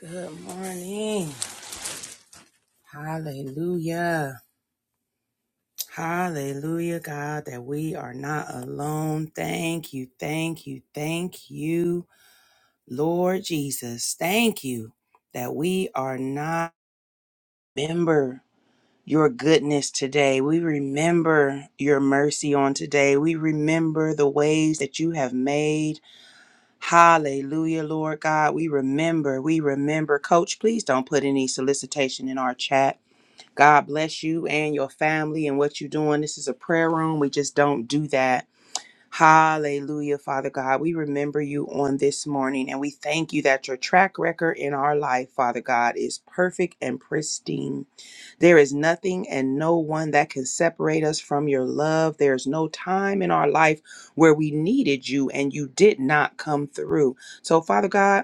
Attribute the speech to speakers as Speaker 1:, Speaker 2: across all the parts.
Speaker 1: Good morning. Hallelujah. Hallelujah, God, that we are not alone. Thank you, thank you, thank you, Lord Jesus. Thank you that we are not. Remember your goodness today. We remember your mercy on today. We remember the ways that you have made. Hallelujah, Lord God. We remember, we remember. Coach, please don't put any solicitation in our chat God bless you and your family and what you're doing. This is a prayer room. We just don't do that. Hallelujah, Father God. We remember you on this morning and we thank you that your track record in our life, Father God, is perfect and pristine. There is nothing and no one that can separate us from your love. There's no time in our life where we needed you and you did not come through. So, Father God,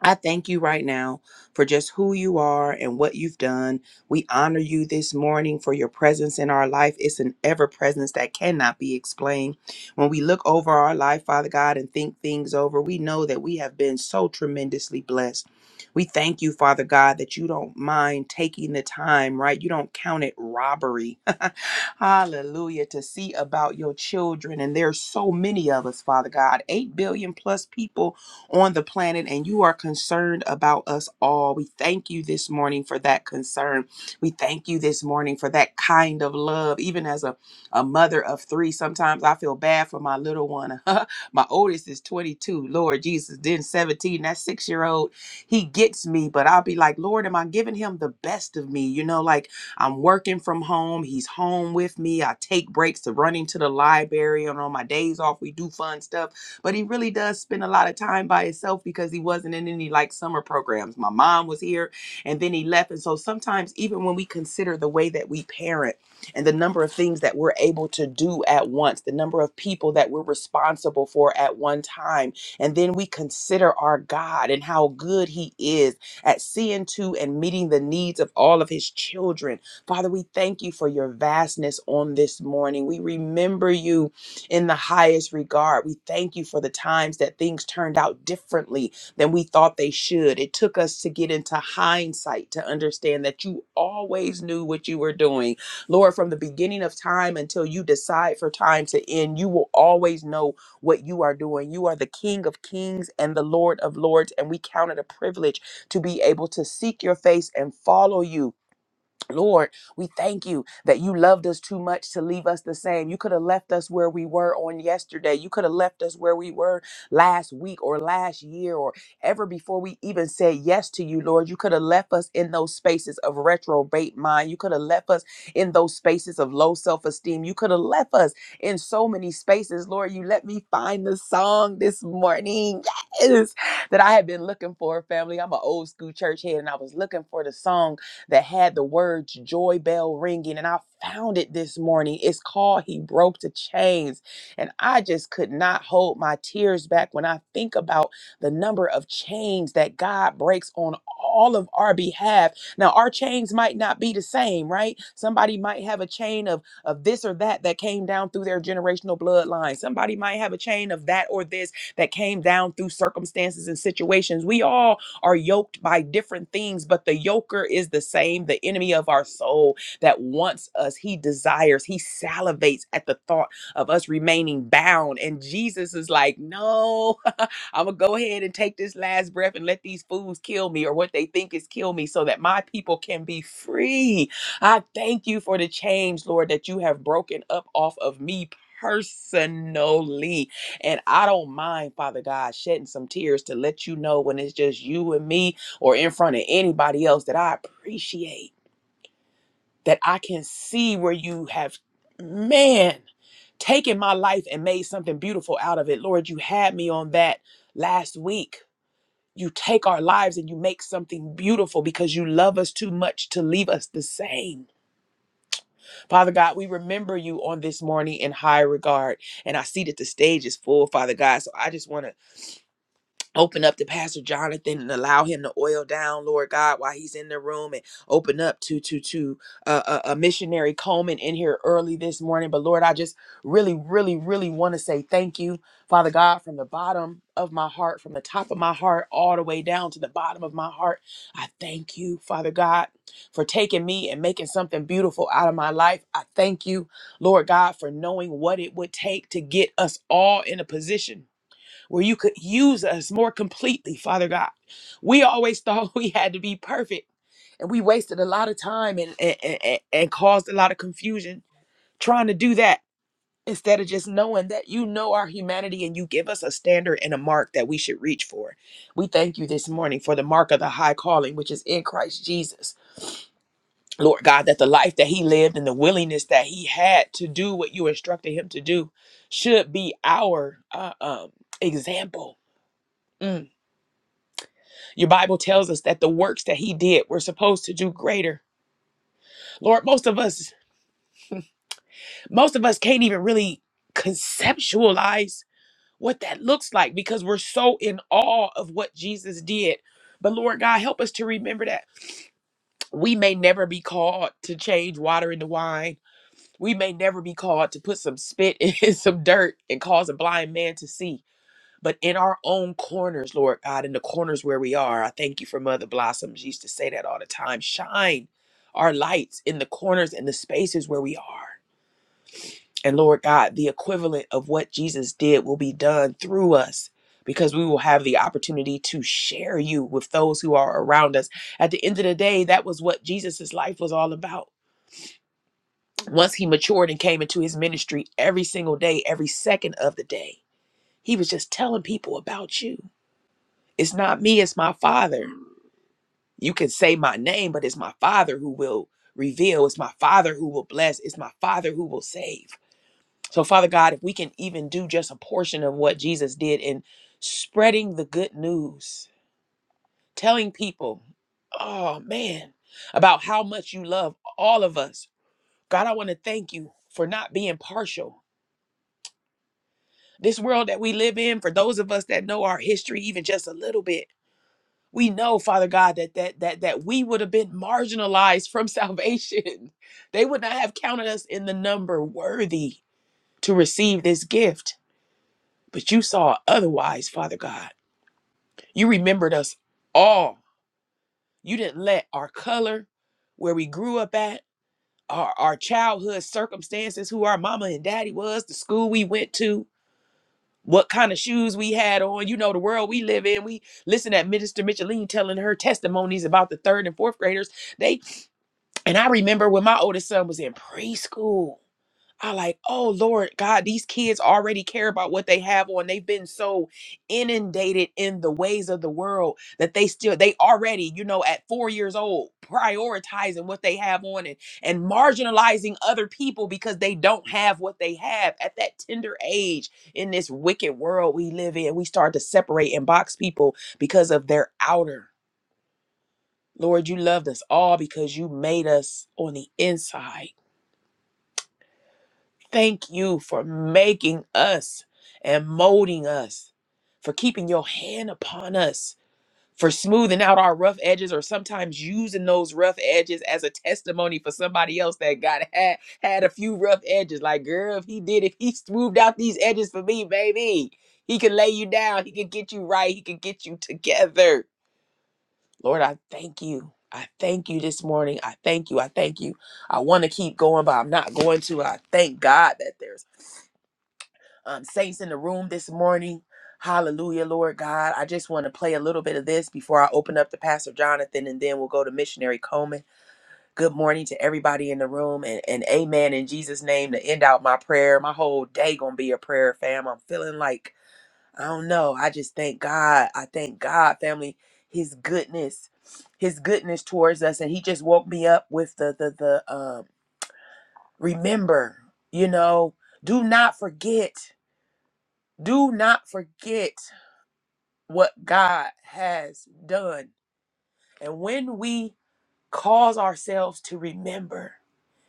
Speaker 1: I thank you right now for just who you are and what you've done. We honor you this morning for your presence in our life. It's an ever presence that cannot be explained. When we look over our life, Father God, and think things over, we know that we have been so tremendously blessed. We thank you, Father God, that you don't mind taking the time, right? You don't count it robbery. Hallelujah. To see about your children. And there's so many of us, Father God, 8 billion plus people on the planet, and you are concerned about us all. We thank you this morning for that concern. We thank you this morning for that kind of love. Even as a, a mother of three, sometimes I feel bad for my little one. my oldest is 22, Lord Jesus, then 17, that six year old, he gets me, but I'll be like, Lord, am I giving him the best of me? You know, like I'm working from home. He's home with me. I take breaks to run into the library. And on my days off, we do fun stuff but he really does spend a lot of time by himself because he wasn't in any like summer programs. My mom was here and then he left. And so sometimes, even when we consider the way that we parent and the number of things that we're able to do at once, the number of people that we're responsible for at one time, and then we consider our God and how good he is at seeing to and meeting the needs of all of his children. Father, we thank you for your vastness on this morning. We remember you in the highest regard. We thank you for the times that things turned out differently than we thought they should. It took us to get into hindsight to understand that you always knew what you were doing. Lord, from the beginning of time until you decide for time to end, you will always know what you are doing. You are the King of kings and the Lord of lords, and we count it a privilege to be able to seek your face and follow you Lord, we thank you that you loved us too much to leave us the same. You could have left us where we were on yesterday. You could have left us where we were last week or last year or ever before we even said yes to you, Lord. You could have left us in those spaces of retrobate mind. You could have left us in those spaces of low self esteem. You could have left us in so many spaces, Lord. You let me find the song this morning. Yes, that I had been looking for, family. I'm an old school church head and I was looking for the song that had the words joy bell ringing. And I found it this morning. It's called He Broke the Chains. And I just could not hold my tears back when I think about the number of chains that God breaks on all of our behalf. Now, our chains might not be the same, right? Somebody might have a chain of, of this or that that came down through their generational bloodline. Somebody might have a chain of that or this that came down through circumstances and situations. We all are yoked by different things, but the yoker is the same, the enemy of our soul that wants us. He desires, he salivates at the thought of us remaining bound. And Jesus is like, No, I'm gonna go ahead and take this last breath and let these fools kill me or what they think is kill me so that my people can be free. I thank you for the change, Lord, that you have broken up off of me personally and I don't mind, Father God, shedding some tears to let you know when it's just you and me or in front of anybody else that I appreciate, that I can see where you have, man, taken my life and made something beautiful out of it. Lord, you had me on that last week. You take our lives and you make something beautiful because you love us too much to leave us the same. Father God, we remember you on this morning in high regard. And I see that the stage is full, Father God. So I just want to Open up to Pastor Jonathan and allow him to oil down, Lord God, while he's in the room, and open up to to to uh, a, a missionary Coleman in here early this morning. But Lord, I just really, really, really want to say thank you, Father God, from the bottom of my heart, from the top of my heart, all the way down to the bottom of my heart. I thank you, Father God, for taking me and making something beautiful out of my life. I thank you, Lord God, for knowing what it would take to get us all in a position where you could use us more completely, Father God. We always thought we had to be perfect, and we wasted a lot of time and, and, and, and caused a lot of confusion trying to do that instead of just knowing that you know our humanity and you give us a standard and a mark that we should reach for. We thank you this morning for the mark of the high calling, which is in Christ Jesus. Lord God, that the life that he lived and the willingness that he had to do what you instructed him to do should be our uh, um, example. Mm Your Bible tells us that the works that he did, we're supposed to do greater. Lord, most of us, most of us can't even really conceptualize what that looks like because we're so in awe of what Jesus did. But Lord God, help us to remember that we may never be called to change water into wine. We may never be called to put some spit in some dirt and cause a blind man to see but in our own corners, Lord God, in the corners where we are, I thank you for Mother Blossom. She used to say that all the time. Shine our lights in the corners and the spaces where we are. And Lord God, the equivalent of what Jesus did will be done through us because we will have the opportunity to share you with those who are around us. At the end of the day, that was what Jesus' life was all about. Once he matured and came into his ministry every single day, every second of the day, he was just telling people about you It's not me, it's my father. You can say my name, but it's my father who will reveal. It's my father who will bless. It's my father who will save. So, Father God, if we can even do just a portion of what Jesus did in spreading the good news, telling people, oh man, about how much you love all of us. God, I want to thank you for not being partial. This world that we live in, for those of us that know our history even just a little bit, we know father god that that that that we would have been marginalized from salvation they would not have counted us in the number worthy to receive this gift but you saw otherwise father god you remembered us all you didn't let our color where we grew up at our, our childhood circumstances who our mama and daddy was the school we went to what kind of shoes we had on you know the world we live in we listen at minister micheline telling her testimonies about the third and fourth graders And I remember when my oldest son was in preschool. I like, oh Lord God, these kids already care about what they have on. They've been so inundated in the ways of the world that they still they already, you know, at four years old, prioritizing what they have on and, and marginalizing other people because they don't have what they have at that tender age in this wicked world we live in. We start to separate and box people because of their outer. Lord, you loved us all because you made us on the inside. Thank you for making us and molding us, for keeping your hand upon us, for smoothing out our rough edges, or sometimes using those rough edges as a testimony for somebody else that got had, had a few rough edges. Like, girl, if he did, if he smoothed out these edges for me, baby, he can lay you down, he can get you right, he can get you together. Lord, I thank you. I thank you this morning. I thank you. I thank you. I want to keep going, but I'm not going to. I thank God that there's um, saints in the room this morning. Hallelujah, Lord God. I just want to play a little bit of this before I open up to Pastor Jonathan and then we'll go to Missionary Coleman. Good morning to everybody in the room and, and amen in Jesus' name to end out my prayer. My whole day gonna be a prayer, fam. I'm feeling like I don't know. I just thank God. I thank God, family, his goodness, his goodness towards us. And he just woke me up with the the the um remember, you know, do not forget. Do not forget what God has done. And when we cause ourselves to remember,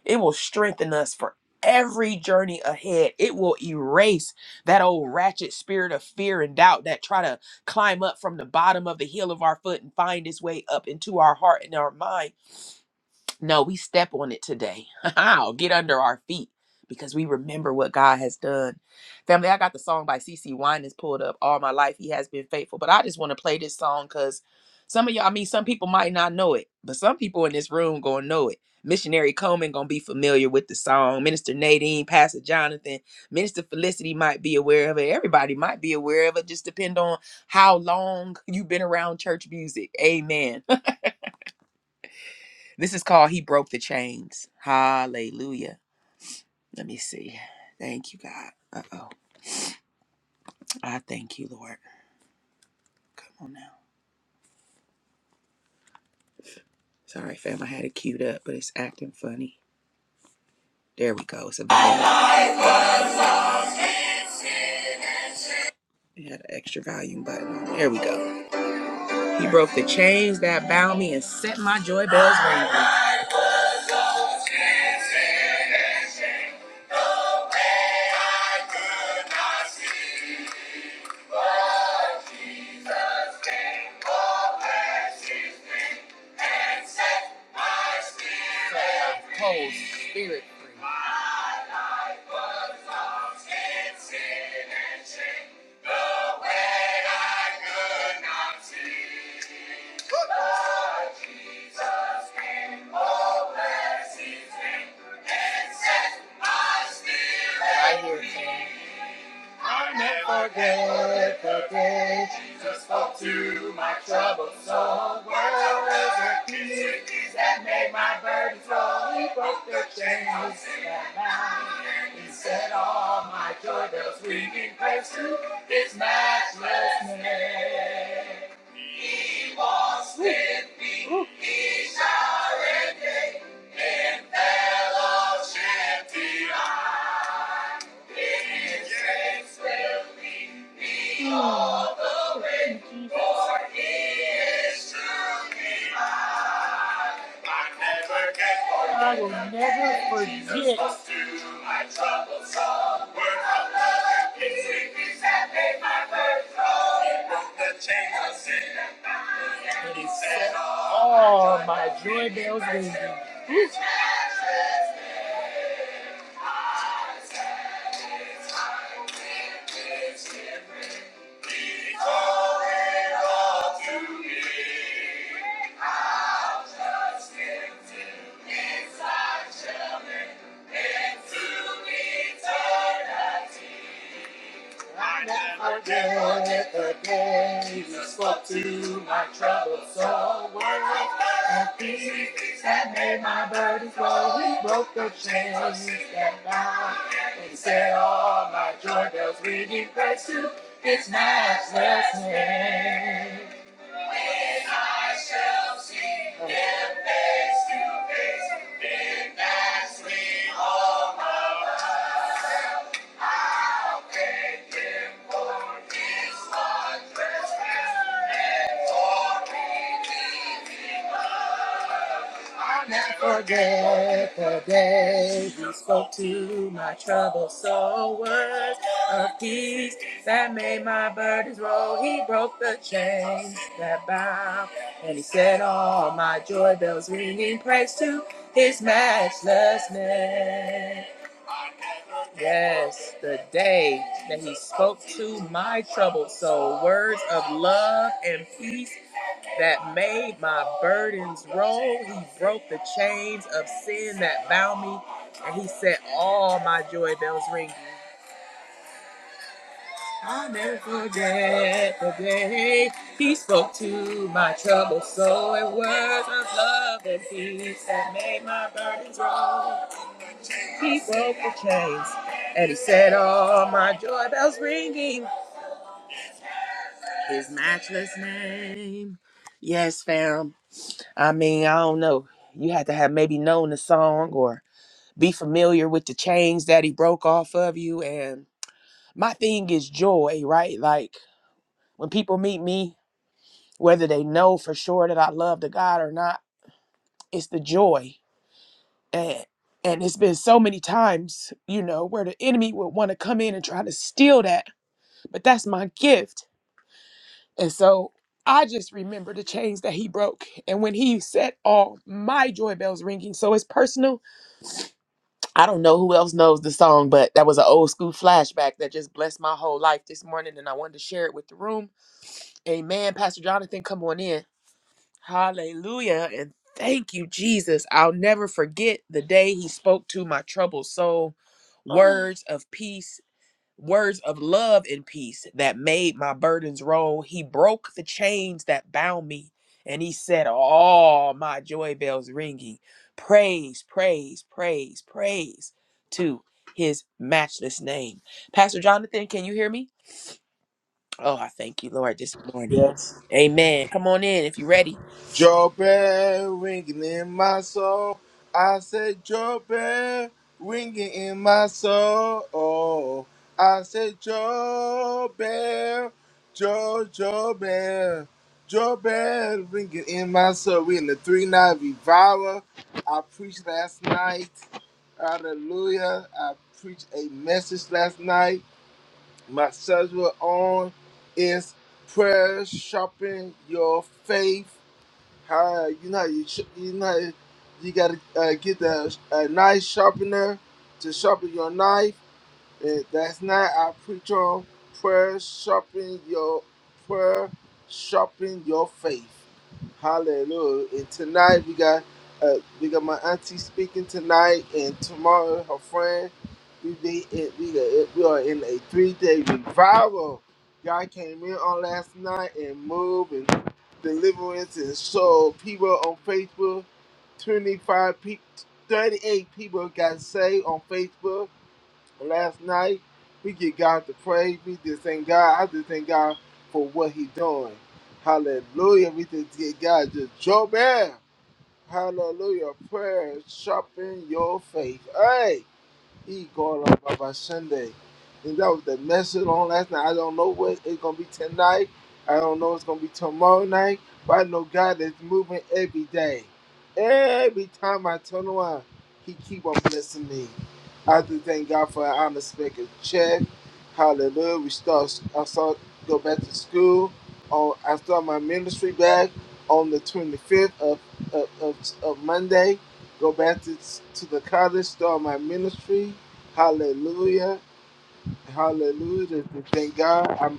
Speaker 1: It will strengthen us for every journey ahead. It will erase that old ratchet spirit of fear and doubt that try to climb up from the bottom of the heel of our foot and find its way up into our heart and our mind no, we step on it today. Get under our feet because we remember what God has done. Family, I got the song by C. CC Winans pulled up all my life. He has been faithful. But I just want to play this song because some of y'all, I mean, some people might not know it, but some people in this room gonna know it. Missionary Coleman gonna be familiar with the song. Minister Nadine, Pastor Jonathan, Minister Felicity might be aware of it. Everybody might be aware of it. Just depend on how long you've been around church music. Amen. This is called He Broke the Chains. Hallelujah. Let me see. Thank you, God. Uh oh. I thank you, Lord. Come on now. Sorry, fam. I had it queued up, but it's acting funny. There we go. It's a volume. It had an extra volume button on. There we go. He broke the chains that bound me and set my joy bells ringing. Set my Whole spirit I hear you. I will never forget the day Jesus spoke to my troubled soul. World was a key that made my burdens roll. He broke the chains that bound. He set all my joy bells ringing praise to His matchless name. He walks with me. He shall regain in fellowship divine. I will never get. it. my troubled soul, word of love, peace, sweet peace that made my birth flow. it, broke the chains of sin And bound me, and he set all my joy bells ringing. Eternity. I never forget the day you spoke to my troubles soul. Word of peace that made my burdens flow. We broke the chains that bound and set all my joy bells ringing. Praise to His matchless name. And I shall see Him face to face. In that sweet home. of Forget the day he spoke to my troubled soul. Words of peace that made my burdens roll. He broke the chains that bound, and he set all my joy bells ringing. Praise to his matchless name. Yes, the day that he spoke to my troubled soul, words of love and peace that made my burdens roll. He broke the chains of sin that bound me, and he set all my joy bells ring. I'll never forget the day he spoke to my troubled soul, and words of love and peace that made my burdens roll. He broke the chains. And he said, All my joy bells ringing. His matchless name. Yes, fam. I mean, I don't know. You had to have maybe known the song or be familiar with the chains that he broke off of you. And my thing is joy, right? Like when people meet me, whether they know for sure that I love the God or not, it's the joy. And and it's been so many times, you know, where the enemy would want to come in and try to steal that. But that's my gift And so I just remember the chains that he broke. And when he set all my joy bells ringing, so it's personal. I don't know who else knows the song, but that was an old school flashback that just blessed my whole life this morning. And I wanted to share it with the room. Amen. Pastor Jonathan, come on in. Hallelujah. And thank you, Jesus. I'll never forget the day he spoke to my troubled soul. Words of peace words of love and peace that made my burdens roll. He broke the chains that bound me, and he set all my joy bells ringing. Praise, praise, praise, praise to his matchless name. Pastor Jonathan, can you hear me? Oh, I thank you, Lord, this morning.
Speaker 2: Yes.
Speaker 1: Amen. Come on in if you're ready.
Speaker 2: Your bell ringing in my soul. I said your bell ringing in my soul. I said your bell, your your bell, your bell ringing in my soul. We in the three night revival. I preached last night. Hallelujah. I preached a message last night. My subject on is prayer sharpen your faith how you know how you sh- you know how you gotta uh, get the a knife sharpener to sharpen your knife. And that's not I preach on prayer sharpen your prayer sharpen your faith. Hallelujah! And tonight we got uh, we got my auntie speaking tonight, and tomorrow her friend. We be in, we are we are in a three day revival. God came in on last night and moved. Deliverance and Soul. People on Facebook, 25 people, 38 people got saved on Facebook last night. We give God the praise. We just thank God. I just thank God for what He doing. Hallelujah. We just give God just Job. Hallelujah. Prayer sharpen your faith. Hey. He going on Baba Sunday. And that was the message on last night. I don't know what it's gonna be tonight. I don't know it's gonna be tomorrow night. But I know God is moving every day. Every time I turn around, He keep on blessing me. I just thank God for an honest making check. Hallelujah. We start I start go back to school. On I start my ministry back on the twenty fifth of, of, of, of Monday. Go back to, to the college, start my ministry. Hallelujah. Hallelujah. Thank God. I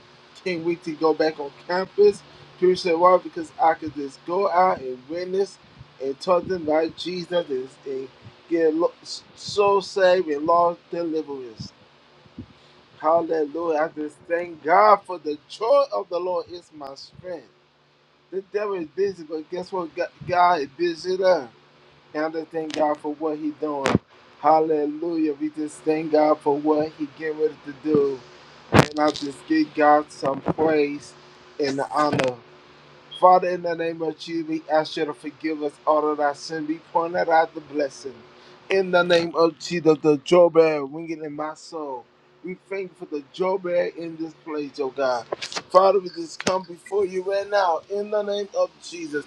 Speaker 2: can't wait to go back on campus. People say, why? Because I could just go out and witness and talk to them about Jesus and, and get soul saved and lost deliverance. Hallelujah. I just thank God for the joy of the Lord is my strength. The devil is busy, but guess what? God God is busy there. Now to thank God for what He doing. Hallelujah. We just thank God for what He getting ready to do. And I just give God some praise and honor. Father, in the name of Jesus, we ask you to forgive us all of our sin. We point out the blessing. In the name of Jesus, the drawbell ringing in my soul. We thank you for the drawbell in this place, oh God. Father, we just come before you right now. In the name of Jesus,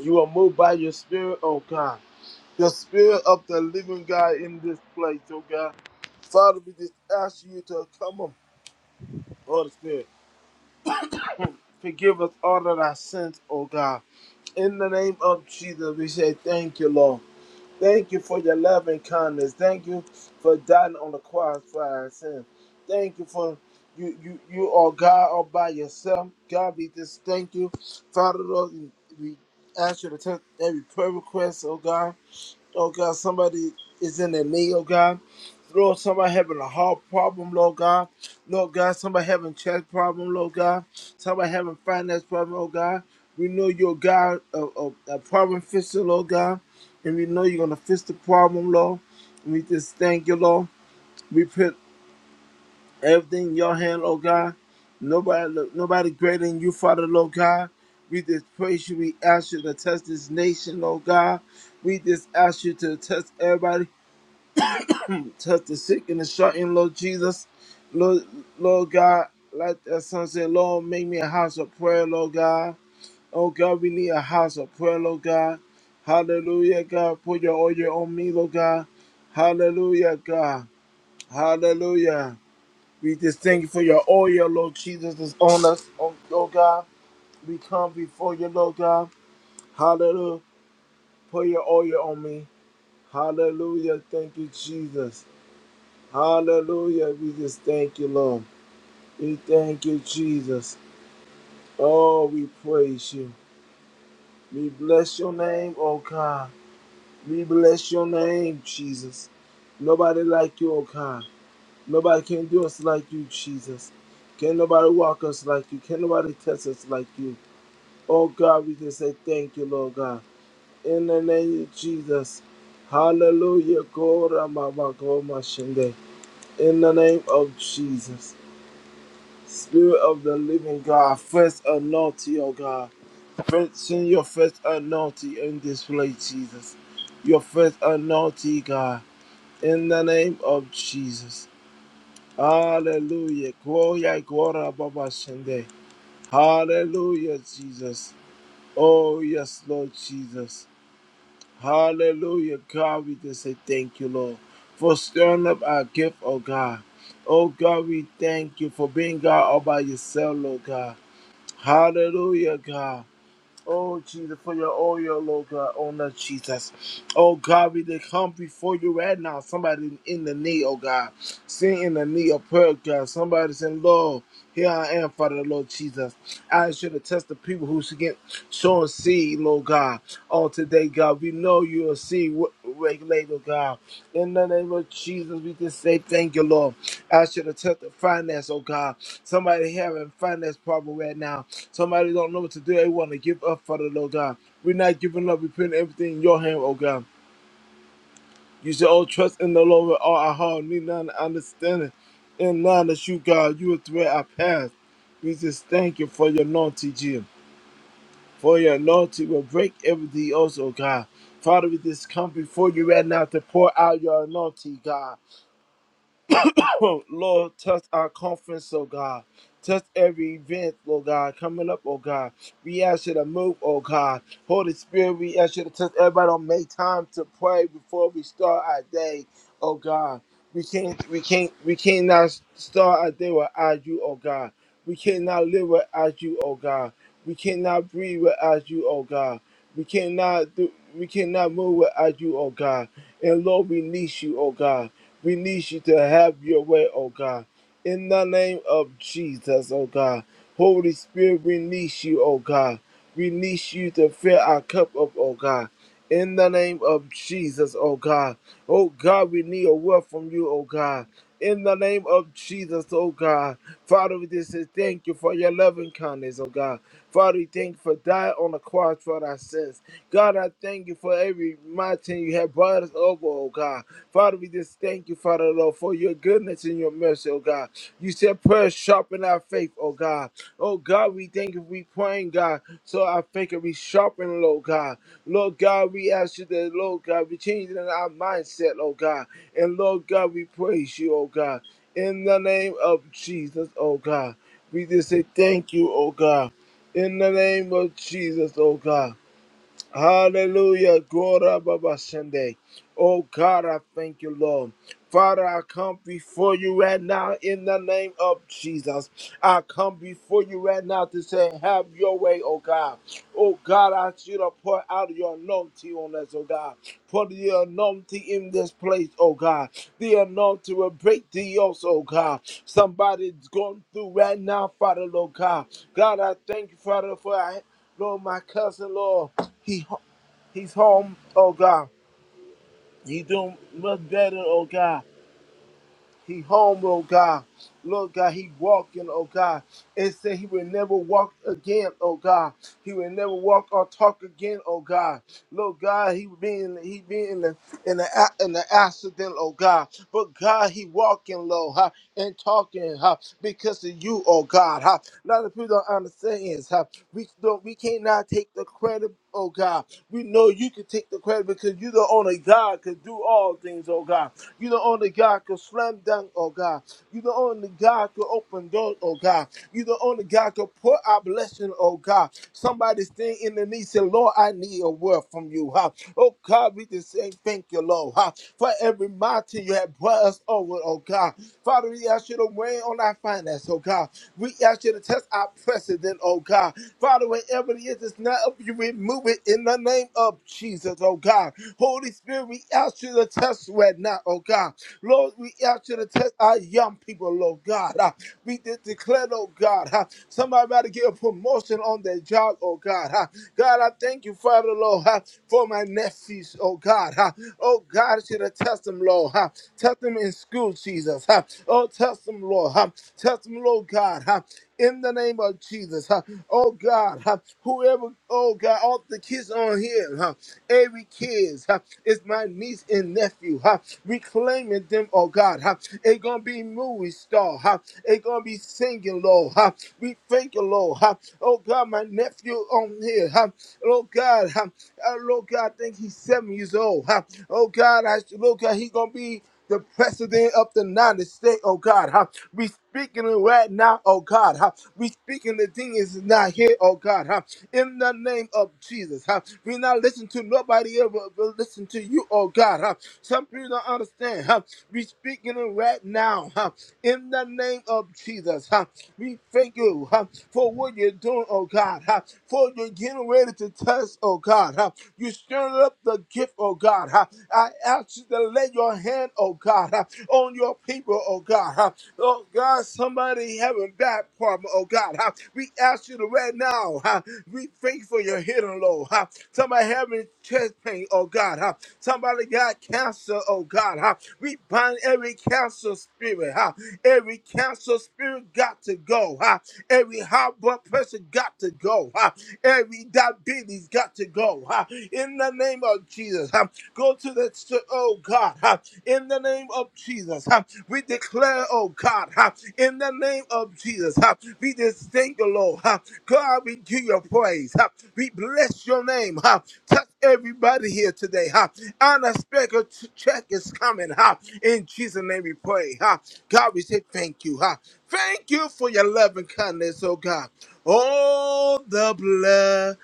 Speaker 2: you are moved by your spirit, oh God the spirit of the living God in this place, oh God. Father, we just ask you to come on, Holy Spirit. Forgive us all of our sins, oh God. In the name of Jesus, we say thank you, Lord. Thank you for your love and kindness. Thank you for dying on the cross for our sins. Thank you for you, you, you are God all by yourself. God, we just thank you. Father, Lord, we we ask you to take every prayer request, oh God. Oh God, somebody is in their need. oh God. Lord, somebody having a heart problem, Lord God. Lord God, somebody having chest problem, Lord God. Somebody having finance problem, oh God. We know you're a God, a, a, a problem fixer, Lord God. And we know you're going to fix the problem, Lord. We just thank you, Lord. We put everything in your hand, Lord God. Nobody, nobody greater than you, Father, Lord God. We just praise you. We ask you to touch this nation, Lord God. We just ask you to touch everybody touch the sick and the shut-in, Lord Jesus. Lord, Lord God, like that son said, Lord, make me a house of prayer, Lord God. Oh God, we need a house of prayer, Lord God. Hallelujah, God. Put your oil on me, Lord God. Hallelujah, God. Hallelujah. We just thank you for your oil, Lord Jesus, is on us, oh, Lord God. We come before you, Lord God. Hallelujah. Put your oil on me. Hallelujah. Thank you, Jesus. Hallelujah. We just thank you, Lord. We thank you, Jesus. Oh, we praise you. We bless your name, oh God. We bless your name, Jesus. Nobody like you, oh God. Nobody can do us like you, Jesus. Can nobody walk us like you? Can nobody test us like you? Oh God, we just say thank you, Lord God. In the name of Jesus. Hallelujah. Gora mama, goma shende. In the name of Jesus. Spirit of the living God, first anointing, oh God. First, send your first anointing in this place, Jesus. Your first anointing, God, in the name of Jesus. Hallelujah. Gloria, gloria, Baba Shende. Hallelujah, Jesus. Oh, yes, Lord Jesus. Hallelujah, God. We just say thank you, Lord, for stirring up our gift, oh God. Oh God, we thank you for being God all by yourself, Lord God. Hallelujah, God. Oh Jesus, for your oil, Lord God, on us, Jesus. Oh God, we they come before you right now. Somebody in the need, oh God. Sing in the need of prayer, God. Somebody's in Lord. Here I am, Father, Lord Jesus. I should attest the people who should get shown seed, Lord God. On today, God, we know you are seed re- regulator, God. In the name of Jesus, we just say thank you, Lord. I should have touched the finance, oh God. Somebody having finance problem right now. Somebody don't know what to do. They want to give up for the Lord God. We're not giving up. We're putting everything in your hand, oh God. You should all trust in the Lord with all our heart. Need none to understand it. And none that you, God, you will thread our path. We just thank you for your anointing, Jim. For your anointing will break everything else, oh God. Father, we just come before you right now to pour out your anointing, God. Lord, touch our conference, oh God. Touch every event, oh God, coming up, oh God. We ask you to move, oh God. Holy Spirit, we ask you to touch everybody on make time to pray before we start our day, oh God. We can't, we can't, we cannot start our day without you, oh God. We cannot live without you, oh God. We cannot breathe without you, oh God. We cannot do, we cannot move without you, oh God. And Lord, we need you, oh God. We need you to have your way, oh God. In the name of Jesus, oh God. Holy Spirit, we need you, oh God. We need you to fill our cup up, oh God in the name of Jesus, oh God. Oh God, we need a word from you, oh God. In the name of Jesus, oh God. Father, we just say thank you for your loving kindness, oh God. Father, we thank you for dying on the cross for our sins. God, I thank you for every mountain you have brought us over, oh God. Father, we just thank you for Father Lord, for your goodness and your mercy, oh God. You said prayer sharpen our faith, oh God. Oh God, we thank you we praying, God, so our faith can be sharpened, Lord God. Lord God, we ask you that, Lord God, we change in our mindset, oh God. And Lord God, we praise you, oh God. In the name of Jesus, oh God. We just say thank you, oh God. In the name of Jesus, oh God. Hallelujah. Glory Baba Sunday. Oh God, I thank you, Lord. Father, I come before you right now in the name of Jesus. I come before you right now to say, Have your way, oh God. Oh God, I ask you to pour out your anointing on us, oh God. Pour the anointing in this place, oh God. The anointing will break the yokes, oh God. Somebody's going through right now, Father, Lord God. God, I thank you, Father, for I, Lord, my cousin, Lord. He, he's home, oh God. He doing much better, oh God. He home, Lord God. Lord God, he walking, oh God. It said he will never walk again, oh God. He will never walk or talk again, oh God. Lord God, he been he been in the in the a- in the accident, oh God. But God, he walking, Lord, huh, and talking, huh, because of you, oh God. Huh. A lot of people don't understand is huh, we don't we cannot take the credit, oh God. We know you can take the credit because you're the owner. God. God can do all things, oh God. You the only God can slam dunk, oh God. You the only God can open doors, oh God. You the only God can pour out blessing, oh God. Somebody stand in the need, say, Lord, I need a word from you. Huh? Oh God, we just say thank you, Lord. Huh? For every mountain you have brought us over, oh God. Father, we ask you to weigh on our finance, oh God. We ask you to test our precedent, oh God. Father, wherever it is, it's not of you remove it in the name of Jesus, oh God. Holy Spirit, we ask you to test right now, oh God. Lord, we ask you to test our young people, Lord God. Uh, we de- declare, oh God, uh, somebody about to get a promotion on their job, oh God. Uh, God, I thank you, Father, Lord, uh, for my nephews, oh God. Uh, oh God, you to test them, Lord. Uh, test them in school, Jesus. Uh, oh, test them, Lord. Uh, test them, Lord God. Uh, in the name of Jesus. huh. Oh God, huh, whoever, oh God, all the kids on here, huh, every kids huh, is my niece and nephew. Huh, reclaiming them, oh God. Huh, they gonna be movie star. Huh, they gonna be singing, Lord. Huh, we thank you, Lord. Huh, oh God, my nephew on here. Huh, Lord God, huh, uh, Lord God, I think he's seven years old. Huh, oh God, I, Lord God, he gonna be the president of the United States, oh God. Huh? We speaking it right now, oh God. Huh? We speaking the thing is not here, oh God. Huh? In the name of Jesus. Huh? We not listen to nobody ever will listen to you, oh God. Huh? Some people don't understand. Huh? We speaking it right now. Huh? In the name of Jesus. Huh? We thank you huh, for what you're doing, oh God. Huh? For you're getting ready to test, oh God. Huh? You stirring up the gift gift, oh God. Uh, I ask you to lay your hand, oh God, uh, on your people, oh God. Uh, Oh God, somebody having that problem, oh God. Uh, We ask you to right now. uh, We thank you for your hidden low. uh, Somebody having chest pain, oh God. uh, Somebody got cancer, oh God. uh, We bind every cancer spirit. uh, Every cancer spirit got to go. uh, Every high blood pressure got to go. uh, Every that baby's got to go. huh? In the name of Jesus. huh? Go to the, st- oh God. huh? In the name of Jesus. huh? We declare, oh God. huh? In the name of Jesus. huh? We just thank the Lord. huh? God, we give your praise. huh? We bless your name. huh? Touch everybody here today. huh? Unexpected t- check is coming. huh? In Jesus' name we pray. huh? God, we say thank you. huh? Thank you for your loving kindness darkness, oh God. Oh, the blood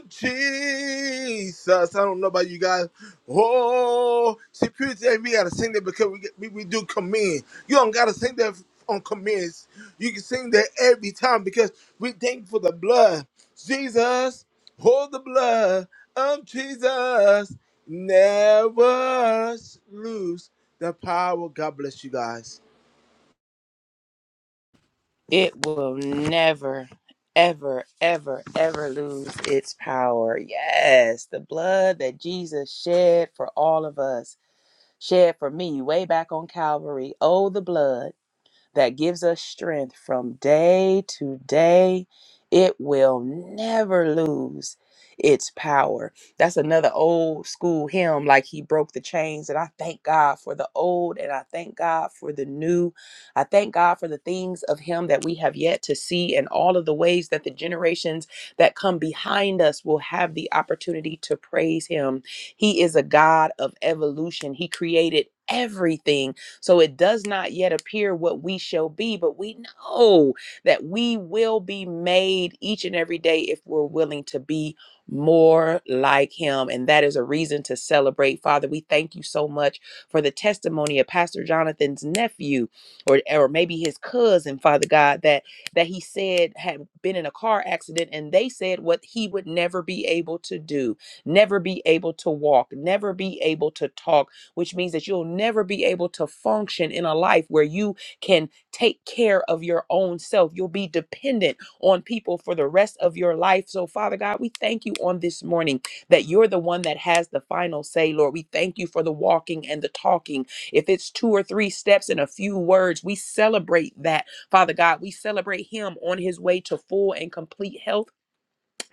Speaker 2: of Jesus. I don't know about you guys. Oh, see, Purity we got to sing that because we, get- we, we do command. You don't got to sing that on commands. You can sing that every time because we thank for the blood. Jesus, hold the blood of Jesus. Never lose the power. God bless you guys.
Speaker 1: It will never, ever, ever, ever lose its power. Yes, the blood that Jesus shed for all of us shed for me way back on Calvary. Oh, the blood that gives us strength from day to day. It will never lose its power. That's another old school hymn, like he broke the chains. And I thank God for the old and I thank God for the new. I thank God for the things of him that we have yet to see and all of the ways that the generations that come behind us will have the opportunity to praise him. He is a God of evolution. He created everything so it does not yet appear what we shall be, but we know that we will be made each and every day if we're willing to be more like him. And that is a reason to celebrate. Father, we thank you so much for the testimony of Pastor Jonathan's nephew or, or maybe his cousin, Father God, that that he said had been in a car accident and they said what he would never be able to do, never be able to walk, never be able to talk which means that you'll never be able to function in a life where you can take care of your own self. You'll be dependent on people for the rest of your life. So, Father God, we thank you on this morning that you're the one that has the final say, Lord. We thank you for the walking and the talking. If it's two or three steps and a few words, we celebrate that, Father God. We celebrate him on his way to full and complete health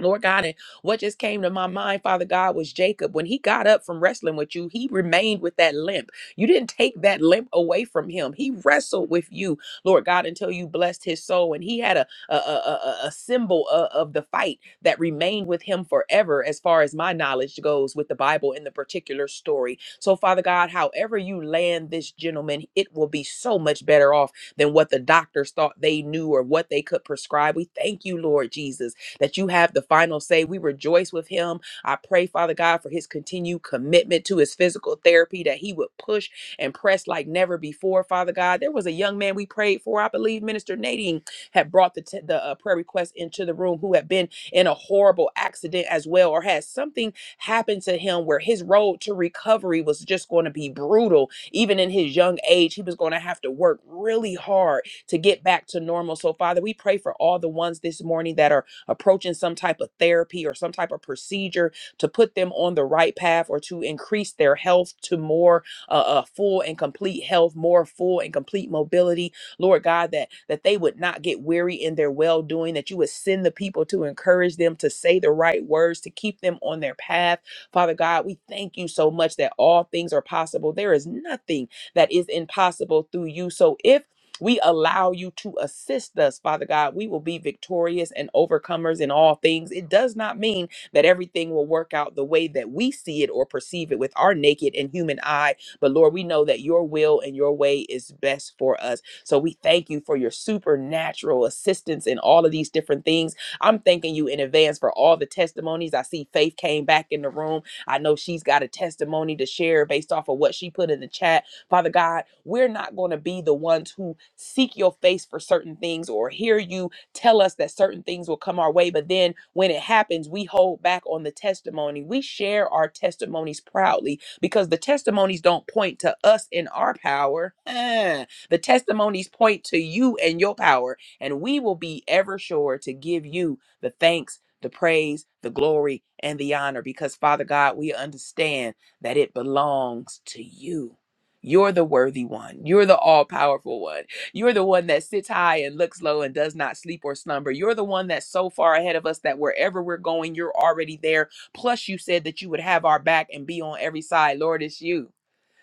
Speaker 1: Lord God, and what just came to my mind, Father God, was Jacob. When he got up from wrestling with you, he remained with that limp. You didn't take that limp away from him. He wrestled with you, Lord God, until you blessed his soul. And he had a, a, a, a- a symbol of, of the fight that remained with him forever, as far as my knowledge goes with the Bible in the particular story. So, Father God, however you land this gentleman, it will be so much better off than what the doctors thought they knew or what they could prescribe. We thank you, Lord Jesus that you have the final say. We rejoice with him. I pray, Father God, for his continued commitment to his physical therapy, that he would push and press like never before, Father God. There was a young man we prayed for. I believe Minister Nadine had brought the, t- the uh, prayer request into the room who had been in a horrible accident as well, or had something happen to him where his road to recovery was just going to be brutal. Even in his young age, he was going to have to work really hard to get back to normal. So, Father, we pray for all the ones this morning that are approaching some type of therapy or some type of procedure to put them on the right path or to increase their health to more uh, uh, full and complete health, more full and complete mobility. Lord God, that that they would not get weary in their well doing, that you would send the people to encourage them to say the right words, to keep them on their path. Father God, we thank you so much that all things are possible. There is nothing that is impossible through you. So if we allow you to assist us, Father God. We will be victorious and overcomers in all things. It does not mean that everything will work out the way that we see it or perceive it with our naked and human eye. But Lord, we know that your will and your way is best for us. So we thank you for your supernatural assistance in all of these different things. I'm thanking you in advance for all the testimonies. I see Faith came back in the room. I know she's got a testimony to share based off of what she put in the chat. Father God, we're not going to be the ones who seek your face for certain things or hear you tell us that certain things will come our way. But then when it happens, we hold back on the testimony. We share our testimonies proudly because the testimonies don't point to us in our power. Eh, The testimonies point to you and your power. And we will be ever sure to give you the thanks, the praise, the glory, and the honor because, Father God, we understand that it belongs to you. You're the worthy one. You're the all powerful one. You're the one that sits high and looks low and does not sleep or slumber. You're the one that's so far ahead of us that wherever we're going, you're already there. Plus, you said that you would have our back and be on every side. Lord, it's you.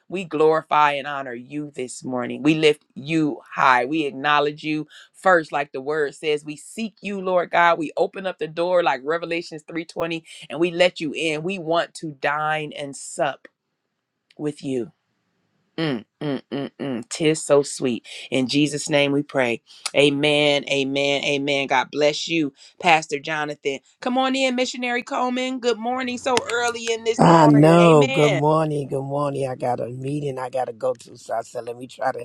Speaker 1: We glorify and honor you this morning. We lift you high. We acknowledge you first, like the word says. We seek you, Lord God. We open up the door like Revelations 3:20 and we let you in. We want to dine and sup with you. Mm, mm, mm, mm. Tis so sweet. In Jesus' name we pray. Amen. Amen. Amen. God bless you, Pastor Jonathan. Come on in, Missionary Coleman. Good morning. So early in this
Speaker 3: I
Speaker 1: morning.
Speaker 3: know. Good
Speaker 1: Amen.
Speaker 3: morning. Good morning. I got a meeting I got to go to, so I said, let me try to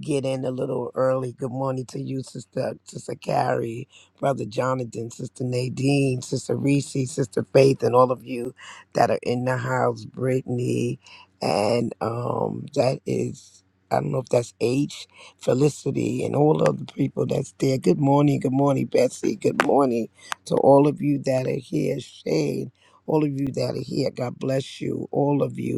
Speaker 3: get in a little early. Good morning to you, Sister Sister Carrie, Brother Jonathan, Sister Nadine, Sister Reese, Sister Faith, and all of you that are in the house, Brittany, and um that is I don't know if that's H, Felicity, and all of the people that's there. Good morning, good morning, Betsy. Good morning to all of you that are here, Shane. All of you that are here, God bless you, all of you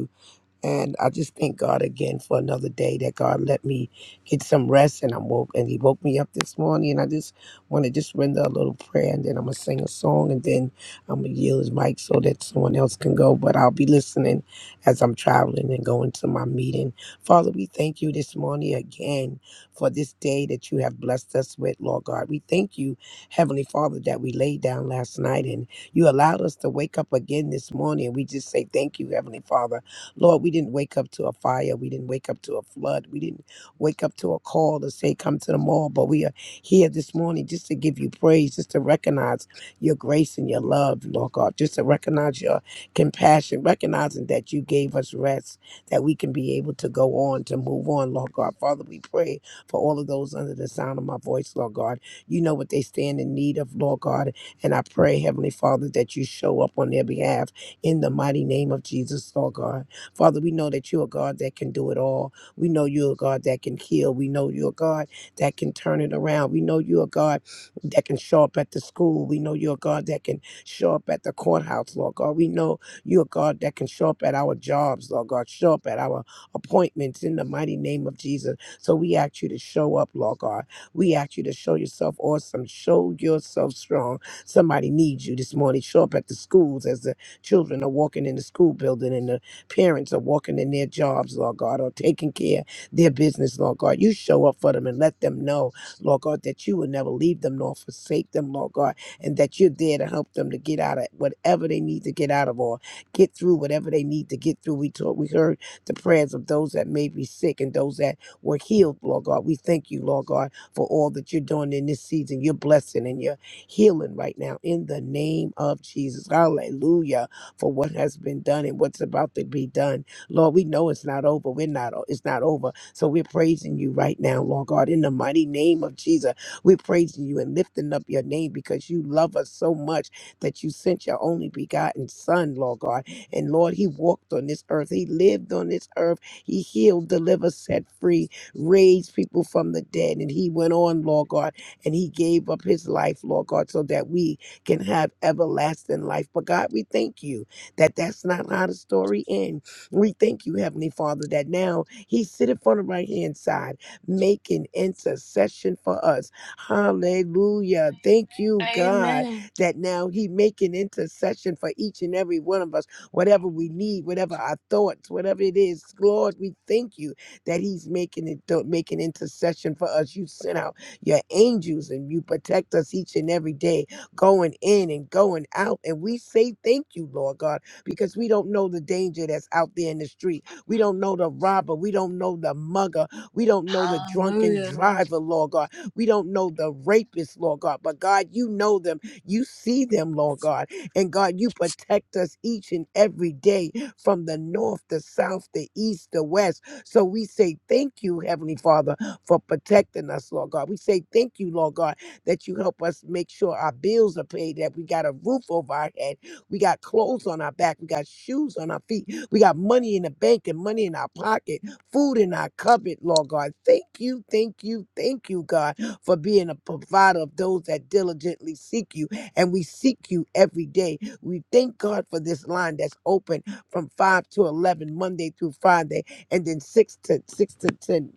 Speaker 3: and I just thank God again for another day that God let me get some rest and I'm woke and he woke me up this morning and I just want to just render a little prayer and then I'm gonna sing a song and then I'm gonna yield his mic so that someone else can go. But I'll be listening as I'm traveling and going to my meeting. Father, we thank you this morning again for this day that you have blessed us with, Lord God. We thank you, Heavenly Father, that we laid down last night and you allowed us to wake up again this morning. We just say thank you, Heavenly Father. Lord, we didn't wake up to a fire. We didn't wake up to a flood. We didn't wake up to a call to say, come to the mall. But we are here this morning just to give you praise, just to recognize your grace and your love, Lord God, just to recognize your compassion, recognizing that you gave us rest, that we can be able to go on, to move on, Lord God. Father, we pray for all of those under the sound of my voice, Lord God. You know what they stand in need of, Lord God. And I pray, Heavenly Father, that you show up on their behalf in the mighty name of Jesus, Lord God. Father, we know that you're a God that can do it all. We know you're a God that can heal. We know you're a God that can turn it around. We know you're a God that can show up at the school. We know you're a God that can show up at the courthouse, Lord God. We know you're a God that can show up at our jobs, Lord God, show up at our appointments in the mighty name of Jesus. So we ask you to show up, Lord God. We ask you to show yourself awesome. Show yourself strong. Somebody needs you this morning. Show up at the schools as the children are walking in the school building and the parents are walking in their jobs, Lord God, or taking care of their business, Lord God. You show up for them and let them know, Lord God, that you will never leave them nor forsake them, Lord God, and that you're there to help them to get out of whatever they need to get out of or get through whatever they need to get through. We taught, we heard the prayers of those that may be sick and those that were healed, Lord God. We thank you, Lord God, for all that you're doing in this season. You're blessing and you're healing right now in the name of Jesus. Hallelujah for what has been done and what's about to be done. Lord, we know it's not over. We're not it's not over. So we're praising you right now, Lord God, in the mighty name of Jesus. We're praising you and lifting up your name because you love us so much that you sent your only begotten son, Lord God. And Lord, he walked on this earth. He lived on this earth. He healed, delivered, set free, raised people from the dead. And he went on, Lord God, and he gave up his life, Lord God, so that we can have everlasting life. But God, we thank you that that's not how the story ends. We thank you, Heavenly Father, that now He sitteth on the right hand side, making intercession for us. Hallelujah. Thank you, God,
Speaker 4: Amen.
Speaker 3: that now He making intercession for each and every one of us, whatever we need, whatever our thoughts, whatever it is. Lord, we thank you that He's making it making intercession for us. You sent out your angels and you protect us each and every day, going in and going out. And we say thank you, Lord God because we don't know the danger that's out there in the street. We don't know the robber. We don't know the mugger. We don't know the drunken
Speaker 4: Hallelujah.
Speaker 3: driver, Lord God. We don't know the rapist, Lord God. But God, you know them. You see them, Lord God. And God, you protect us each and every day from the north, the south, the east, the west. So we say thank you, Heavenly Father, for protecting us, Lord God. We say thank you, Lord God, that you help us make sure our bills are paid, that we got a roof over our head we got clothes on our back. We got shoes on our feet. We got money in the bank and money in our pocket, food in our cupboard, Lord God. Thank you, thank you, thank you, God, for being a provider of those that diligently seek you. And we seek you every day. We thank God for this line that's open from 5 to 11, Monday through Friday, and then 6 to 6 to 10,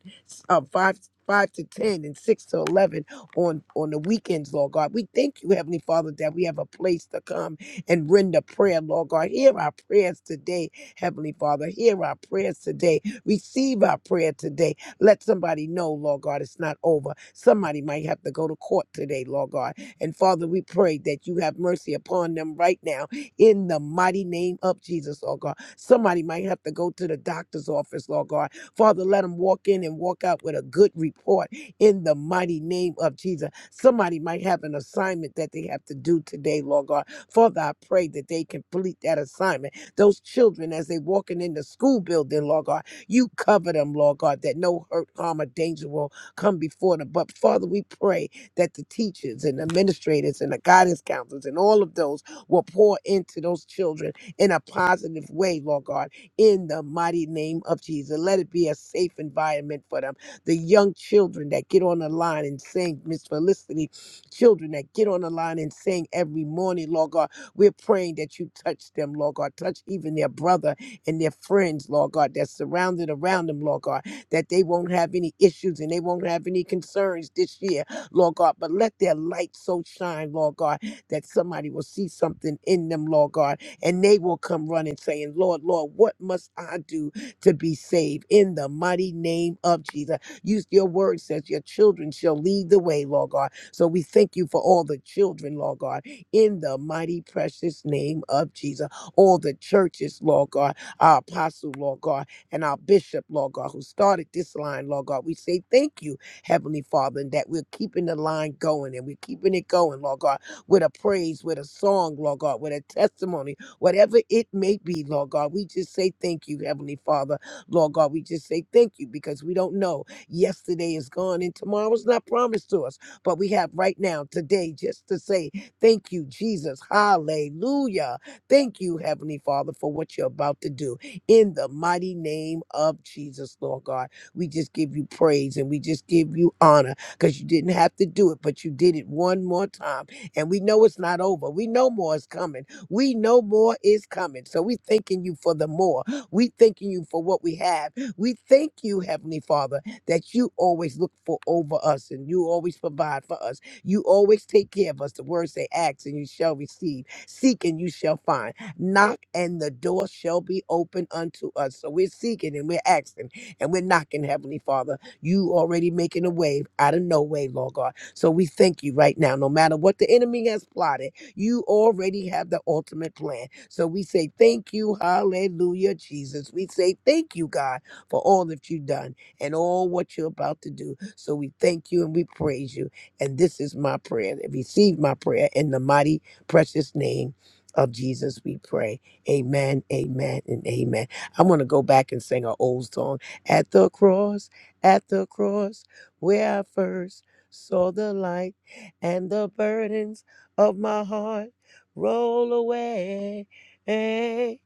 Speaker 3: uh, 5 5 to 10 and 6 to 11 on on the weekends lord god we thank you heavenly father that we have a place to come and render prayer, Lord God. Hear our prayers today, Heavenly Father. Hear our prayers today. Receive our prayer today. Let somebody know, Lord God, it's not over. Somebody might have to go to court today, Lord God. And Father, we pray that you have mercy upon them right now in the mighty name of Jesus, Lord God. Somebody might have to go to the doctor's office, Lord God. Father, let them walk in and walk out with a good report in the mighty name of Jesus. Somebody might have an assignment that they have to do today, Lord God. Father, I pray that they complete that assignment. Those children, as they walking in the school building, Lord God, you cover them, Lord God, that no hurt, harm, or danger will come before them. But Father, we pray that the teachers and administrators and the guidance counselors and all of those will pour into those children in a positive way, Lord God, in the mighty name of Jesus. Let it be a safe environment for them. The young children that get on the line and sing, Miss Felicity children that get on the line and sing every morning, Lord God. We're praying that you touch them, Lord God. Touch even their brother and their friends, Lord God, that's surrounded around them, Lord God, that they won't have any issues and they won't have any concerns this year, Lord God. But let their light so shine, Lord God, that somebody will see something in them, Lord God, and they will come running saying, Lord, Lord, what must I do to be saved? In the mighty name of Jesus. Use your word says your children shall lead the way, Lord God. So we thank you for all the children, Lord God, in the mighty precious name of Jesus. All the churches, Lord God, our apostle, Lord God, and our bishop, Lord God, who started this line, Lord God. We say thank you, Heavenly Father, and that we're keeping the line going and we're keeping it going, Lord God, with a praise, with a song, Lord God, with a testimony, whatever it may be, Lord God. We just say thank you, Heavenly Father, Lord God. We just say thank you because we don't know. Yesterday is gone and tomorrow's not promised to us. But we have right now, today, just to say thank you, Jesus. Hallelujah. Thank you, Heavenly Father, for what you're about to do in the mighty name of Jesus, Lord God. We just give you praise and we just give you honor because you didn't have to do it, but you did it one more time. And we know it's not over. We know more is coming. We know more is coming. So we thanking you for the more. We thanking you for what we have. We thank you, Heavenly Father that you always look for over us and you always provide for us. You always take care of us. The words say, ask and you shall receive, seek and you shall find, knock and the door shall be open unto us. So we're seeking and we're asking and we're knocking, Heavenly Father. You already making a wave out of no way, Lord God. So we thank you right now. No matter what the enemy has plotted, you already have the ultimate plan. So we say thank you, hallelujah, Jesus. We say thank you, God, for all that you've done and all what you're about to do. So we thank you and we praise you. And this is my prayer. Receive my prayer in the mighty, precious name of Jesus, we pray. Amen, amen, and amen. I'm going to go back and sing an old song. At the cross, at the cross, where I first saw the light and the burdens of my heart roll away. It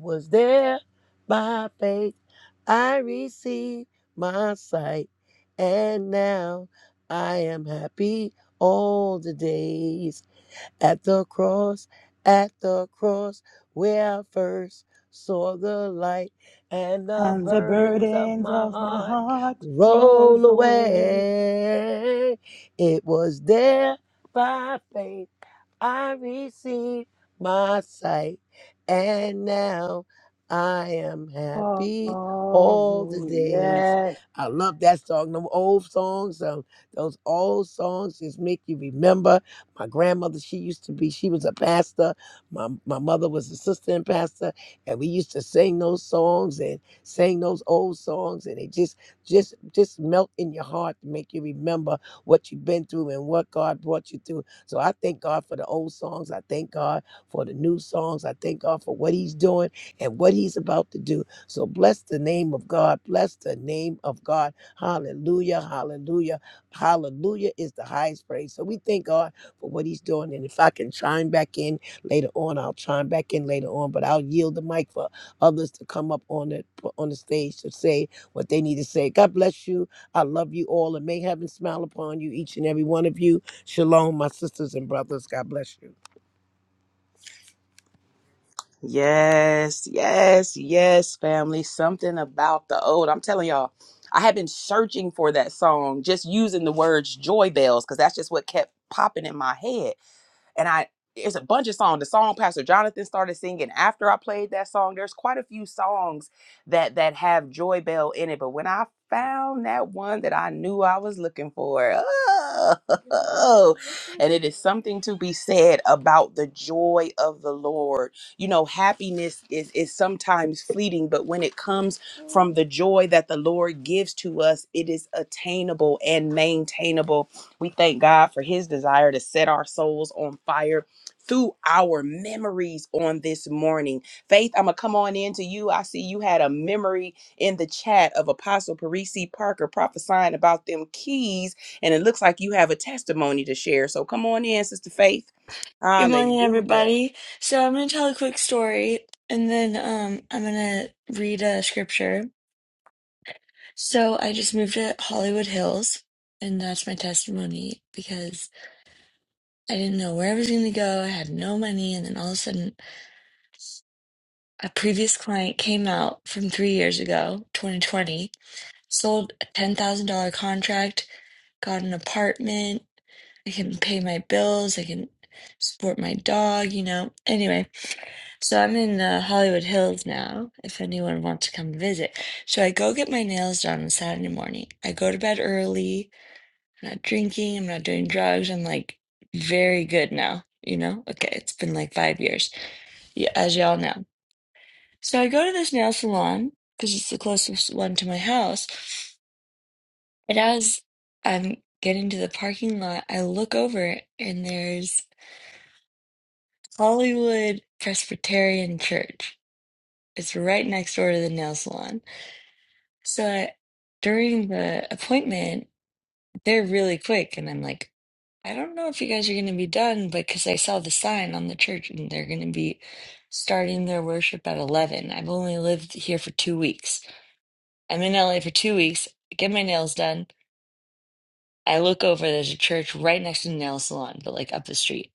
Speaker 3: was there by faith I received my sight. And now I am happy all the days at the cross, at the cross where I first saw the light and the
Speaker 5: and the
Speaker 3: burdens of
Speaker 5: burdens
Speaker 3: my
Speaker 5: of my
Speaker 3: heart
Speaker 5: heart
Speaker 3: roll
Speaker 5: rolls away
Speaker 3: away. It was there by faith I received my sight, and now I am
Speaker 5: all
Speaker 3: happy
Speaker 5: the
Speaker 3: all the
Speaker 5: way.
Speaker 3: days.
Speaker 5: Yes.
Speaker 3: I love that song. Them old songs, um, those old songs just make you remember. My grandmother, she used to be, she was a pastor. My my mother was assistant pastor, and we used to sing those songs and sing those old songs, and it just just just melt in your heart to make you remember what you've been through and what God brought you through so I thank God for the old songs. I thank God for the new songs. I thank God for what He's doing and what He's about to do. So bless the name of God. Bless the name of God. Hallelujah. Hallelujah. Hallelujah is the highest praise. So we thank God for what He's doing. And if I can chime back in later on, I'll chime back in later on. But I'll yield the mic for others to come up on the on the stage to say what they need to say. God bless you. I love you all, and may heaven smile upon you, each and every one of you. Shalom, my sisters and brothers. God bless you.
Speaker 1: Yes, yes, yes, family. Something about the old. I'm telling y'all, I have been searching for that song, just using the words joy bells, because that's just what kept popping in my head. and I it's a bunch of songs. The song Pastor Jonathan started singing after I played that song. There's quite a few songs that that have Joy Bell in it, but when I found that one that I knew I was looking for, oh, and it is something to be said about the joy of the Lord. You know, happiness is is sometimes fleeting, but when it comes from the joy that the Lord gives to us, it is attainable and maintainable we thank God for his desire to set our souls on fire through our memories on this morning. Faith, I'm going to come on in to you. I see you had a memory in the chat of Apostle Parisi Parker prophesying about them keys, and it looks like you have a testimony to share. So come on in, Sister Faith.
Speaker 4: Good morning,
Speaker 1: Hallelujah.
Speaker 4: everybody. So I'm gonna tell a quick story, and then um I'm gonna read a scripture. So I just moved to Hollywood Hills, and that's my testimony because I didn't know where I was gonna go. I had no money, and then all of a sudden, a previous client came out from three years ago, 2020, sold a ten thousand dollar contract got an apartment. I can pay my bills. I can support my dog, you know. Anyway, so I'm in the Hollywood Hills now, if anyone wants to come visit. So I go get my nails done on Saturday morning. I go to bed early. I'm not drinking. I'm not doing drugs. I'm like very good now, you know? Okay, it's been like five years, y- as y'all know. So I go to this nail salon because it's the closest one to my house. And as I'm getting to the parking lot, I look over and there's Hollywood Presbyterian Church. It's right next door to the nail salon. So I, during the appointment, they're really quick, and I'm like, I don't know if you guys are going to be done, but because I saw the sign on the church and they're going to be starting their worship at 11. I've only lived here for two weeks. I'm in LA for two weeks, I get my nails done I look over, there's a church right next to the nail salon, but like up the street.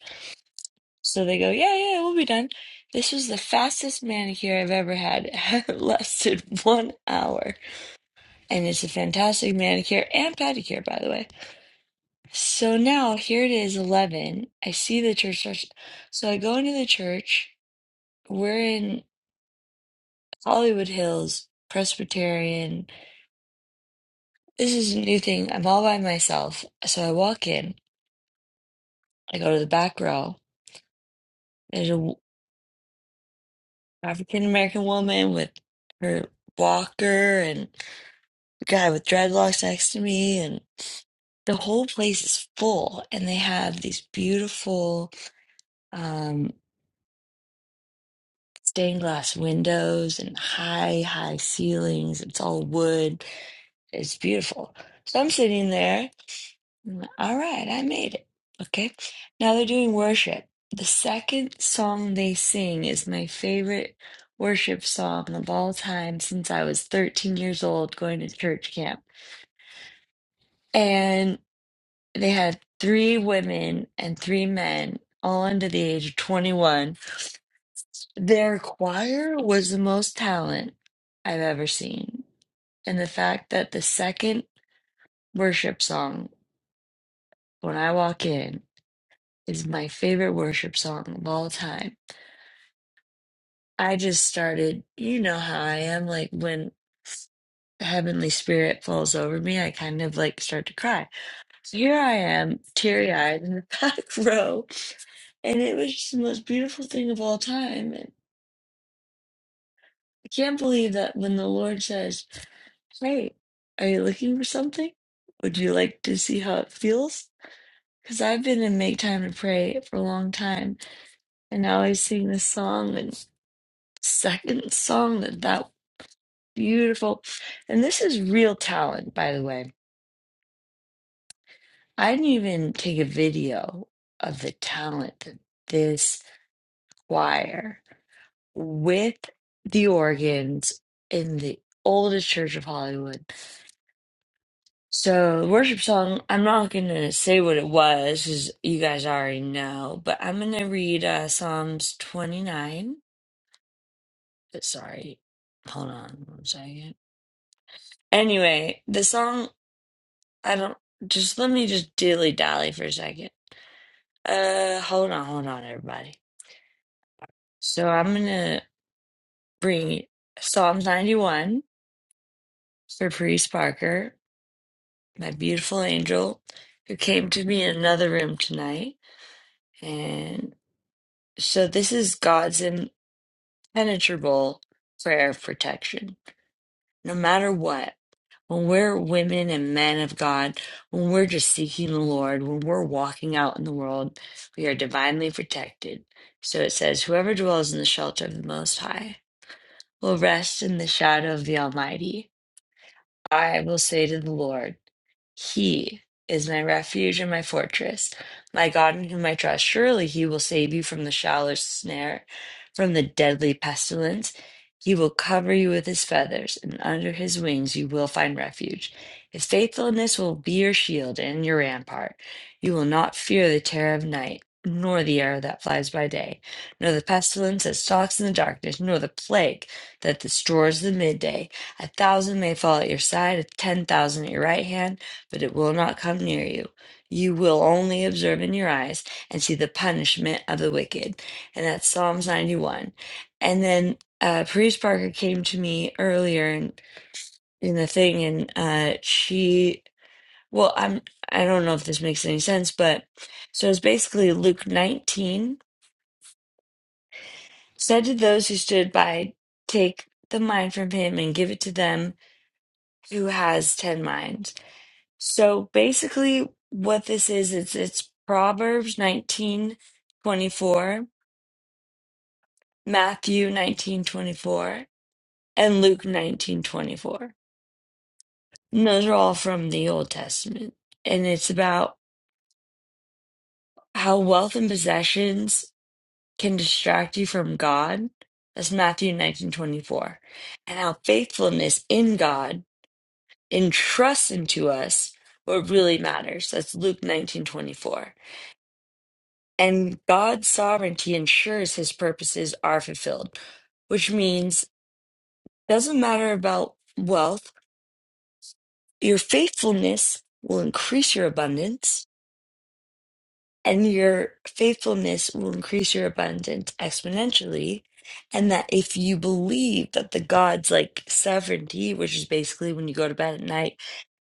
Speaker 4: So they go, Yeah, yeah, we'll be done. This was the fastest manicure I've ever had. It lasted one hour. And it's a fantastic manicure and pedicure, by the way. So now here it is, 11. I see the church. starts- So I go into the church. We're in Hollywood Hills, Presbyterian. This is a new thing. I'm all by myself. So I walk in, I go to the back row. There's a African American woman with her walker and a guy with dreadlocks next to me and the whole place is full and they have these beautiful um stained glass windows and high high ceilings it's all wood it's beautiful so i'm sitting there Mm, All right, I made it. Okay. Now they're doing worship. The second song they sing is my favorite worship song of all time since I was 13 years old going to church camp. And they had three women and three men, all under the age of 21. Their choir was the most talent I've ever seen. And the fact that the second worship song, when I walk in, is my favorite worship song of all time. I just started, you know how I am, like when Heavenly Spirit falls over me, I kind of like start to cry. So here I am, teary eyed in the back row, and it was just the most beautiful thing of all time. And I can't believe that when the Lord says, Hey, are you looking for something? Would you like to see how it feels? Because I've been in Make Time to Pray for a long time, and now I always sing this song and second song that that Beautiful. And this is real talent, by the way. I didn't even take a video of the talent that this choir with the organs in the oldest church of Hollywood. So, the worship song, I'm not going to say what it was, because you guys already know, but I'm going to read uh, Psalms 29. Uh, Sorry, hold on one second. Anyway, the song, I don't, just let me just dilly dally for a second. Uh, hold on, hold on, everybody. So I'm gonna bring Psalms 91 for Priest Parker, my beautiful angel, who came to me in another room tonight. And so this is God's impenetrable prayer of protection, no matter what. When we're women and men of God, when we're just seeking the Lord, when we're walking out in the world, we are divinely protected. So it says, Whoever dwells in the shelter of the Most High will rest in the shadow of the Almighty. I will say to the Lord, he is my refuge and my fortress, my God in whom I trust. Surely he will save you from the shallow snare, from the deadly pestilence. He will cover you with his feathers, and under his wings you will find refuge. His faithfulness will be your shield and your rampart. You will not fear the terror of night, nor the arrow that flies by day, nor the pestilence that stalks in the darkness, nor the plague that destroys the midday. A thousand may fall at your side, ten thousand at your right hand but it will not come near you. You will only observe in your eyes and see the punishment of the wicked. And that's Psalms 91. And then uh, Parise Parker came to me earlier in, in the thing, and uh, she, well, I'm, I don't know if this makes any sense, but so it's basically Luke 19 said to those who stood by, Take the mind from him and give it to them who has 10 minds. So basically, what this is, it's it's Proverbs nineteen twenty four, Matthew nineteen twenty four, and Luke nineteen twenty four. And those are all from the Old Testament. And it's about how wealth and possessions can distract you from God. That's Matthew nineteen twenty four, and how faithfulness in God and trust into us what really matters. That's Luke nineteen twenty four and God's sovereignty ensures his purposes are fulfilled, which means doesn't matter about wealth, your faithfulness will increase your abundance, and your faithfulness will increase your abundance exponentially. And that if you believe that the God's like sovereignty, which is basically when you go to bed at night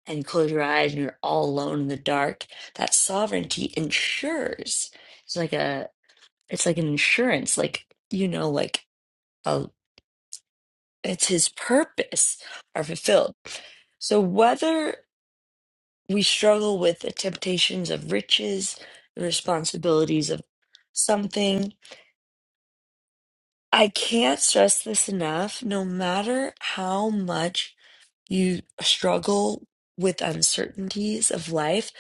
Speaker 4: and you close your eyes and you're all alone in the dark, that sovereignty ensures. It's like a, it's like an insurance, like, you know, like uh, it's his purpose are fulfilled. So whether we struggle with the temptations of riches, the responsibilities of something, I can't stress this enough. No matter how much you struggle with uncertainties of life,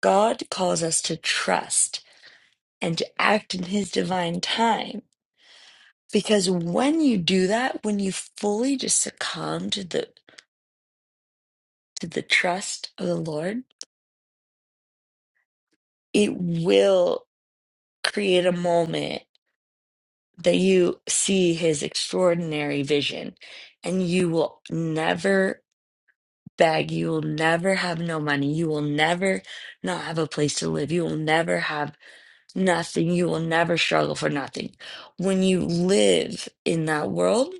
Speaker 4: God calls us to trust and to act in his divine time. Because when you do that, when you fully just succumb to the to the trust of the Lord, it will create a moment that you see his extraordinary vision and you will never beg you will never have no money you will never not have a place to live you will never have nothing you will never struggle for nothing when you live in that world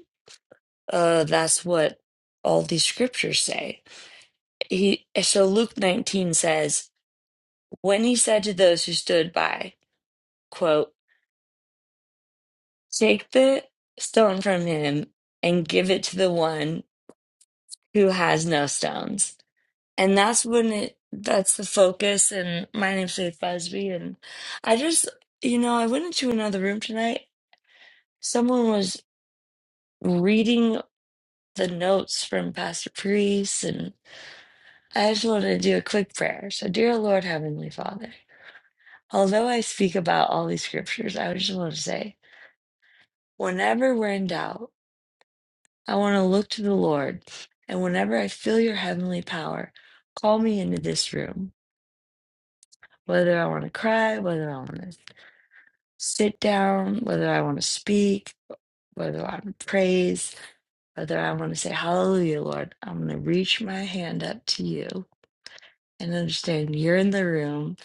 Speaker 4: uh that's what all these scriptures say he so luke 19 says when he said to those who stood by quote Take the stone from him and give it to the one who has no stones. And that's when it, that's the focus. And my name's Faith Busby. And I just, you know, I went into another room tonight. Someone was reading the notes from Pastor Priest. And I just wanted to do a quick prayer. So, dear Lord Heavenly Father, although I speak about all these scriptures, I just want to say, whenever we're in doubt, I want to look to the Lord, and whenever I feel your heavenly power, call me into this room. Whether I want to cry, whether I want to sit down, whether I want to speak, whether I want to praise, whether I want to say, Hallelujah, Lord, I'm going to reach my hand up to you and understand you're in the room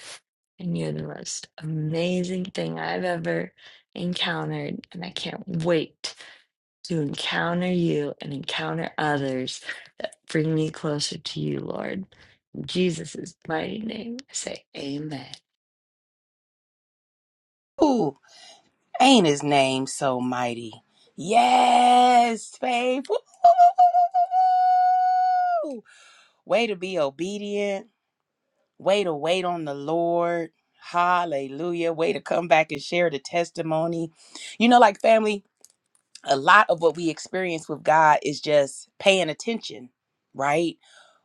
Speaker 4: and you're the most amazing thing I've ever encountered. And I can't wait to encounter you and encounter others. Bring me closer to you, Lord. Jesus' mighty name, I say amen.
Speaker 1: Ooh, ain't his name so mighty? Yes, Faith. Woo! Way to be obedient Way to wait on the Lord. Hallelujah. Way to come back and share the testimony. You know, like family, a lot of what we experience with God is just paying attention, right?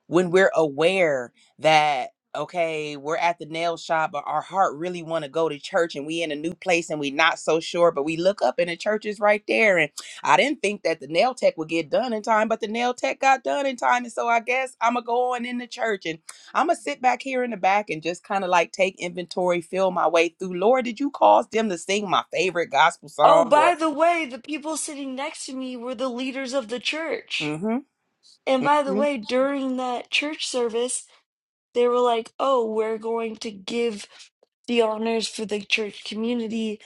Speaker 1: when we're aware that okay we're at the nail shop but our heart really want to go to church and we in a new place and we not so sure but we look up and the church is right there and i didn't think that the nail tech would get done in time but the nail tech got done in time and so i guess i'm gonna go on in the church and i'm gonna sit back here in the back and just kind of like take inventory feel my way through lord did you cause them to sing my favorite gospel
Speaker 4: Oh,
Speaker 1: song or
Speaker 4: by the way, the people sitting next to me were the leaders of the church.
Speaker 1: mm-hmm,
Speaker 4: And by the
Speaker 1: mm-hmm,
Speaker 4: way, during that church service, they were like, oh, we're going to give the honors for the church community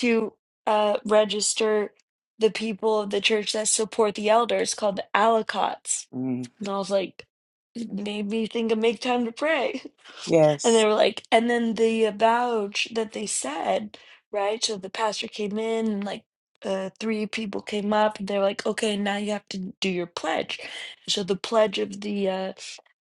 Speaker 4: to uh, register the people of the church that support the elders called the Alacots.
Speaker 1: mm,
Speaker 4: And I was like, it made me think of make time to pray. And they
Speaker 1: yes
Speaker 4: were like, and then the avouch that they said, right? So the pastor came in and like uh, three people came up and they were like, okay, now you have to do your pledge. So the pledge of the uh,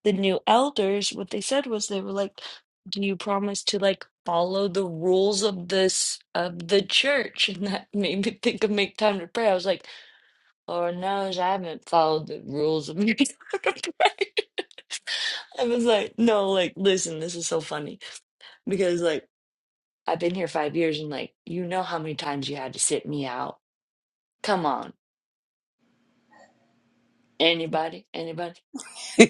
Speaker 4: the new elders, what they said was they were like, do you promise to like follow the rules of this of the church? And that made me think of make time to pray. I was like, Lord knows I haven't followed the rules of me. I was like, no, like, listen, this is so funny because, like, I've been here five years and, like, you know how many times you had to sit me out. Come on. Anybody? Anybody?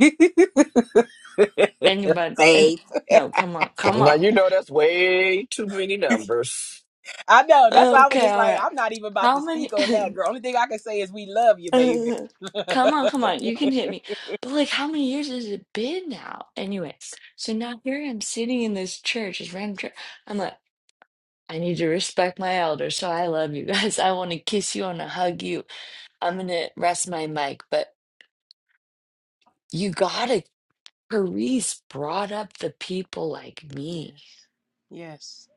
Speaker 4: Anybody?
Speaker 1: faith.
Speaker 4: And no, come on. Come
Speaker 6: Now
Speaker 4: on.
Speaker 6: you know that's way too many numbers.
Speaker 1: I know. That's why I was
Speaker 4: Okay.
Speaker 1: just
Speaker 4: All
Speaker 1: like,
Speaker 4: right.
Speaker 1: I'm not even about
Speaker 4: How
Speaker 1: to
Speaker 4: many?
Speaker 1: speak on that, girl. Only thing I can say is we love you, baby.
Speaker 4: Come on, come on, you can hit me. But like, how many years has it been now? Anyway, so now here I am sitting in this church, this random church. I'm like, I need to respect my elders, so I love you guys. I want to kiss you and hug you. I'm gonna rest my mic, but you gotta. Paris brought up the people like me.
Speaker 1: yes. Yes.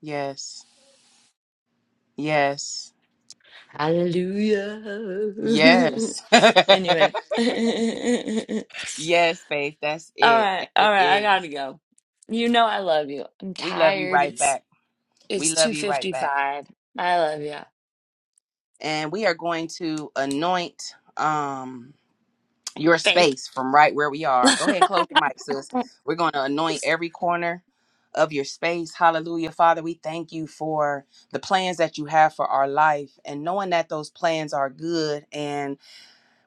Speaker 1: Yes. Yes.
Speaker 4: Hallelujah.
Speaker 1: Yes.
Speaker 4: anyway. all
Speaker 1: yes, Faith. That's it.
Speaker 4: right,
Speaker 1: And
Speaker 4: all
Speaker 1: It
Speaker 4: right, I gotta
Speaker 1: is.
Speaker 4: go. You know I love you. I'm
Speaker 1: We love you
Speaker 4: tired.
Speaker 1: right
Speaker 4: It's
Speaker 1: back. We
Speaker 4: it's
Speaker 1: love you right back.
Speaker 4: 2:55. I love you.
Speaker 1: And we are going to anoint. Um, your
Speaker 4: Faith.
Speaker 1: space from right where we are. Go ahead and close your mic, sis. We're going to anoint every corner of your space. Hallelujah. Father, we thank you for the plans that you have for our life and knowing that those plans are good. and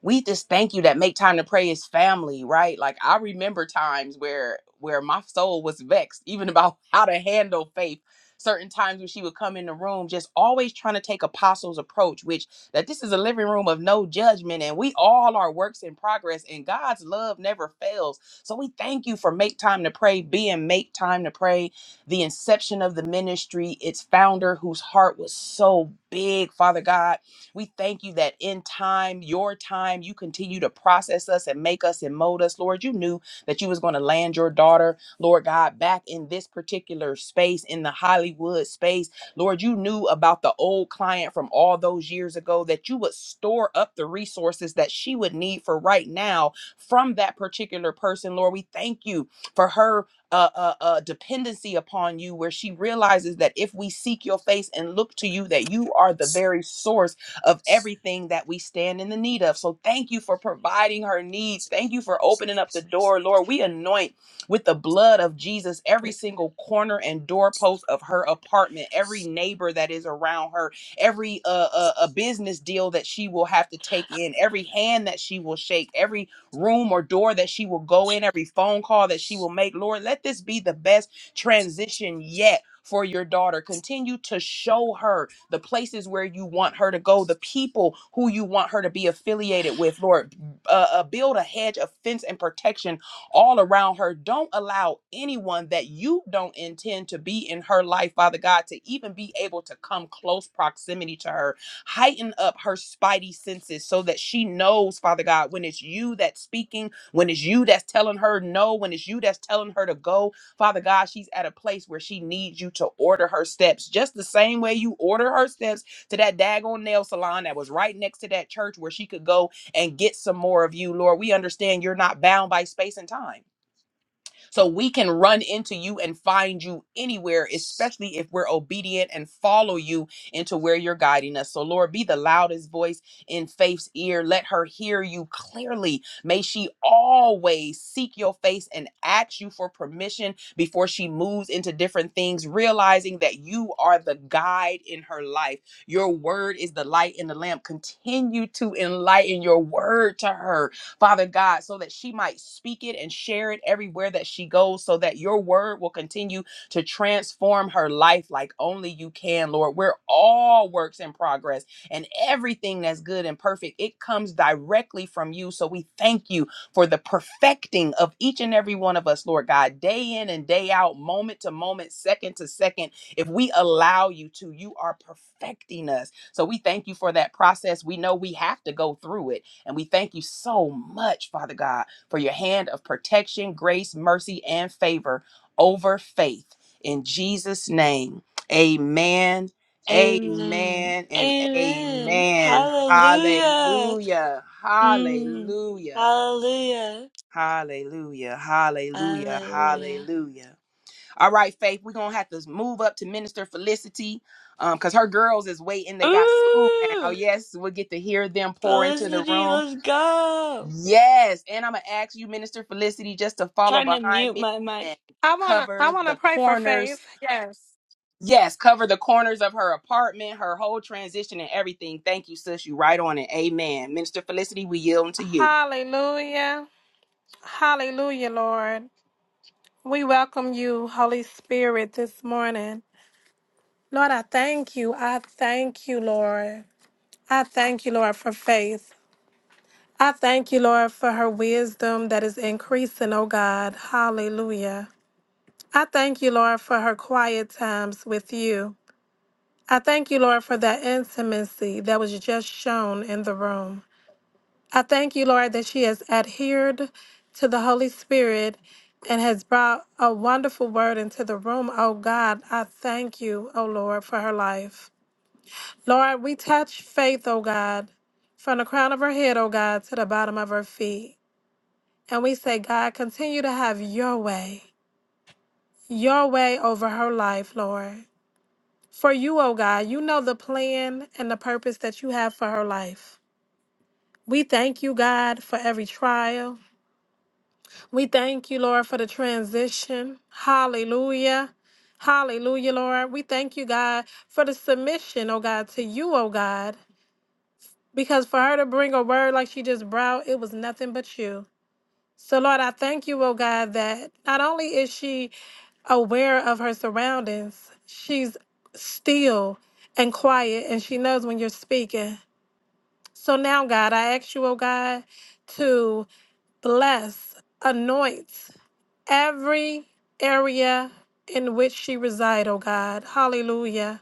Speaker 1: we just thank you that make time to pray is family right like i remember times where where my soul was vexed even about how to handle faith certain times when she would come in the room just always trying to take apostles approach which that this is a living room of no judgment and we all are works in progress and god's love never fails so we thank you for make time to pray being make time to pray the inception of the ministry its founder whose heart was so big father god we thank you that in time, your time, you continue to process us and make us and mold us. Lord, you knew that you was going to land your daughter, Lord God, back in this particular space, in the Hollywood space. Lord, you knew about the old client from all those years ago that you would store up the resources that she would need for right now from that particular person. Lord, we thank you for her uh, uh, uh, dependency upon you, where she realizes that if we seek your face and look to you, that you are the very source of everything that we stand in the need of. So thank you for providing her needs. Thank you for opening up the door, Lord. We anoint with the blood of Jesus every single corner and doorpost of her apartment, every neighbor that is around her, every uh, uh, a business deal that she will have to take in, every hand that she will shake, every room or door that she will go in, every phone call that she will make. Lord, let this be the best transition yet for your daughter. Continue to show her the places where you want her to go, the people who you want her to be affiliated with, Lord. Uh, uh, build a hedge of fence and protection all around her. Don't allow anyone that you don't intend to be in her life, Father God, to even be able to come close proximity to her. Heighten up her spidey senses so that she knows, Father God, when it's you that's speaking, when it's you that's telling her no, when it's you that's telling her to go, Father God, she's at a place where she needs you to order her steps just the same way you order her steps to that daggone nail salon that was right next to that church where she could go and get some more of you, Lord. We understand you're not bound by space and time. So we can run into you and find you anywhere, especially if we're obedient and follow you into where you're guiding us. So, Lord, be the loudest voice in faith's ear. Let her hear you clearly. May she always seek your face and ask you for permission before she moves into different things, realizing that you are the guide in her life. Your word is the light in the lamp. Continue to enlighten your word to her Father God, so that she might speak it and share it everywhere that she goes, so that your word will continue to transform her life like only you can, Lord. We're all works in progress, and everything that's good and perfect, it comes directly from you. So we thank you for the perfecting of each and every one of us, Lord God, day in and day out, moment to moment, second to second. If we allow you to, you are perfecting us. So we thank you for that process. We know we have to go through it and we thank you so much, Father God, for your hand of protection, grace, mercy, and favor over faith. In Jesus' name, amen,
Speaker 4: Amen.
Speaker 1: amen, and
Speaker 4: Amen.
Speaker 1: amen.
Speaker 4: Hallelujah.
Speaker 1: Hallelujah,
Speaker 4: Mm.
Speaker 1: hallelujah,
Speaker 4: Hallelujah.
Speaker 1: hallelujah, hallelujah,
Speaker 4: Hallelujah.
Speaker 1: hallelujah. All right, Faith, we're going to have to move up to Minister Felicity because her girls is waiting. They got school now.
Speaker 4: Ooh,
Speaker 1: Yes, we'll get to hear them pour into the
Speaker 4: Felicity,
Speaker 1: room.
Speaker 4: let's go.
Speaker 1: Yes, and I'm gonna ask you, Minister Felicity, just to follow
Speaker 4: Trying to
Speaker 1: behind
Speaker 4: mute
Speaker 1: me
Speaker 4: my
Speaker 1: and
Speaker 4: mic.
Speaker 7: I wanna I
Speaker 1: cover
Speaker 7: wanna
Speaker 1: the
Speaker 7: pray for
Speaker 1: corners.
Speaker 7: faith. Yes.
Speaker 1: Yes, cover the corners of her apartment, her whole transition, and everything. Thank you, sis. You right on it. Amen. Minister Felicity, we yield to you.
Speaker 7: Hallelujah. Hallelujah, Lord. We welcome you, Holy Spirit, this morning. Lord, I thank you. I thank you, Lord. I thank you, Lord, for faith. I thank you, Lord, for her wisdom that is increasing, oh God. Hallelujah. I thank you, Lord, for her quiet times with you. I thank you, Lord, for that intimacy that was just shown in the room. I thank you, Lord, that she has adhered to the Holy Spirit and has brought a wonderful word into the room. Oh God, I thank you, oh Lord, for her life. Lord, we touch faith, oh God, from the crown of her head, oh God, to the bottom of her feet. And we say, God, continue to have your way, your way over her life, Lord. For you, oh God, you know the plan and the purpose that you have for her life. We thank you, God, for every trial. We thank you, Lord, for the transition. Hallelujah. Hallelujah, Lord. We thank you, God, for the submission, oh God, to you, oh God. Because for her to bring a word like she just brought, it was nothing but you. So, Lord, I thank you, oh God, that not only is she aware of her surroundings, she's still and quiet and she knows when you're speaking. So now, God, I ask you, oh God, to bless, anoint every area in which she reside, oh God. Hallelujah.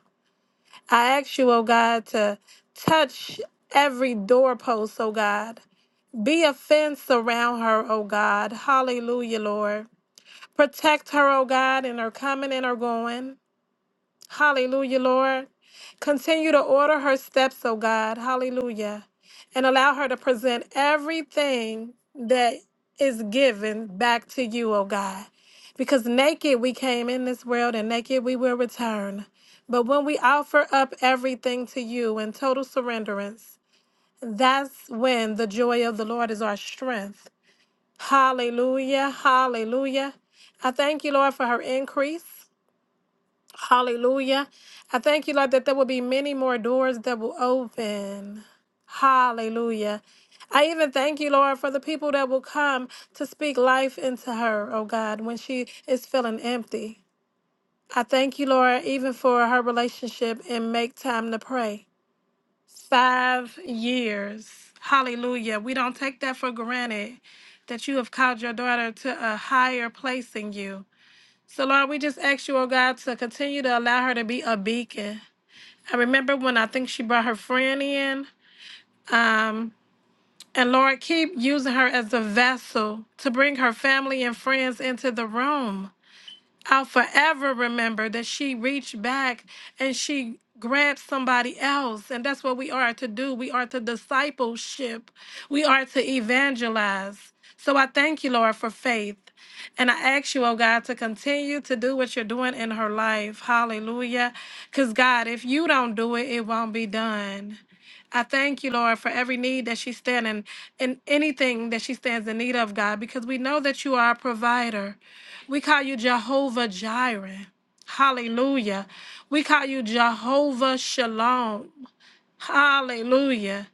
Speaker 7: I ask you, oh God, to touch every doorpost, oh God. Be a fence around her, oh God. Hallelujah, Lord. Protect her, oh God, in her coming and her going. Hallelujah, Lord. Continue to order her steps, oh God. Hallelujah. And allow her to present everything that is given back to you, oh God. Because naked we came in this world and naked we will return. But when we offer up everything to you in total surrenderance, that's when the joy of the Lord is our strength. Hallelujah. Hallelujah. I thank you, Lord, for her increase. Hallelujah. I thank you, Lord, that there will be many more doors that will open. Hallelujah. I even thank you, Lord, for the people that will come to speak life into her, oh God, when she is feeling empty. I thank you, Lord, even for her relationship and make time to pray. Five years. Hallelujah. We don't take that for granted that you have called your daughter to a higher place in you. So, Lord, we just ask you, oh God, to continue to allow her to be a beacon. I remember when I think she brought her friend in. Um, and Lord, keep using her as a vessel to bring her family and friends into the room. I'll forever remember that she reached back and she grabbed somebody else. And that's what we are to do. We are to discipleship, we are to evangelize. So I thank you, Lord, for faith. And I ask you, oh God, to continue to do what you're doing in her life. Hallelujah. Because, God, if you don't do it, it won't be done. I thank you, Lord, for every need that she stands in, in anything that she stands in need of, God, because we know that you are a provider. We call you Jehovah Jireh. Hallelujah. We call you Jehovah Shalom. Hallelujah.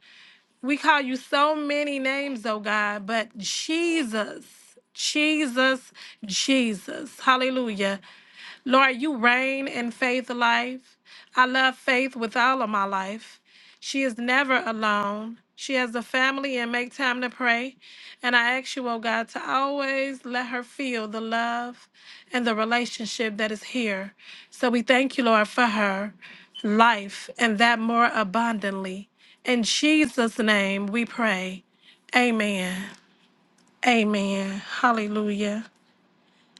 Speaker 7: We call you so many names, oh God, but Jesus, Jesus, Jesus. Hallelujah. Lord, you reign in faith life. I love faith with all of my life. She is never alone. She has a family and make time to pray. And I ask you, oh God, to always let her feel the love and the relationship that is here. So we thank you, Lord, for her life and that more abundantly. In Jesus' name we pray. Amen. Amen. Hallelujah.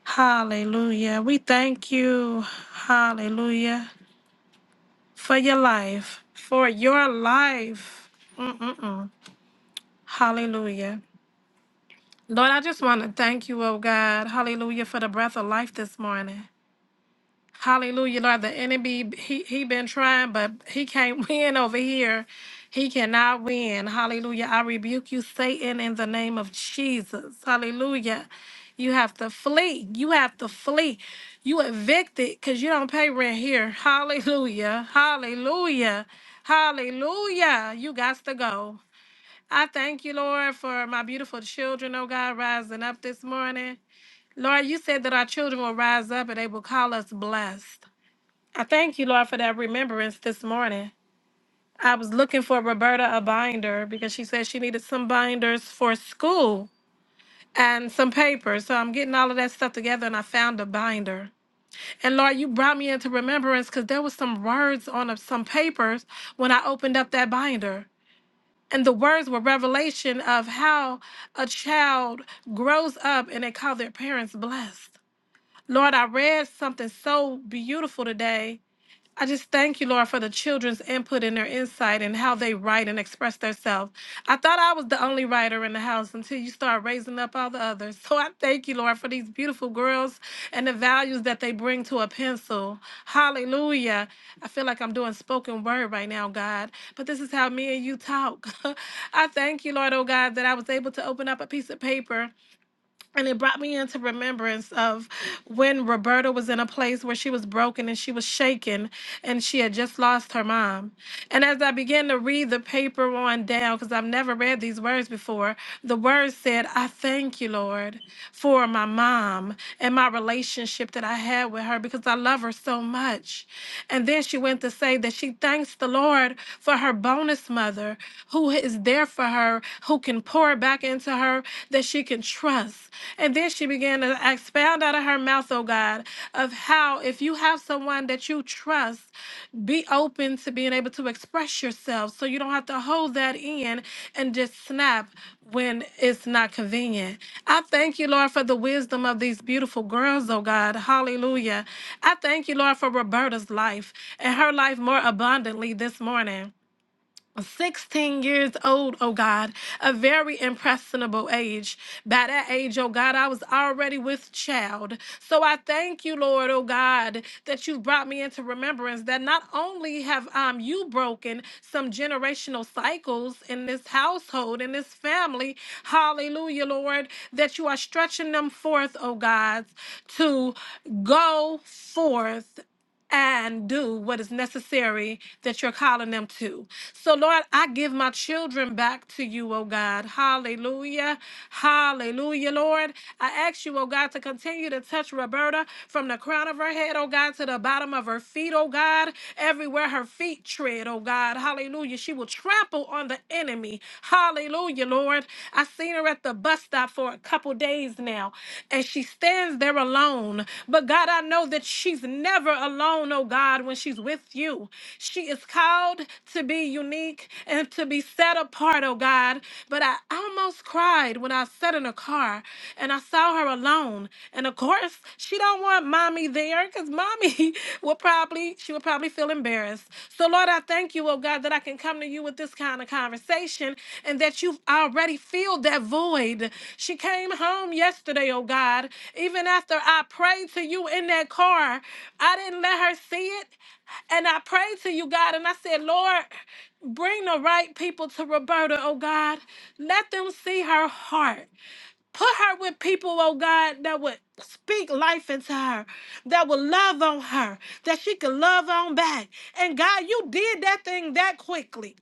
Speaker 7: Hallelujah. We thank you, hallelujah, for your life, for your life. Mm-mm-mm. Hallelujah. Lord, I just want to thank you, oh God, hallelujah, for the breath of life this morning. Hallelujah, Lord. The enemy he he been trying, but he can't win over here. He cannot win. Hallelujah. I rebuke you, Satan, in the name of Jesus. Hallelujah. You have to flee. You have to flee. You evicted because you don't pay rent here. Hallelujah. Hallelujah. Hallelujah. You got to go. I thank you, Lord, for my beautiful children, oh God, rising up this morning. Lord, you said that our children will rise up and they will call us blessed. I thank you, Lord, for that remembrance this morning. I was looking for Roberta a binder because she said she needed some binders for school and some papers. So I'm getting all of that stuff together and I found a binder. And Lord, you brought me into remembrance because there was some words on a- some papers when I opened up that binder. And the words were revelation of how a child grows up and they call their parents blessed. Lord, I read something so beautiful today I just thank you, Lord, for the children's input and their insight and how they write and express themselves. I thought I was the only writer in the house until you start raising up all the others. So I thank you, Lord, for these beautiful girls and the values that they bring to a pencil. Hallelujah. I feel like I'm doing spoken word right now, God, but this is how me and you talk. I thank you, Lord, oh God, that I was able to open up a piece of paper and it brought me into remembrance of when Roberta was in a place where she was broken and she was shaken and she had just lost her mom. And as I began to read the paper on down, because I've never read these words before, the words said, I thank you, Lord, for my mom and my relationship that I had with her because I love her so much. And then she went to say that she thanks the Lord for her bonus mother who is there for her, who can pour back into her that she can trust. And then she began to expound out of her mouth, oh God, of how if you have someone that you trust, be open to being able to express yourself so you don't have to hold that in and just snap when it's not convenient. I thank you, Lord, for the wisdom of these beautiful girls, oh God. Hallelujah. I thank you, Lord, for Roberta's life and her life more abundantly this morning. 16 years old, oh God, a very impressionable age. By that age, oh God, I was already with child. So I thank you, Lord, oh God, that you've brought me into remembrance that not only have um, you broken some generational cycles in this household, in this family, hallelujah, Lord, that you are stretching them forth, oh God, to go forth and do what is necessary that you're calling them to. So, Lord, I give my children back to you, oh God. Hallelujah. Hallelujah, Lord. I ask you, oh God, to continue to touch Roberta from the crown of her head, oh God, to the bottom of her feet, oh God, everywhere her feet tread, oh God. Hallelujah. She will trample on the enemy. Hallelujah, Lord. I see seen her at the bus stop for a couple days now, and she stands there alone. But God, I know that she's never alone, oh God, when she's with you. She is called to be unique and to be set apart, oh God. But I almost cried when I sat in a car and I saw her alone. And of course, she don't want mommy there because mommy will probably she would probably feel embarrassed. So, Lord, I thank you, oh God, that I can come to you with this kind of conversation and that you've already filled that void. She came home yesterday, oh God. Even after I prayed to you in that car, I didn't let her see it. And I prayed to you, God, and I said, Lord, bring the right people to Roberta, oh God. Let them see her heart. Put her with people, oh God, that would speak life into her, that would love on her, that she could love on back. And God, you did that thing that quickly.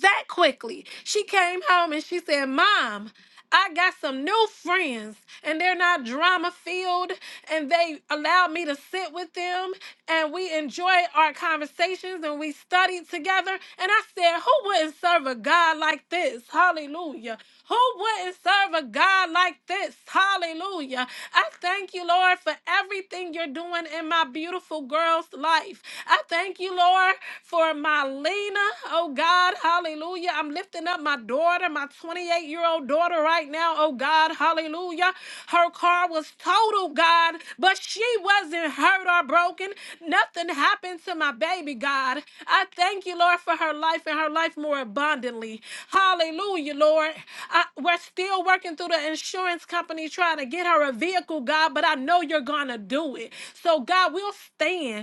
Speaker 7: That quickly. She came home and she said, Mom, I got some new friends and they're not drama filled and they allowed me to sit with them and we enjoyed our conversations and we studied together. And I said, Who wouldn't serve a God like this? Hallelujah. Who wouldn't serve a God like this? Hallelujah. I thank you, Lord, for everything you're doing in my beautiful girl's life. I thank you, Lord, for my Lena. Oh, God. Hallelujah. I'm lifting up my daughter, my 28 year old daughter, right now. Oh, God. Hallelujah. Her car was was total, God, but she wasn't hurt or broken. Nothing happened to my baby, God. I thank you, Lord, for her life and her life more abundantly. Hallelujah, Lord. I, we're still working through the insurance company trying to get her a vehicle, God, but I know you're going to do it. So, God, we'll stand.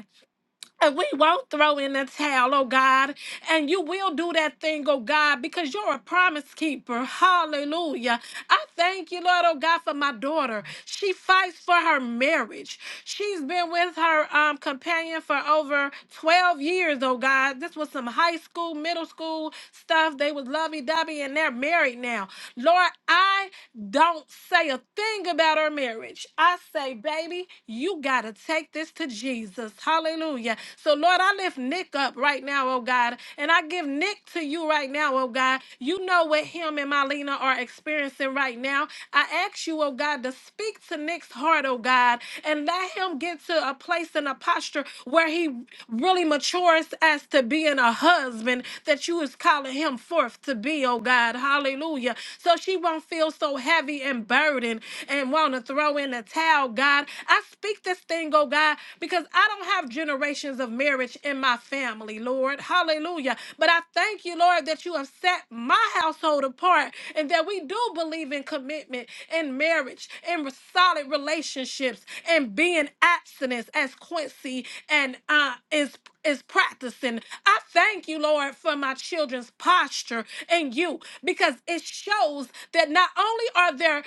Speaker 7: And we won't throw in the towel, oh God. And you will do that thing, oh God, because you're a promise keeper. Hallelujah. I thank you, Lord, oh God, for my daughter. She fights for her marriage. She's been with her um, companion for over 12 years, oh God. This was some high school, middle school stuff. They was lovey-dovey and they're married now. Lord, I don't say a thing about her marriage. I say, baby, you got to take this to Jesus. Hallelujah. So, Lord, I lift Nick up right now, oh God, and I give Nick to you right now, oh God. You know what him and Mylena are experiencing right now. I ask you, oh God, to speak to Nick's heart, oh God, and let him get to a place and a posture where he really matures as to being a husband that you is calling him forth to be, oh God. Hallelujah. So she won't feel so heavy and burdened and want to throw in the towel, God. I speak this thing, oh God, because I don't have generations of marriage in my family, Lord. Hallelujah. But I thank you, Lord, that you have set my household apart and that we do believe in commitment and marriage and solid relationships and being abstinence as Quincy and uh, is is practicing. I thank you, Lord, for my children's posture in you because it shows that not only are they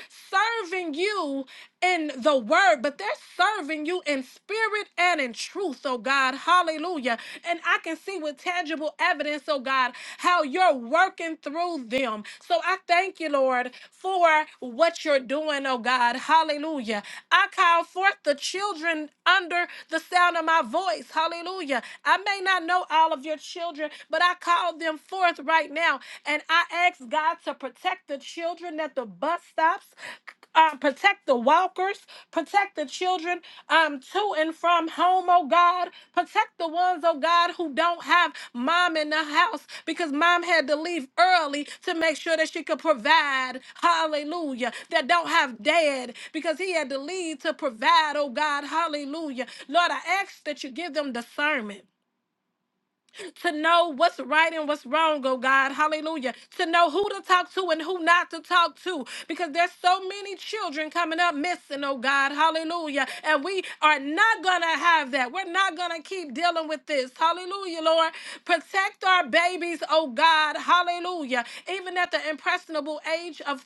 Speaker 7: serving you in the word, but they're serving you in spirit and in truth, oh God. Hallelujah. And I can see with tangible evidence, oh God, how you're working through them. So I thank you, Lord, for what you're doing, oh God. Hallelujah. I call forth the children under the sound of my voice. Hallelujah. I may not know all of your children, but I call them forth right now. And I ask God to protect the children at the bus stops, uh, protect the walkers, protect the children um, to and from home, oh God. Protect the ones, oh God, who don't have mom in the house because mom had to leave early to make sure that she could provide. Hallelujah. That don't have dad because he had to leave to provide, oh God. Hallelujah. Lord, I ask that you give them discernment to know what's right and what's wrong, oh God. Hallelujah. To know who to talk to and who not to talk to because there's so many children coming up missing, oh God. Hallelujah. And we are not going to have that. We're not going to keep dealing with this. Hallelujah, Lord. Protect our babies, oh God. Hallelujah. Even at the impressionable age of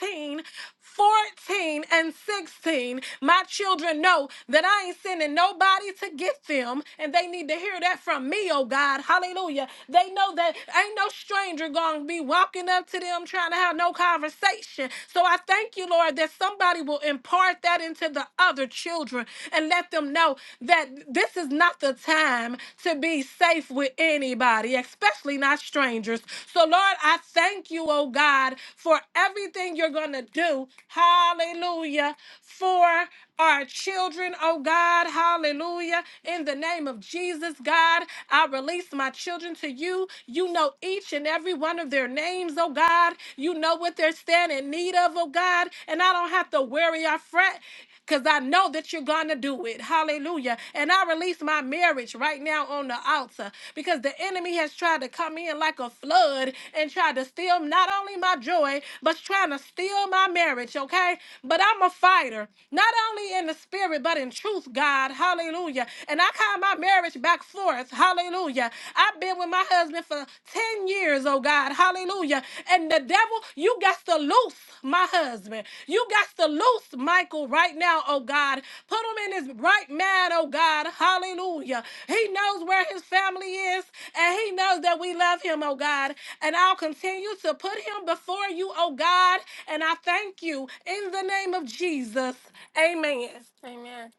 Speaker 7: 13, 14 and 16, my children know that I ain't sending nobody to get them, and they need to hear that from me, oh God. Hallelujah. They know that ain't no stranger going to be walking up to them trying to have no conversation. So I thank you, Lord, that somebody will impart that into the other children and let them know that this is not the time to be safe with anyone anybody, especially not strangers. So, Lord, I thank you, oh God, for everything you're going to do. Hallelujah. For our children, oh God. Hallelujah. In the name of Jesus, God, I release my children to you. You know each and every one of their names, oh God. You know what they're standing in need of, oh God. And I don't have to worry or fret because I know that you're going to do it. Hallelujah. And I release my marriage right now on the altar because the enemy has tried to come in like a flood and tried to steal not only my joy, but trying to steal my marriage, okay? But I'm a fighter, not only in the spirit, but in truth, God. Hallelujah. And I call my marriage back forth. Hallelujah. I've been with my husband for 10 years years, oh God. Hallelujah. And the devil, you got to loose my husband. You got to loose Michael right now, oh God. Put him in his right man, oh God. Hallelujah. He knows where his family is, and he knows that we love him, oh God. And I'll continue to put him before you, oh God. And I thank you in the name of Jesus. Amen. Amen.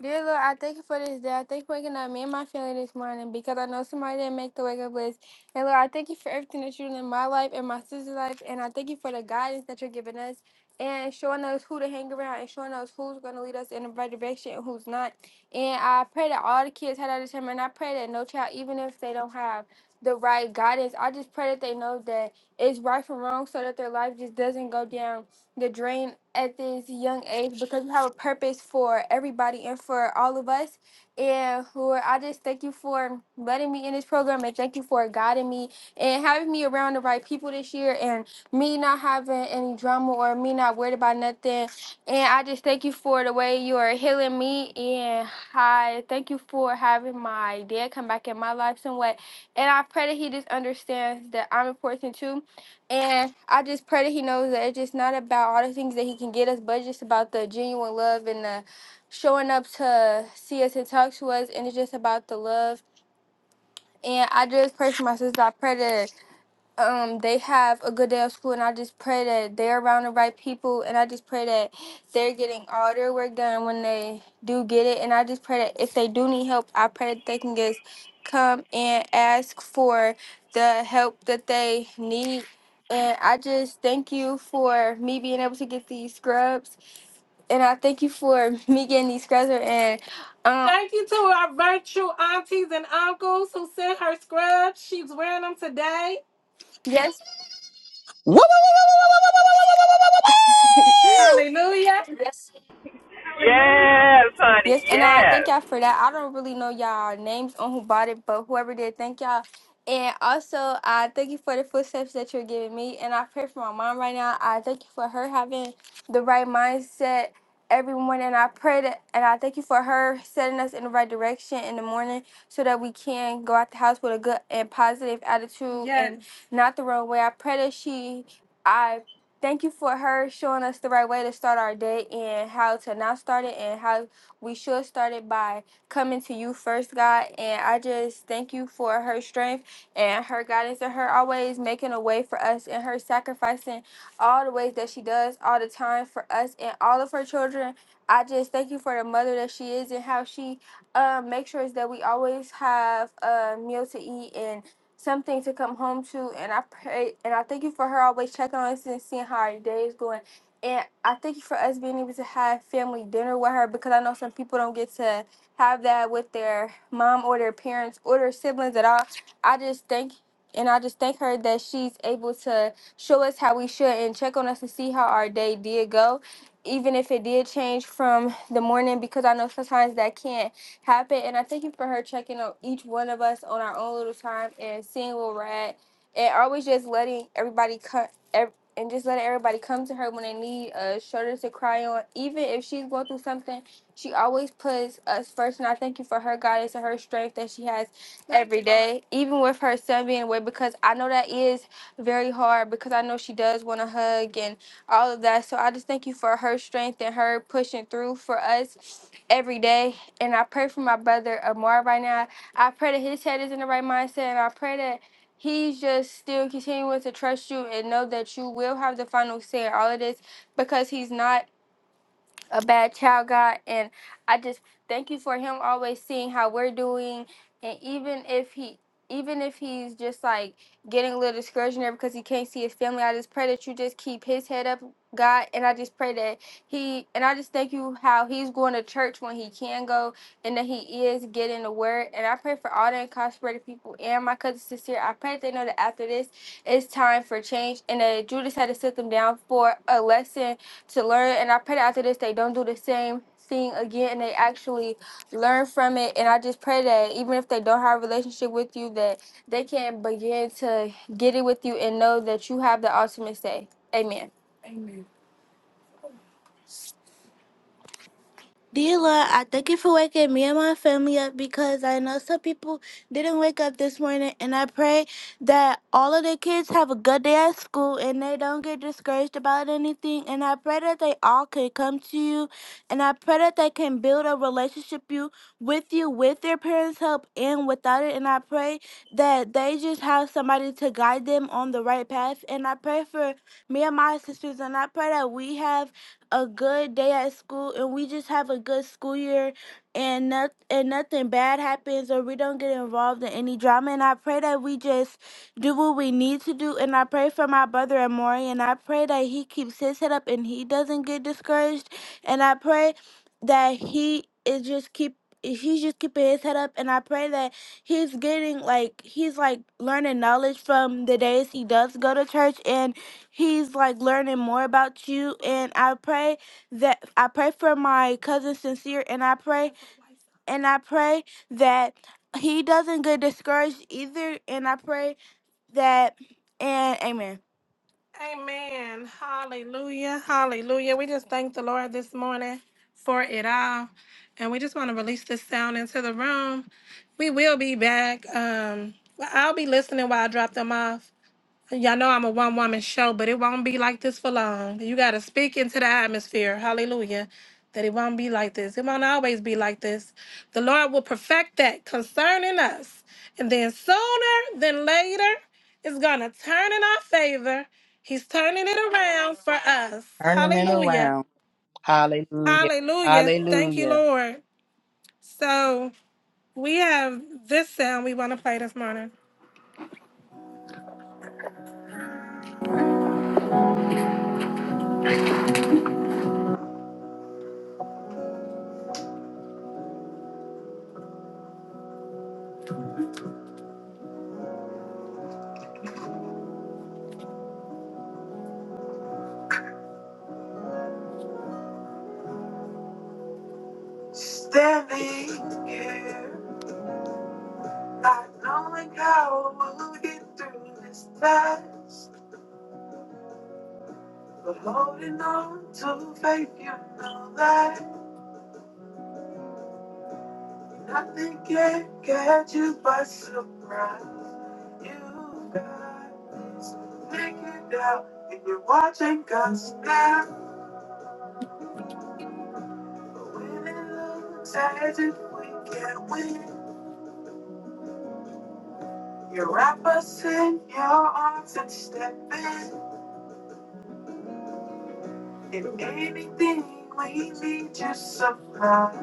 Speaker 7: Dear Lord, I thank you for this day. I thank you for waking up me and my family this morning because I know somebody didn't make the wake up list. And Lord, I thank you for everything that you're doing in my life and my sister's life. And I thank you for the guidance that you're giving us and showing us who to hang around and showing us who's going to lead us in the right direction and who's not. And I pray that all the kids had that determined. I pray that no child, even if they don't have the right guidance, I just pray that they know that it's right from wrong so that their life just doesn't go down the drain at this young age because you have a purpose for everybody and for all of us. And Lord, I just thank you for letting me in this program and thank you for guiding me and having me around the right people this year and me not having any drama or me not worried about nothing. And I just thank you for the way you are healing me and I thank you for having my dad come back in my life somewhat. And I pray that he just understands that I'm important too and I just pray that he knows that it's just not about all the things that he can get us, but it's just about the genuine love and the showing up to see us and talk to us. And it's just about the love. And I just pray for my sister. I pray that um they have a good day of school and I just pray that they're around the right people and I just pray that they're getting all their work done when they do get it and I just pray that if they do need help I pray that they can just come and ask for the help that they need and I just thank you for me being able to get these scrubs and I thank you for me getting these scrubs and um Thank you to our virtual aunties and uncles who sent her scrubs. She's wearing them today. yes
Speaker 1: Woo, woo, woo, woo, woo, woo, woo, woo, woo, woo, woo, woo.
Speaker 7: Hallelujah.
Speaker 6: Yes, honey,
Speaker 7: Yes, and I thank
Speaker 6: yes.
Speaker 7: y'all for that. I don't really know y'all names on who bought it, but whoever did, thank y'all. And also, I thank you for the footsteps that you're giving me. And I pray for my mom right now. I thank you for her having the right mindset every morning. I pray that, and I thank you for her setting us in the right direction in the morning so that we can go out the house with a good and positive attitude and Yes. not the wrong way. I pray that she, I thank you for her showing us the right way to start our day and how to not start it and how we should start it by coming to you first, God. And I just thank you for her strength and her guidance and her always making a way for us and her sacrificing all the ways that she does all the time for us and all of her children. I just thank you for the mother that she is and how she um, makes sure that we always have a meal to eat and something to come home to. And I pray and I thank you for her always checking on us and seeing how our day is going. And I think for us being able to have family dinner with her, because I know some people don't get to have that with their mom or their parents or their siblings at all. I just think, and I just thank her that she's able to show us how we should and check on us to see how our day did go, even if it did change from the morning, because I know sometimes that can't happen. And I thank you for her checking on each one of us on our own little time and seeing where we're at, and always just letting everybody cut and just let everybody come to her when they need a shoulder to cry on. Even if she's going through something, she always puts us first. And I thank you for her guidance and her strength that she has every day, even with her son being away, because I know that is very hard because I know she does want a hug and all of that. So I just thank you for her strength and her pushing through for us every day. And I pray for my brother Amar right now. I pray that his head is in the right mindset, and I pray that He's just still continuing to trust you and know that you will have the final say in all of this because he's not a bad child, God. And I just thank you for him always seeing how we're doing. And even if he even if he's just like getting a little discouraged there because he can't see his family, I just pray that you just keep his head up, God. And I just pray that he and I just thank you how he's going to church when he can go and that he is getting the word. And I pray for all the incarcerated people and my cousin sister. I pray that they know that after this it's time for change and that Judas had to sit them down for a lesson to learn. And I pray that after this, they don't do the same thing again and they actually learn from it. And I just pray that even if they don't have a relationship with you, that they can begin to get it with you and know that you have the ultimate say. Amen. Amen. Dila, I thank you for waking me and my family up because I know some people didn't wake up this morning, and I pray that all of the kids have a good day at school and they don't get discouraged about anything. And I pray that they all can come to you, and I pray that they can build a relationship you with you with their parents' help and without it. And I pray that they just have somebody to guide them on the right path. And I pray for me and my sisters, and I pray that we have a good day at school and we just have a good school year and not, and nothing bad happens or we don't get involved in any drama and I pray that we just do what we need to do and I pray for my brother Amori and I pray that he keeps his head up and he doesn't get discouraged and I pray that he is just keep he's just keeping his head up and I pray that he's getting like he's like learning knowledge from the days he does go to church and he's like learning more about you and i pray that i pray for my cousin sincere and i pray and i pray that he doesn't get discouraged either and i pray that and amen amen hallelujah hallelujah we just thank the lord this morning for it all and we just want to release this sound into the room we will be back um well, i'll be listening while i drop them off Y'all know I'm a one woman show, but it won't be like this for long. You got to speak into the atmosphere. Hallelujah. That it won't be like this. It won't always be like this. The Lord will perfect that concerning us. And then sooner than later, it's going to turn in our favor. He's turning it around for us.
Speaker 1: Turning it
Speaker 7: Hallelujah.
Speaker 1: around. Hallelujah.
Speaker 7: Hallelujah. Thank you,
Speaker 1: Hallelujah.
Speaker 7: Lord. So we have this sound we want to play this morning. Standing here. I know like how we will get through this test. But holding on to faith, you know that nothing can catch you by surprise. You got this figured out, and you're watching us now. But when it looks as if we can't win, you wrap us in your arms and step in. In anything we need, you supply.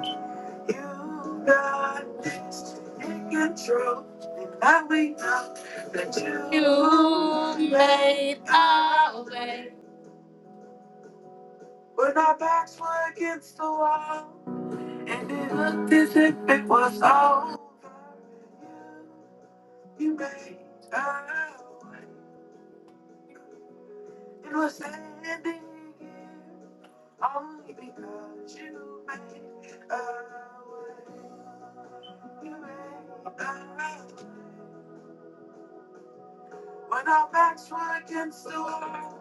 Speaker 7: You got this in control, and I wait now that you, you made our way. When our backs were against the wall, and it looked as if it was over. You you made our way. It was ending only because you made a way. You made a way. When our backs were against the wall,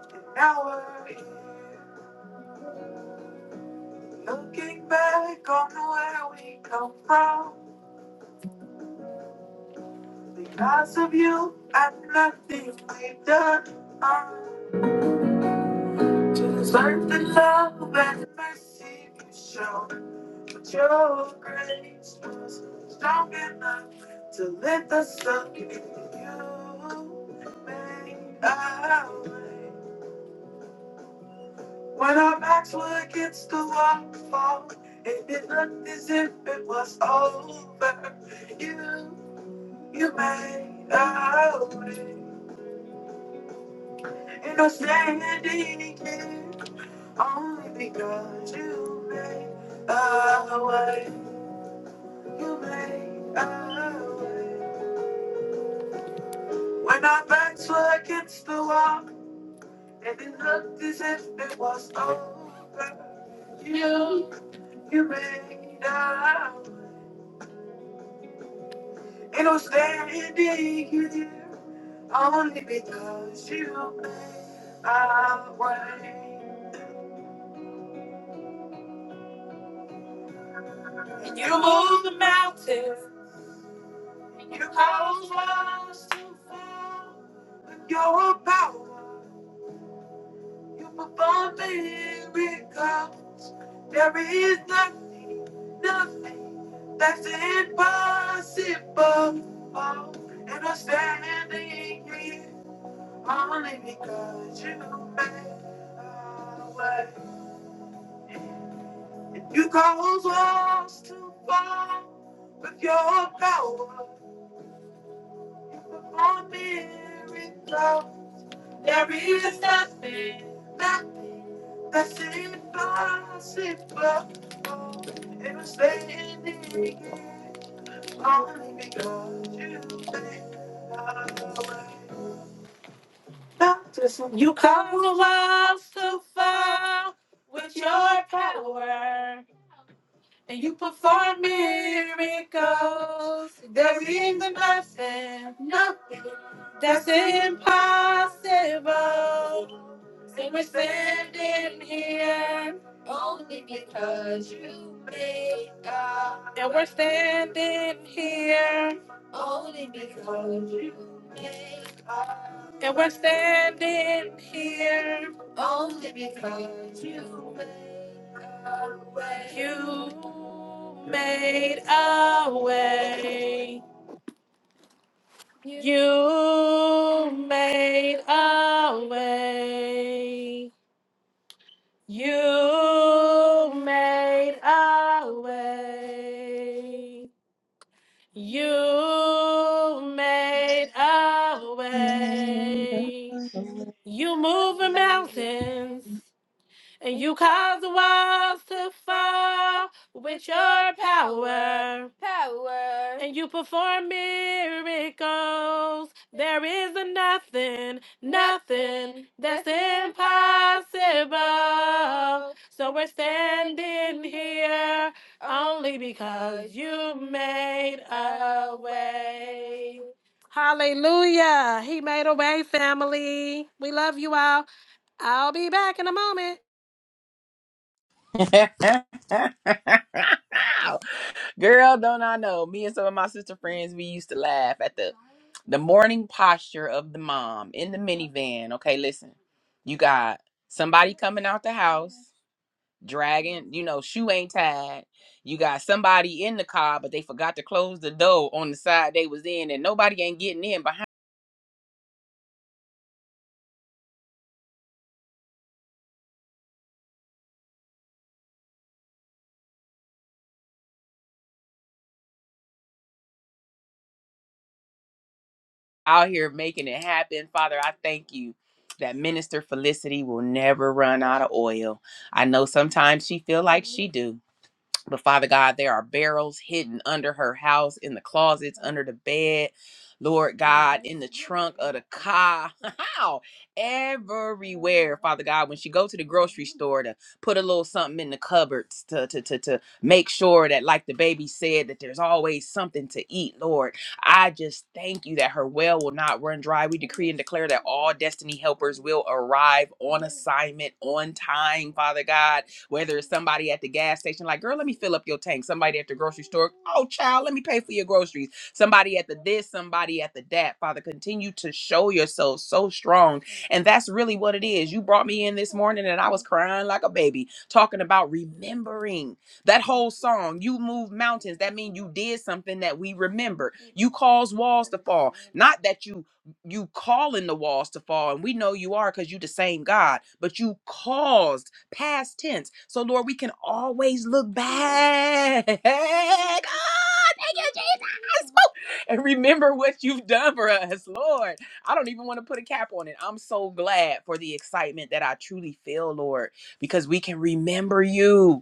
Speaker 7: and now we're here. Looking back on where we come from, because of you and nothing we've done to deserve the love and mercy you show. But your grace was strong enough to lift us up. You made a way. When our backs were against the wall, it did look as if it was over. You, you made a way. And I'm standing here only because you made a way. You made a way. When our backs were against the wall, and it looked as if it was over. You, you made a way. And I'm standing here only because you made my way. And you move the mountains, and you cause walls to fall. With your power, you perform miracles. There is nothing, nothing that's impossible. And I'm standing here. Only because you made a way. And you cause us to fall with your power. You perform miracles. There is nothing, nothing that's impossible. Oh, it was standing here only because you made a way. You cause the walls to fall with your power, and you perform miracles. There is nothing that's impossible. And we're standing here only because you made God. And we're standing here only because you made God. And we're standing here only because you made a way. You made a way. You made a way. You made a way. You made a way. You moving mountains. And you cause the walls to fall with your power. Power. And you perform miracles. There is a nothing, nothing that's impossible. So we're standing here only because you made a way. Hallelujah. He made a way, family. We love you all. I'll be back in a moment.
Speaker 1: Girl, don't I know? Me and some of my sister friends, we used to laugh at the the morning posture of the mom in the minivan. Okay, listen, you got somebody coming out the house, dragging, you know, shoe ain't tied. You got somebody in the car, but they forgot to close the door on the side they was in, and nobody ain't getting in behind. Out here making it happen, Father. I thank you that Minister Felicity will never run out of oil. I know sometimes she feel like she do, But Father God, there are barrels hidden under her house, in the closets, under the bed. Lord God, in the trunk of the car, how everywhere, Father God, when she go to the grocery store to put a little something in the cupboards to, to to to make sure that, like the baby said, that there's always something to eat. Lord, I just thank you that her well will not run dry. We decree and declare that all destiny helpers will arrive on assignment on time, Father God whether it's somebody at the gas station, like, girl, let me fill up your tank. Somebody at the grocery store, oh, child, let me pay for your groceries. Somebody at the this, somebody at the that. Father, continue to show yourself so strong. And that's really what it is. You brought me in this morning and I was crying like a baby, talking about remembering that whole song. You move mountains. That means you did something that we remember. You cause walls to fall. Not that you you calling the walls to fall and we know you are because you the same god but you caused past tense. So, Lord, we can always look back. Ah, thank you, Jesus. Woo! And remember what you've done for us, Lord. I don't even want to put a cap on it. I'm so glad for the excitement that I truly feel, Lord, because we can remember you.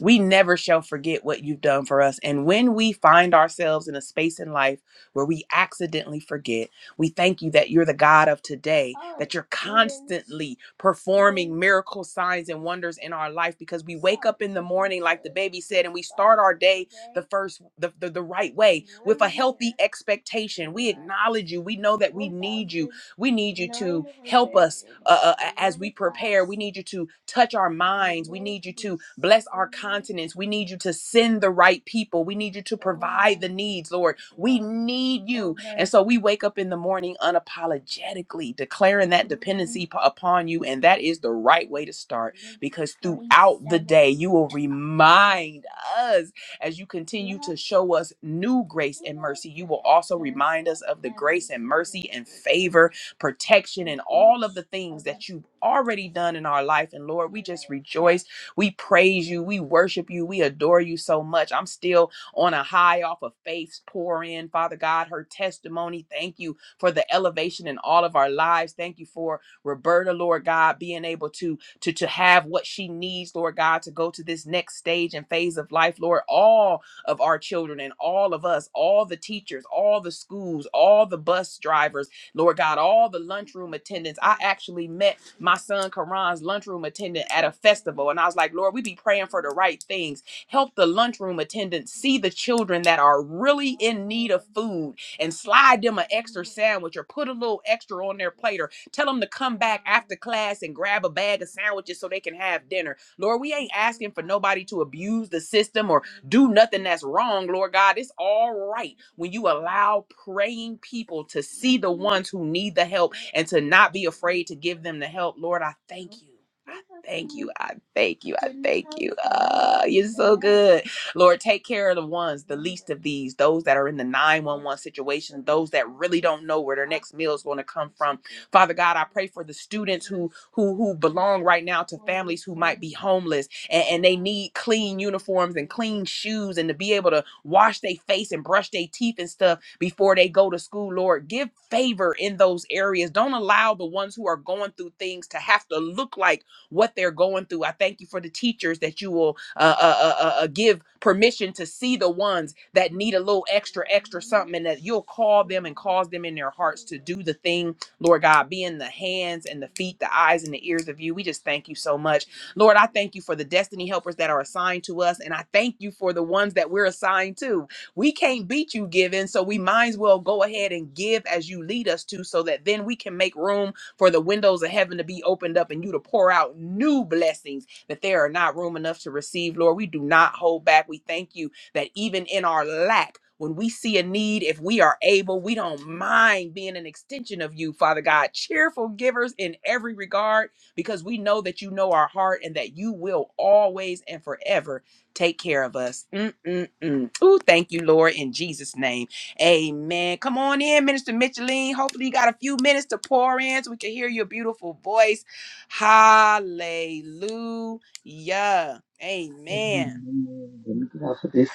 Speaker 1: We never shall forget what you've done for us. And when we find ourselves in a space in life where we accidentally forget, we thank you that you're the God of today, that you're constantly performing miracle signs and wonders in our life because we wake up in the morning, like the baby said, and we start our day the first, the, the, the right way with a healthy expectation. We acknowledge you. We know that we need you. We need you to help us uh, uh, as we prepare. We need you to touch our minds. We need you to bless our continents. We need you to send the right people. We need you to provide the needs, Lord. We need you. And so we wake up in the morning unapologetically declaring that dependency p- upon you. And that is the right way to start because throughout the day, you will remind us as you continue to show us new grace and mercy. You will also remind us of the grace and mercy and favor protection, and all of the things that you've already done in our life. And Lord, we just rejoice. We praise you. We worship you. We adore you so much. I'm still on a high off of faith's pour in, Father God, her testimony. Thank you for the elevation in all of our lives. Thank you for Roberta, Lord God, being able to to to have what she needs, Lord God, to go to this next stage and phase of life, Lord. All of our children and all of us, all the teachers, all the schools, all the bus drivers Lord God, all the lunchroom attendants. I actually met my son Karan's lunchroom attendant at a festival, and I was like, Lord, we be praying for the right things. Help the lunchroom attendants see the children that are really in need of food and slide them an extra sandwich or put a little extra on their plate or tell them to come back after class and grab a bag of sandwiches so they can have dinner. Lord, we ain't asking for nobody to abuse the system or do nothing that's wrong, Lord God. It's all right when you allow praying people to see the ones who need the help and to not be afraid to give them the help, Lord, I thank you. I thank you. I thank you. I thank you. Ah, you're so good. Lord, take care of the ones, the least of these, those that are in the 911 situation, those that really don't know where their next meal is going to come from. Father God, I pray for the students who who who belong right now to families who might be homeless and, and they need clean uniforms and clean shoes and to be able to wash their face and brush their teeth and stuff before they go to school, Lord. Give favor in those areas. Don't allow the ones who are going through things to have to look like what they're going through. I thank you for the teachers that you will uh, uh, uh, uh, uh, give permission to see the ones that need a little extra, extra something, and that you'll call them and cause them in their hearts to do the thing, Lord God, be in the hands and the feet, the eyes and the ears of you. We just thank you so much. Lord, I thank you for the destiny helpers that are assigned to us, and I thank you for the ones that we're assigned to. We can't beat you giving, so we might as well go ahead and give as you lead us to, so that then we can make room for the windows of heaven to be opened up and you to pour out new blessings that there are not room enough to receive. Lord, we do not hold back. We thank you that even in our lack, when we see a need, if we are able, we don't mind being an extension of you, Father God. Cheerful givers in every regard because we know that you know our heart and that you will always and forever take care of us. Mm-mm-mm. Ooh, thank you, Lord, in Jesus' name. Amen. Come on in, Minister Micheline. Hopefully, you got a few minutes to pour in so we can hear your beautiful voice. Hallelujah. Amen.
Speaker 8: Amen. Let me get off of this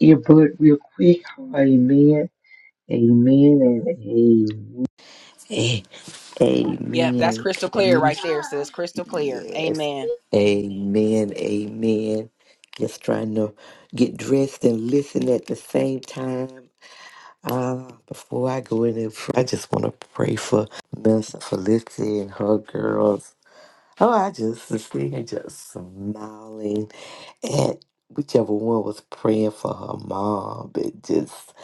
Speaker 8: earbud real quick. Amen. Amen and amen.
Speaker 1: Yep, that's
Speaker 8: Amen.
Speaker 1: crystal
Speaker 8: Can
Speaker 1: clear
Speaker 8: you-
Speaker 1: right there, sis. Crystal clear.
Speaker 8: Yes.
Speaker 1: Amen.
Speaker 8: Amen. Amen. Just trying to get dressed and listen at the same time. Uh, before I go in there, I just want to pray for Minister Felicity and her girls. Oh, I just see her just smiling and whichever one was praying for her mom and just,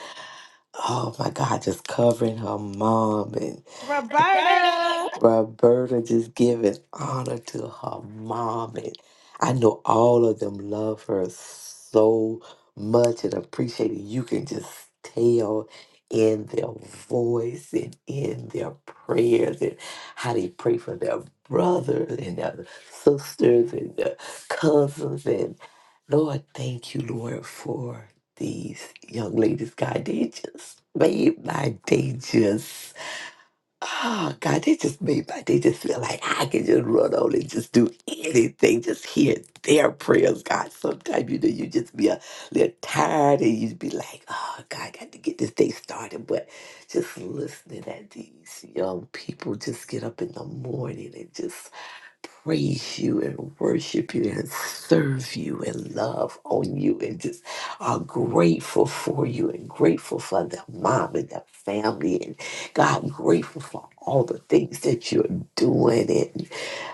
Speaker 8: oh my God, just covering her mom.
Speaker 7: Roberta.
Speaker 8: Roberta just giving honor to her mom. And I know all of them love her so much and appreciate it. You can just tell in their voice and in their prayers and how they pray for their brothers and their sisters and their cousins. And Lord, thank you, Lord, for these young ladies. God, they just made my day just Oh God, they just made my they just feel like I can just run on and just do anything. Just hear their prayers, God. Sometimes you know you just be a little tired and you be like, oh God, I got to get this day started. But just listening at these young people just get up in the morning and just praise you and worship you and serve you and love on you and just are grateful for you and grateful for the mom and the family and God grateful for all the things that you're doing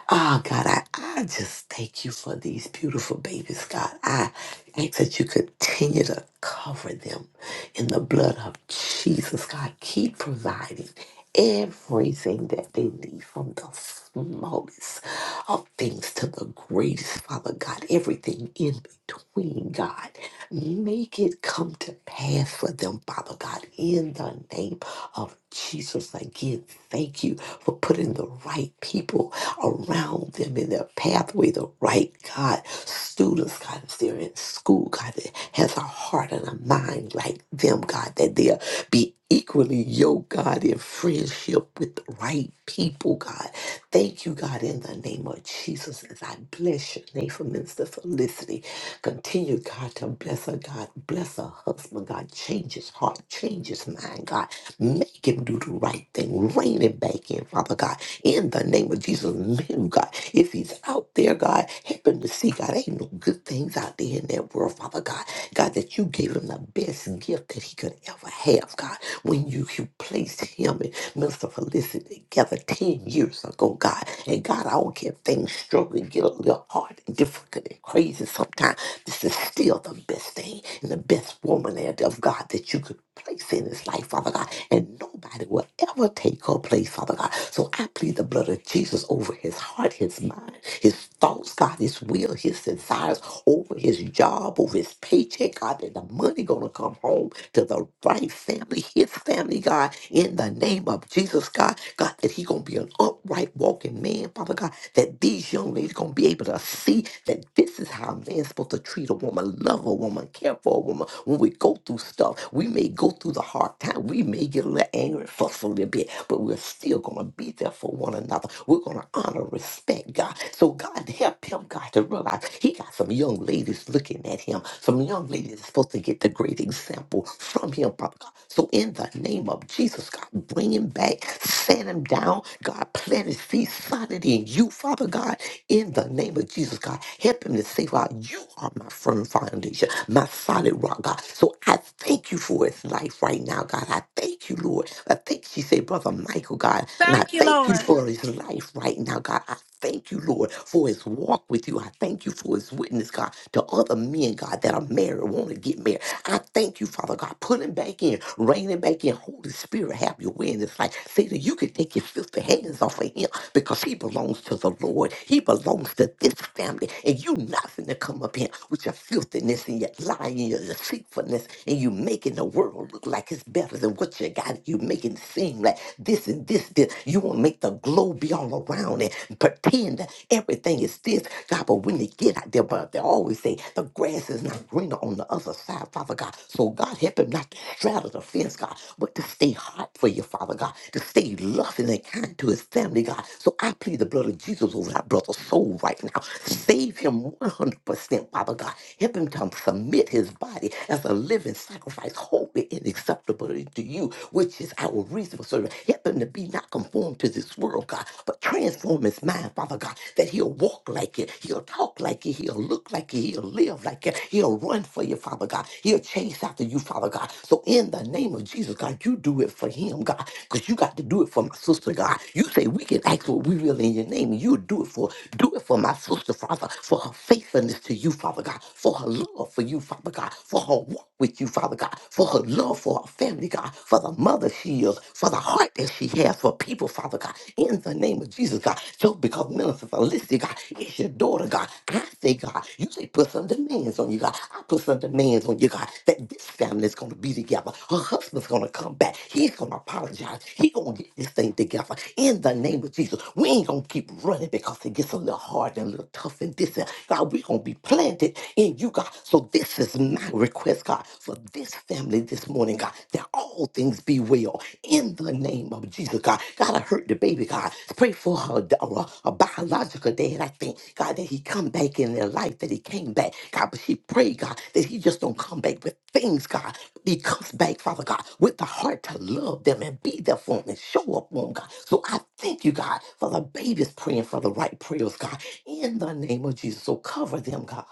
Speaker 8: Oh God, I, I just thank you for these beautiful babies, God. I ask that you continue to cover them in the blood of Jesus, God. Keep providing everything that they need from the smallest of things to the greatest, Father God. Everything in between, God. Make it come to pass for them, Father God, in the name of Jesus. Again, thank you for putting the right people around them in their pathway, the right God. Students, God, if they're in school, God, that has a heart and a mind like them, God, that they'll be equally yoked, God, in friendship with the right people, God. Thank you, God, in the name of Jesus, as I bless your name for Minister Felicity. Continue, God, to bless her, God. Bless her husband, God. Change his heart, change his mind, God. Make him do the right thing. Rein him back in, Father God in the name of Jesus. Men, God, if he's out there, God, help him to see, God, ain't no good things out there in that world, Father God. God, that you gave him the best gift that he could ever have, God, when you, you placed him. Minister Felicity together 10 years ago, God. And God, I don't care if things struggle and get a little hard and difficult and crazy sometimes. This is still the best thing and the best woman and of God that you could place in his life, Father God. And nobody will ever take her place, Father God. So I plead the blood of Jesus over his heart, his mind, his thoughts, God, his will, his desires, over his job, over his paycheck, God, that the money gonna come home to the right right family, his family, God, in the name of Jesus, God. God, that he going to be an upright walking man, Father God, that these young ladies going to be able to see that this is how a man's supposed to treat a woman, love a woman, care for a woman. When we go through stuff, we may go through the hard time. We may get a little angry and fuss a little bit, but we're still going to be there for one another. We're going to honor, respect God. So, God, help him, God, to realize he got some young ladies looking at him, some young young lady is supposed to get the great example from him, Father God. So in the name of Jesus, God, bring him back, set him down. God, plant his feet solid in you, Father God. In the name of Jesus, God, help him to say, God, you are my firm foundation, my solid rock, God. So I thank you for his life right now, God. I thank you, Lord. I thank she said, Brother Michael, God. And I
Speaker 7: Thank you,
Speaker 8: thank you
Speaker 7: Lord.
Speaker 8: for his life right now, God. I thank you, Lord, for his walk with you. I thank you for his witness, God, to other men, God, that are married, want to get married. I thank you, Father God. Put him back in, rein him back in. Holy Spirit, have your way in this life. Satan, you can take your filthy hands off of him because he belongs to the Lord. He belongs to this family. And you nothing to come up here with your filthiness and your lying and your deceitfulness. And you making the world look like it's better than what you got. You making it seem like this and this, this. You want don't make the globe be all around and pretend that everything is this, God. But when they get out there, but they always say the grass is not greener on the other side, Father God. So God help him not to straddle the fence, God, but to stay hot for you, Father God, to stay loving and kind to his family, God. So I plead the blood of Jesus over that brother's soul right now. Save him 100%, Father God. Help him to submit his body as a living sacrifice, holy and acceptable to you, which is our will reach for serving, Help him to be not conformed to this world, God, but transform his mind, Father God, that he'll walk like it, he'll talk like it, he'll look like it, he'll live like it, he'll run for you, Father God, he'll chase after you, Father God. So in the name of Jesus, God, you do it for him, God, because you got to do it for my sister, God. You say we can ask what we will in your name, and you do it for do it for my sister, Father, for her faithfulness to you, Father God, for her love for you, Father God, for her walk with you, Father God, for her love love for a family, God, for the mother she is, for the heart that she has for people, Father God, in the name of Jesus, God. So because Minister Felicity, God, is your daughter, God, I say, God, you say put some demands on you, God. I put some demands on you, God, that this family is going to be together. Her husband's going to come back. He's going to apologize. He's going to get this thing together in the name of Jesus. We ain't going to keep running because it gets a little hard and a little tough and this and God, we're going to be planted in you, God. So this is my request, God, for this family this morning, God, that all things be well in the name of Jesus, God. God, I hurt the baby, God. Pray for her, d- or a a biological dad, I think, God, that he come back in their life, that he came back, God. But she prayed, God, that he just don't come back with things, God. He comes back, Father God, with the heart to love them and be there for them and show up for them, God. So I thank you, God, for the babies praying for the right prayers, God, in the name of Jesus. So cover them, God.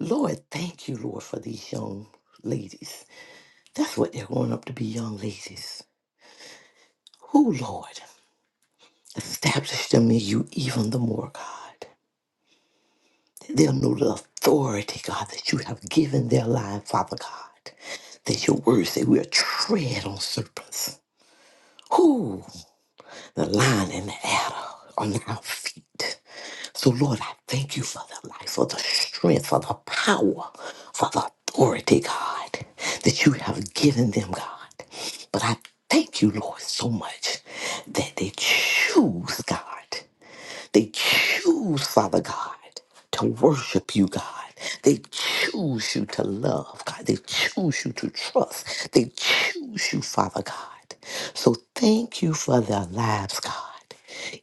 Speaker 8: Lord, thank you, Lord, for these young ladies. That's what they're growing up to be young ladies. Who, Lord, establish them in you even the more, God. They'll know the authority, God, that you have given their life, Father God. That your word say we'll tread on serpents. Who? The lion and the adder on our feet. So, Lord, I thank you for the life, for the strength, for the power, for the authority, God, that you have given them, God. But I thank you, Lord, so much that they choose, God. They choose, Father God to worship you, God. They choose you to love, God. They choose you to trust. They choose you, Father God. So thank you for their lives, God.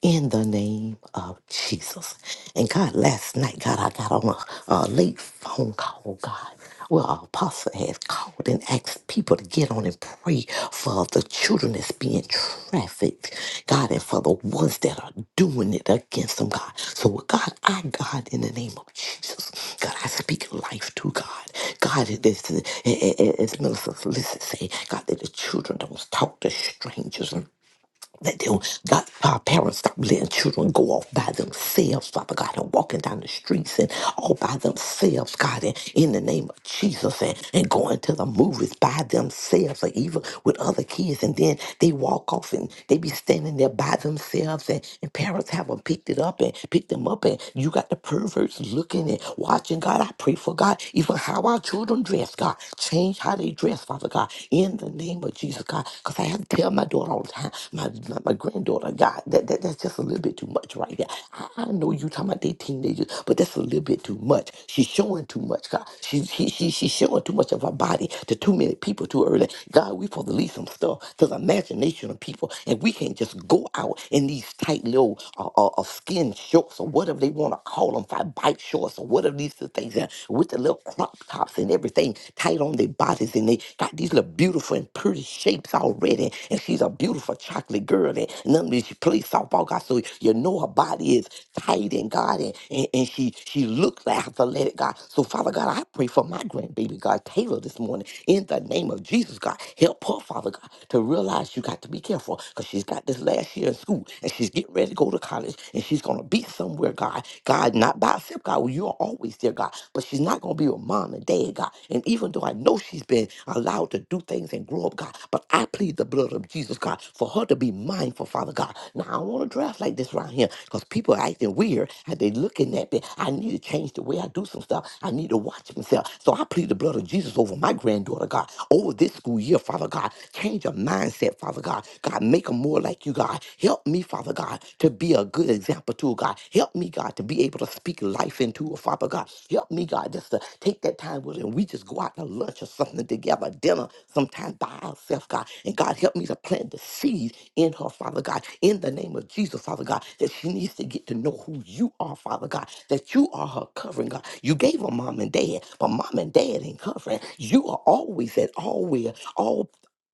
Speaker 8: In the name of Jesus. And God, last night, God, I got on a, a late phone call, God. Well, our apostle has called and asked people to get on and pray for the children that's being trafficked, God, and for the ones that are doing it against them, God. So, God, I, God, in the name of Jesus, God, I speak life to God. God, it is, as Minister Felicity say, God, that the children don't talk to strangers. Let them, God, our parents stop letting children go off by themselves, Father God, and walking down the streets and all by themselves, God, and in the name of Jesus, and, and going to the movies by themselves or even with other kids. And then they walk off and they be standing there by themselves, and, and parents have them picked it up and picked them up. And you got the perverts looking and watching, God. I pray for God, even how our children dress, God. Change how they dress, Father God in the name of Jesus, God. Because I have to tell my daughter all the time, my, my, my granddaughter, God, that, that that's just a little bit too much right there. I, I know you talking about they teenagers, but that's a little bit too much. She's showing too much, God. She, she, she, she's showing too much of her body to too many people too early. God, we for to leave some stuff to the imagination of people, and we can't just go out in these tight little uh, uh, uh, skin shorts or whatever they want to call them, five bike shorts or whatever these things are, with the little little crop tops and everything tight on their bodies, and they got these little beautiful and pretty shapes already. And she's a beautiful chocolate girl, and none of these she plays softball, God. So you know her body is tight and God, and, and, and she she looks like athletic, God. So Father God, I pray for my grandbaby, God Taylor, this morning in the name of Jesus, God, help her, Father God, to realize you got to be careful because she's got this last year in school, and she's getting ready to go to college, and she's gonna be somewhere, God. God. God, not by herself, God. Well, You are always there, God. But she's not going to be with mom and dad, God. And even though I know she's been allowed to do things and grow up, God, but I plead the blood of Jesus, God, for her to be mindful, Father God. Now, I don't want to draft like this around here because people are acting weird and they looking at me. I need to change the way I do some stuff. I need to watch myself. So I plead the blood of Jesus over my granddaughter, God, over this school year, Father God. Change her mindset, Father God. God, make her more like you, God. God. Help me, Father God, to be a good example to God. Help me, God, to be able to speak life into her, Father God. Help me, God, just to take that time with and we just go out to lunch or something together, dinner, sometime by ourselves, God. And God, help me to plant the seed in her, Father God, in the name of Jesus, Father God, that she needs to get to know who you are, Father God, that you are her covering, God. You gave her mom and dad, but mom and dad ain't covering. You are always at all where,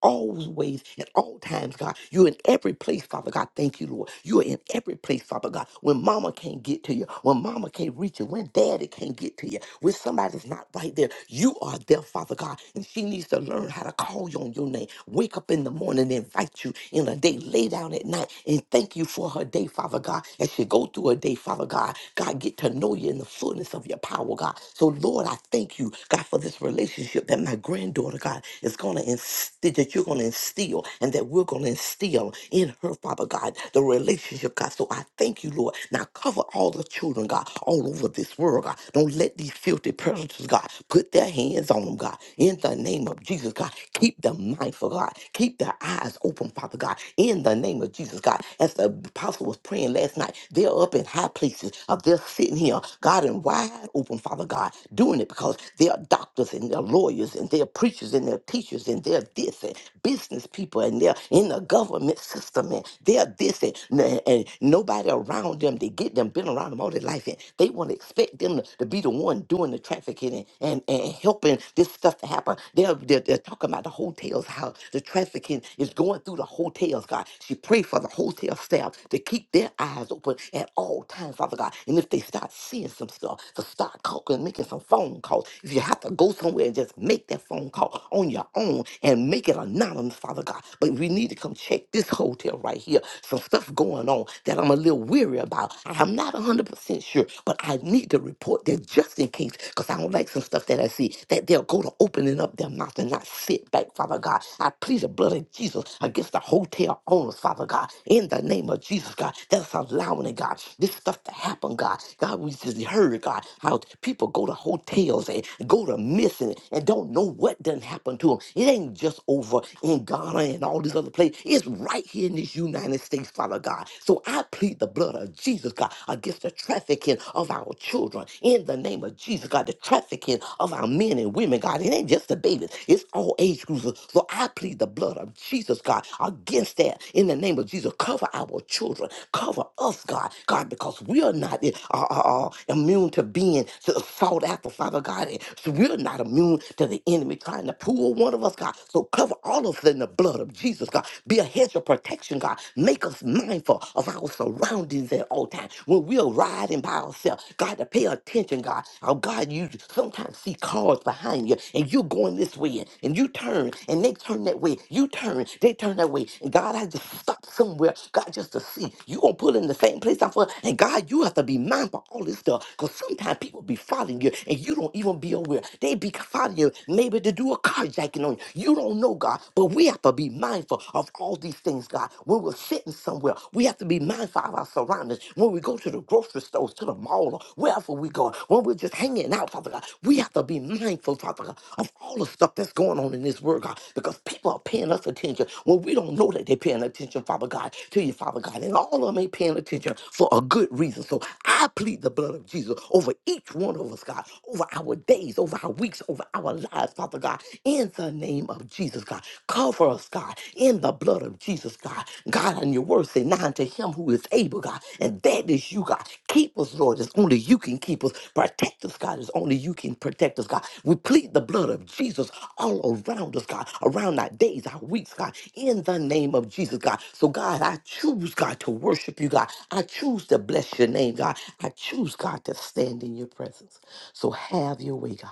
Speaker 8: always at all times, God. You're in every place, Father God. Thank you, Lord. You are in every place, Father God. When mama can't get to you, when mama can't reach you, when daddy can't get to you, when somebody's not right there, you are there, Father God. And she needs to learn how to call you on your name. Wake up in the morning and invite you in a day. Lay down at night and thank you for her day, Father God. As she go through her day, Father God, God, get to know you in the fullness of your power, God. So, Lord, I thank you, God, for this relationship that my granddaughter, God, is going to instill, that you're going to instill, and that we're going to instill in her, Father God, the relationship, God. So I thank you, Lord. Now cover all the children, God, all over this world, God. Don't let these filthy predators, God, put their hands on them, God. In the name of Jesus, God, keep them mindful, God. Keep their eyes open, Father God. In the name of Jesus, God. As the apostle was praying last night, they're up in high places. Uh, they're sitting here, God, and wide open, Father God, doing it because they are doctors and they're lawyers and they're preachers and they're they're teachers and they're this and business people and they're in the government system and they're this and, and, and nobody around them. They get them, been around them all their life and they want to expect them to, to be the one doing the trafficking and, and, and helping this stuff to happen. They're, they're, they're talking about the hotels, how the trafficking is going through the hotels, God. She prayed for the hotel staff to keep their eyes open at all times, Father God. And if they start seeing some stuff, to start calling, making some phone calls. If you have to go somewhere and just make that phone phone call on your own and make it anonymous, Father God. But we need to come check this hotel right here. Some stuff going on that I'm a little weary about. I'm not 100% sure, but I need to report that just in case, because I don't like some stuff that I see, that they'll go to opening up their mouth and not sit back, Father God. I plead the blood of Jesus against the hotel owners, Father God, in the name of Jesus, God, that's allowing it, God, this stuff to happen, God. God, we just heard, God, how people go to hotels and go to missing, and don't know what done happened to them. It ain't just over in Ghana and all these other places. It's right here in this United States, Father God. So I plead the blood of Jesus, God, against the trafficking of our children. In the name of Jesus, God, the trafficking of our men and women, God. It ain't just the babies. It's all age groups. So I plead the blood of Jesus, God, against that. In the name of Jesus, cover our children. Cover us, God. God, because we are not uh, uh, uh, immune to being sought after, Father God. So we're not not immune to the enemy trying to pull one of us, God. So cover all of us in the blood of Jesus, God. Be a hedge of protection, God. Make us mindful of our surroundings at all times. When we are riding by ourselves, God, to pay attention, God. Oh, God, you sometimes see cars behind you, and you're going this way, and and you turn, and they turn that way. You turn, they turn that way. And God, I just stop somewhere, God, just to see. You gonna pull in the same place I for, and God, you have to be mindful of all this stuff, because sometimes people be following you, and you don't even be be aware. They be finding you, maybe to do a carjacking on you. You don't know, God, but we have to be mindful of all these things, God. When we're sitting somewhere, we have to be mindful of our surroundings. When we go to the grocery stores, to the mall, or wherever we go, when we're just hanging out, Father God, we have to be mindful, Father God, of all the stuff that's going on in this world, God, because people are paying us attention when we don't know that they're paying attention, Father God, to you, Father God. And all of them ain't paying attention for a good reason. So I plead the blood of Jesus over each one of us, God, over our days, over our weeks, over our lives, Father God, in the name of Jesus, God. Cover us, God, in the blood of Jesus, God. God, on your word, say, now unto him who is able, God, and that is you, God. Keep us, Lord, as only you can keep us. Protect us, God, as only you can protect us, God. We plead the blood of Jesus all around us, God, around our days, our weeks, God, in the name of Jesus, God. So, God, I choose, God, to worship you, God. I choose to bless your name, God. I choose, God, to stand in your presence. So have your way, God,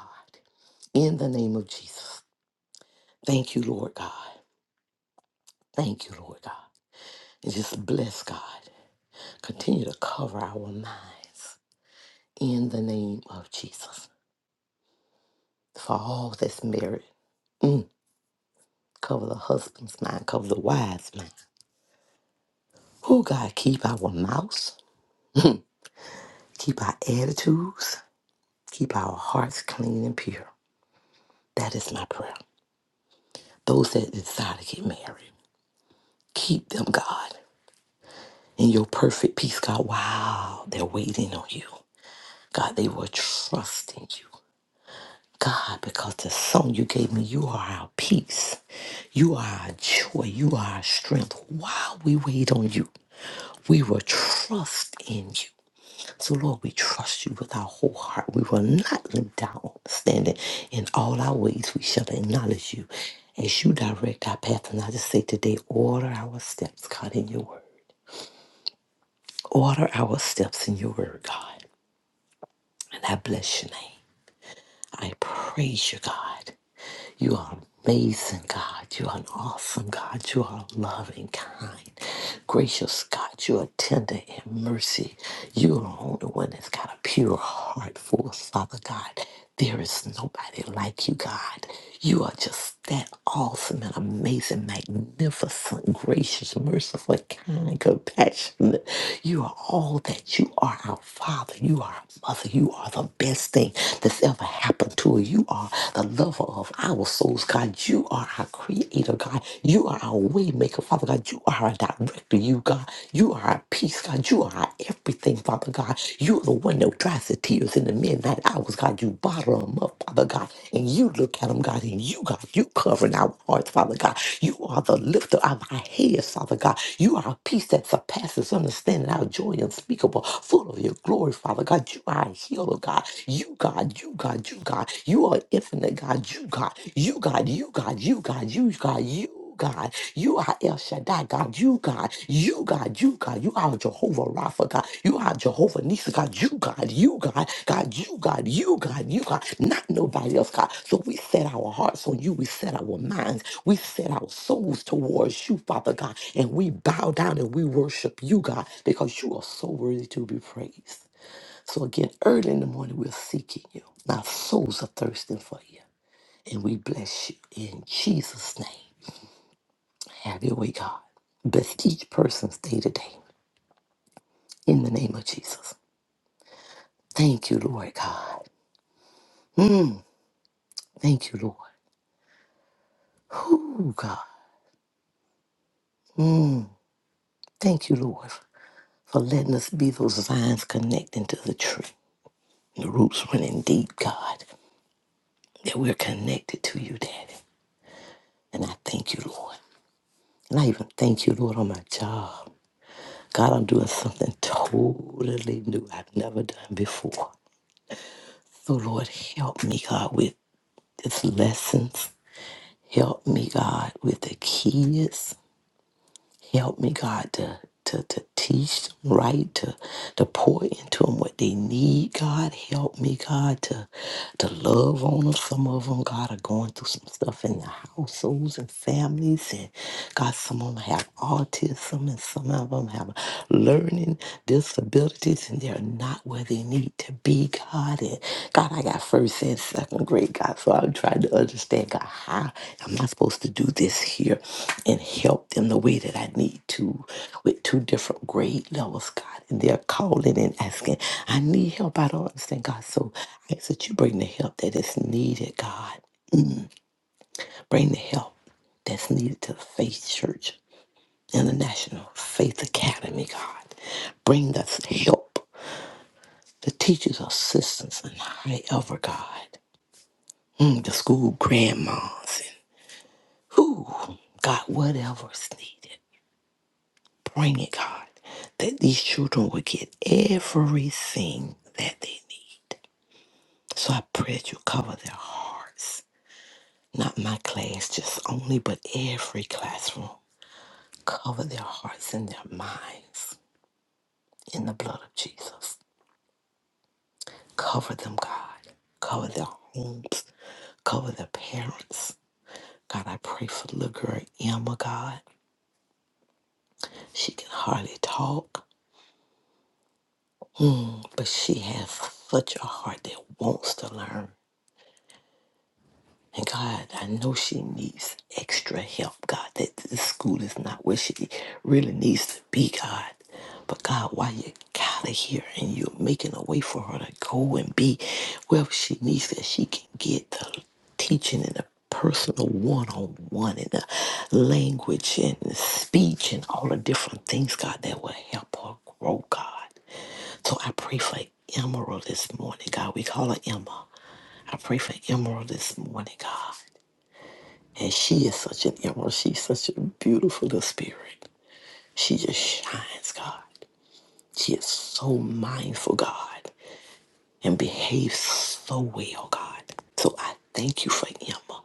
Speaker 8: in the name of Jesus. Thank you, Lord God. Thank you, Lord God. And just bless God. Continue to cover our minds in the name of Jesus. For all that's married, mm, cover the husband's mind, cover the wife's mind. Oh, God, keep our mouths, keep our attitudes, keep our hearts clean and pure. That is my prayer. Those that desire to get married, keep them, God. in your perfect peace, God. Wow, they're waiting on you. God, they were trusting you. God, because the song you gave me, you are our peace. You are our joy. You are our strength. While we wait on you, we will trust in you. So, Lord, we trust you with our whole heart. We will not limp down, standing in all our ways. We shall acknowledge you as you direct our path. And I just say today, order our steps, God, in your word. Order our steps in your word, God. And I bless your name. I praise you, God. You are amazing, God. You are an awesome God. You are loving, kind, gracious God. You are tender in mercy. You are the only one that's got a pure heart for us, Father God. There is nobody like you, God. You are just that awesome and amazing, magnificent, gracious, merciful, kind, compassionate. You are all that you are, our Father. You are our Mother. You are the best thing that's ever happened to us tool. You are the lover of our souls, God. You are our creator, God. You are our way maker, Father God. You are our director, you, God. You are our peace, God. You are our everything, Father God. You are the one that dries the tears in the midnight hours, God. You bottle them up, Father God. And you look at them, God. And you, God, you covering our hearts, Father God. You are the lifter of our heads, Father God. You are a peace that surpasses understanding, our joy unspeakable, full of your glory, Father God. You are a healer, God. God. You God, you God, you God. You are infinite God. You God. You God, you God, you God, you God, you. God, you are El Shaddai, God, you God, you God, you God, you are Jehovah Rapha, God, you are Jehovah Nisa, God, you God, you God, God, you God, you God, you God, not nobody else, God. So we set our hearts on you, we set our minds, we set our souls towards you, Father God, and we bow down and we worship you, God, because you are so worthy to be praised. So again, early in the morning, we're seeking you. And Our souls are thirsting for you. And we bless you in Jesus' name. Have your way, God. Bless each person's day to day in the name of Jesus. Thank you, Lord God. Thank you, Lord. Ooh, God. Thank you, Lord, for letting us be those vines connecting to the tree. The roots running deep, God, that we're connected to you, Daddy. And I thank you, Lord. And I even thank you, Lord, on my job. God, I'm doing something totally new I've never done before. So, Lord, help me, God, with these lessons. Help me, God, with the kids. Help me, God, to to, to teach them right, to to pour into them what they need, God. Help me, God, to to love on them. Some of them, God, are going through some stuff in their households and families, and God, some of them have autism, and some of them have learning disabilities, and they're not where they need to be, God. And God, I got first and second grade, God. So I'm trying to understand, God, how am I supposed to do this here and help them the way that I need to with two different grade levels, God? And they're calling and asking, I need help. I don't understand, God. So I ask that you bring the help that is needed, God. Bring the help that's needed to the Faith Church International Faith Academy, God. Bring us help the teachers or sisters and high ever God, mm, the school grandmas and who, God, whatever's needed, bring it, God, that these children will get everything that they need. So I pray that you cover their hearts, not my class just only, but every classroom. Cover their hearts and their minds in the blood of Jesus. Cover them, God. Cover their homes. Cover their parents God, I pray for little girl Emma, God. She can hardly talk, mm, but she has such a heart that wants to learn. And God, I know she needs extra help, God, that the school is not where she really needs to be, God. But God, why you got her here and you're making a way for her to go and be wherever she needs that she can get the teaching and the personal one-on-one and the language and the speech and all the different things, God, that will help her grow, God. So I pray for Emerald this morning, God. We call her Emma. I pray for Emerald this morning, God. And she is such an emerald. She's such a beautiful little spirit. She just shines, God. She is so mindful, God, and behaves so well, God. So I thank you for Emma.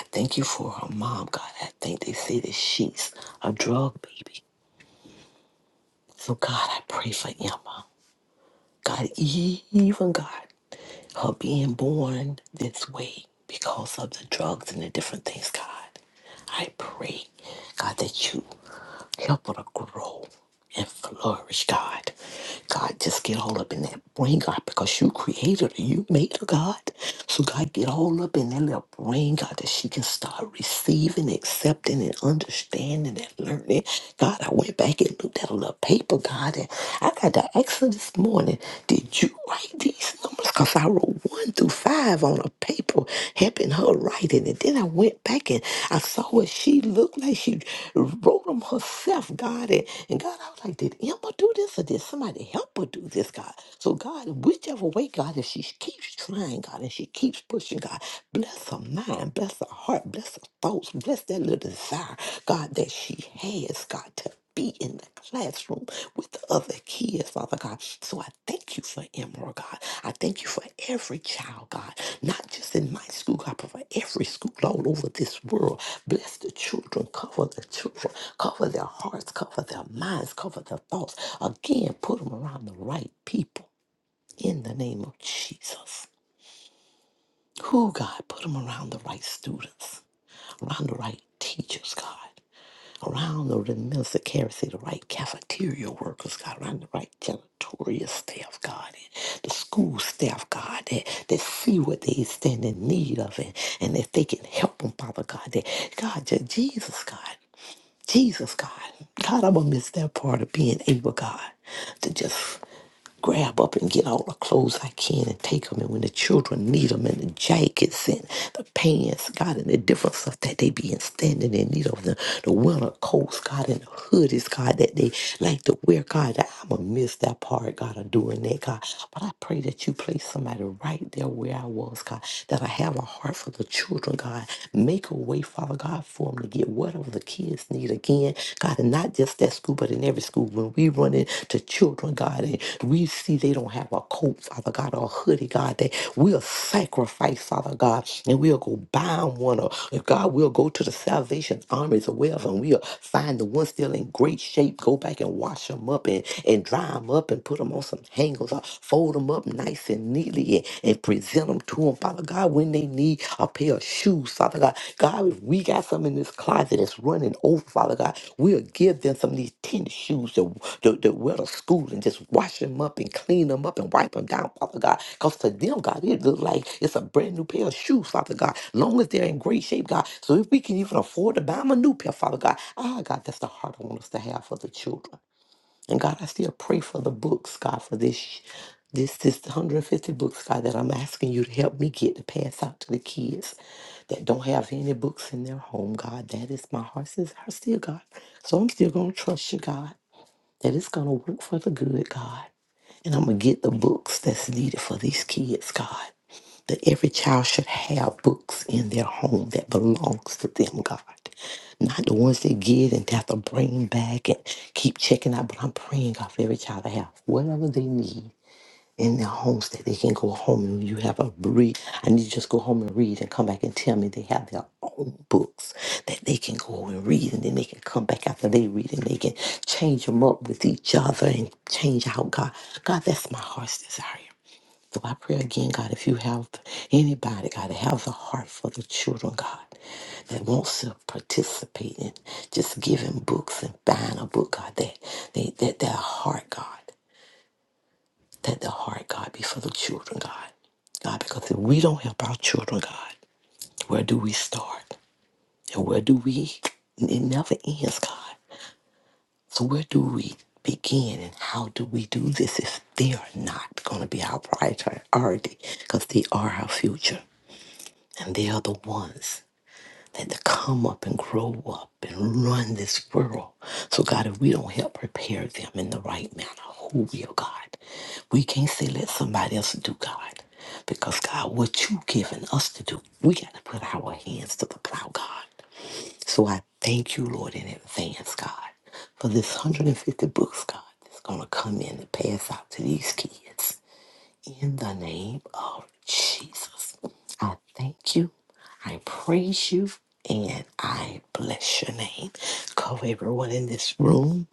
Speaker 8: I thank you for her mom, God. I think they say that she's a drug baby. So, God, I pray for Emma. God, even God, her being born this way because of the drugs and the different things, God. I pray, God, that you help her to grow and flourish, God. God, just get all up in that brain, God, because you created her, you made her, God. So, God, get all up in that little brain, God, that she can start receiving, accepting, and understanding and learning happened. God, I went back and looked at a little paper, God, and I got to ask her this morning, did you write these numbers? Because I wrote one through five on a paper, helping her write it. And then I went back and I saw what she looked like. She wrote them herself, God. And, and God, I was like, did Emma do this or did somebody help her do this, God? So, God, whichever way, God, if she keeps trying, God, and she keeps pushing, God, bless her her mind, bless her heart, bless her thoughts, bless that little desire, God, that she has, God, to be in the classroom with the other kids, Father God. So I thank you for Emerald, God. I thank you for every child, God, not just in my school, God, but for every school all over this world. Bless the children, cover the children, cover their hearts, cover their minds, cover their thoughts. Again, put them around the right people in the name of Jesus. Who, God, put them around the right students around the right teachers, God, around the right minister caretaker, the right cafeteria workers, God, around the right janitorial staff, God, and the school staff, God, that, that see what they stand in need of and, and if they can help them, Father God, that God, Je- Jesus, God, Jesus, God, God, I'm gonna miss that part of being able, God, to just grab up and get all the clothes I can and take them. And when the children need them and the jackets and the pants, God, and the different stuff that they be in standing in need of, the, the winter coats, God, and the hoodies, God, that they like to wear, God, that I'm going to miss that part, God, of doing that, God. But I pray that you place somebody right there where I was, God, that I have a heart for the children, God. Make a way, Father God, for them to get whatever the the kids need again, God, and not just that school, but in every school. When we run into children, God, and we see they don't have a coat, Father God, or a hoodie, God, that we'll sacrifice, Father God, and we'll go bind one, or if God, we'll go to the Salvation Armies or wherever, and we'll find the one still in great shape, go back and wash them up and, and dry them up and put them on some hangers or fold them up nice and neatly and, and present present them to them, Father God, when they need a pair of shoes, Father God. God, if we got some in this closet that's running over, Father God, we'll give them some of these tennis shoes to, to, to wear to school and just wash them up and clean them up and wipe them down, Father God. Because to them, God, it looks like it's a brand new pair of shoes, Father God, long as they're in great shape, God. So if we can even afford to buy them a new pair, Father God, ah, God, that's the heart I want us to have for the children. And God, I still pray for the books, God, for this this this 150 books, God, that I'm asking you to help me get to pass out to the kids that don't have any books in their home, God. That is my heart's desire still, God. So I'm still gonna trust you, God, that it's gonna work for the good, God. And I'm going to get the books that's needed for these kids, God. That every child should have books in their home that belongs to them, God. Not the ones they get and have to bring back and keep checking out. But I'm praying, God, for every child to have whatever they need in their homes that they can go home and you have a read. I need to just go home and read and come back and tell me they have their own books that they can go and read and then they can come back after they read and they can change them up with each other and change out God. God, that's my heart's desire. So I pray again, God, if you have anybody, God, that has a heart for the children, God, that wants to participate in just giving books and buying a book, God, that they that their heart, God that the heart, God, be for the children, God. God, because if we don't help our children, God, where do we start? And where do we? It never ends, God. So where do we begin and how do we do this if they are not going to be our priority? Because they are our future and they are the ones and to come up and grow up and run this world. So, God, if we don't help prepare them in the right manner, who will, God? We can't say let somebody else do, God. Because, God, what you've given us to do, we got to put our hands to the plow, God. So I thank you, Lord, in advance, God, for this 150 books, God, that's going to come in and pass out to these kids. In the name of Jesus, I thank you. I praise you and I bless your name. Cover everyone in this room.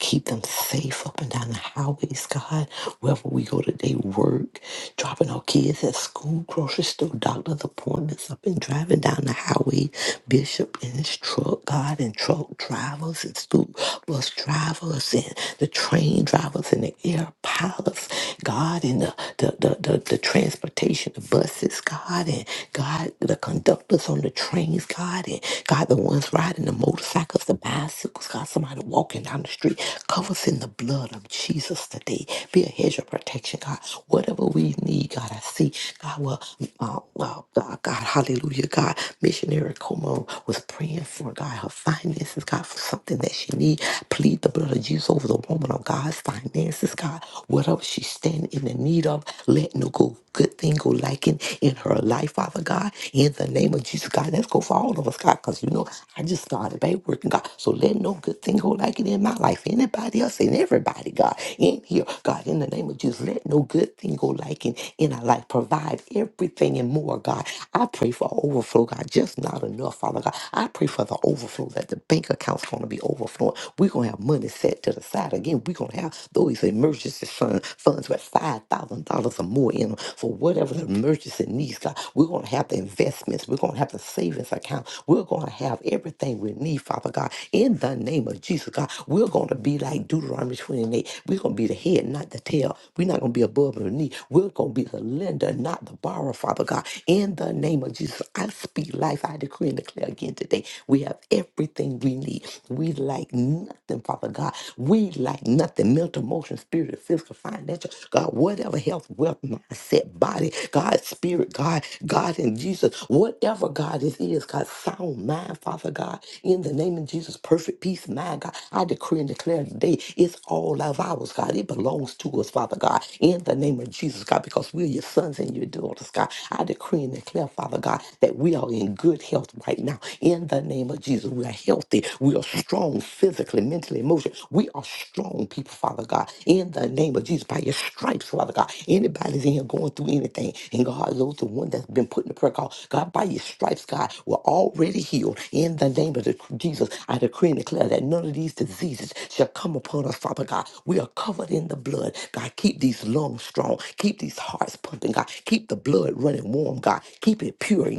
Speaker 8: Keep them safe up and down the highways, God. Wherever we go today, work, dropping our kids at school, grocery store, doctor's appointments, up and driving down the highway. Bishop in his truck, God, and truck drivers and school bus drivers and the train drivers and the air pilots, God, and the, the, the, the, the transportation taking the buses, God, and God, the conductors on the trains, God, and God, the ones riding the motorcycles, the bicycles, God, somebody walking down the street. Cover us in the blood of Jesus today. Be a hedge of protection, God. Whatever we need, God, I see. God, well, uh, well God, God, hallelujah, God. Missionary Como was praying for, God, her finances, God, for something that she need. Plead the blood of Jesus over the woman of God's finances, God. Whatever she's standing in the need of. Let no go, good thing go liking in her life, Father God. In the name of Jesus, God, let's go for all of us, God, because you know I just started back working, God. So let no good thing go liking in my life. Anybody else and everybody, God, in here, God, in the name of Jesus, let no good thing go liking in our life. Provide everything and more, God. I pray for overflow, God, just not enough, Father God. I pray for the overflow that the bank account's going to be overflowing. We're going to have money set to the side again. We're going going to have those emergency fund, funds with $5,000 or more in them for whatever the emergency needs are. We're going to have the investments. We're going to have the savings account. We're going to have everything we need, Father God. In the name of Jesus, God, we're going to be like Deuteronomy 28. We're going to be the head, not the tail. We're not going to be above or knee. We're going to be the lender, not the borrower, Father God. In the name of Jesus, I speak life. I decree and declare again today. We have everything we need. We lack like nothing, Father God. We like nothing. Mental, emotion, spiritual, physical, financial, God, whatever health, wealth, mindset, body, God, spirit, God, God in Jesus, whatever God this is, God, sound mind, Father God, in the name of Jesus, perfect peace, of mind, God. I decree and declare today it's all of ours, God. It belongs to us, Father God, in the name of Jesus, God, because we're your sons and your daughters, God. I decree and declare, Father God, that we are in good health right now, in the name mighty name of Jesus. We are healthy. We are strong physically, mentally, emotionally. We are strong people, Father God. In the name of Jesus, by your stripes, Father God. Anybody's in here going through anything, and God, those the one that's been put in the prayer call, God, by your stripes, God, we're already healed. In the name of the, Jesus, I decree and declare that none of these diseases shall come upon us, Father God. We are covered in the blood. God, keep these lungs strong. Keep these hearts pumping, God. Keep the blood running warm, God. Keep it pure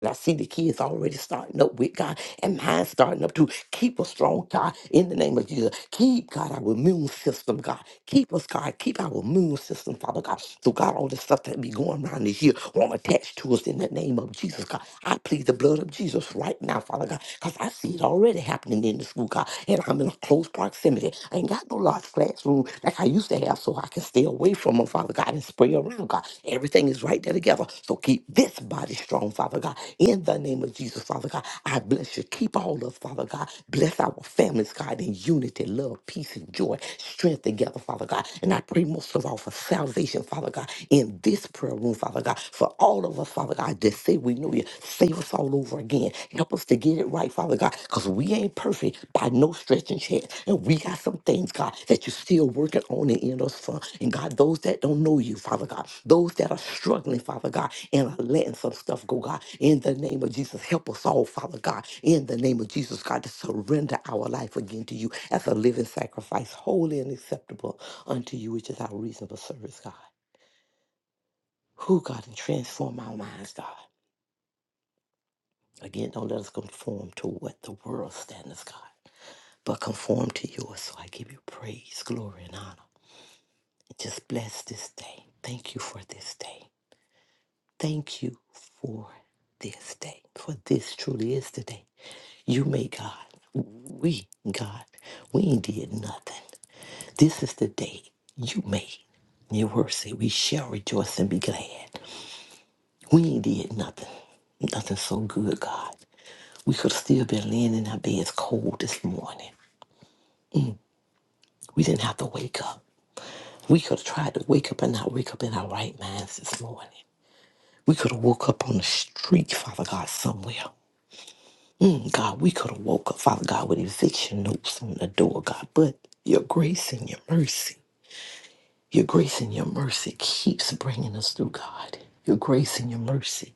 Speaker 8: And I see the kids already starting up with God and mine starting up too. Keep us strong, God, in the name of Jesus. Keep, God, our immune system, God. Keep us, God. Keep our immune system, Father God. So, God, all this stuff that be going around this year, I'm attached to us in the name of Jesus, God. I plead the blood of Jesus right now, Father God, because I see it already happening in the school, God, and I'm in a close proximity. I ain't got no large classroom like I used to have, so I can stay away from them, Father God, and spray around, God. Everything is right there together. So keep this body strong, Father God. In the name of Jesus, Father God, I bless you. Keep all called us, Father God. Bless our families, God, in unity, love, peace, and joy, strength together, Father God. And I pray most of all for salvation, Father God, in this prayer room, Father God, for all of us, Father God, that say we know you. Save us all over again. Help us to get it right, Father God, because we ain't perfect by no stretch and chance. And we got some things, God, that you're still working on and in us for. And God, those that don't know you, Father God, those that are struggling, Father God, and I'm letting some stuff go, God. In the name of Jesus, help us all, Father God. In the name of Jesus, God, to surrender our life again to you as a living sacrifice, holy and acceptable unto you, which is our reasonable service, God. Who, God, and transform our minds, God. Again, don't let us conform to what the world standards, God, but conform to yours. So I give you praise, glory, and honor. Just bless this day. Thank you for this day. Thank you for this day. For this truly is the day You may, God. We, God, we ain't did nothing. This is the day you made. Your word say we shall rejoice and be glad. We ain't did nothing. Nothing so good, God. We could have still been laying in our beds cold this morning. We didn't have to wake up. We could have tried to wake up and not wake up in our right minds this morning. We could have woke up on the street, Father God, somewhere. Mm, God, we could have woke up, Father God, with eviction notes on the door, God. But your grace and your mercy. Your grace and your mercy keeps bringing us through, God. Your grace and your mercy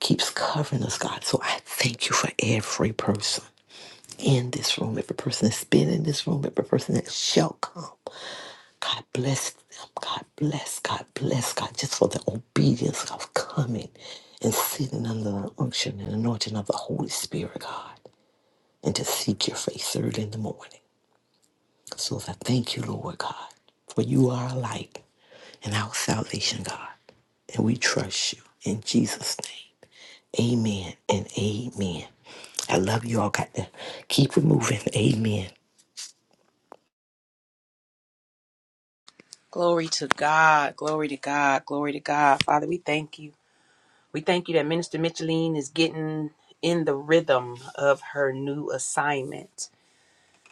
Speaker 8: keeps covering us, God. So I thank you for every person in this room, every person that's been in this room, every person that shall come. God bless them. God bless, God bless, God, just for the obedience of coming and sitting under the unction and anointing of the Holy Spirit, God, and to seek your face early in the morning. So I thank you, Lord God, for you are our light and our salvation, God. And we trust you in Jesus' name. Amen and amen. I love you all. Got to keep it moving. Amen.
Speaker 1: Glory to God. Glory to God. Glory to God. Father, we thank you. We thank you that Minister Micheline is getting in the rhythm of her new assignment.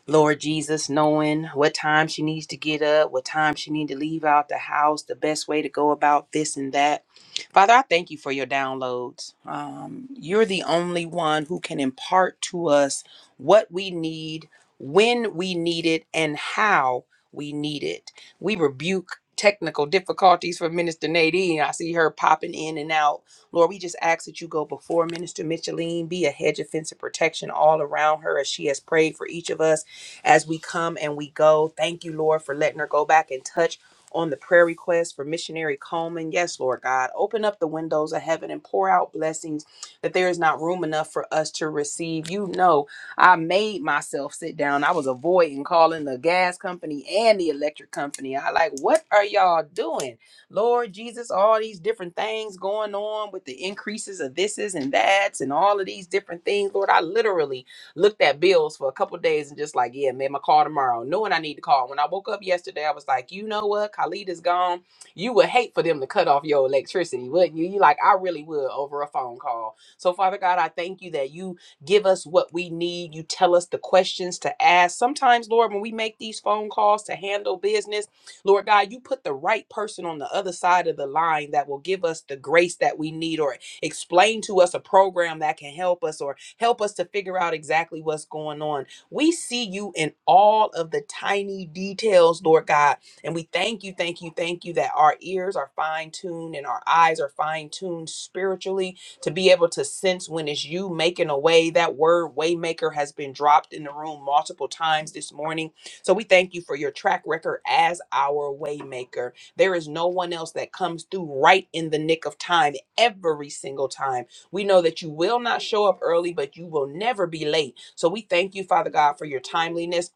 Speaker 1: Lord Jesus, knowing what time she needs to get up, what time she needs to leave out the house, the best way to go about this and that. Father, I thank you for your downloads. Um, you're the only one who can impart to us what we need, when we need it, and how we need it. We rebuke technical difficulties for Minister Nadine. I see her popping in and out. Lord, we just ask that you go before Minister Micheline, be a hedge of fence of protection all around her as she has prayed for each of us as we come and we go. Thank you, Lord, for letting her go back and touch on the prayer request for missionary Coleman. Yes, Lord God, open up the windows of heaven and pour out blessings that there is not room enough for us to receive. You know, I made myself sit down. I was avoiding calling the gas company and the electric company. I like, what are y'all doing? Lord Jesus, all these different things going on with the increases of this is and that's and all of these different things. Lord, I literally looked at bills for a couple days and just like, yeah, man, my call tomorrow, knowing I need to call. When I woke up yesterday, I was like, you know what? Khalid is gone. You would hate for them to cut off your electricity, wouldn't you? You like, I really would over a phone call. So, Father God, I thank you that you give us what we need. You tell us the questions to ask. Sometimes, Lord, when we make these phone calls to handle business, Lord God, you put the right person on the other side of the line that will give us the grace that we need or explain to us a program that can help us or Help us to figure out exactly what's going on. We see you in all of the tiny details, Lord God. And we thank you, thank you, thank you that our ears are fine tuned and our eyes are fine tuned spiritually to be able to sense when it's you making a way. That word waymaker has been dropped in the room multiple times this morning. So we thank you for your track record as our waymaker. There is no one else that comes through right in the nick of time every single time we know that you will not show up early, but you will never be late. So we thank you, Father God, for your timeliness.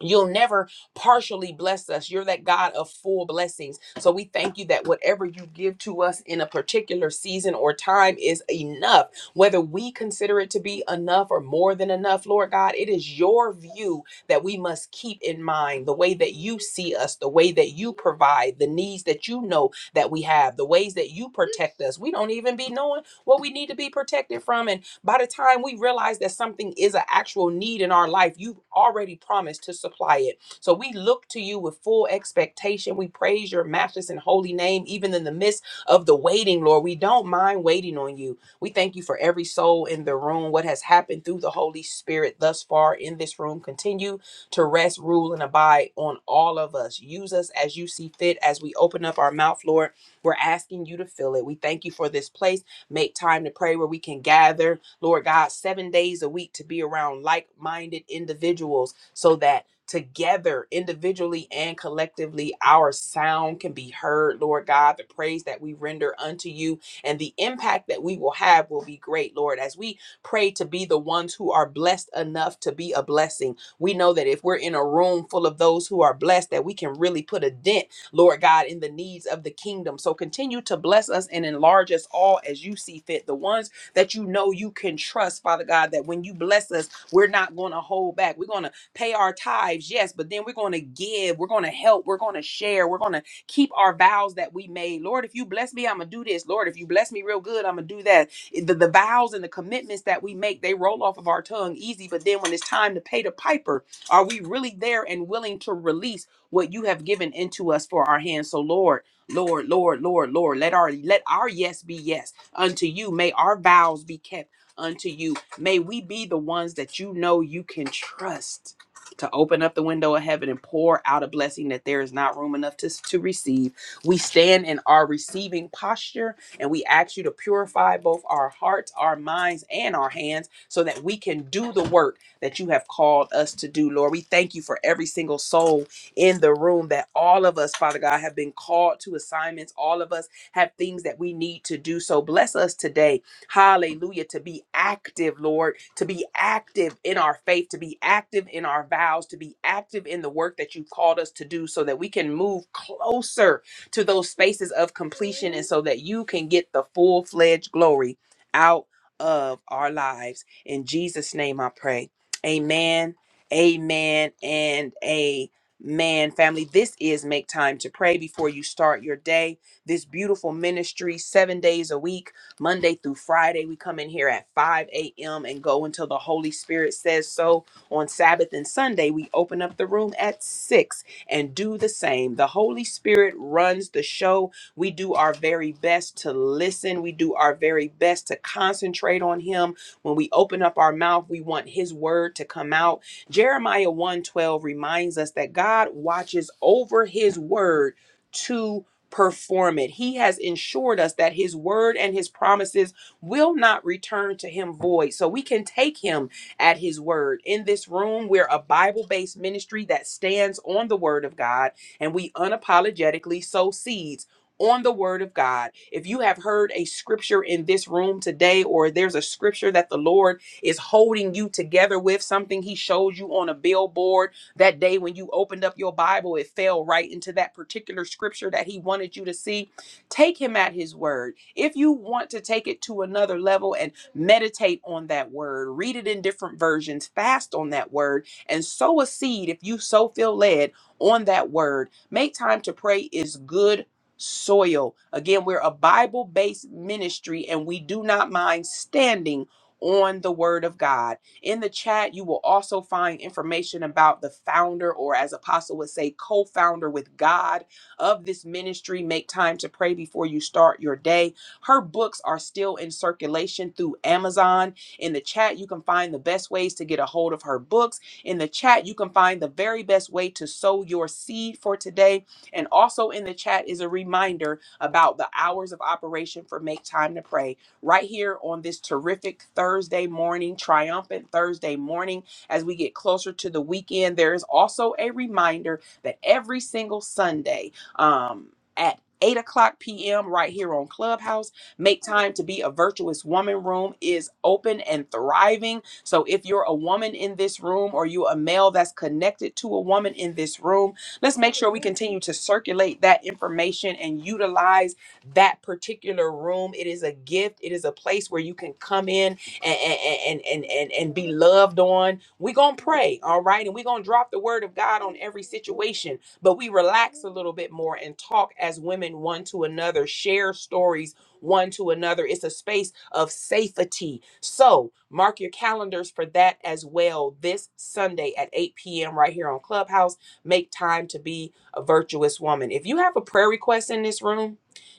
Speaker 1: You'll never partially bless us. You're that God of full blessings. So we thank you that whatever you give to us in a particular season or time is enough. Whether we consider it to be enough or more than enough, Lord God, it is your view that we must keep in mind the way that you see us, the way that you provide, the needs that you know that we have, the ways that you protect us. We don't even be knowing what we need to be protected from. And by the time we realize that something is an actual need in our life, you've already promised to supply it. So we look to you with full expectation. We praise your matchless and holy name, even in the midst of the waiting, Lord. We don't mind waiting on you. We thank you for every soul in the room, what has happened through the Holy Spirit thus far in this room. Continue to rest, rule, and abide on all of us. Use us as you see fit as we open up our mouth, Lord. We're asking you to fill it. We thank you for this place. Make time to pray where we can gather Lord God, seven days a week to be around like minded individuals so that together, individually and collectively, our sound can be heard, Lord God. The praise that we render unto you and the impact that we will have will be great, Lord. As we pray to be the ones who are blessed enough to be a blessing, we know that if we're in a room full of those who are blessed, that we can really put a dent Lord God, in the needs of the kingdom. So continue to bless us and enlarge us all as you see fit. The ones that you know you can trust, Father God, that when you bless us, we're not going to hold back. We're going to pay our tithes, yes, but then we're going to give. We're going to help. We're going to share. We're going to keep our vows that we made. Lord, if you bless me, I'm going to do this. Lord, if you bless me real good, I'm going to do that. The, the vows and the commitments that we make, they roll off of our tongue easy, but then when it's time to pay the piper, are we really there and willing to release what you have given into us for our hands? So, Lord, Lord, Lord, Lord, Lord, let our let our yes be yes unto you. May our vows be kept unto you. May we be the ones that you know you can trust to open up the window of heaven and pour out a blessing that there is not room enough to, to receive. We stand in our receiving posture and we ask you to purify both our hearts, our minds, and our hands so that we can do the work that you have called us to do, Lord. We thank you for every single soul in the room that all of us, Father God, have been called to assignments. All of us have things that we need to do. So bless us today. Hallelujah. To be active, Lord, to be active in our faith, to be active in our vows, to be active in the work that you've called us to do so that we can move closer to those spaces of completion and so that you can get the full fledged glory out of our lives. In Jesus' name I pray. Amen. Amen and amen. Family, this is Make Time to Pray before you start your day this beautiful ministry seven days a week, Monday through Friday. We come in here at 5 a.m. and go until the Holy Spirit says so. On Sabbath and Sunday, we open up the room at 6 and do the same. The Holy Spirit runs the show. We do our very best to listen, we do our very best to concentrate on Him. When we open up our mouth, we want His word to come out. Jeremiah one twelve reminds us that God watches over his word to perform it. He has ensured us that his word and his promises will not return to him void. So we can take him at his word. In this room, we're a Bible based ministry that stands on the word of God and we unapologetically sow seeds. On the word of God. If you have heard a scripture in this room today, or there's a scripture that the Lord is holding you together with, something He showed you on a billboard, that day when you opened up your Bible, it fell right into that particular scripture that he wanted you to see. Take him at his word. If you want to take it to another level and meditate on that word, read it in different versions, fast on that word, and sow a seed if you so feel led on that word. Make time to pray is good soil. Again, we're a Bible based ministry and we do not mind standing on the word of God. In the chat, you will also find information about the founder, or as Apostle would say, co founder with God of this ministry. Make time to pray before you start your day. Her books are still in circulation through Amazon. In the chat, you can find the best ways to get a hold of her books. In the chat, you can find the very best way to sow your seed for today. And also in the chat is a reminder about the hours of operation for Make Time to Pray right here on this terrific Thursday morning, triumphant Thursday morning. As we get closer to the weekend, there is also a reminder that every single Sunday um, at 8 o'clock p.m. right here on Clubhouse. Make time to be a virtuous woman room is open and thriving. So if you're a woman in this room or you a male that's connected to a woman in this room, let's make sure we continue to circulate that information and utilize that particular room. It is a gift. It is a place where you can come in and and and and and, be loved on. We're gonna pray, all right, and we're gonna drop the word of God on every situation, but we relax a little bit more and talk as women one to another, share stories one to another. It's a space of safety. So mark your calendars for that as well this Sunday at 8 p.m. right here on Clubhouse. Make time to be a virtuous woman. If you have a prayer request in this room,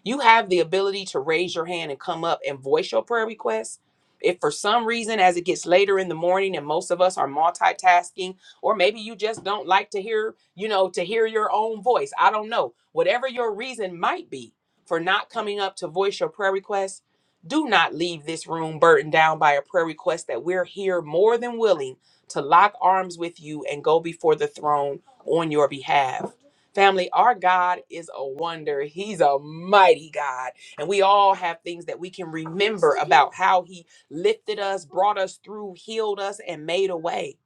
Speaker 1: you have the ability to raise your hand and come up and voice your prayer request. If for some reason, as it gets later in the morning and most of us are multitasking, or maybe you just don't like to hear, you know, to hear your own voice, I don't know. Whatever your reason might be for not coming up to voice your prayer request, do not leave this room burdened down by a prayer request that we're here more than willing to lock arms with you and go before the throne on your behalf. Family, our God is a wonder. He's a mighty God. And we all have things that we can remember about how He lifted us, brought us through, healed us, and made a way.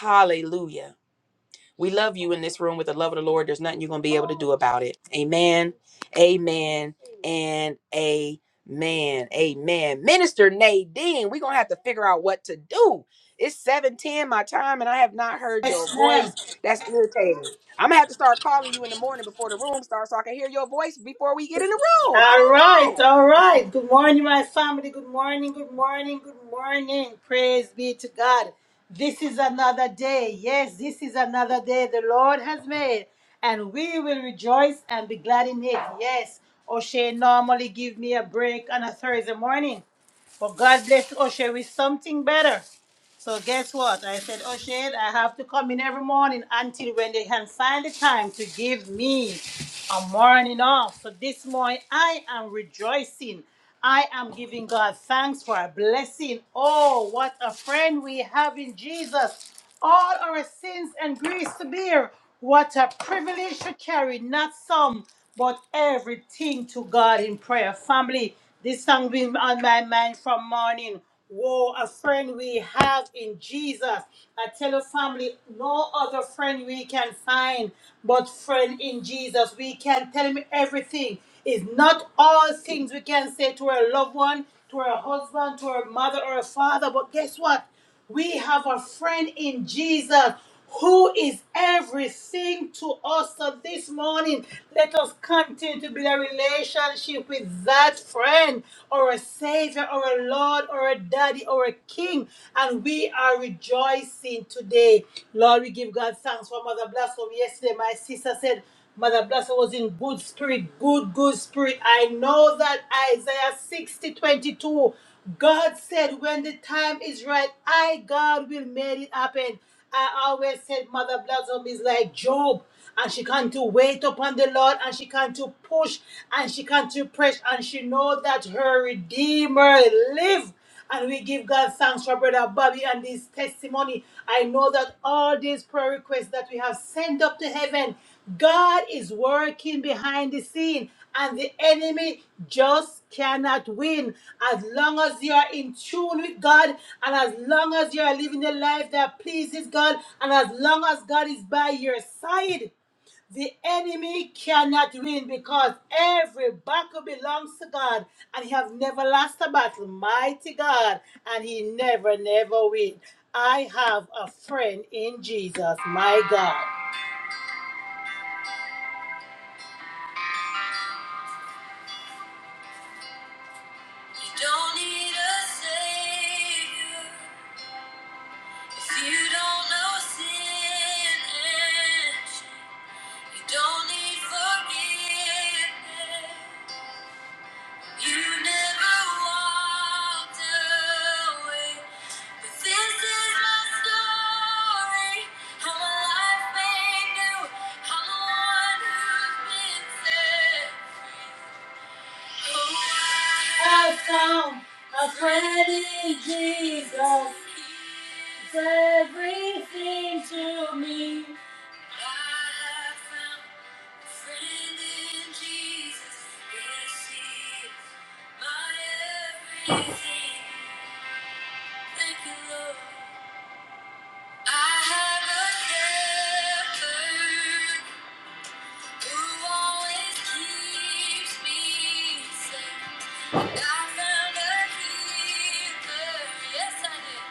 Speaker 1: Hallelujah. We love you in this room with the love of the Lord. There's nothing you're going to be able to do about it. Amen. Amen. And amen. Amen. Minister Nadine, we're going to have to figure out what to do. It's 7:10 my time and I have not heard your
Speaker 5: Yes, ma'am.
Speaker 1: voice. That's irritating. I'm going to have to start calling you in the morning before the room starts so I can hear your voice before we get in the room. I
Speaker 5: All right,
Speaker 1: don't know.
Speaker 5: all right. Good morning, my family. Good morning, good morning, good morning. Praise be to God. This is another day. Yes, this is another day the Lord has made, and we will rejoice and be glad in it. Yes, O'Shea normally give me a break on a Thursday morning, But God blessed O'Shea with something better. So guess what? I said, O'Shea, I have to come in every morning until when they can find the time to give me a morning off. So this morning I am rejoicing. I am giving God thanks for a blessing. Oh, what a friend we have in Jesus. All our sins and griefs to bear. What a privilege to carry, not some, but everything to God in prayer. Family, this song been on my mind from morning. Whoa, a friend we have in Jesus. I tell your family, no other friend we can find but friend in Jesus. We can tell him everything. It's not all things we can say to our loved one, to our husband, to our mother or our father. But guess what? We have a friend in Jesus who is everything to us. So this morning, let us continue to build a relationship with that friend or a savior or a lord or a daddy or a king. And we are rejoicing today. Lord, we give God thanks for Mother Blossom. Yesterday, my sister said, Mother Blossom was in good spirit, good, good spirit. I know that Isaiah 60 22, God said, when the time is right, I, God, will make it happen. I always said, Mother Blossom is like Job. And she can to wait upon the Lord and she can to push and she can to press and she know that her Redeemer live. And we give God thanks for Brother Bobby and his testimony. I know that all these prayer requests that we have sent up to heaven, God is working behind the scene, and the enemy just cannot win. As long as you are in tune with God, and as long as you are living a life that pleases God, and as long as God is by your side. The enemy cannot win because every battle belongs to God and he have never lost a battle. Mighty God. And he never, never win. I have a friend in Jesus, my God. You don't need a savior if you don't know sin. and You don't need forgiveness i found a friend in Jesus. It's everything to me. I have found yes, I have a helper who always keeps me safe. I found a healer, yes, I did.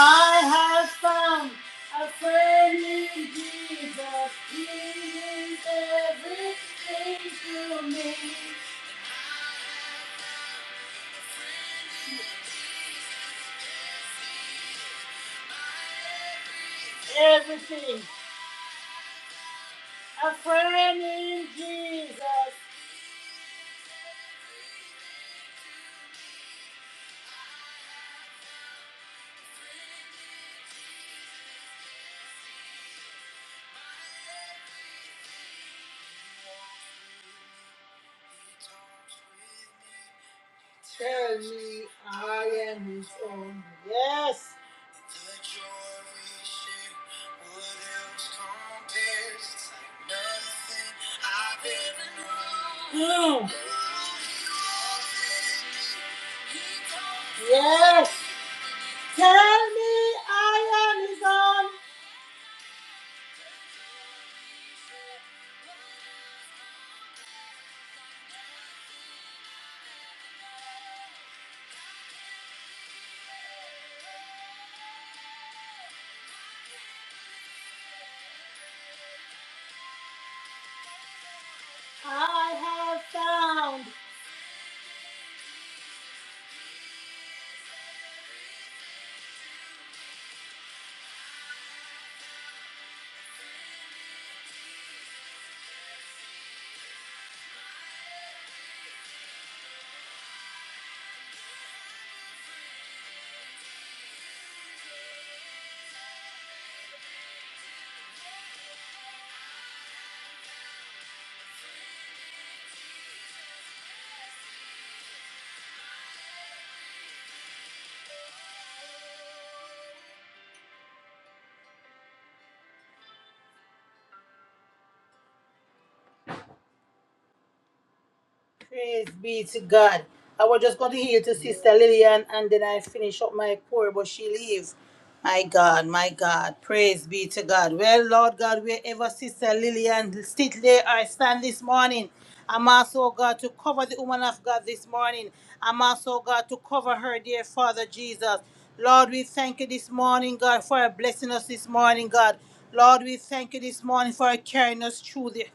Speaker 5: I have found a friend in Jesus. He is everything to me everything. A friend in Jesus. Tell me I am his own. Yes. The joy we share, what else compares? It's like nothing I've ever known. Mm. Yes. Tell me I am his own. I have found. Praise be to God. I was just going to heal to Sister Lillian and then I finish up my pour, but she leaves. My God, my God. Praise be to God. Well, Lord God, wherever Sister Lillian sit there or stand this morning, I'm also oh God to cover the woman of God this morning. I'm also oh God to cover her, dear Father Jesus. Lord, we thank you this morning, God, for blessing us this morning, God. Lord, we thank you this morning for carrying us through the.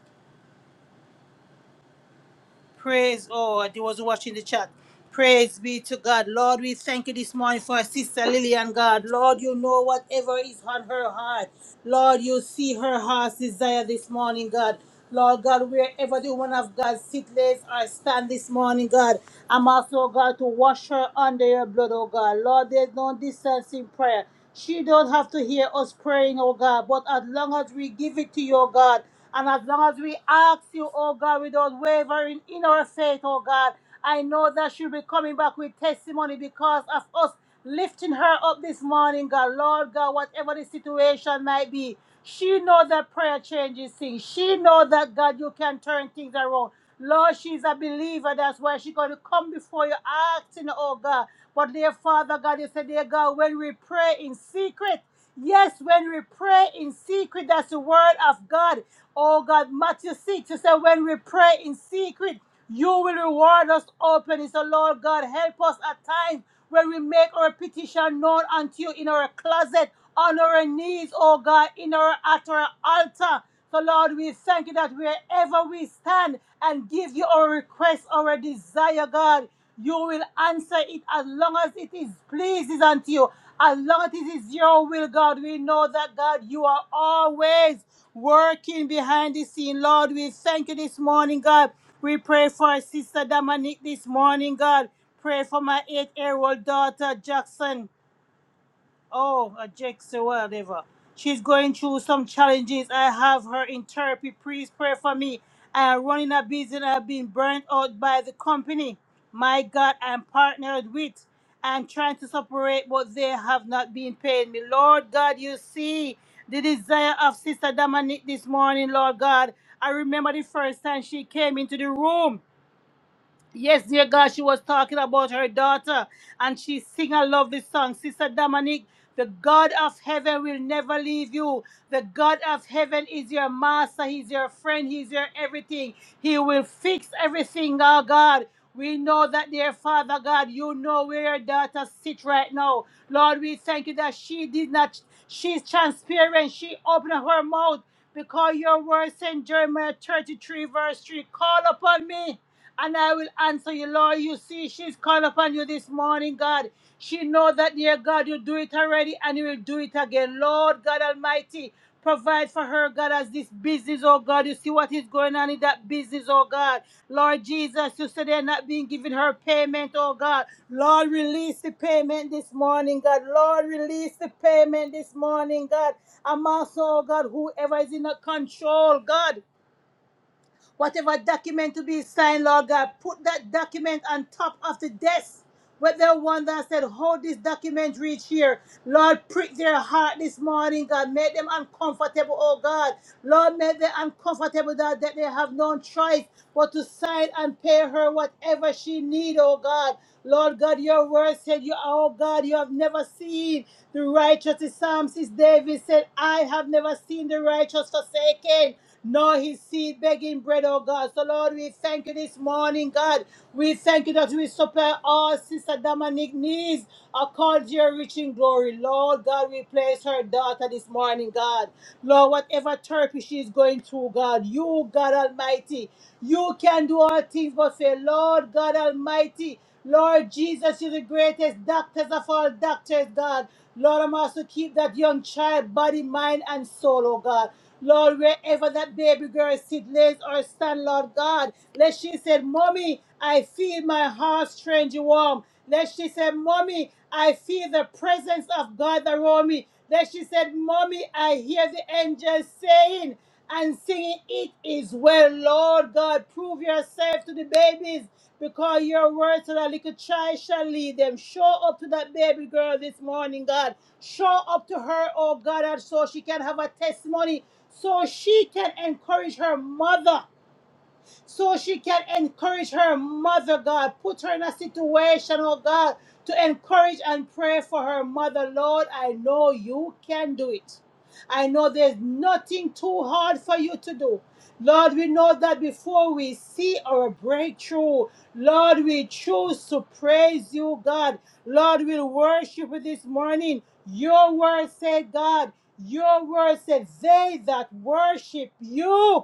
Speaker 5: Praise, oh, I was watching the chat. Praise be to God. Lord, we thank you this morning for our sister Lillian, God. Lord, you know whatever is on her heart. Lord, you see her heart's desire this morning, God. Lord God, wherever the one of God sit, lays, or stand this morning, God, I'm also, God, to wash her under your blood, oh God. Lord, there's no distance in prayer. She don't have to hear us praying, oh God. But as long as we give it to you, oh God, and as long as we ask you, oh God, without wavering in our faith, oh God, I know that she'll be coming back with testimony because of us lifting her up this morning, God. Lord God, whatever the situation might be. She know that prayer changes things. She know that God, you can turn things around. Lord, she's a believer. That's why she's going to come before you asking, oh God. But dear Father God, you said, dear God, when we pray in secret, yes, when we pray in secret, that's the word of God. Oh God, Matthew 6, you said, when we pray in secret, you will reward us openly. So Lord God, help us at times when we make our petition known unto you in our closet on our knees, oh God, in our at our altar. So Lord, we thank you that wherever we stand and give you our request, our desire, God, you will answer it as long as it is pleases unto you. As long as it is your will, God, we know that God, you are always working behind the scene. Lord, we thank you this morning, God. We pray for our sister Dominique this morning, God. Pray for my eight-year-old daughter Jackson. Oh, a Jex or whatever. She's going through some challenges. I have her in therapy. Please pray for me. I am running a business. I've been burnt out by the company. My God, I'm partnered with. I'm trying to separate, but they have not been paying me. Lord God, you see the desire of Sister Dominique this morning, Lord God. I remember the first time she came into the room. Yes, dear God, she was talking about her daughter, and she sing I love this song. Sister Dominique, the God of heaven will never leave you. The God of heaven is your master, he's your friend, he's your everything. He will fix everything, oh God. We know that, dear Father God, you know where your daughter sit right now. Lord, we thank you that she did not, she's transparent. She opened her mouth because your word said in Jeremiah 33, verse 3, call upon me and I will answer you, Lord. You see, she's called upon you this morning, God. She know that, dear God, you do it already and you will do it again. Lord God Almighty, provide for her, God, as this business, oh God. You see what is going on in that business, oh God. Lord Jesus, you said they're not being given her payment, oh God. Lord, release the payment this morning, God. Lord, release the payment this morning, God. Amongst, oh God, whoever is in the control, God. Whatever document to be signed, Lord God, put that document on top of the desk. Whether one that said, Hold this document, reach here. Lord, prick their heart this morning, God. Make them uncomfortable, oh God. Lord, make them uncomfortable that, that they have no choice but to sign and pay her whatever she need, oh God. Lord God, your word said, you, Oh God, you have never seen the righteous. The psalmist David said, I have never seen the righteous forsaken nor his seed begging bread, oh God. So, Lord, we thank you this morning, God. We thank you that we supply all Sister Dominic needs according to your reaching glory. Lord God, we place her daughter this morning, God. Lord, whatever therapy she is going through, God, you, God Almighty, you can do all things but say, Lord God Almighty, Lord Jesus, you're the greatest doctors of all doctors, God. Lord, I'm also keep that young child, body, mind, and soul, oh God. Lord, wherever that baby girl sit, lays or stand, Lord God, let she said, Mommy, I feel my heart strange warm. Let she said, Mommy, I feel the presence of God around me. Let she said, Mommy, I hear the angels saying and singing, It is well, Lord God, prove yourself to the babies because your words to that little child shall lead them. Show up to that baby girl this morning, God. Show up to her, oh God, and so she can have a testimony so she can encourage her mother so she can encourage her mother, God. Put her in a situation, oh God, to encourage and pray for her mother. Lord, I know you can do it. I know there's nothing too hard for you to do. Lord, we know that before we see our breakthrough, Lord, we choose to praise you, God. Lord, we worship you this morning. Your word said, God, your word said, they that worship you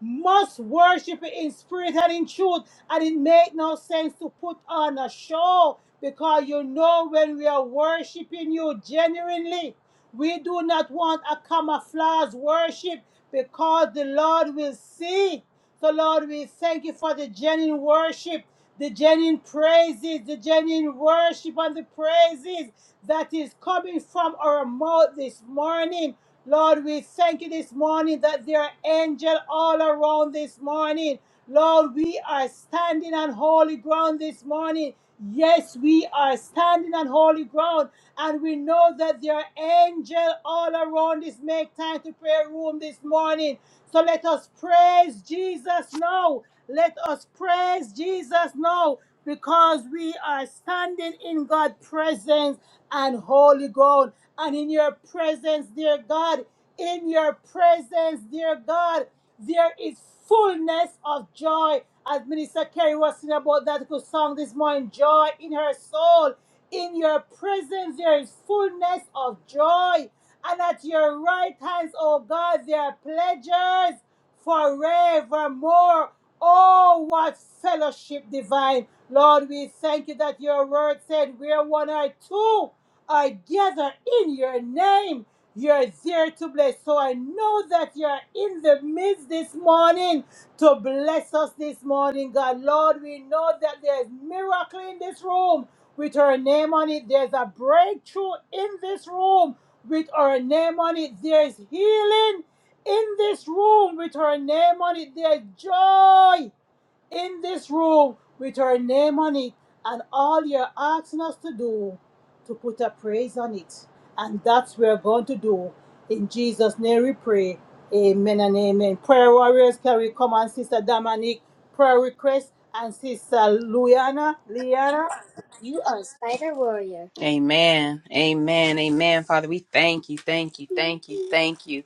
Speaker 5: must worship it in spirit and in truth. And it make no sense to put on a show because you know when we are worshiping you genuinely, we do not want a camouflage worship because the Lord will see. So, Lord, we thank you for the genuine worship, the genuine praises, the genuine worship and the praises that is coming from our mouth this morning. Lord, we thank you this morning that there are angels all around this morning. Lord, we are standing on holy ground this morning. Yes, we are standing on holy ground, and we know that there are angels all around this make time to prayer room this morning. So let us praise Jesus now. Let us praise Jesus now because we are standing in God's presence and holy ground. And in your presence, dear God, in your presence, dear God. There is fullness of joy. As Minister Kerry was singing about that good song this morning, joy in her soul. In your presence, there is fullness of joy. And at your right hands, O God, there are pleasures forevermore. Oh, what fellowship divine. Lord, we thank you that your word said, Where one or two are gathered in your name. You're there to bless. So I know that you're in the midst this morning to bless us this morning, God. Lord, we know that there's miracle in this room with our name on it. There's a breakthrough in this room with our name on it. There's healing in this room with our name on it. There's joy in this room with our name on it and all you're asking us to do to put a praise on it. And that's we're going to do. In Jesus' name we pray. Amen and amen. Prayer warriors, can we come on, Sister Dominique? Prayer request and Sister Luyana, Liana.
Speaker 1: You are a spider warrior. Amen. Amen. Amen. Father, we thank you. Thank you. Thank you. Thank you.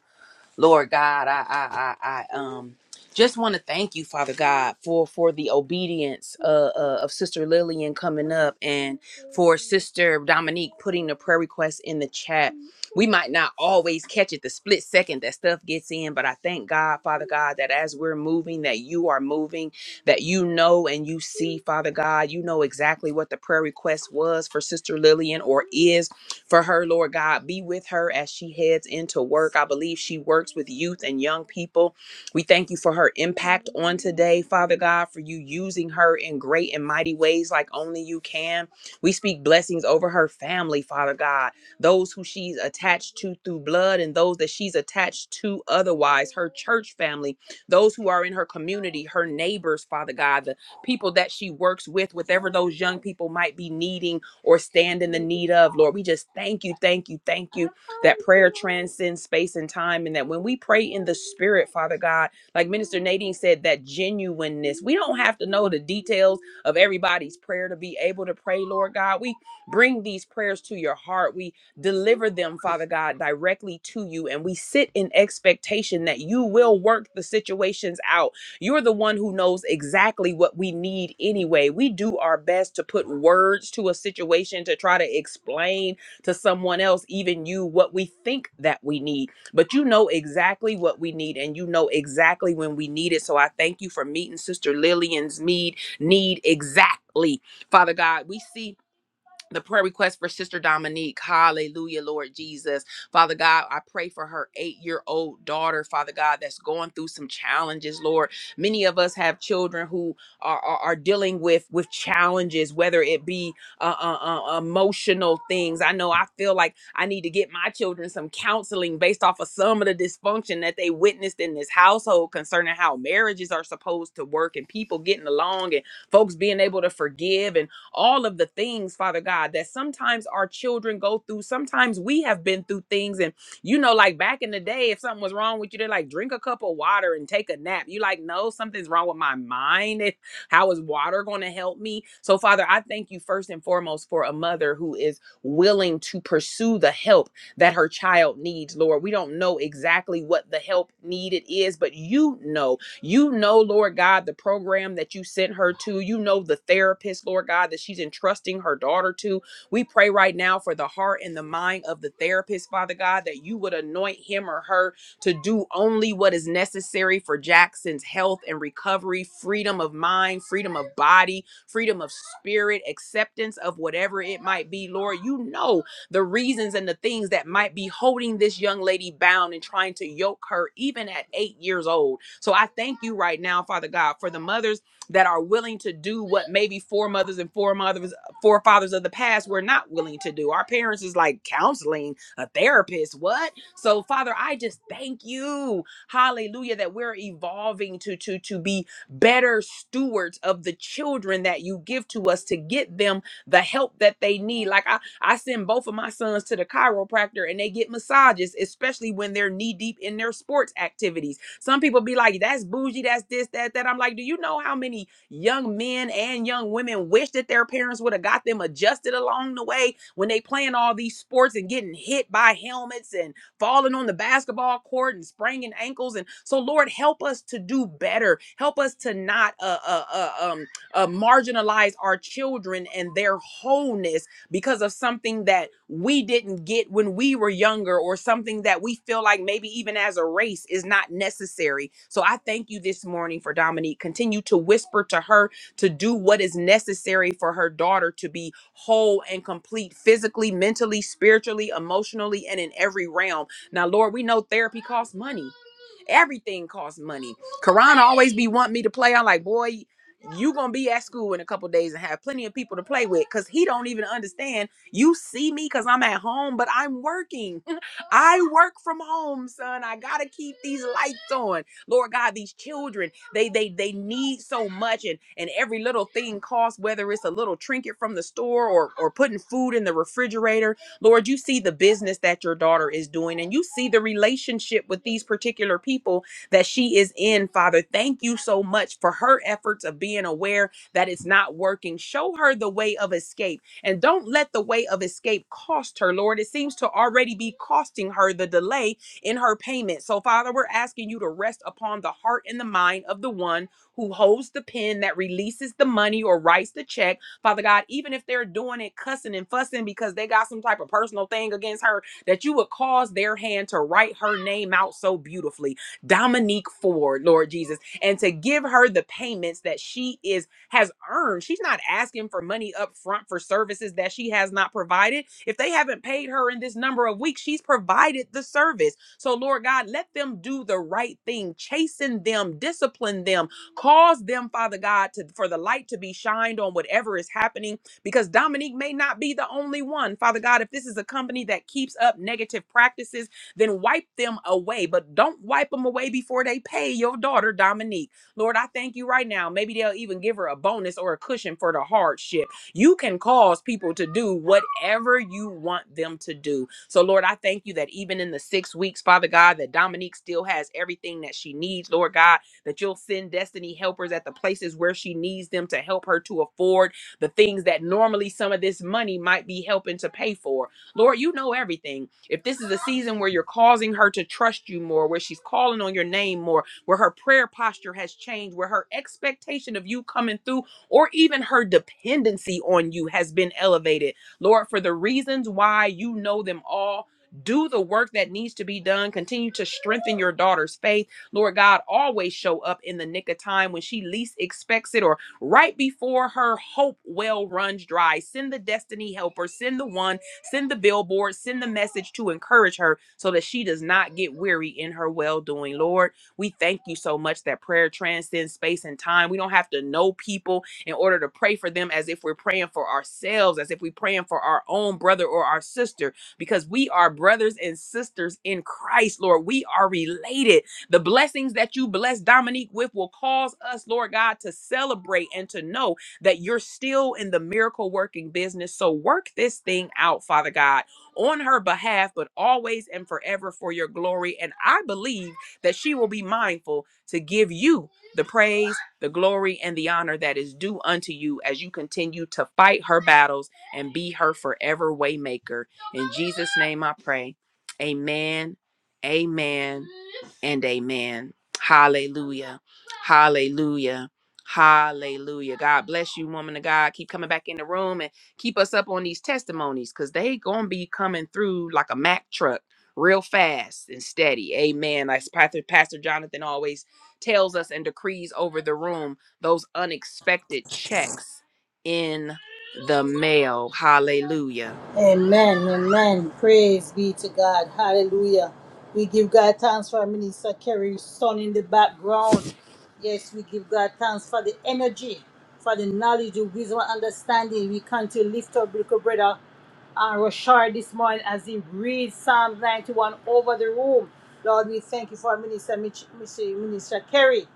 Speaker 1: Lord God, I I I, I um just want to thank you, Father God, for for the obedience uh, uh, of Sister Lillian coming up and for Sister Dominique putting the prayer request in the chat. We might not always catch it the split second that stuff gets in, but I thank God, Father God, that as we're moving, that you are moving, that you know and you see, Father God, you know exactly what the prayer request was for Sister Lillian or is for her, Lord God. Be with her as she heads into work. I believe she works with youth and young people. We thank you for her impact on today, Father God, for you using her in great and mighty ways like only you can. We speak blessings over her family, Father God, those who she's attached to through blood and those that she's attached to otherwise, her church family, those who are in her community, her neighbors, Father God, the people that she works with, whatever those young people might be needing or stand in the need of. Lord, we just thank you, thank you, thank you that prayer transcends space and time and that when we pray in the spirit, Father God, like Minister Nadine said, that genuineness, we don't have to know the details of everybody's prayer to be able to pray, Lord God. We bring these prayers to your heart. We deliver them, Father God, directly to you. And we sit in expectation that you will work the situations out you're the one who knows exactly what we need anyway. We do our best to put words to a situation to try to explain to someone else, even you, what we think that we need. But you know exactly what we need and you know exactly when we need it. So I thank you for meeting Sister Lillian's need, need exactly. Father God, we see the prayer request for Sister Dominique. Hallelujah, Lord Jesus. Father God, I pray for her eight year old daughter, Father God, that's going through some challenges, Lord. Many of us have children who are, are, are dealing with, with challenges, whether it be uh, uh, uh, emotional things. I know I feel like I need to get my children some counseling based off of some of the dysfunction that they witnessed in this household concerning how marriages are supposed to work and people getting along and folks being able to forgive and all of the things, Father God, that sometimes our children go through. Sometimes we have been through things. And, you know, like back in the day, if something was wrong with you, they're like, drink a cup of water and take a nap. You like, no, something's wrong with my mind. If, how is water going to help me? So, Father, I thank you first and foremost for a mother who is willing to pursue the help that her child needs, Lord. We don't know exactly what the help needed is, but you know you know, Lord God, the program that you sent her to. You know, the therapist, Lord God, that she's entrusting her daughter to. We pray right now for the heart and the mind of the therapist, Father God, that you would anoint him or her to do only what is necessary for Jackson's health and recovery, freedom of mind, freedom of body, freedom of spirit, acceptance of whatever it might be. Lord, you know the reasons and the things that might be holding this young lady bound and trying to yoke her even at 8 years old. So I thank you right now, Father God, for the mothers that are willing to do what maybe foremothers and foremothers, forefathers of the past were not willing to do. Our parents is like counseling, a therapist, what? So Father, I just thank you, Hallelujah, that we're evolving to to to be better stewards of the children that you give to us to get them the help that they need. Like I, I send both of my sons to the chiropractor and they get massages, especially when they're knee deep in their sports activities some people be like, that's bougie, that's this, that, that. I'm like, do you know how many young men and young women wish that their parents would have got them adjusted along the way when they playing all these sports and getting hit by helmets and falling on the basketball court and spraining ankles and so lord help us to do better help us to not uh, uh, uh, um, uh, marginalize our children and their wholeness because of something that we didn't get when we were younger or something that we feel like maybe even as a race is not necessary. So I thank you this morning for Dominique. Continue to whisper to her to do what is necessary for her daughter to be whole and complete physically, mentally, spiritually, emotionally, and in every realm. Now, Lord, we know therapy costs money. Everything costs money. Karan always be wanting me to play. I'm like, boy, you gonna be at school in a couple days and have plenty of people to play with. Cause he don't even understand. You see me cause I'm at home, but I'm working. I work from home, son. I gotta keep these lights on. Lord God, these children, they they they need so much, and and every little thing costs, whether it's a little trinket from the store or or putting food in the refrigerator Lord, you see the business that your daughter is doing and you see the relationship with these particular people that she is in, Father. Thank you so much for her efforts of being aware that it's not working. Show her the way of escape and don't let the way of escape cost her, Lord. It seems to already be costing her the delay in her payment. So, Father, we're asking you to rest upon the heart and the mind of the one who holds the pen that releases the money or writes the check Father God, even if they're doing it cussing and fussing because they got some type of personal thing against her, that you would cause their hand to write her name out so beautifully, Dominique Ford, Lord Jesus, and to give her the payments that she is has earned. She's not asking for money up front for services that she has not provided. If they haven't paid her in this number of weeks, she's provided the service. So, Lord God, let them do the right thing, chasten them, discipline them, Cause them, Father God, to for the light to be shined on whatever is happening because Dominique may not be the only one. Father God, if this is a company that keeps up negative practices, then wipe them away, but don't wipe them away before they pay your daughter Dominique. Lord, I thank you right now. Maybe they'll even give her a bonus or a cushion for the hardship. You can cause people to do whatever you want them to do. So, Lord, I thank you that even in the six weeks, Father God, that Dominique still has everything that she needs, Lord God that you'll send destiny helpers at the places where she needs them to help her to afford the things that normally some of this money might be helping to pay for. Lord, you know everything. If this is a season where you're causing her to trust you more, where she's calling on your name more, where her prayer posture has changed, where her expectation of you coming through or even her dependency on you has been elevated. Lord, for the reasons why you know them all, do the work that needs to be done. Continue to strengthen your daughter's faith Lord God, always show up in the nick of time when she least expects it or right before her hope well runs dry. Send the destiny helper, send the one, send the billboard, send the message to encourage her so that she does not get weary in her well doing. Lord, we thank you so much that prayer transcends space and time. We don't have to know people in order to pray for them as if we're praying for ourselves, as if we're praying for our own brother or our sister, because we are brothers and sisters in Christ, Lord. We are related. The blessings that you bless Dominique with will cause us, Lord God, to celebrate and to know that you're still in the miracle working business. So work this thing out, Father God, on her behalf, but always and forever for your glory. And I believe that she will be mindful to give you the praise, the glory, and the honor that is due unto you as you continue to fight her battles and be her forever waymaker. In Jesus' name I pray. Amen. Amen and amen. Hallelujah. Hallelujah. Hallelujah. God bless you, woman of God. Keep coming back in the room and keep us up on these testimonies because they gonna be coming through like a Mack truck real fast and steady. Amen. As Pastor, Pastor Jonathan always tells us and decrees over the room, those unexpected checks in the mail. Hallelujah.
Speaker 5: Amen, amen. Praise be to God. Hallelujah. We give God thanks for Minister Kerry's son in the background. Yes, we give God thanks for the energy, for the knowledge, the wisdom, and understanding. We come to lift up little brother and Rashard this morning as he reads Psalm 91 over the room. Lord, we thank you for Minister, Mich- Minister Minister Kerry.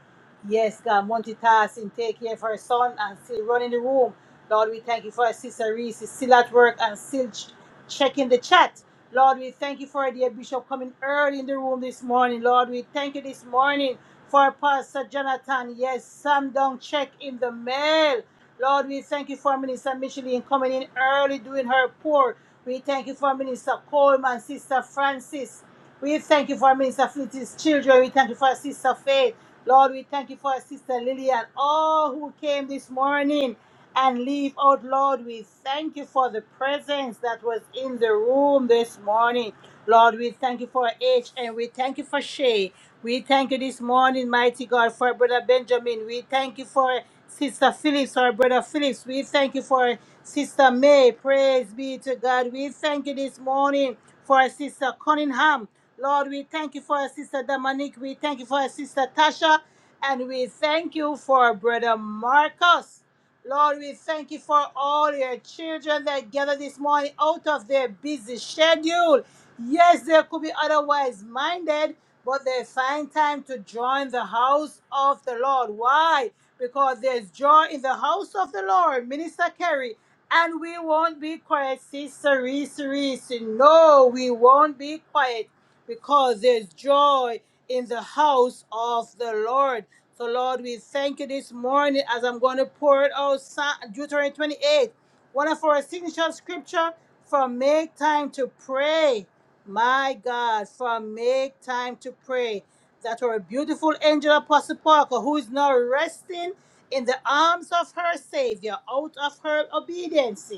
Speaker 5: Yes, God, multitasking, take care of her son and still running the room. Lord, we thank you for our sister Reese, is still at work and still ch- checking the chat. Lord, we thank you for our dear bishop coming early in the room this morning. Lord, we thank you this morning for Pastor Jonathan. Yes, Sam don't check in the mail. Lord, we thank you for Minister Micheline coming in early doing her pour. We thank you for Minister Coleman, Sister Francis. We thank you for Minister Flint's children. We thank you for Sister Faith. Lord, we thank you for Sister Lily and all who came this morning and leave out. Lord, we thank you for the presence that was in the room this morning. Lord, we thank you for H and we thank you for Shay. We thank you this morning, mighty God, for Brother Benjamin. We thank you for Sister Phillips, our Brother Phillips. We thank you for Sister May. Praise be to God. We thank you this morning for Sister Cunningham. Lord, we thank you for Sister Dominique. We thank you for Sister Tasha. And we thank you for Brother Marcus. Lord, we thank you for all your children that gather this morning out of their busy schedule. Yes, they could be otherwise minded, but they find time to join the house of the Lord. Why? Because there's joy in the house of the Lord, Minister Kerry. And we won't be quiet, Sister Reese Reese. No, we won't be quiet because there's joy in the house of the Lord. So, Lord, we thank you this morning as I'm going to pour it out Psa- Deuteronomy 28, one of our signature scripture from Make Time to Pray. My God, from Make Time to Pray. That our beautiful angel Apostle Parker, who is now resting in the arms of her Savior out of her obedience.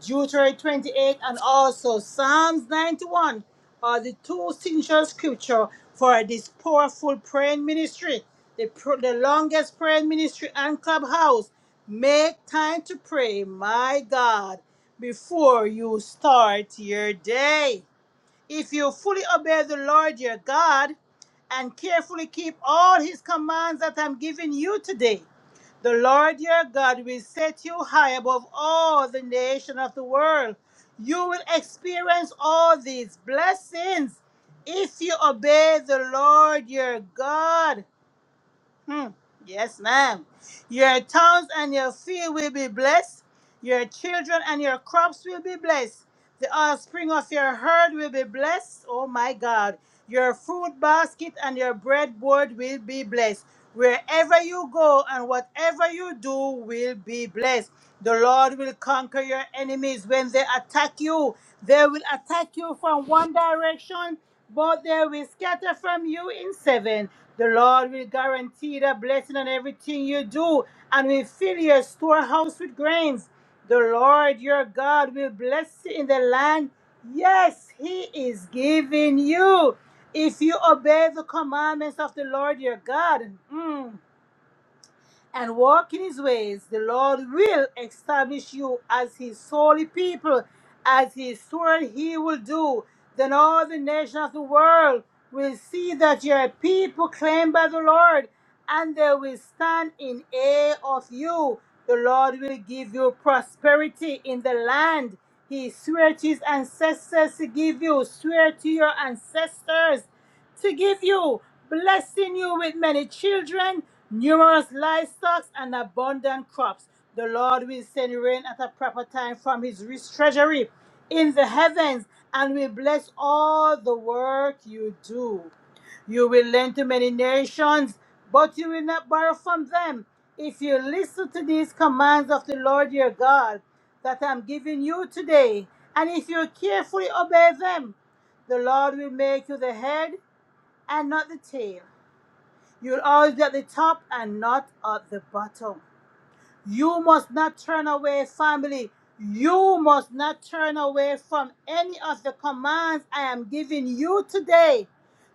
Speaker 5: Deuteronomy 28, and also Psalms 91 are the two signature scripture for this powerful praying ministry, the, pr- the longest praying ministry and clubhouse. Make time to pray, my God, before you start your day. If you fully obey the Lord your God and carefully keep all his commands that I'm giving you today, the Lord your God will set you high above all the nation of the world. You will experience all these blessings if you obey the Lord your God. Hmm. Yes, ma'am. Your towns and your field will be blessed. Your children and your crops will be blessed. The offspring of your herd will be blessed. Oh my God. Your fruit basket and your breadboard will be blessed. Wherever you go and whatever you do will be blessed. The Lord will conquer your enemies. When they attack you, they will attack you from one direction but they will scatter from you in seven. The Lord will guarantee the blessing on everything you do and will fill your storehouse with grains. The Lord your God will bless you in the land. Yes, He is giving you. If you obey the commandments of the Lord your God, mm, and walk in his ways, the Lord will establish you as his holy people, as he swore he will do. Then all the nations of the world will see that you are a people claimed by the Lord, and they will stand in awe of you. The Lord will give you prosperity in the land. He swore to his ancestors to give you, swear to your ancestors to give you, blessing you with many children, numerous livestock, and abundant crops. The Lord will send rain at a proper time from his rich treasury in the heavens and will bless all the work you do. You will lend to many nations, but you will not borrow from them. If you listen to these commands of the Lord your God that I'm giving you today, and if you carefully obey them, the Lord will make you the head and not the tail. You're always be at the top and not at the bottom. You must not turn away, family. You must not turn away from any of the commands I am giving you today,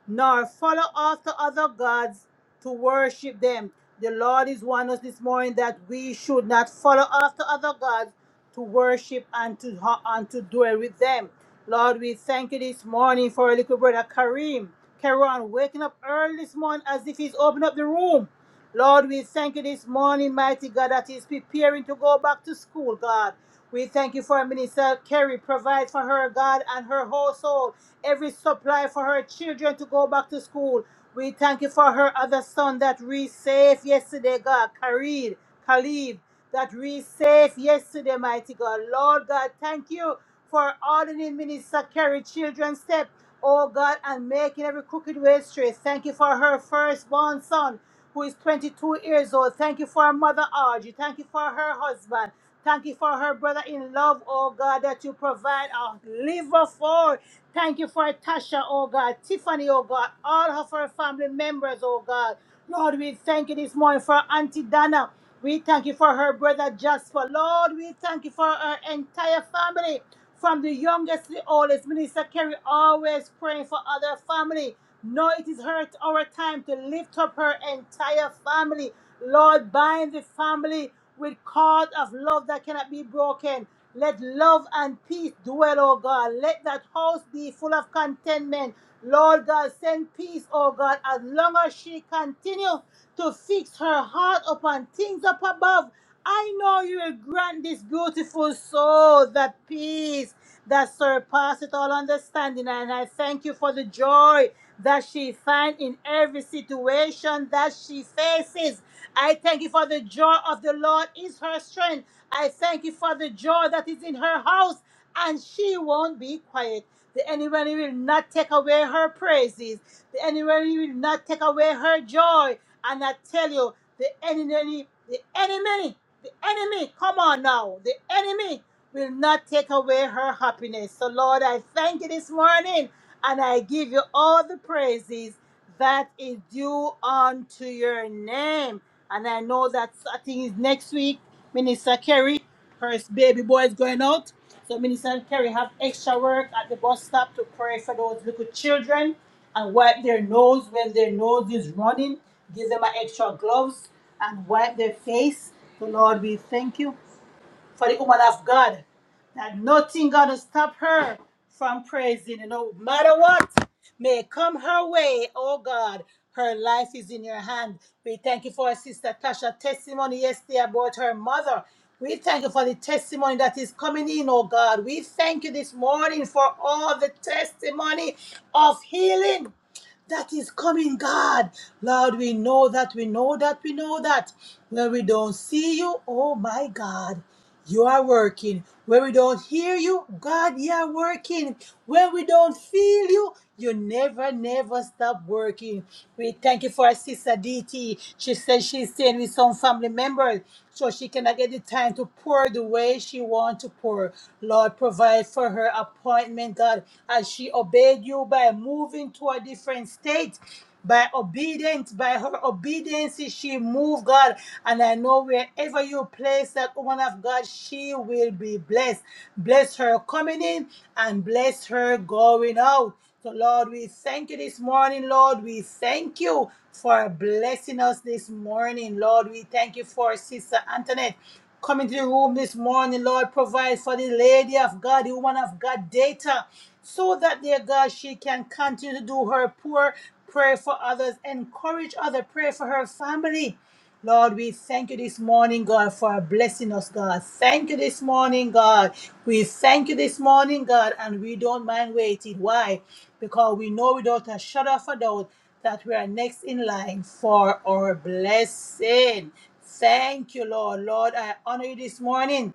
Speaker 5: nor follow after other gods to worship them. The Lord is warning us this morning that we should not follow after other gods to worship and to and to dwell with them. Lord, we thank you this morning for our little brother Kareem. Karan waking up early this morning as if he's opening up the room. Lord, we thank you this morning, mighty God, that is preparing to go back to school, God. We thank you for Minister Kerry. Provide for her, God, and her household every supply for her children to go back to school. We thank you for her other son that reached safe yesterday, God, Kareed, Khalid, that reached safe yesterday, mighty God. Lord God, thank you for ordering Minister Kerry children's step, oh God, and making every crooked way straight. Thank you for her firstborn son who is 22 years old. Thank you for our mother Audrey. Thank you for her husband. Thank you for her brother in love, oh God, that you provide a liver for. Thank you for Tasha, oh God, Tiffany, oh God, all of her family members, oh God. Lord, we thank you this morning for Auntie Dana. We thank you for her brother Jasper. Lord, we thank you for her entire family. From the youngest to the oldest, Minister Kerry always praying for other family. No, it is her our time to lift up her entire family. Lord, bind the family with cord of love that cannot be broken. Let love and peace dwell, O God. Let that house be full of contentment. Lord God, send peace, O God, as long as she continues to fix her heart upon things up above I know you will grant this beautiful soul the peace that surpasseth all understanding. And I thank you for the joy that she finds in every situation that she faces. I thank you for the joy of the Lord is her strength. I thank you for the joy that is in her house, and she won't be quiet. The enemy will not take away her praises. The enemy will not take away her joy. And I tell you, the enemy, the enemy the enemy, come on now, the enemy will not take away her happiness. So, Lord, I thank you this morning and I give you all the praises that is due unto your name. And I know that I think is next week, Minister Kerry, her baby boy is going out. So Minister Kerry have extra work at the bus stop to pray for those little children and wipe their nose when their nose is running. Give them an extra gloves and wipe their face. So, Lord, we thank you for the woman of God. That nothing gonna stop her from praising. You know, no matter what may come her way, oh God, her life is in your hand. We thank you for our sister Tasha's testimony yesterday about her mother. We thank you for the testimony that is coming in, oh God. We thank you this morning for all the testimony of healing that is coming, God. Lord, we know that, we know that, we know that. Where we don't see you, oh my God, you are working. Where we don't hear you, God, you are working. Where we don't feel you, you never, never stop working. We thank you for our sister DT. She said she's staying with some family members, so she cannot get the time to pour the way she wants to pour. Lord, provide for her appointment, God, as she obeyed you by moving to a different state. By obedience, by her obedience, she moved, God. And I know wherever you place that woman of God, she will be blessed. Bless her coming in and bless her going out. So, Lord, we thank you this morning, Lord. We thank you for blessing us this morning, Lord. We thank you for Sister Antoinette coming to the room this morning, Lord. Provide for the lady of God, the woman of God, data, so that, dear God, she can continue to do her poor. Pray for others. Encourage others. Pray for her family. Lord, we thank you this morning, God, for blessing us, God. Thank you this morning, God. We thank you this morning, God, and we don't mind waiting. Why? Because we know without a shadow of a doubt that we are next in line for our blessing. Thank you, Lord. Lord, I honor you this morning.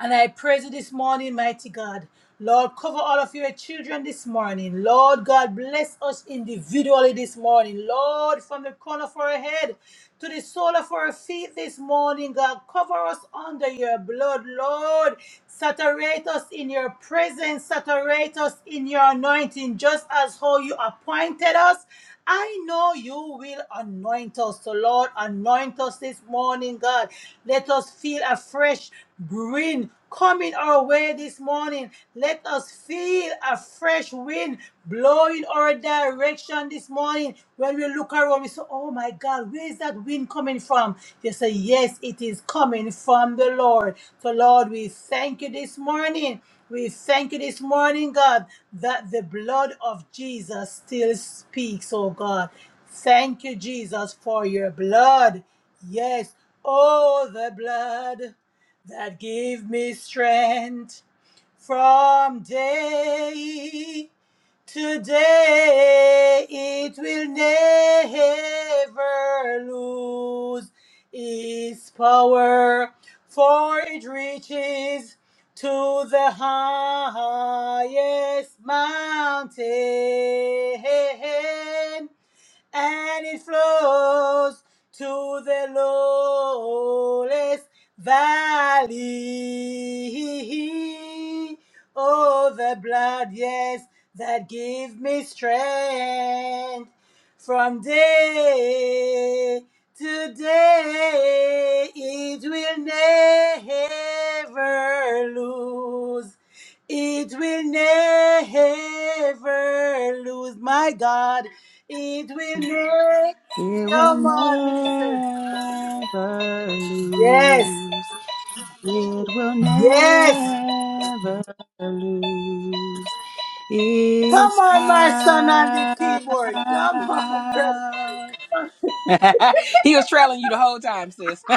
Speaker 5: And I praise you this morning, mighty God. Lord, cover all of your children this morning. Lord God, bless us individually this morning. Lord, from the corner of our head to the sole of our feet this morning, God, cover us under your blood. Lord, saturate us in your presence, saturate us in your anointing, just as how you appointed us I know you will anoint us. So, Lord, anoint us this morning, God. Let us feel a fresh wind coming our way this morning. Let us feel a fresh wind blowing our direction this morning. When we look around, we say, Oh my God, where is that wind coming from? They say, Yes, it is coming from the Lord. So, Lord, we thank you this morning. We thank you this morning, God, that the blood of Jesus still speaks, oh God. Thank you, Jesus, for your blood. Yes, oh, the blood that gave me strength. From day to day, it will never lose its power, for it reaches to the highest mountain and it flows to the lowest valley. Oh, the blood, yes, that gives me strength from day to day. It will never lose. It will never lose. My God it will make.
Speaker 1: It will
Speaker 5: Come on, minister.
Speaker 1: never
Speaker 5: Yes.
Speaker 1: lose. It will
Speaker 5: Yes.
Speaker 1: never lose
Speaker 5: Come
Speaker 1: its
Speaker 5: on, my son on the
Speaker 1: power.
Speaker 5: keyboard. Come on, brother.
Speaker 1: he was trailing you the whole time, sis.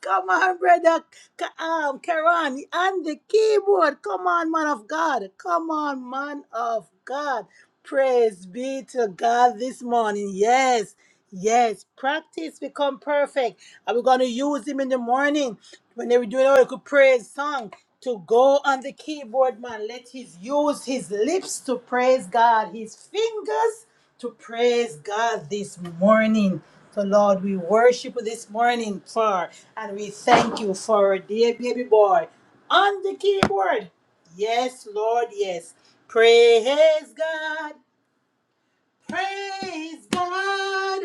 Speaker 5: Come on, brother. Ka- Um, Karan, on the keyboard. Come on, man of God. Come on, man of God. Praise be to God this morning. Yes, yes. Practice become perfect. And we're going to use him in the morning when they were doing our good praise song to go on the keyboard, man. Let his use his lips to praise God, his fingers to praise God this morning. So, Lord, we worship you this morning, Father, and we thank you for our dear baby boy on the keyboard. Yes, Lord, yes. Praise God, praise God,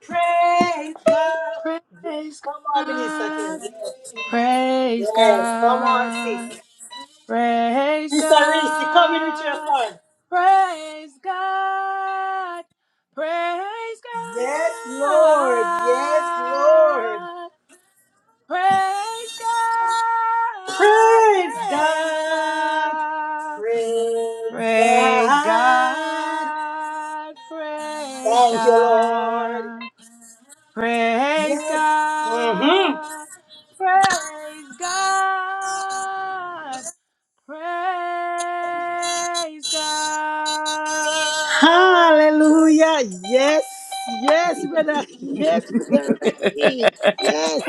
Speaker 5: praise God.
Speaker 1: praise
Speaker 5: Come on, Minister Kim.
Speaker 1: God,
Speaker 5: Yes,
Speaker 1: praise
Speaker 5: yes. come on,
Speaker 1: God,
Speaker 5: sis.
Speaker 1: praise
Speaker 5: Sister Reese, come in with your
Speaker 1: God,
Speaker 5: card.
Speaker 1: praise God, praise
Speaker 5: Yes, Lord, yes, Lord.
Speaker 1: God. Praise God,
Speaker 5: Praise
Speaker 1: praise
Speaker 5: God.
Speaker 1: God,
Speaker 5: Praise
Speaker 1: praise
Speaker 5: God.
Speaker 1: God, praise
Speaker 5: Thank you, Lord.
Speaker 1: God, praise
Speaker 5: Yes. Mm-hmm.
Speaker 1: God, praise God, praise
Speaker 5: Hallelujah. Yes.
Speaker 1: God.
Speaker 5: Yes, brother. Yes, brother. Rasheed. Yes.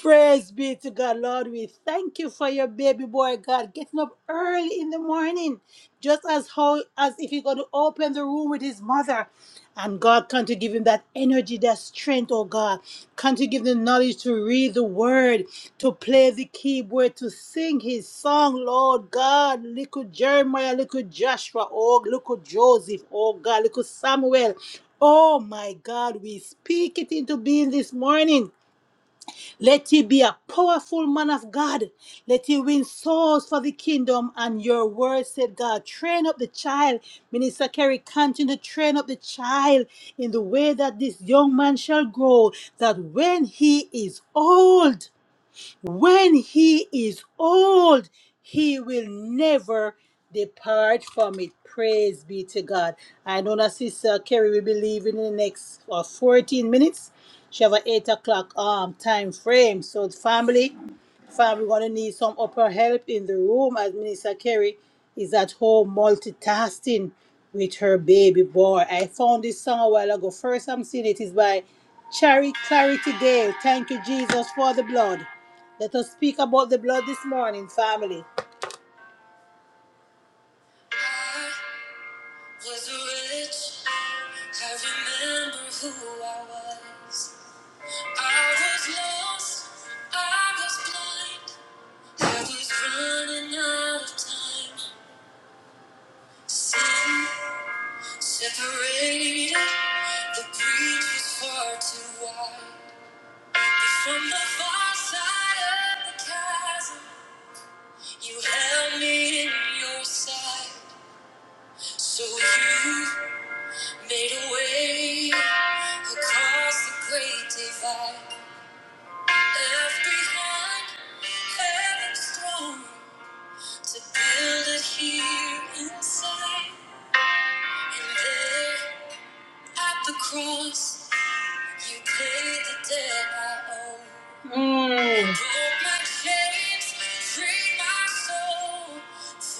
Speaker 5: Praise be to God, Lord. We thank you for your baby boy, God, getting up early in the morning, just as how as if he's going to open the room with his mother. And God, come to give him that energy, that strength, oh God. Come to give him the knowledge to read the word, to play the keyboard, to sing his song, Lord God. Little Jeremiah, little Joshua, oh, little Joseph, oh God, little Samuel. Oh my God, we speak it into being this morning. Let he be a powerful man of God. Let he win souls for the kingdom. And your word said, God, train up the child. Minister Kerry, continue to train up the child in the way that this young man shall grow, that when he is old, when he is old, he will never depart from it. Praise be to God. I know that Sister Kerry will be leaving in the next uh, 14 minutes. She have an 8 o'clock um, time frame. So, the family, family, we're going to need some upper help in the room as Minister Kerry is at home multitasking with her baby boy. I found this song a while ago. First I'm seeing it is by Charity Clarity Dale. Thank you, Jesus, for the blood. Let us speak about the blood this morning, family. I was rich. I remember who I was. I was lost. I was blind. I was running out of time. Sin separated. The breach was far too wide. But from the far side of the chasm, you held me in your sight. So you made a way across the great divide. Left behind heaven's throne to build it here inside. And there at the cross, you paid the debt I owe. Mm. Broke my chains, freed my soul.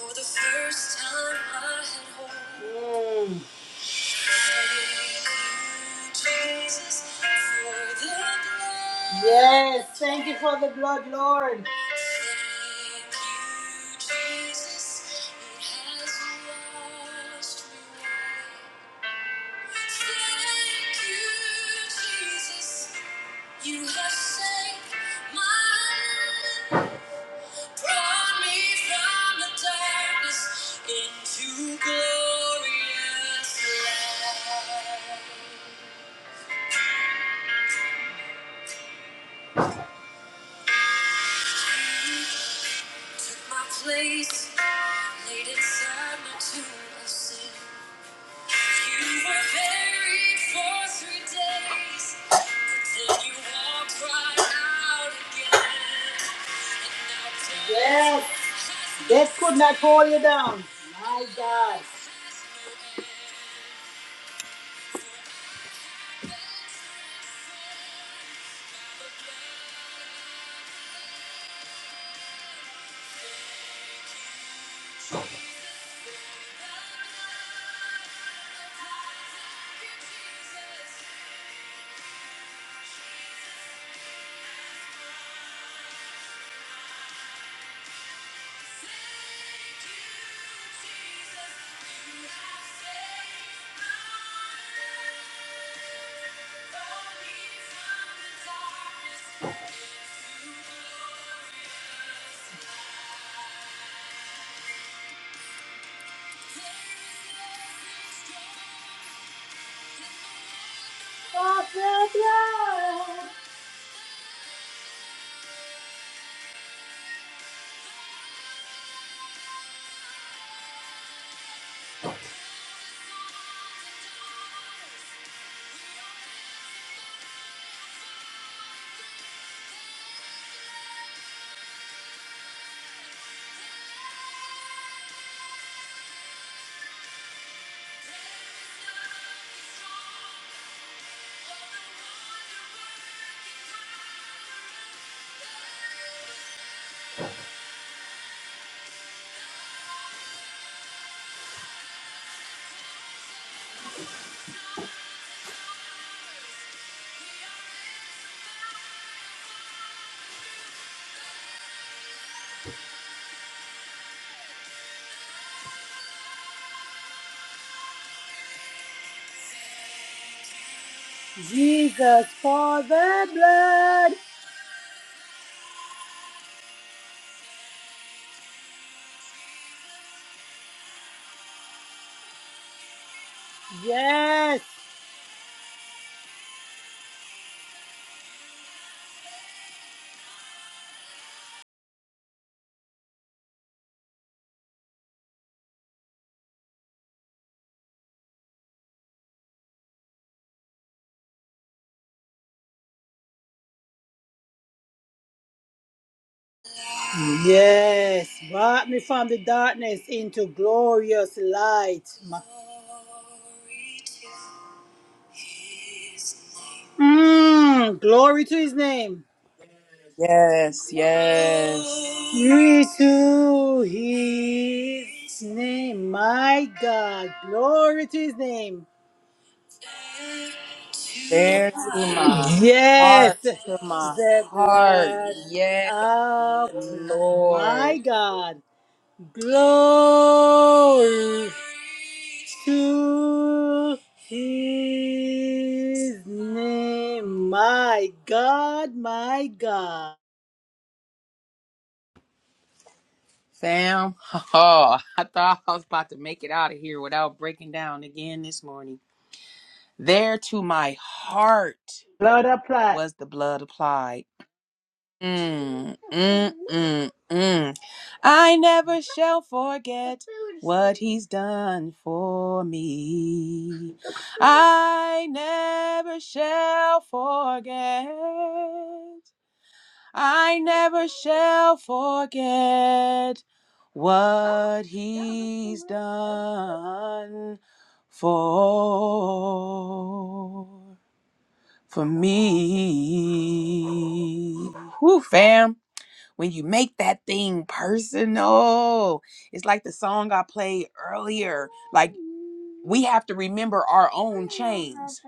Speaker 5: For the first time I had hope. Mm. Yes, thank you for the blood, Lord. Brought me from the darkness into glorious light. Took my place, laid inside my tomb of sin. You were buried for three days, but then you walked right out again. And now death Yes, death could not hold you down. My God. Thank you. of the blood. Jesus for the blood. Yes. Yes. Brought me from the darkness into glorious light. Ma- Mm, glory to his name.
Speaker 1: Yes, yes.
Speaker 5: Glory to his name. My God. Glory to his name.
Speaker 1: There to my
Speaker 5: Yes.
Speaker 1: heart, to my
Speaker 5: The
Speaker 1: heart.
Speaker 5: blood
Speaker 1: Yes,
Speaker 5: of my
Speaker 1: Lord.
Speaker 5: God. Glory to his name. My God, my God.
Speaker 1: Fam, oh, I thought I was about to make it out of here without breaking down again this morning. There to my heart
Speaker 5: Lord apply.
Speaker 1: was the blood applied. Mm, mm, mm, mm. I never shall forget what he's done for me. I never shall forget. I never shall forget what he's done for for me. Woo, fam when you make that thing personal. It's like the song I played earlier. Like we have to remember our own chains.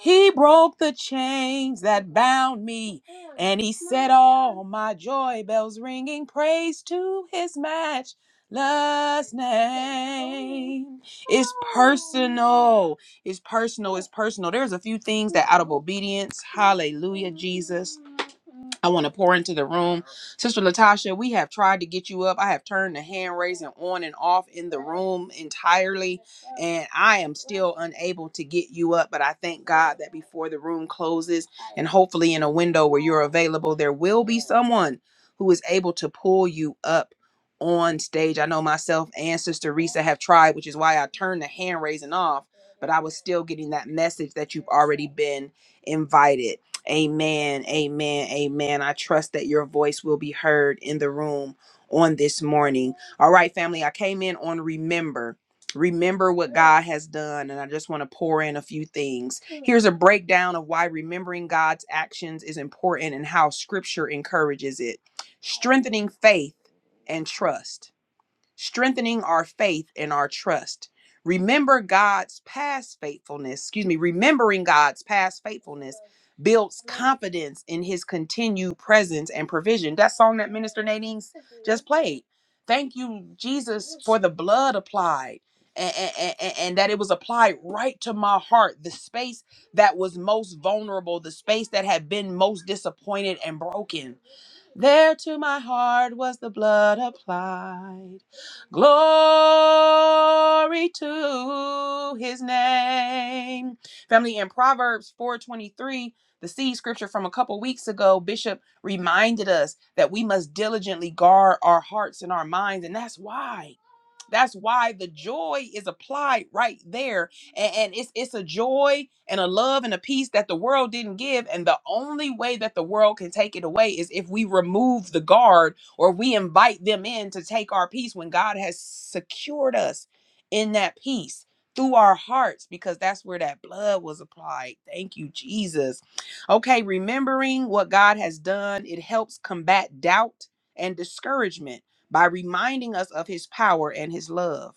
Speaker 1: He broke the chains that bound me, and he set all my joy bells ringing. Praise to his matchless name. It's personal. It's personal. It's personal. There's a few things that out of obedience, hallelujah, Jesus. I want to pour into the room. Sister Latasha, we have tried to get you up. I have turned the hand raising on and off in the room entirely and I am still unable to get you up. But I thank God that before the room closes, and hopefully in a window where you're available, there will be someone who is able to pull you up on stage. I know myself and Sister Risa have tried, which is why I turned the hand raising off, but I was still getting that message that you've already been invited. Amen, amen, amen. I trust that your voice will be heard in the room on this morning. All right, family, I came in on remember remember what God has done, and I just want to pour in a few things. Here's a breakdown of why remembering God's actions is important and how scripture encourages it. Strengthening faith and trust strengthening our faith and our trust. Remember God's past faithfulness, excuse me, remembering God's past faithfulness builds confidence in his continued presence and provision. That song that Minister Nadine's just played. Thank you, Jesus, for the blood applied and, and and and that it was applied right to my heart, the space that was most vulnerable, the space that had been most disappointed and broken. There to my heart was the blood applied. Glory to his name. Family in Proverbs 4:23, the seed scripture from a couple weeks ago, Bishop reminded us that we must diligently guard our hearts and our minds and that's why that's why the joy is applied right there and, and it's it's a joy and a love and a peace that the world didn't give and the only way that the world can take it away is if we remove the guard or we invite them in to take our peace when god has secured us in that peace through our hearts because that's where that blood was applied thank you jesus okay remembering what god has done it helps combat doubt and discouragement by reminding us of his power and his love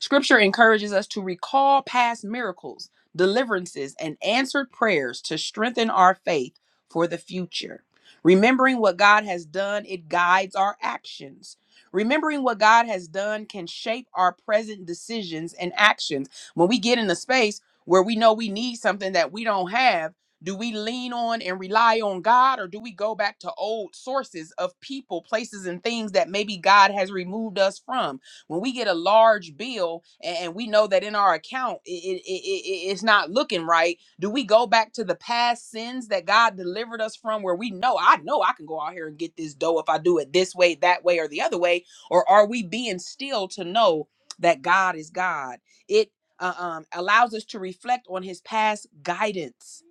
Speaker 1: Scripture encourages us to recall past miracles, deliverances, and answered prayers to strengthen our faith for the future. Remembering what God has done, it guides our actions. Remembering what God has done can shape our present decisions and actions. When we get in a space where we know we need something that we don't have, do we lean on and rely on God, or do we go back to old sources of people, places, and things that maybe God has removed us from? when we get a large bill and, and we know that in our account it, it, it, it- it's not looking right, do we go back to the past sins that God delivered us from where we know, I know I can go out here and get this dough if I do it this way, that way, or the other way? Or are we being still to know that God is God? It uh, um, allows us to reflect on his past guidance.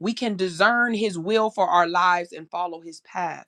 Speaker 1: We can discern his will for our lives and follow his path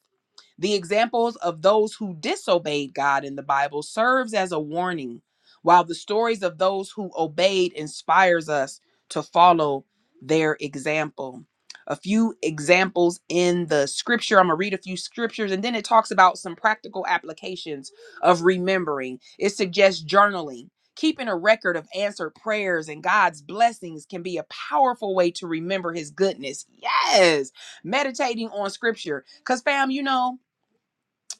Speaker 1: the examples of those who disobeyed God in the Bible serves as a warning, while the stories of those who obeyed inspires us to follow their example. A few examples in the scripture. I'm going to read a few scriptures and then it talks about some practical applications of remembering. It suggests journaling. Keeping a record of answered prayers and God's blessings can be a powerful way to remember his goodness. Yes, meditating on scripture. Because, fam, you know,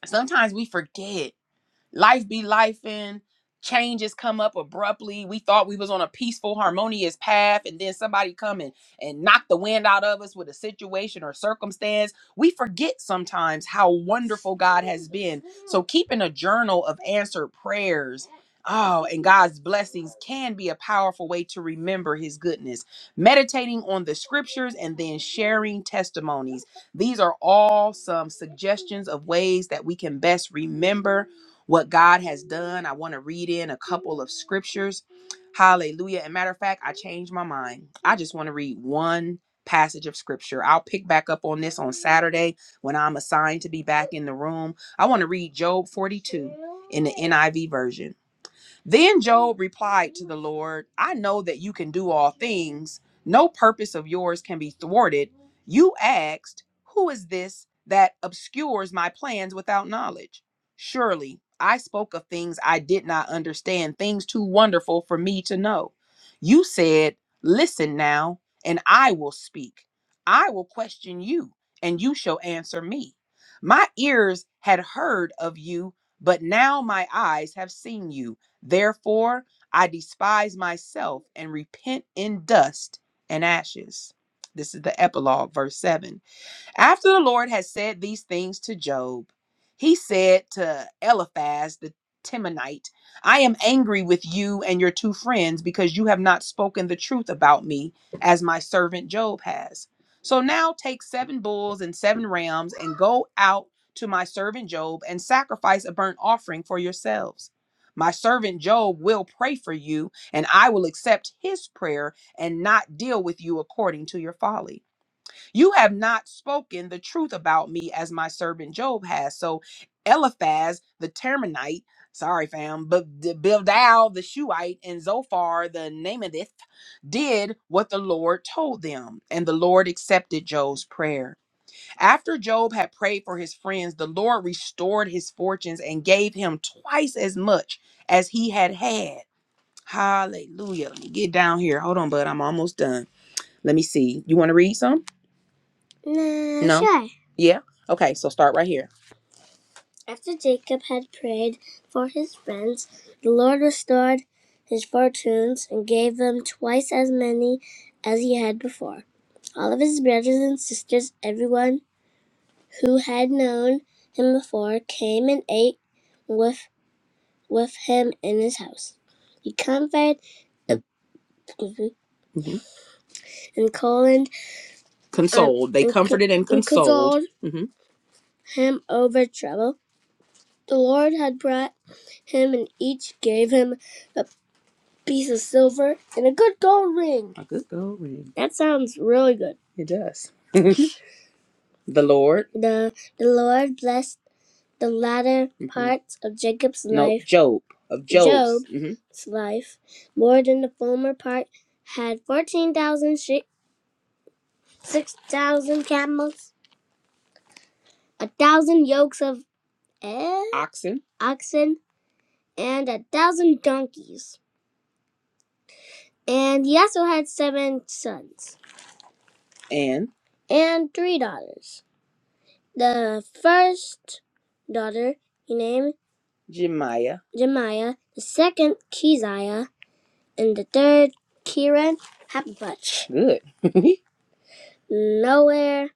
Speaker 1: sometimes we forget life be life and changes come up abruptly we thought we was on a peaceful harmonious path and then somebody come and, and knock the wind out of us with a situation or circumstance we forget sometimes how wonderful god has been so keeping a journal of answered prayers oh and god's blessings can be a powerful way to remember his goodness meditating on the scriptures and then sharing testimonies these are all some suggestions of ways that we can best remember what God has done. I want to read in a couple of scriptures. Hallelujah. And matter of fact, I changed my mind. I just want to read one passage of scripture. I'll pick back up on this on Saturday when I'm assigned to be back in the room. I want to read Job 42 in the NIV version. Then Job replied to the Lord, I know that you can do all things. No purpose of yours can be thwarted. You asked, Who is this that obscures my plans without knowledge? Surely I spoke of things I did not understand, things too wonderful for me to know. You said, Listen now, and I will speak. I will question you, and you shall answer me. My ears had heard of you, but now my eyes have seen you. Therefore, I despise myself and repent in dust and ashes. This is the epilogue, verse 7. After the Lord had said these things to Job, he said to Eliphaz the Temanite, I am angry with you and your two friends because you have not spoken the truth about me as my servant Job has. So now take seven bulls and seven rams and go out to my servant Job and sacrifice a burnt offering for yourselves. My servant Job will pray for you, and I will accept his prayer and not deal with you according to your folly. You have not spoken the truth about me as my servant Job has. So Eliphaz the Temanite, sorry fam, but D- Bildad the Shuhite and Zophar the Namathith did what the Lord told them, and the Lord accepted Job's prayer. After Job had prayed for his friends, the Lord restored his fortunes and gave him twice as much as he had had. Hallelujah. Let me get down here. Hold on, bud. I'm almost done. Let me see. You want to read some? Nah, No? sure. Yeah? Okay, so start right here. After Jacob had prayed for his friends, the Lord restored his fortunes and gave them twice as many as he had before. All of his brothers and sisters, everyone who had known him before, came and ate with with him in his house. He comforted hmm and coloned uh, Consoled. Um, They and, co- comforted and and consoled. and consoled hmm him over trouble The Lord had brought him, and each gave him a piece of silver and a good gold ring. A good gold ring. That sounds really good. It does. the Lord. The, the Lord blessed the latter hmm parts of Jacob's No, life, Job. Of Job's. Job's hmm life, more than the former part, had 14,000 sheep, 6,000 camels, a thousand yokes of eh? Oxen. oxen, and a thousand donkeys. And he also had seven sons And and three daughters. The first daughter he named Jemiah, Jemiah, the second Keziah, and the third Kiran Hapapach. good. Nowhere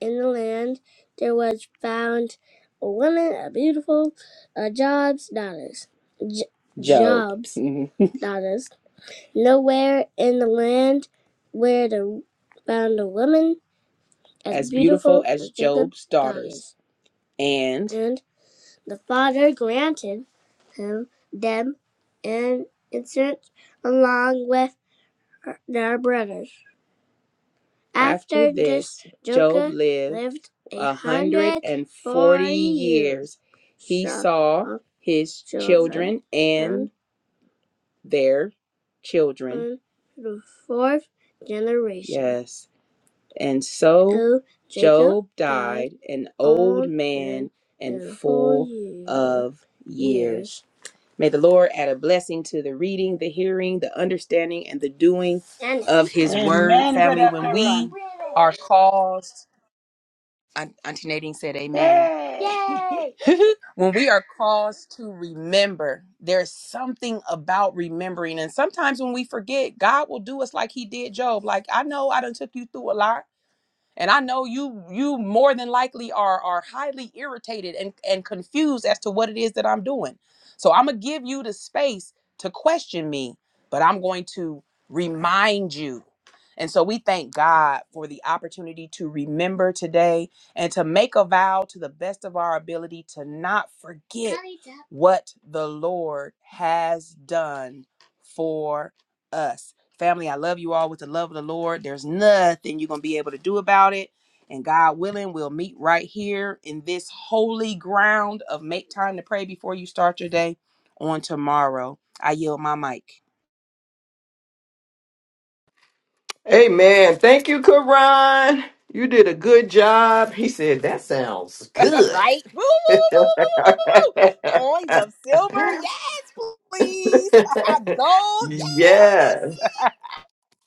Speaker 1: in the land there was found a woman, a beautiful uh, Job's daughters. J- Job. Job's daughters. Nowhere in the land where the found a woman as, as beautiful beautiful as Job's daughters. daughters. And And the father granted him them an inheritance along with her- their brothers. after After this, this Job lived lived a hundred and forty years. He So- saw his children and their children. the fourth generation. Yes. And so So Job died an old man and full of years. May the Lord add a blessing to the reading, the hearing, the understanding, and the doing of his word,
Speaker 5: Amen,
Speaker 1: family.
Speaker 5: Brother
Speaker 1: When we
Speaker 5: Karan.
Speaker 1: are caused, Aunt- Auntie Nadine said, Amen.
Speaker 5: Hey!
Speaker 1: Yay! when we are caused to remember, there's something about remembering. And sometimes when we forget, God will do us like He did Job. Like, I know I done took you through a lot and i know you you more than likely are are highly irritated and and confused as to what it is that i'm doing so i'm gonna give you the space to question me but i'm going to remind you and so we thank God for the opportunity to remember today and to make a vow to the best of our ability to not forget what the Lord has done for us. Family, I love you all with the love of the Lord. There's nothing you're going to be able to do about it. And God willing, we'll meet right here in this holy ground of make time to pray before you start your day on tomorrow. I yield my mic.
Speaker 6: Amen. Thank you, Karan. You did a good job. He said, That sounds good.
Speaker 1: right? Woo, woo, woo, woo, woo, woo, woo, woo, Coins of silver, yes, please. Gold, yes.
Speaker 6: yes.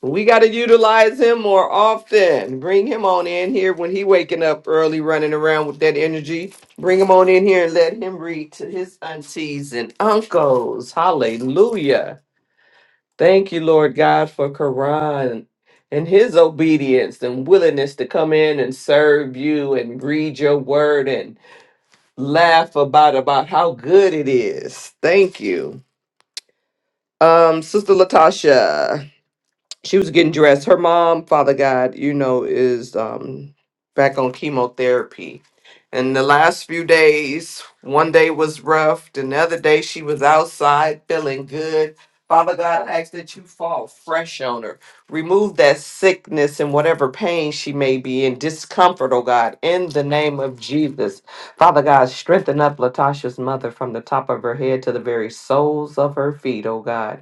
Speaker 6: We got to utilize him more often. Bring him on in here when he waking up early, running around with that energy. Bring him on in here and let him read to his aunties and uncles. Hallelujah. Thank you, Lord God, for Quran and his obedience and willingness to come in and serve you and read your word and laugh about about how good it is. Thank you. Um, Sister Latasha she was getting dressed. Her mom, Father God, you know, is um back on chemotherapy. And the last few days, one day was rough. Then the other day she was outside feeling good. Father God, I ask that you fall fresh on her. Remove that sickness and whatever pain she may be in, discomfort, oh God, in the name of Jesus. Father God, strengthen up Latasha's mother from the top of her head to the very soles of her feet, oh God.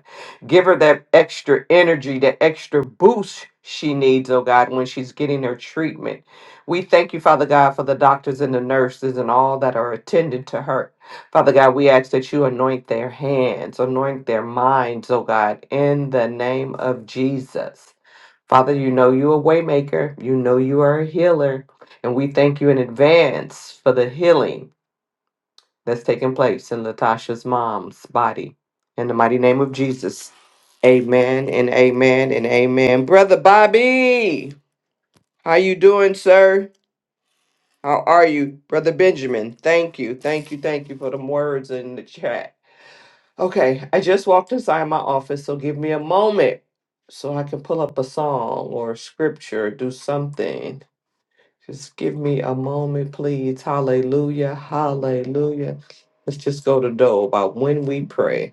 Speaker 6: Give her that extra energy, that extra boost she needs, oh God, when she's getting her treatment. We thank you, Father God, for the doctors and the nurses and all that are attendant to her. Father God, we ask that you anoint their hands, anoint their minds, oh God, in the name of Jesus. Father, you know you're a waymaker. You know you are a healer. And we thank you in advance for the healing that's taking place in Latasha's mom's body. In the mighty name of Jesus. Amen and amen and amen. Brother Bobby, how you doing, sir? How are you? Brother Benjamin, thank you. Thank you. Thank you for the words in the chat. Okay, I just walked inside my office, so give me a moment so I can pull up a song or a scripture, do something just give me a moment, please. Hallelujah. Hallelujah. Let's just go to Doe about when we pray.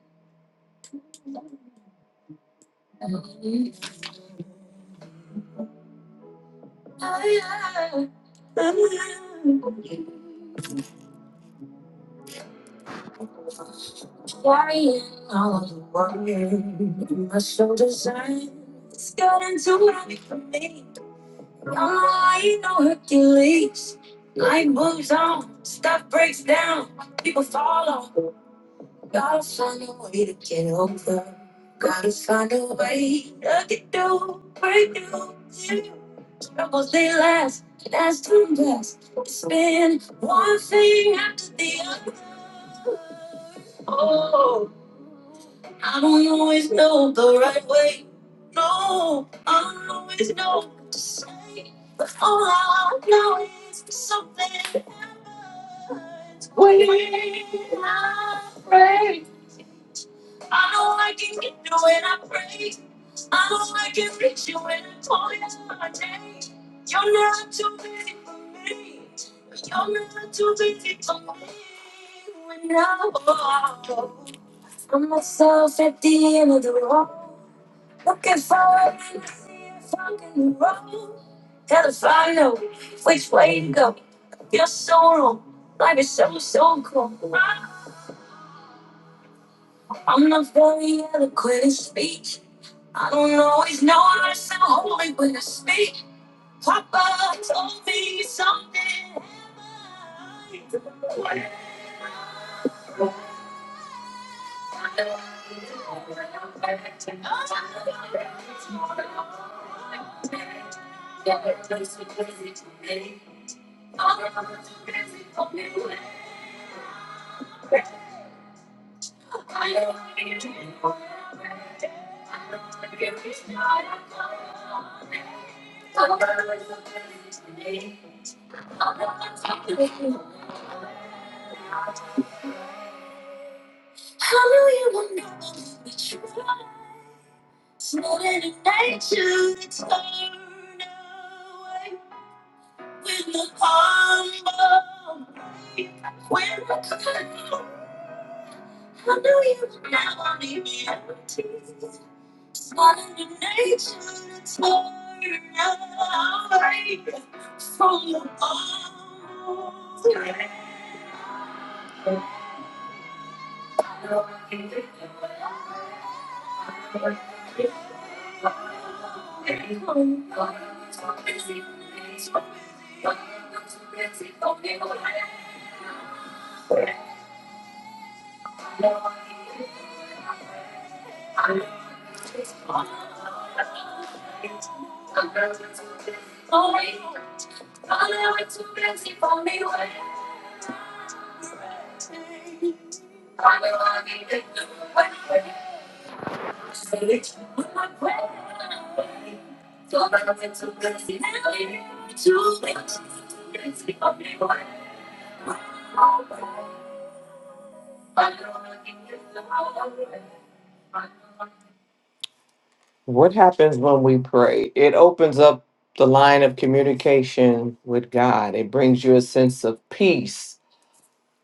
Speaker 6: What happens when we pray? It opens up the line of communication with God, it brings you a sense of peace,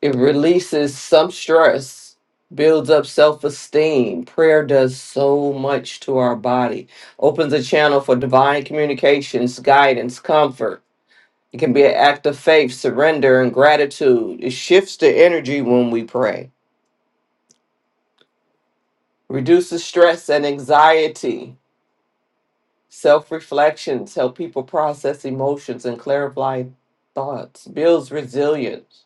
Speaker 6: it releases some stress. Builds up self esteem. Prayer does so much to our body. Opens a channel for divine communications, guidance, comfort It can be an act of faith, surrender, and gratitude. It shifts the energy when we pray, reduces stress and anxiety. Self reflections help people process emotions and clarify thoughts, builds resilience.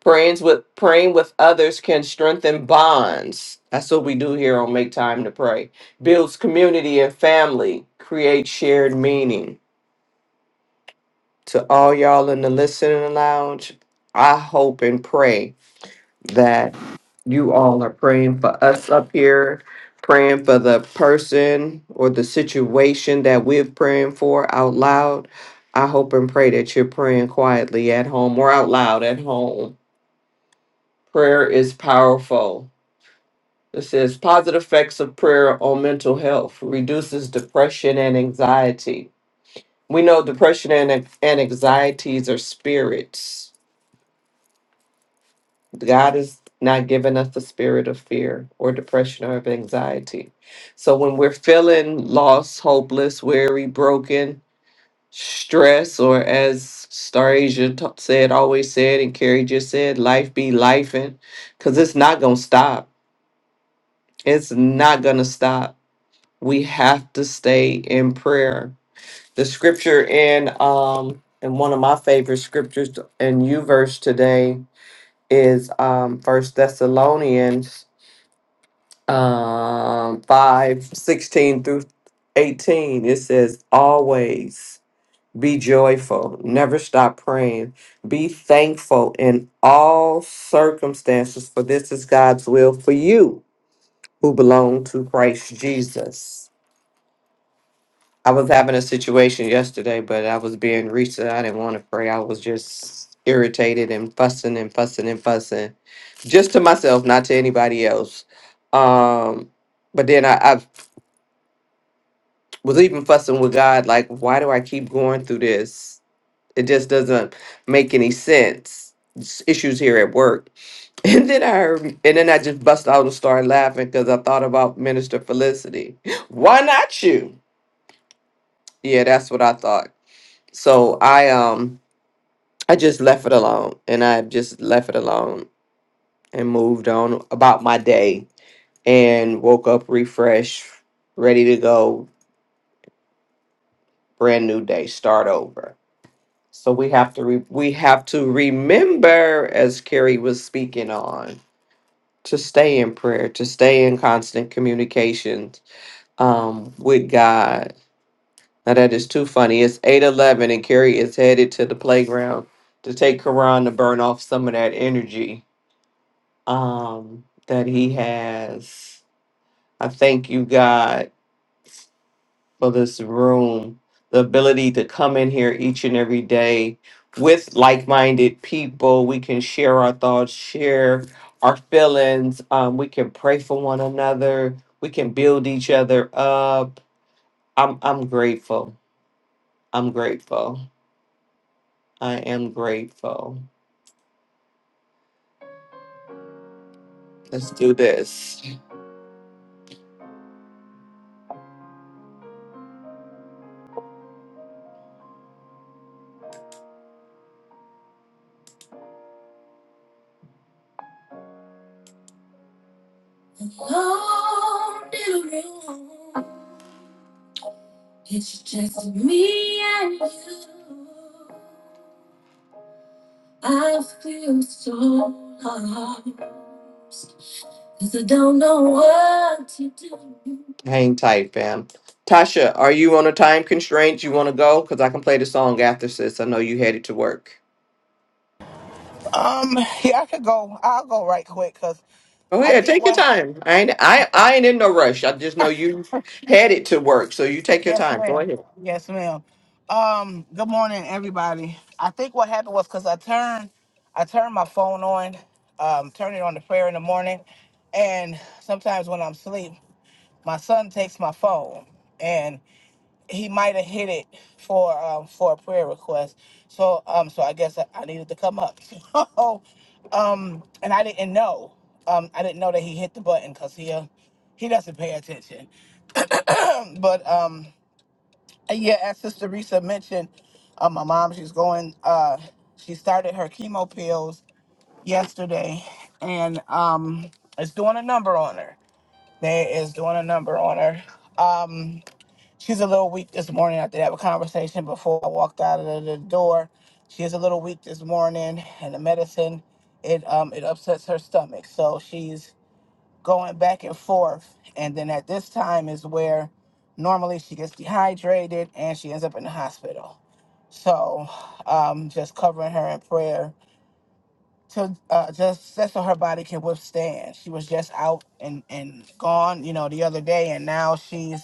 Speaker 6: Praying with, praying with others can strengthen bonds. That's what we do here on Make Time to Pray. Builds community and family, creates shared meaning. To all y'all in the listening lounge, I hope and pray that you all are praying for us up here, praying for the person or the situation that we're praying for out loud. I hope and pray that you're praying quietly at home or out loud at home. Prayer is powerful. It says positive effects of prayer on mental health reduces depression and anxiety. We know depression and, and anxieties are spirits God has not given us the spirit of fear or depression or of anxiety. So when we're feeling lost, hopeless, weary, broken, stressed, or as Star Asia t- said, always said, and Carrie just said, life be lifing, because it's not going to stop. It's not going to stop. We have to stay in prayer. The scripture in um in one of my favorite scriptures in you verse today is um First Thessalonians um, 5, 16 through 18, it says, Always be joyful, never stop praying, be thankful in all circumstances, for this is God's will for you who belong to Christ Jesus. I was having a situation yesterday, but I was being reached and I didn't want to pray. I was just irritated and fussing and fussing and fussing just to myself, not to anybody else. Um, but then I, I was even fussing with God, like, why do I keep going through this? It just doesn't make any sense. It's issues here at work. And then I heard, and then I just bust out and started laughing because I thought about Minister Felicity. Why not you? Yeah, that's what I thought. So I um I just left it alone and I just left it alone and moved on about my day and woke up refreshed, ready to go, brand new day, start over. So we have to re- we have to remember, as Carrie was speaking on, to stay in prayer, to stay in constant communication um, with God. Now that is too funny. It's eight eleven, and Carrie is headed to the playground to take Quran to burn off some of that energy um, that he has. I thank you, God. for this room, the ability to come in here each and every day with like minded people. We can share our thoughts, share our feelings. Um, we can pray for one another. We can build each other up. I'm, I'm grateful. I'm grateful. I am grateful. Let's do this. Hang tight, fam. Tasha, are you on a time constraint? You want to go? Because I can play the song after, sis. I know you headed to work.
Speaker 9: Um, yeah, I could go. I'll go right quick because
Speaker 6: Go
Speaker 9: I
Speaker 6: ahead,
Speaker 9: think
Speaker 6: take your
Speaker 9: what.
Speaker 6: time. I ain't I, I ain't in no rush. I just know you headed to work, so you take your
Speaker 9: Yes,
Speaker 6: time. Go
Speaker 9: ma'am.
Speaker 6: ahead.
Speaker 9: Yes, ma'am. Um, good morning, everybody. I think what happened was because I turned, I turned my phone on, um, turned it on the prayer in the morning, and sometimes when I'm asleep, my son takes my phone, and he might have hit it for um for a prayer request. So um so I guess I, I needed to come up. So um and I didn't know. Um I didn't know that he hit the button because he uh, he doesn't pay attention. Um, But um and yeah, as Sister Risa mentioned, uh, my mom she's going uh she started her chemo pills yesterday and um it's doing a number on her. They is doing a number on her. Um She's a little weak this morning after that conversation before I walked out of the the door. She is a little weak this morning, and the medicine it um it upsets her stomach, so she's going back and forth. And then at this time is where normally she gets dehydrated and she ends up in the hospital. So, um, just covering her in prayer to uh, just that's so her body can withstand. She was just out and and gone, you know, the other day, and now she's,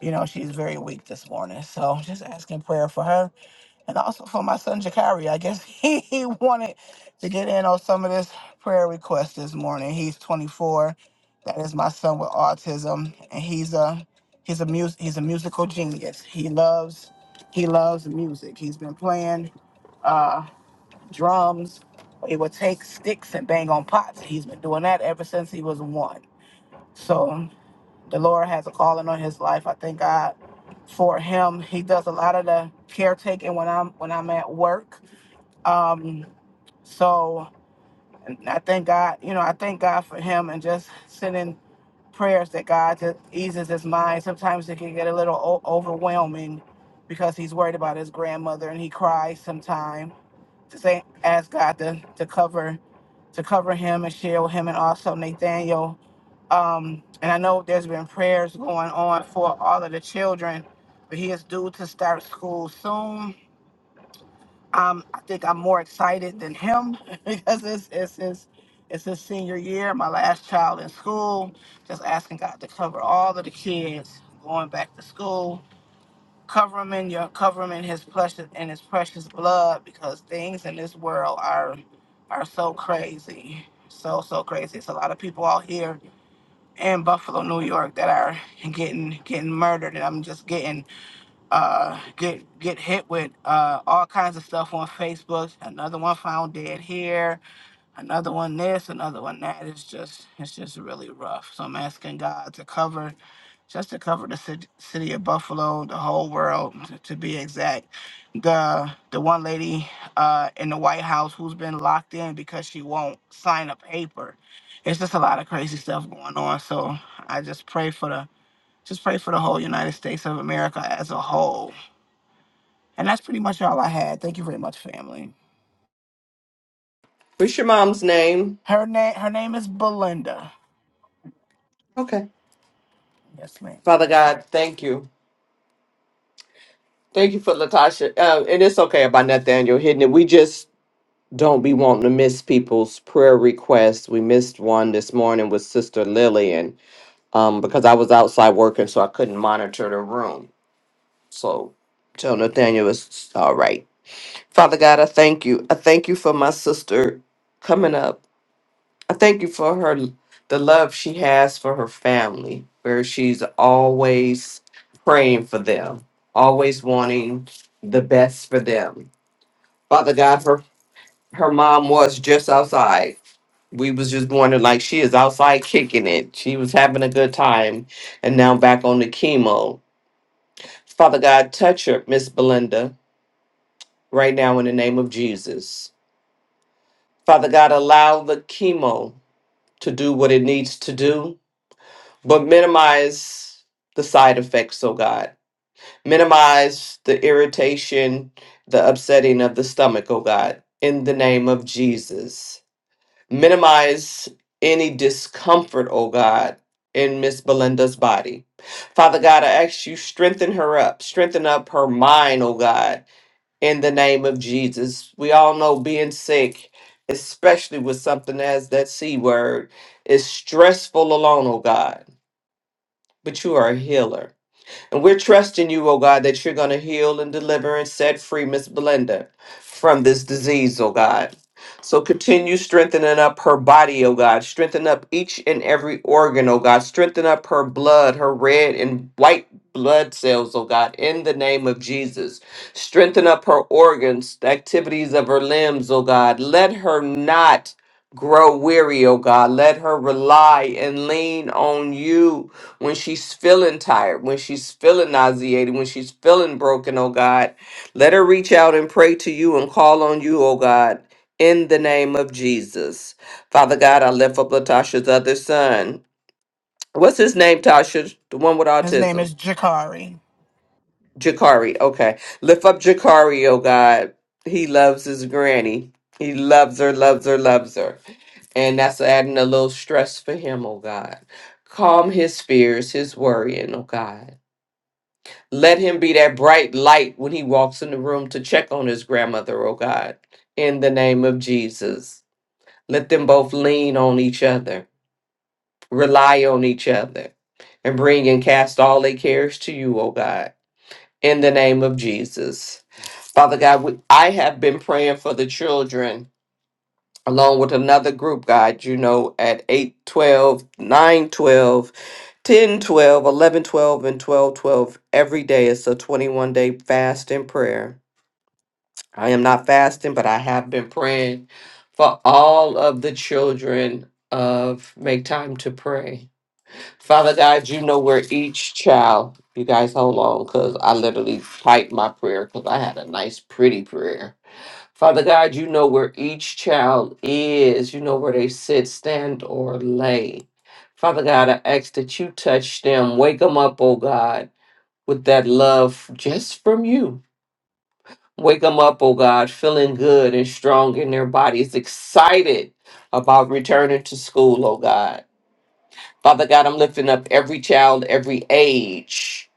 Speaker 9: you know, she's very weak this morning. So just asking prayer for her and also for my son Jakari. I guess he, he wanted to get in on some of this prayer request this morning. He's 24. That is my son with autism, and he's a he's a mus he's a musical genius. He loves he loves music. He's been playing. uh, drums. He would take sticks and bang on pots. He's been doing that ever since he was one. So the Lord has a calling on his life. I thank God for him. He does a lot of the caretaking when I'm when I'm at work. Um, so and I thank God, you know, I thank God for him and just sending prayers that God just eases his mind. Sometimes it can get a little o- overwhelming because he's worried about his grandmother and he cries sometimes to say ask God to, to cover to cover him and shield him and also Nathaniel. Um, and I know there's been prayers going on for all of the children, but he is due to start school soon. Um, I think I'm more excited than him because it's it's his it's his senior year, my last child in school. Just asking God to cover all of the kids going back to school Cover him in your cover him in his precious in his precious blood because things in this world are are so crazy. So so crazy. It's a lot of people out here in Buffalo, New York that are getting getting murdered and I'm just getting uh get get hit with uh all kinds of stuff on Facebook. Another one found dead here another one this, another one that. It's just it's just really rough. So I'm asking God to cover, just to cover the city, city of Buffalo, the whole world, to, to be exact. The the one lady uh, in the White House who's been locked in because she won't sign a paper. It's just a lot of crazy stuff going on. So I just pray for the just pray for the whole United States of America as a whole. And that's pretty much all I had. Thank you very much, family.
Speaker 6: What's your mom's name?
Speaker 9: Her name her name is Belinda.
Speaker 6: Okay.
Speaker 9: Yes, ma'am.
Speaker 6: Father God, thank you. Thank you for Latasha. Uh, and it's okay about Nathaniel hitting it. We just don't be wanting to miss people's prayer requests. We missed one this morning with Sister Lily and um because I was outside working so I couldn't monitor the room. So tell Nathaniel it's all right. Father God, I thank you. I thank you for my sister coming up I thank you for her the love she has for her family, where she's always praying for them, always wanting the best for them. Father God, her her mom was just outside. We was just wondering, like she is outside kicking it. She was having a good time, and now back on the chemo. Father God, touch her, Miss Belinda, right now in the name of Jesus. Father God, allow the chemo to do what it needs to do but minimize the side effects, oh God. Minimize the irritation, the upsetting of the stomach, oh God, in the name of Jesus. Minimize any discomfort, oh God, in Miss Belinda's body. Father God, I ask you strengthen her up, strengthen up her mind, oh God, in the name of Jesus. We all know being sick, especially with something as that C word, is stressful alone, oh God but you are a healer. And we're trusting you, oh God, that you're going to heal and deliver and set free Miss Belinda from this disease, oh God. So continue strengthening up her body, oh God. Strengthen up each and every organ, oh God. Strengthen up her blood, her red and white blood cells, oh God, in the name of Jesus. Strengthen up her organs, the activities of her limbs, oh God. Let her not grow weary, oh God. Let her rely and lean on you when she's feeling tired, when she's feeling nauseated, when she's feeling broken, oh God. Let her reach out and pray to you and call on you, oh God, in the name of Jesus. Father God, I lift up Latasha's other son. What's his name, Tasha? The one with
Speaker 9: His name
Speaker 6: autism.
Speaker 9: is Jakari.
Speaker 6: Jakari, okay. Lift up Jakari, oh God. He loves his granny. He loves her, loves her, loves her. And that's adding a little stress for him, oh God. Calm his fears, his worrying, oh God. Let him be that bright light when he walks in the room to check on his grandmother, oh God, in the name of Jesus. Let them both lean on each other, rely on each other, and bring and cast all their cares to you, oh God, in the name of Jesus. Father God, we, I have been praying for the children along with another group guide, you know, at 8, 12, 9, 12, 10, 12, 11, 12, and 12, 12, Every day it's a 21 day fast and prayer. I am not fasting, but I have been praying for all of the children of Make Time to Pray. Father God, you know where each child, you guys hold on because I literally typed my prayer because I had a nice, pretty prayer Father God, you know where each child is. You know where they sit, stand, or lay. Father God, I ask that you touch them. Wake them up, oh God, with that love just from you. Wake them up, oh God, feeling good and strong in their bodies, excited about returning to school, oh God. Father God, I'm lifting up every child, every age,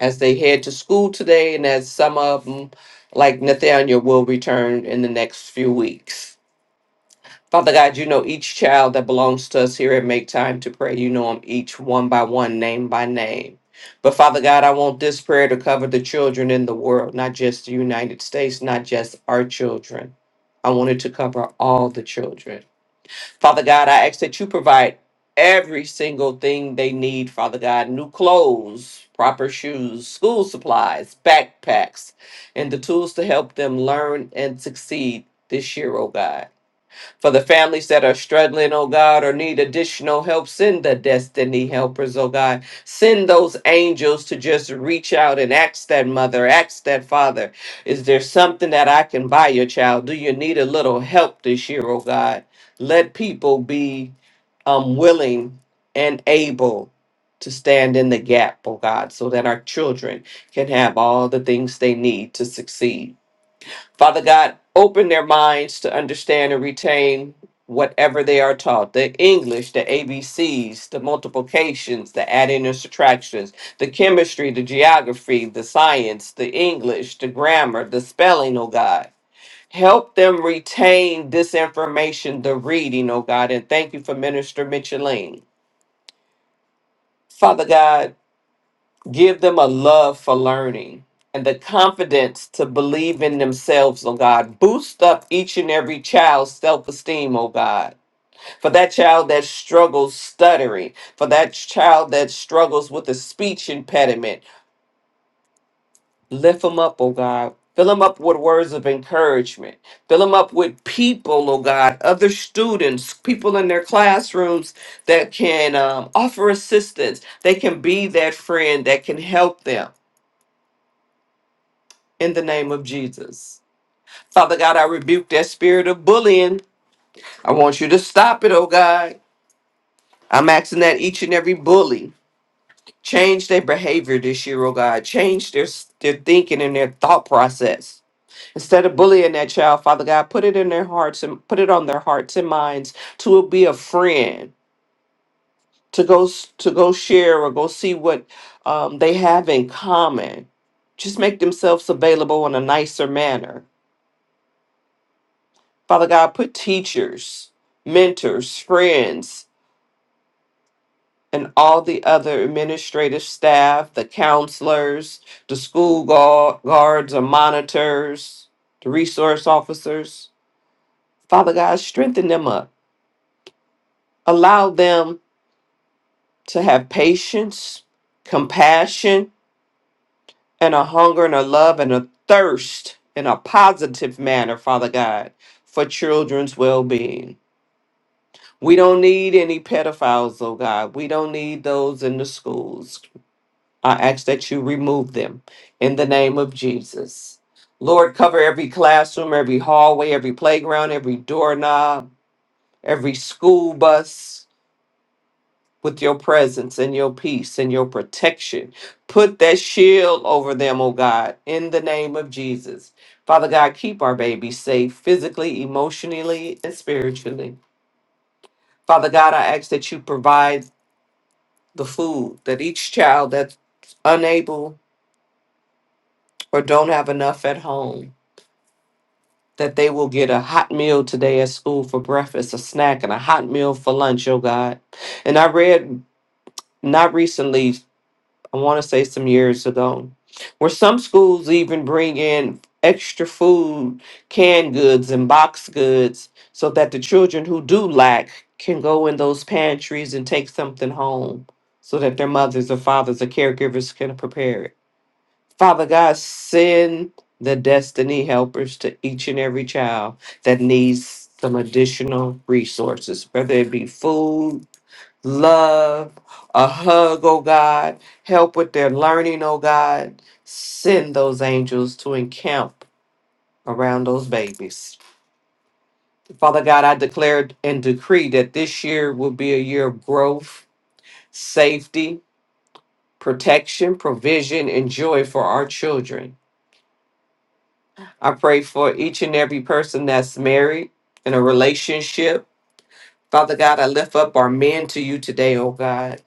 Speaker 6: as they head to school today, and as some of them, like Nathaniel, will return in the next few weeks. Father God, you know each child that belongs to us here at Make Time to Pray. You know them each one by one, name by name. But Father God, I want this prayer to cover the children in the world, not just the United States, not just our children. I want it to cover all the children. Father God, I ask that you provide every single thing they need, Father God new clothes, proper shoes, school supplies, backpacks, and the tools to help them learn and succeed this year, oh God. For the families that are struggling, oh God, or need additional help, send the destiny helpers, oh God. Send those angels to just reach out and ask that mother, ask that father, is there something that I can buy your child? Do you need a little help this year, oh God? Let people be um, willing and able to stand in the gap, oh God, so that our children can have all the things they need to succeed. Father God, open their minds to understand and retain whatever they are taught the English, the ABCs, the multiplications, the adding and subtractions, the chemistry, the geography, the science, the English, the grammar, the spelling, oh God. Help them retain this information, the reading, oh God, and thank you for Minister Micheline. Father God, Give them a love for learning and the confidence to believe in themselves, oh God. Boost up each and every child's self esteem, oh God. For that child that struggles stuttering, for that child that struggles with a speech impediment, lift them up, oh God. Fill them up with words of encouragement. Fill them up with people, oh God, other students, people in their classrooms that can um, offer assistance. They can be that friend that can help them in the name of Jesus. Father God, I rebuke that spirit of bullying. I want you to stop it, oh God. I'm asking that each and every bully change their behavior this year, oh God. Change their their thinking and their thought process. Instead of bullying that child, Father God, put it in their hearts and put it on their hearts and minds to be a friend, to go s- to go share or go see what um, they have in common. Just make themselves available in a nicer manner Father God, put teachers, mentors, friends, and all the other administrative staff, the counselors, the school gu- guards or monitors, the resource officers. Father God, strengthen them up. Allow them to have patience, compassion, and a hunger and a love and a thirst in a positive manner, Father God, for children's well being. We don't need any pedophiles, oh God. We don't need those in the schools. I ask that you remove them in the name of Jesus. Lord, cover every classroom, every hallway, every playground, every doorknob, every school bus with your presence and your peace and your protection. Put that shield over them, oh God, in the name of Jesus. Father God, keep our babies safe physically, emotionally, and spiritually. Father God, I ask that you provide. the food that each child that's unable or don't have enough at home that they will get a hot meal today at school for breakfast a snack and a hot meal for lunch oh god and i read not recently i want to say some years ago where some schools even bring in extra food canned goods and box goods so that the children who do lack can go in those pantries and take something home so that their mothers or fathers or caregivers can prepare it Father God, send the destiny helpers to each and every child that needs some additional resources, whether it be food, love, a hug, oh God, help with their learning, oh God. Send those angels to encamp around those babies. Father God, I declare and decree that this year will be a year of growth, safety, protection, provision, and joy for our children. I pray for each and every person that's married in a relationship. Father God, I lift up our men to you today, oh God.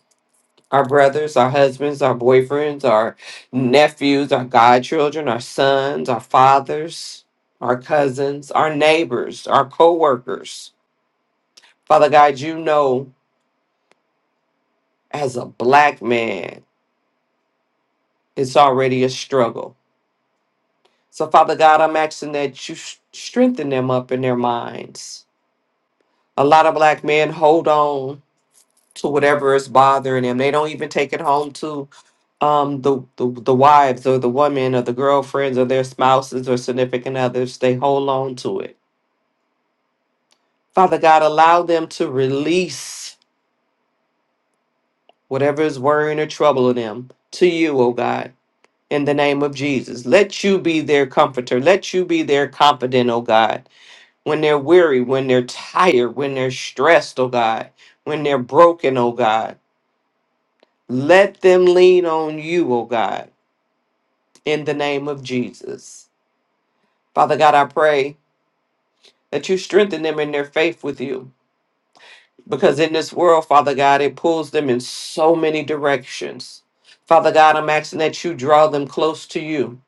Speaker 6: Our brothers, our husbands, our boyfriends, our nephews, our godchildren, our sons, our fathers, our cousins, our neighbors, our co workers. Father God, you know, as a black man, it's already a struggle. So, Father God, I'm asking that you s- strengthen them up in their minds. A lot of black men hold on to whatever is bothering them. They don't even take it home to um the, the the wives or the women or the girlfriends or their spouses or significant others. They hold on to it. Father God, allow them to release whatever is worrying or troubling them to you, oh God, in the name of Jesus. Let you be their comforter. Let you be their confidant, oh God. When they're weary, when they're tired, when they're stressed, oh God, when they're broken, oh God. Let them lean on you, oh God in the name of Jesus. Father God, I pray that you strengthen them in their faith with you because in this world, Father God, it pulls them in so many directions. Father God, I'm asking that you draw them close to you.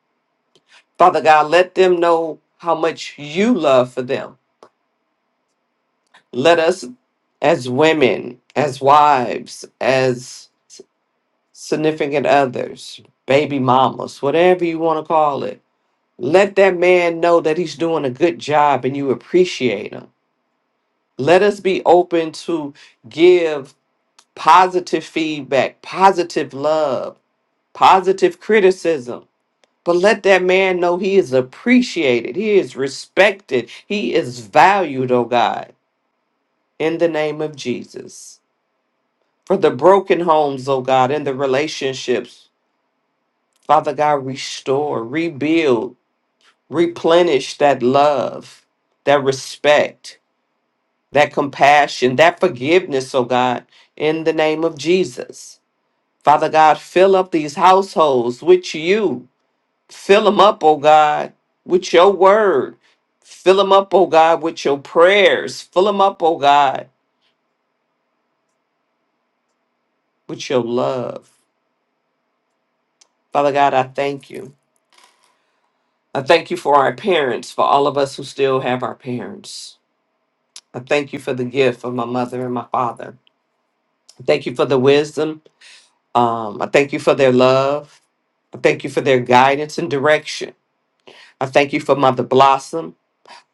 Speaker 6: Father God, let them know how much you love for them. Let us, as women, as wives, as significant others, baby mamas, whatever you want to call it, let that man know that he's doing a good job and you appreciate him Let us be open to give positive feedback, positive love, positive criticism. But let that man know he is appreciated, he is respected, he is valued, oh God, in the name of Jesus. For the broken homes, oh God, and the relationships, Father God, restore, rebuild, replenish that love, that respect. that compassion, that forgiveness, oh God, in the name of Jesus. Father God, fill up these households with you. Fill them up, oh God, with your word. Fill them up, oh God, with your prayers. Fill them up, oh God, with your love. Father God, I thank you. I thank you for our parents, for all of us who still have our parents. I thank you for the gift of my mother and my father. I thank you for the wisdom Um, I thank you for their love. I thank you for their guidance and direction. I thank you for Mother Blossom,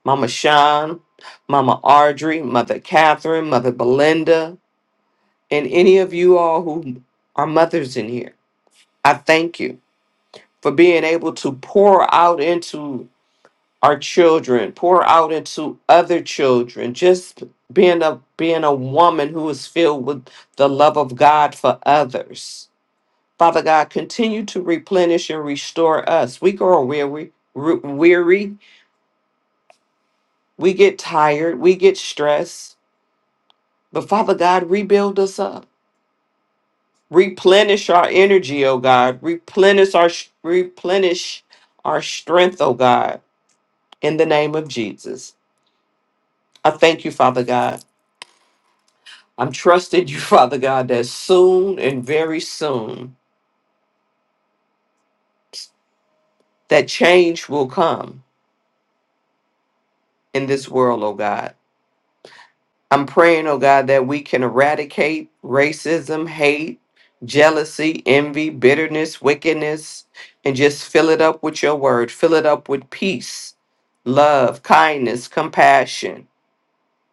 Speaker 6: Mama Sean, Mama Audrey, Mother Catherine, Mother Belinda, and any of you all who are mothers in here. I thank you for being able to pour out into our children, pour out into other children, just being a being a woman who is filled with the love of God for others. Father God, continue to replenish and restore us. We grow weary, ru- weary. We get tired. We get stressed. But Father God, rebuild us up. Replenish our energy, oh God. Replenish our replenish our strength, oh God. In the name of Jesus, I thank you, Father God. I'm trusting you, Father God, that soon and very soon that change will come in this world, oh God. I'm praying, oh God, that we can eradicate racism, hate, jealousy, envy, bitterness, wickedness, and just fill it up with your word. Fill it up with peace, love, kindness, compassion,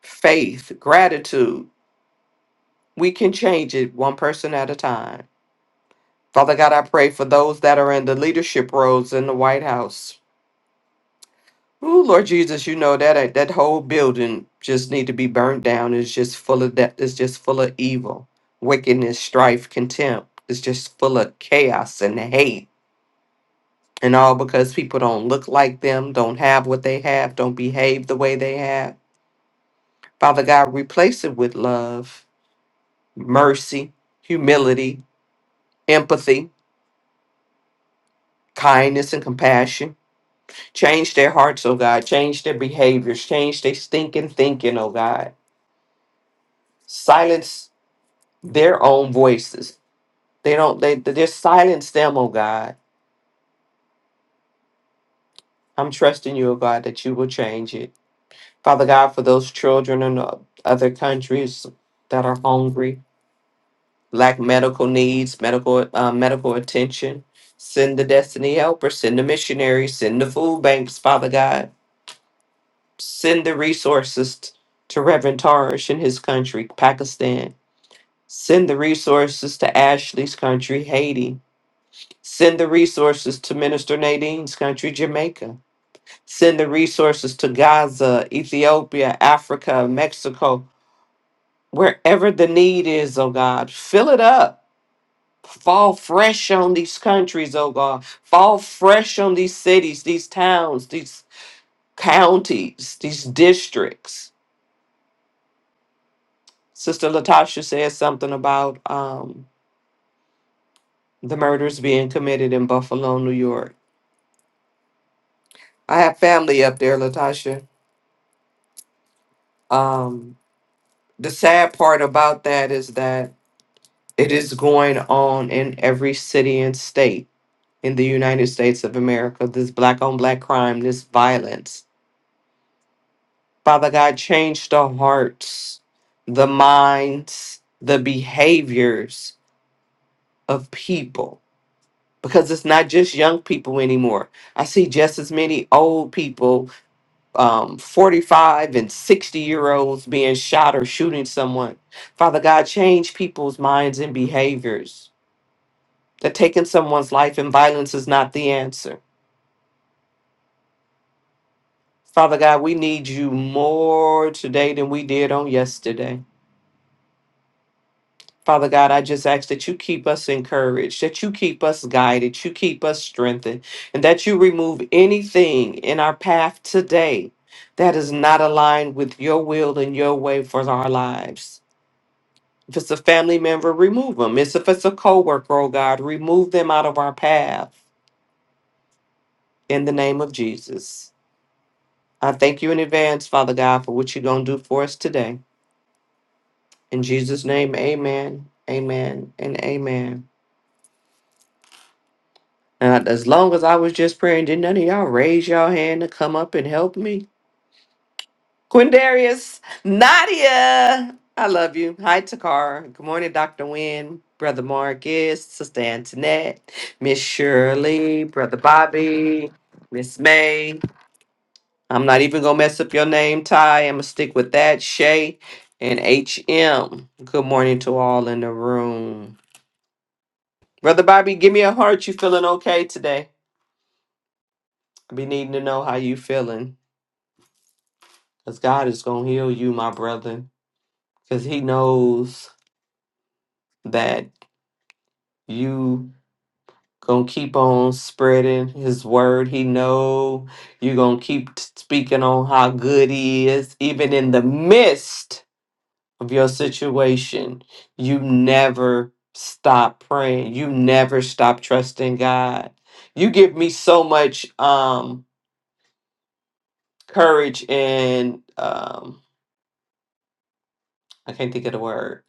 Speaker 6: faith, gratitude. We can change it one person at a time. Father God, I pray for those that are in the leadership roles in the White House. Ooh, Lord Jesus, you know that uh, that whole building just need to be burnt down. It's just full of that. It's just full of evil, wickedness, strife, contempt. It's just full of chaos and hate, and all because people don't look like them, don't have what they have, don't behave the way they have. Father God, replace it with love, mercy, humility, empathy, kindness, and compassion. Change their hearts, oh God. Change their behaviors. Change their stinking thinking, oh God. Silence. their own voices. They don't they they just silence them, oh God. I'm trusting you, oh God, that you will change it. Father God, for those children in o- other countries that are hungry, lack medical needs, medical uh, medical attention, send the destiny helper, send the missionaries, send the food banks, Father God, send the resources t- to Reverend Tarish in his country, Pakistan. Send the resources to Ashley's country, Haiti Send the resources to Minister Nadine's country, Jamaica. Send the resources to Gaza, Ethiopia, Africa, Mexico, wherever the need is, oh God. Fill it up. Fall fresh on these countries, oh God. Fall fresh on these cities, these towns, these counties, these districts. Sister Latasha said something about um, the murders being committed in Buffalo, New York. I have family up there, Latasha. Um, the sad part about that is that it is going on in every city and state in the United States of America. This black on black crime, this violence. Father God, change the hearts, the minds, the behaviors of people because it's not just young people anymore. I see just as many old people, um, 45 and 60 year olds, being shot or shooting someone. Father God, change people's minds and behaviors that taking someone's life and violence is not the answer. Father God, we need you more today than we did on yesterday. Father God, I just ask that you keep us encouraged, that you keep us guided, you keep us strengthened, and that you remove anything in our path today that is not aligned with your will and your way for our lives. If it's a family member, remove them. If it's a coworker, oh God, remove them out of our path in the name of Jesus. I thank you in advance, Father God, for what you're going to do for us today. In Jesus' name, amen, amen, and amen. And as long as I was just praying, did none of y'all raise y'all hand to come up and help me? Quindarius, Nadia, I love you. Hi, Takara. Good morning, Dr. Wynne, Brother Marcus, Sister Antoinette, Miss Shirley, Brother Bobby, Miss May, I'm not even gonna mess up your name, Ty. I'm gonna stick with that. Shay and HM. Good morning to all in the room. Brother Bobby, give me a heart. You feeling okay today? I be needing to know how you feeling. Cause God is gonna heal you, my brother. Cause he knows that you gonna keep on spreading his word. He know you gonna keep t- speaking on how good he is, even in the midst of your situation, you never stop praying. You never stop trusting God. You give me so much um courage and um I can't think of the word,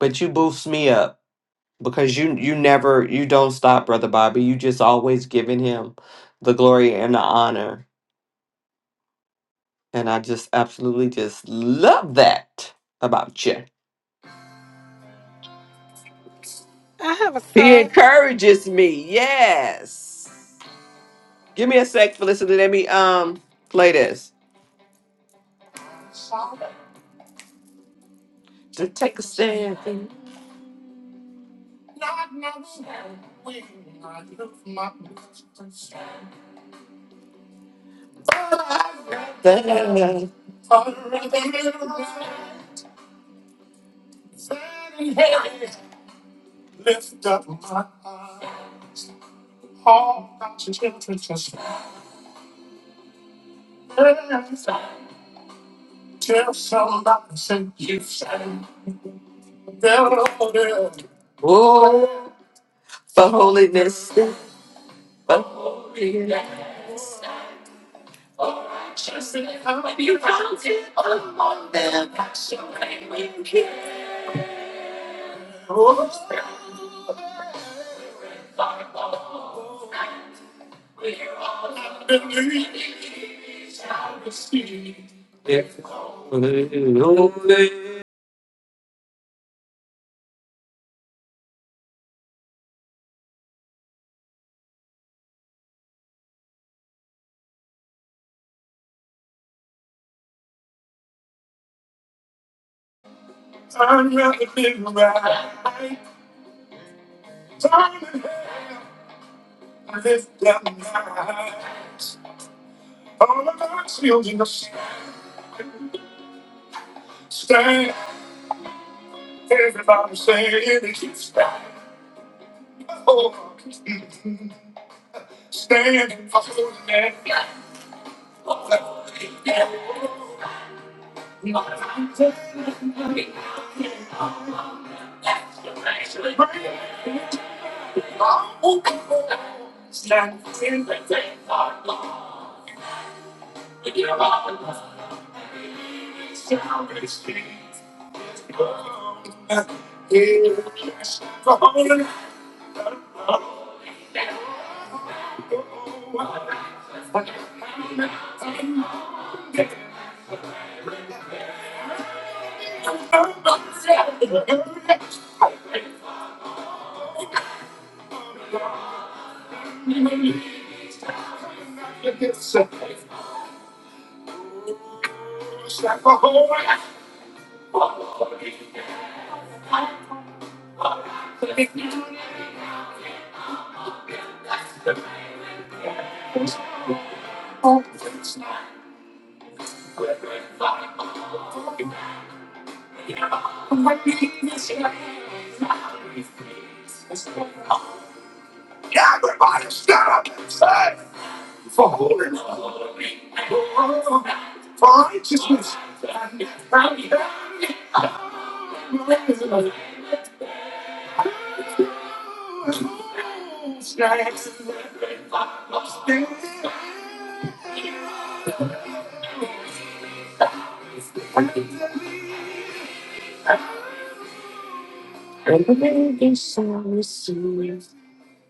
Speaker 6: but you boost me up because you you never you don't stop, brother Bobby. You just always giving him the glory and the honor. And I just absolutely just love that about you.
Speaker 7: I have a
Speaker 6: He
Speaker 7: song.
Speaker 6: encourages me. Yes. Give me a sec, Felicity. Let me um play this. To take a stand. Oh, for holiness. For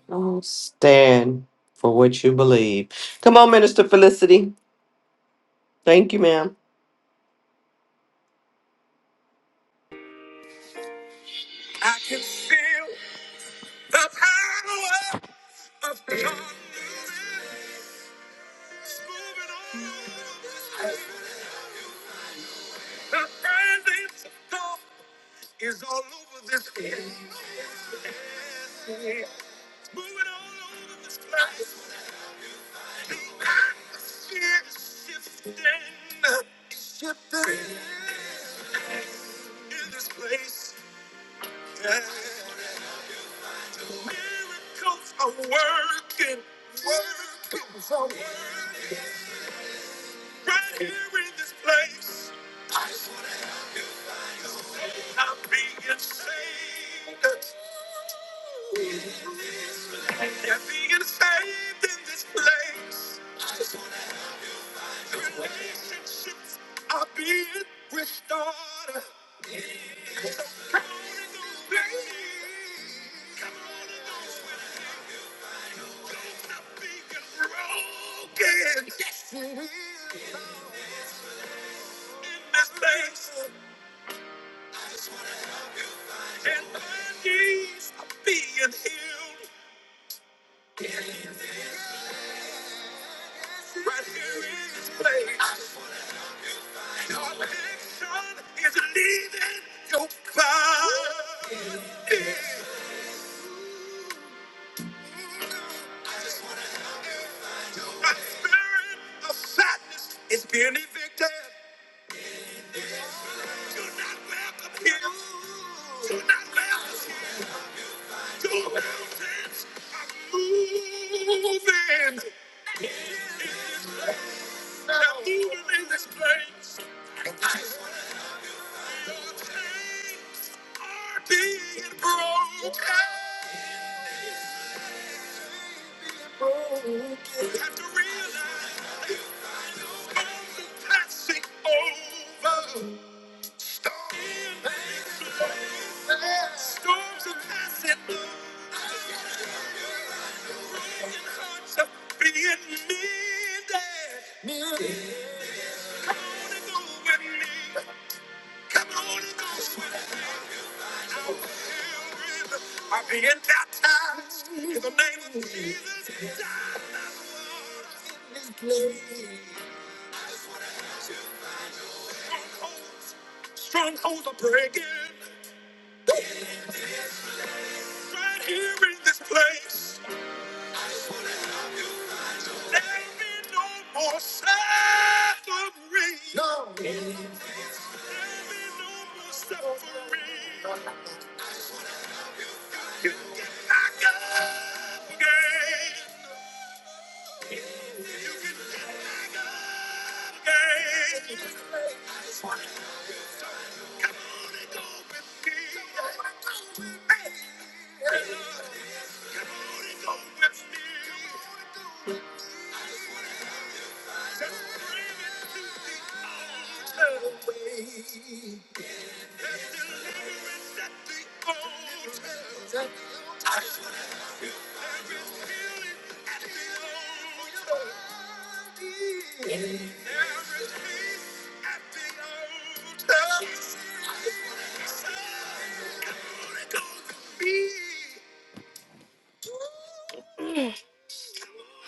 Speaker 6: Don't stand for what you believe. Come on, Minister Felicity. Thank you, ma'am.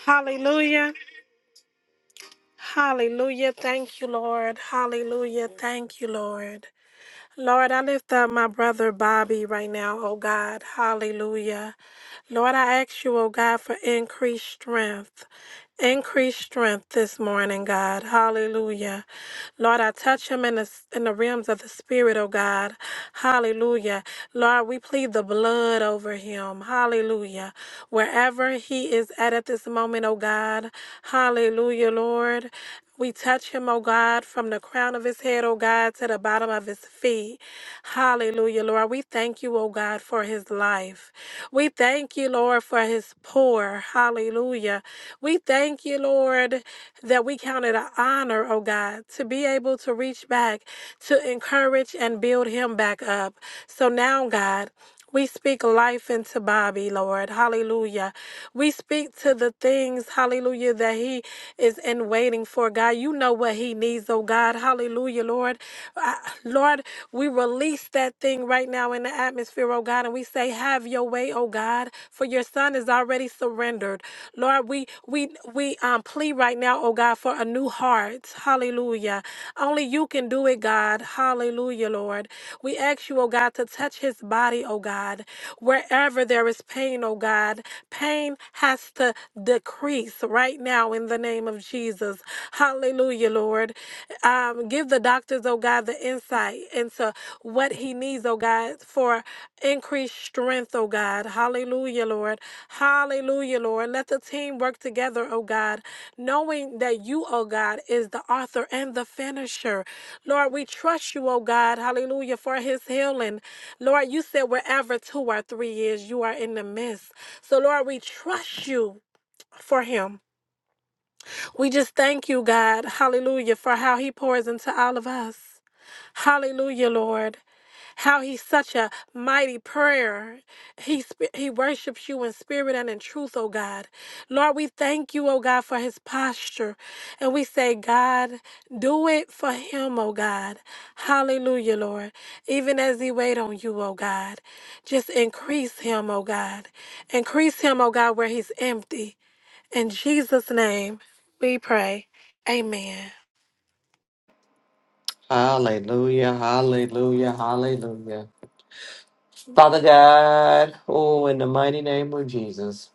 Speaker 7: Hallelujah. Hallelujah. Thank you, Lord. Hallelujah. Thank you, Lord. Lord, I lift up my brother Bobby right now, oh God. Hallelujah. Lord, I ask you, oh God, for increased strength. Increased strength this morning, God. Hallelujah. Lord, I touch him in the, in the realms of the Spirit, oh God. Hallelujah. Lord, we plead the blood over him. Hallelujah. Wherever he is at at this moment, oh God. Hallelujah, Lord. We touch him, O God, from the crown of his head, O God, to the bottom of his feet. Hallelujah, Lord. We thank you, O God, for his life. We thank you, Lord, for his poor. Hallelujah. We thank you, Lord, that we count it an honor, O God, to be able to reach back, to encourage and build him back up. So now, God, we speak life into Bobby, Lord. Hallelujah. We speak to the things, hallelujah, that he is in waiting for, God. You know what he needs, oh God. Hallelujah, Lord. Uh, Lord, we release that thing right now in the atmosphere, oh God, and we say, Have your way, oh God, for your son is already surrendered. Lord, we we we um I plead right now, oh God, for a new heart. Hallelujah. Only you can do it, God. Hallelujah, Lord. We ask you, oh God, to touch his body, oh God. Wherever there is pain, oh God, pain has to decrease right now in the name of Jesus. Hallelujah, Lord. Um, give the doctors, oh God, the insight into what he needs, oh God, for increased strength, oh God. Hallelujah, Lord. Hallelujah, Lord. Let the team work together, oh God knowing that you, oh God, is the author and the finisher. Lord, we trust you, oh God, hallelujah, for his healing. Lord, you said wherever two or three is, you are in the midst. So, Lord, we trust you for him. We just thank you, God, hallelujah, for how he pours into all of us. Hallelujah, Lord how he's such a mighty prayer. He sp- he worships you in spirit and in truth, oh God. Lord, we thank you, oh God, for his posture. And we say, God, do it for him, oh God. Hallelujah, Lord. Even as he wait on you, oh God. Just increase him, oh God. Increase him, oh God, where he's empty. In Jesus' name, we pray. Amen.
Speaker 6: Hallelujah, hallelujah, hallelujah. Father God, oh, in the mighty name of Jesus,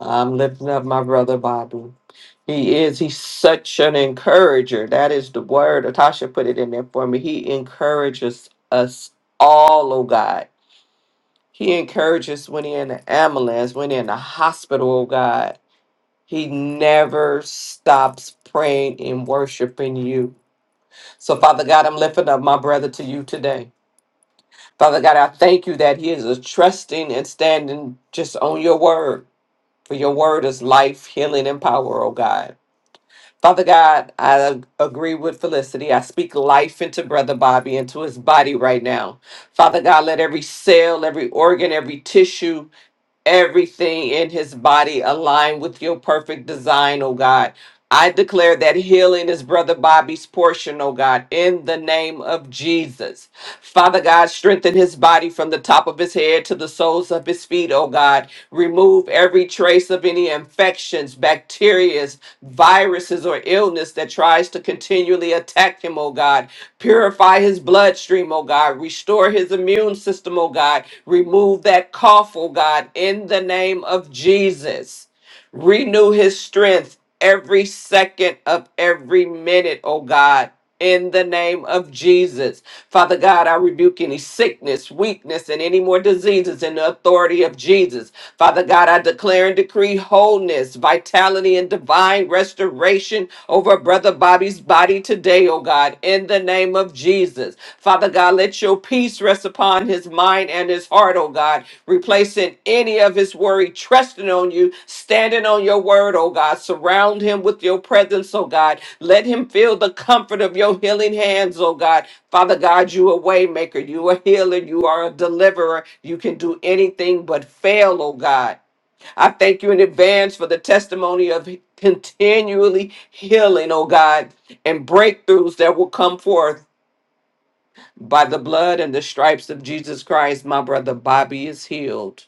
Speaker 6: I'm lifting up my brother Bobby. He is. He's such an encourager. That is the word. Natasha put it in there for me. He encourages us all, oh God. He encourages when he's in the ambulance, when he's in the hospital, oh God. He never stops praying and worshiping you. So, Father God, I'm lifting up my brother to you today. Father God, I thank you that he is a trusting and standing just on your word. For your word is life, healing, and power, oh God. Father God, I ag- agree with Felicity. I speak life into Brother Bobby, into his body right now. Father God, let every cell, every organ, every tissue, everything in his body align with your perfect design, oh God. I declare that healing is Brother Bobby's portion, oh God, in the name of Jesus. Father God, strengthen his body from the top of his head to the soles of his feet, oh God. Remove every trace of any infections, bacteria, viruses, or illness that tries to continually attack him, oh God. Purify his bloodstream, oh God. Restore his immune system, oh God. Remove that cough, oh God, in the name of Jesus. Renew his strength every second of every minute, oh God. In the name of Jesus. Father God, I rebuke any sickness, weakness, and any more diseases in the authority of Jesus. Father God, I declare and decree wholeness, vitality, and divine restoration over Brother Bobby's body today, oh God, in the name of Jesus. Jesus. Father God, let your peace rest upon his mind and his heart, oh God, replacing any of his worry, trusting on you, standing on your word, oh God. Surround him with your presence, oh God. Let him feel the comfort of your healing hands, oh God. Father God, you a waymaker, you a healer, you are a deliverer. You can do anything but fail, oh God. I thank you in advance for the testimony of continually healing, oh God, and breakthroughs that will come forth. By the blood and the stripes of Jesus Christ, my brother Bobby is healed.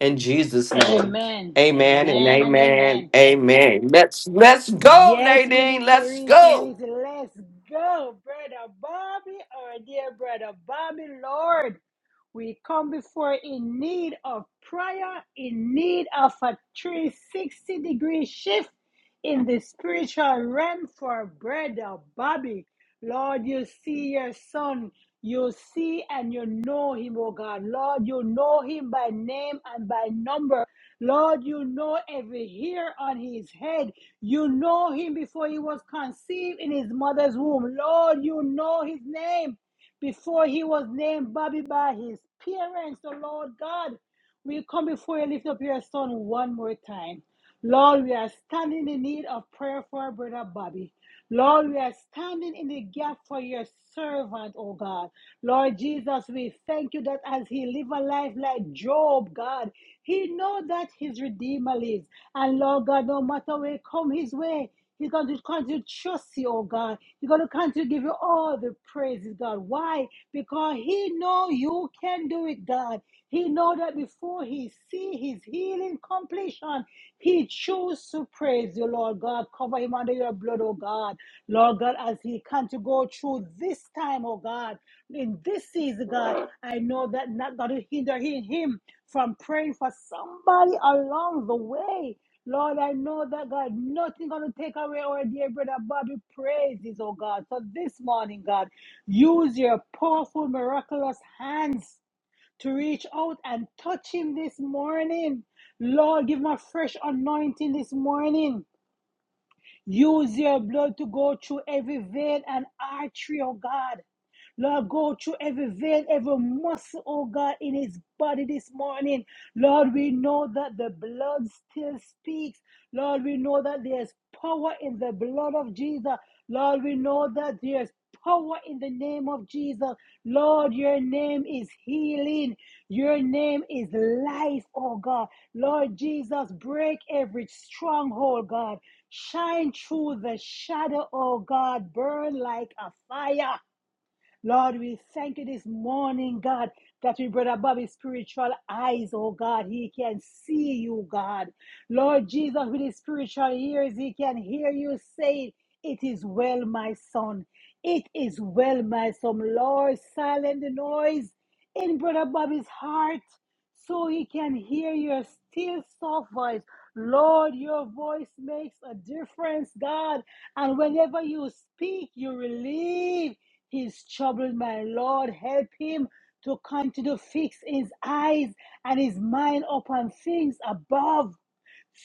Speaker 6: In Jesus' name.
Speaker 5: amen.
Speaker 6: Amen and
Speaker 5: Amen and
Speaker 6: amen.
Speaker 5: amen.
Speaker 6: Amen. Let's let's go,
Speaker 5: Yes,
Speaker 6: Nadine.
Speaker 5: Minister
Speaker 6: Let's
Speaker 5: Reese, Reese,
Speaker 6: go.
Speaker 5: let's go, Brother Bobby, our dear Brother Bobby, Lord. We come before in need of prayer, in need of a 360 degree shift in the spiritual realm for brother Bobby. Lord, you see your son. You see and you know him, oh God. Lord, you know him by name and by number. Lord, you know every hair on his head. You know him before he was conceived in his mother's womb. Lord, you know his name. Before he was named Bobby by his parents, the Lord God, we come before you lift up your son one more time. Lord, we are standing in need of prayer for our brother Bobby. Lord, we are standing in the gap for your servant, oh God. Lord Jesus, we thank you that as he live a life like Job, God, he know that his Redeemer lives. And Lord God, no matter where come his way, He's going to continue to trust you, oh God. He's going to continue to give you all the praises, God. Why? Because he know you can do it, God. He know that before he see his healing completion, he choose to praise you, Lord God. Cover him under your blood, oh God. Lord God, as he can to go through this time, oh God, in this season, God, I know that not going to hinder him from praying for somebody along the way. Lord, I know that God, nothing gonna take away our dear brother Bobby praises, oh God. So this morning, God, use your powerful, miraculous hands to reach out and touch him this morning. Lord, give him a fresh anointing this morning. Use your blood to go through every vein and artery, oh God. Lord, go through every vein, every muscle, oh God, in his body this morning. Lord, we know that the blood still speaks. Lord, we know that there's power in the blood of Jesus. Lord, we know that there's power in the name of Jesus. Lord, your name is healing. Your name is life, oh God. Lord Jesus, break every stronghold, God. Shine through the shadow, oh God. Burn like a fire. Lord, we thank you this morning, God, that we brought above his spiritual eyes, oh God. He can see you, God. Lord Jesus, with his spiritual ears, he can hear you say, It is well, my son. It is well, my son. Lord, silence the noise in Brother Bobby's heart so he can hear your still soft voice. Lord, your voice makes a difference, God. And whenever you speak, you relieve. He's troubled, my Lord. Help him to continue to fix his eyes and his mind upon things above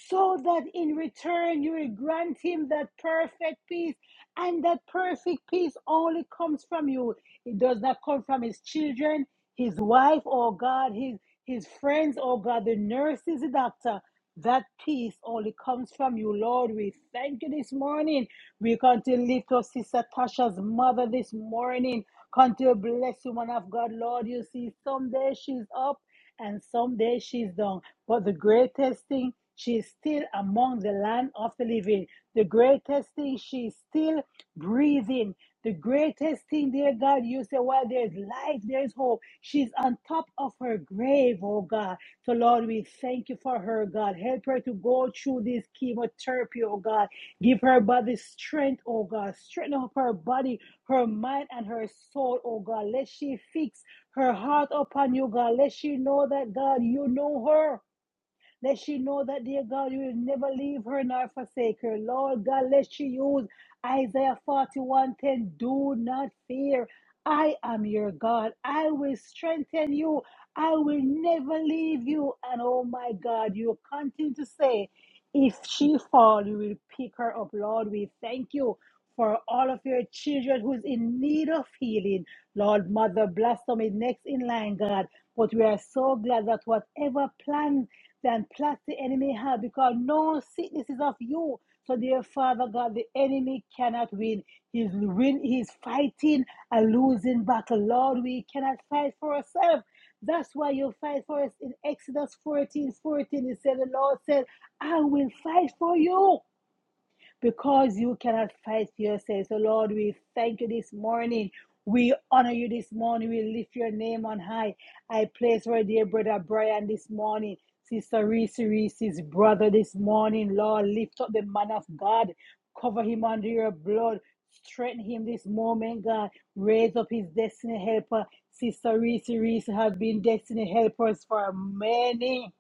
Speaker 5: so that in return you will grant him that perfect peace. And that perfect peace only comes from you. It does not come from his children, his wife, or God, his his friends, or God, the nurses, the doctor. That peace only comes from you, Lord. We thank you this morning. We come to lift up Sister Tasha's mother this morning. Come to bless you, man of God, Lord. You see, someday she's up and someday she's done. But the greatest thing, she's still among the land of the living. The greatest thing, she's still breathing. The greatest thing, dear God, you say, well, there's life, there's hope. She's on top of her grave, oh God. So, Lord, we thank you for her, God. Help her to go through this chemotherapy, oh God. Give her body strength, oh God. Strengthen up her body, her mind, and her soul, oh God. Let she fix her heart upon you, God. Let she know that, God, you know her. Let she know that, dear God, you will never leave her nor forsake her. Lord God, let she use Isaiah 41 10. Do not fear. I am your God. I will strengthen you. I will never leave you. And oh my God, you continue to say, if she fall, you will pick her up. Lord, we thank you for all of your children who's in need of healing. Lord, Mother, bless them in next in line, God. But we are so glad that whatever plan and plot the enemy have, because no sickness is of you. So, dear Father God, the enemy cannot win. He's win. He's fighting a losing battle. Lord, we cannot fight for ourselves. That's why you fight for us in Exodus fourteen fourteen. 14. It said, the Lord said, I will fight for you because you cannot fight for yourself. So, Lord, we thank you this morning. We honor you this morning. We lift your name on high. I place our dear brother Brian this morning. Sister Reese Reese's brother this morning. Lord, lift up the man of God. Cover him under your blood. Strengthen him this moment, God. Raise up his destiny helper. Sister Reese Reese have been destiny helpers for many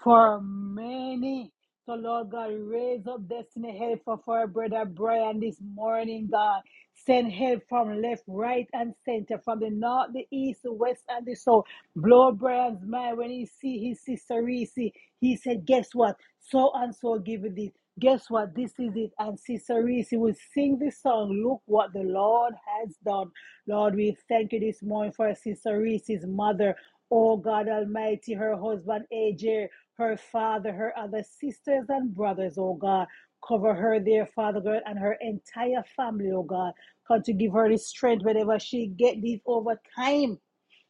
Speaker 5: for many. So, Lord God, raise up destiny help for, for our brother Brian this morning, God. Send help from left, right, and center, from the north, the east, the west, and the south. Blow Brian's mind when he see his sister Reese. He said, Guess what? So and so give it this. Guess what? This is it. And Sister Reese will sing this song. Look what the Lord has done. Lord, we thank you this morning for Sister Reese's mother. Oh God Almighty, her husband AJ, her father, her other sisters and brothers, oh God. Cover her there, Father God, and her entire family, oh God. Come to give her the strength whenever she get this over time.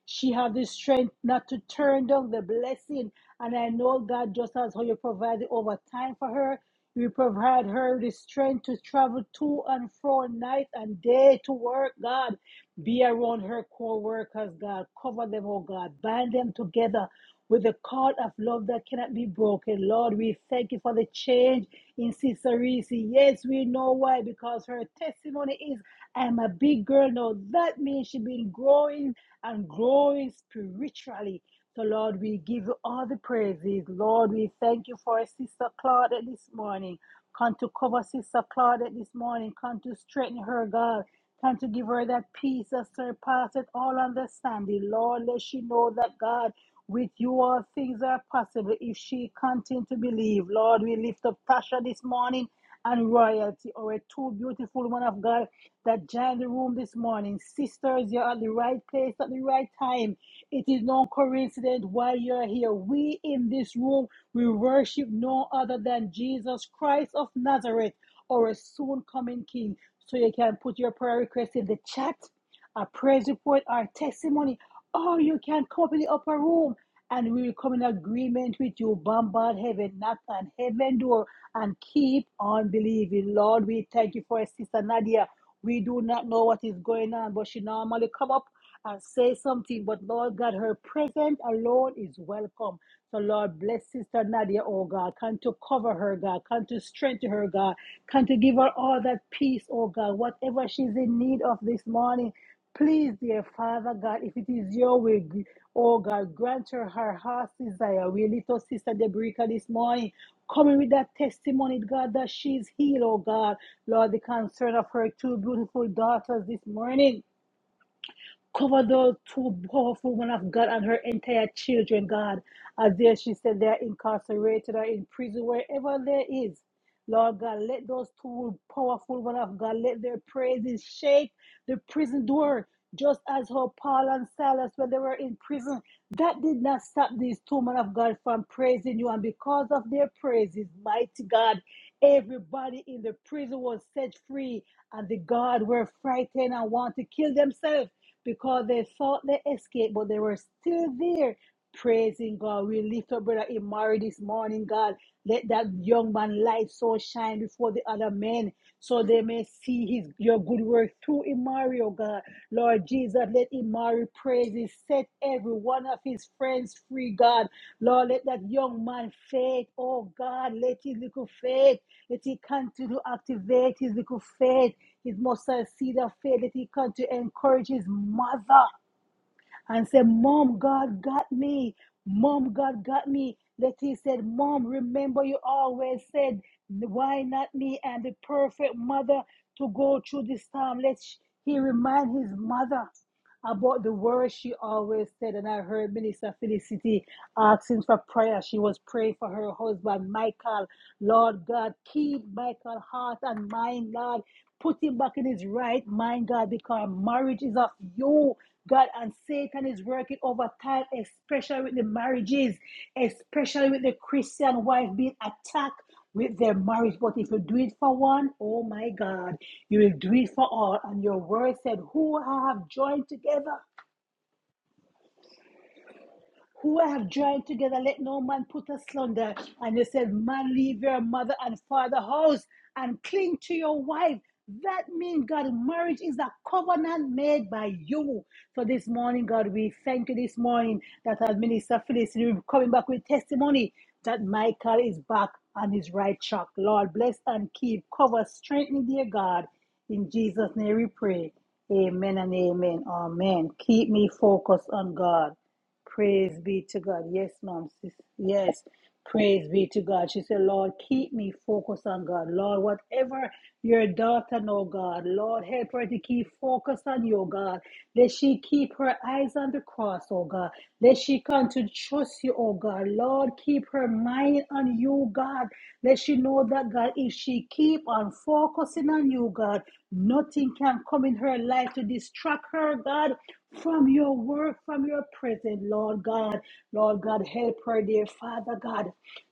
Speaker 5: She have the strength not to turn down the blessing. And I know, God, just as how you provide provided overtime for her, you provide her the strength to travel to and fro night and day to work, God. Be around her co workers, God. Cover them, oh God. Bind them together with the cord of love that cannot be broken. Lord, we thank you for the change in Sister Reese. Yes, we know why, because her testimony is I'm a big girl now. That means she's been growing and growing spiritually. So, Lord, we give you all the praises. Lord, we thank you for Sister Claudette this morning. Come to cover Sister Claudette this morning. Come to strengthen her, God. Come to give her that peace that surpasses all understanding. Lord, let she know that, God, with you all things are possible if she continue to believe. Lord, we lift up Tasha this morning and royalty, or a two beautiful woman of God that joined the room this morning. Sisters, you're at the right place at the right time. It is no coincidence why you're here. We in this room, we worship no other than Jesus Christ of Nazareth, our soon coming King. So you can put your prayer request in the chat, a praise report, our testimony, or you can come up in the upper room and we will come in agreement with you. Bombard heaven, knock on heaven door, and keep on believing. Lord, we thank you for sister Nadia. We do not know what is going on, but she normally come up and say something, but Lord God, her presence alone is welcome. So Lord, bless Sister Nadia, oh God. Come to cover her, God. Come to strengthen her, God. Come to give her all that peace, oh God. Whatever she's in need of this morning, please, dear Father God, if it is your will, gr- oh God, grant her her heart's desire. We little Sister Debrica this morning. Coming with that testimony, God, that she's healed, oh God. Lord, the concern of her two beautiful daughters this morning. Cover those two powerful women of God and her entire children, God. As there she said, they are incarcerated or in prison, wherever there is. Lord God, let those two powerful women of God, let their praises shake the prison door. Just as how Paul and Silas, when they were in prison, that did not stop these two men of God from praising you. And because of their praises, mighty God, everybody in the prison was set free. And the guard were frightened and want to kill themselves because they thought they escaped, but they were still there praising God. We lift up Brother Imari this morning, God. Let that young man light so shine before the other men so they may see his your good work through Imari, oh God. Lord Jesus, let Imari praise his set every one of his friends free, God. Lord, let that young man faith, oh God, let his little faith that He continue to activate His little faith, His mustard seed of faith, that He continue to encourage His mother and said, Mom, God got me. Mom, God got me. Letty said, Mom, remember you always said, Why not me? I'm the perfect mother to go through this time. Let's he remind his mother about the words she always said. And I heard Minister Felicity asking for prayer. She was praying for her husband, Michael. Lord God, keep Michael's heart and mind, Lord. Put him back in his right mind, God, because marriage is of you, God, and Satan is working overtime, especially with the marriages, especially with the Christian wife being attacked with their marriage. But if you do it for one, oh my God, you will do it for all. And your word said, Who I have joined together who I have joined together, let no man put us slander. And he said, Man, leave your mother and father house and cling to your wife. That means, God, marriage is a covenant made by you. So this morning, God, we thank you this morning that our minister Phyllis is coming back with testimony that Michael is back on his right track. Lord, bless and keep, cover, strengthen, dear God. In Jesus' name we pray. Amen and amen. Amen. Keep me focused on God. Praise be to God. Yes, ma'am. Sis. Yes. Praise be to God. She said, Lord, keep me focused on God. Lord, whatever your daughter know, God, Lord, help her to keep focused on you, God. Let she keep her eyes on the cross, oh God. Let she come to trust you, oh God. Lord, keep her mind on you, God. Let she know that, God, if she keep on focusing on you, God, nothing can come in her life to distract her, God, from your work, from your presence, Lord God. Lord God, help her, dear Father God,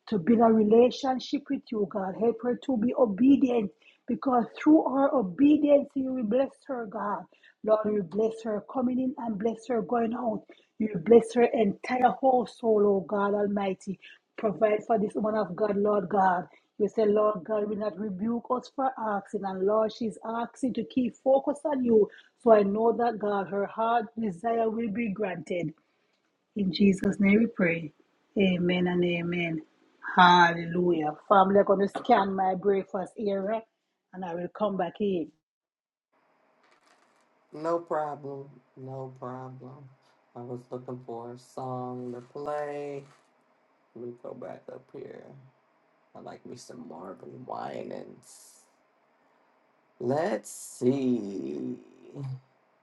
Speaker 5: to build a relationship with you, God. Help her to be obedient because through her obedience, you will bless her, God. Lord, you bless her coming in and bless her going out. You bless her entire whole soul, oh God Almighty. Provide for this woman of God, Lord God. You say, Lord God will not rebuke us for asking. And Lord, she's asking to keep focus on you. So I know that God, her heart desire will be granted. In Jesus' name we pray. Amen and amen. Hallelujah. Family, I'm going to scan my breakfast area and I will come back in.
Speaker 6: No problem. No problem. I was looking for a song to play. Let me go back up here. I like me some Marvin Winans. Let's see.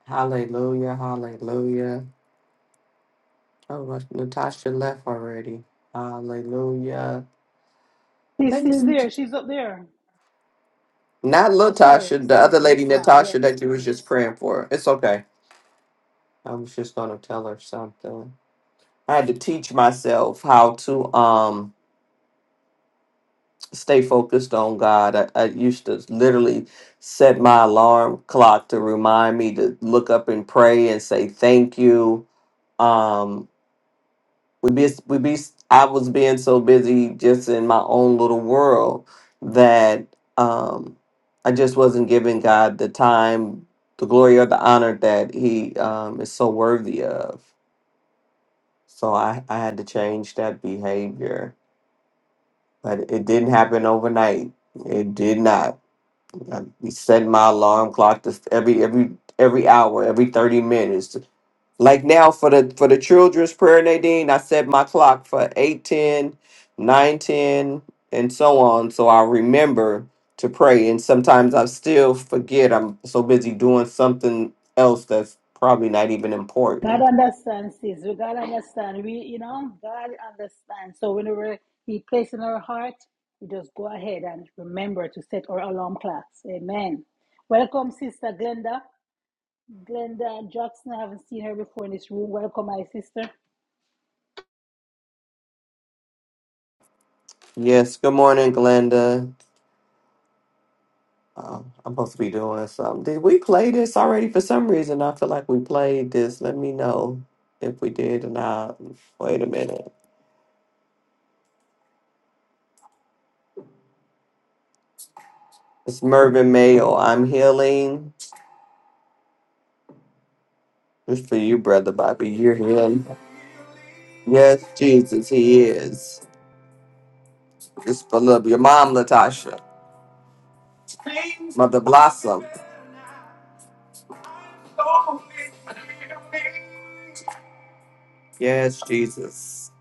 Speaker 6: Hallelujah. Hallelujah. Oh, look, Natasha left already. Hallelujah.
Speaker 5: She's
Speaker 6: Thank
Speaker 5: still
Speaker 6: you.
Speaker 5: there. She's up there.
Speaker 6: Not
Speaker 5: Oh, sorry.
Speaker 6: Latasha, the other
Speaker 5: Sorry. Yes,
Speaker 6: lady,
Speaker 5: ma'am. Yes.
Speaker 6: Natasha, that you was just praying for. It's okay. I was just gonna tell her something. I had to teach myself how to um stay focused on God. I, I used to literally set my alarm clock to remind me to look up and pray and say thank you. Um, we be we be I was being so busy just in my own little world that um I just wasn't giving God the time, the glory or the honor that he um is so worthy of. So I I had to change that behavior, but it didn't happen overnight. It did not. I set my alarm clock to every every every hour, every 30 minutes like now for the for the children's prayer, Nadine, I set my clock for 8, 10, 9, 10, and so on. So I remember to pray. And sometimes I still forget. I'm so busy doing something else that's probably not even
Speaker 5: God
Speaker 6: important.
Speaker 5: understands this. We God understand. We, you know, God understands. So whenever He places in our heart, we just go ahead and remember to set our alarm clocks. Amen. Welcome, Sister Glenda. Glenda Jackson. I haven't seen her before in this room. Welcome, my sister.
Speaker 6: Yes, good morning, Glenda. Um, I'm supposed to be doing something. Did we play this already? For some reason, I feel like we played this. Let me know if we did or not. Wait a minute. It's Mervyn Mayo. I'm healing. It's for you, brother Bobby. You're him. Yes, Jesus, he is. Just for love. Your mom, Latasha. Mother Blossom. Yes, Jesus.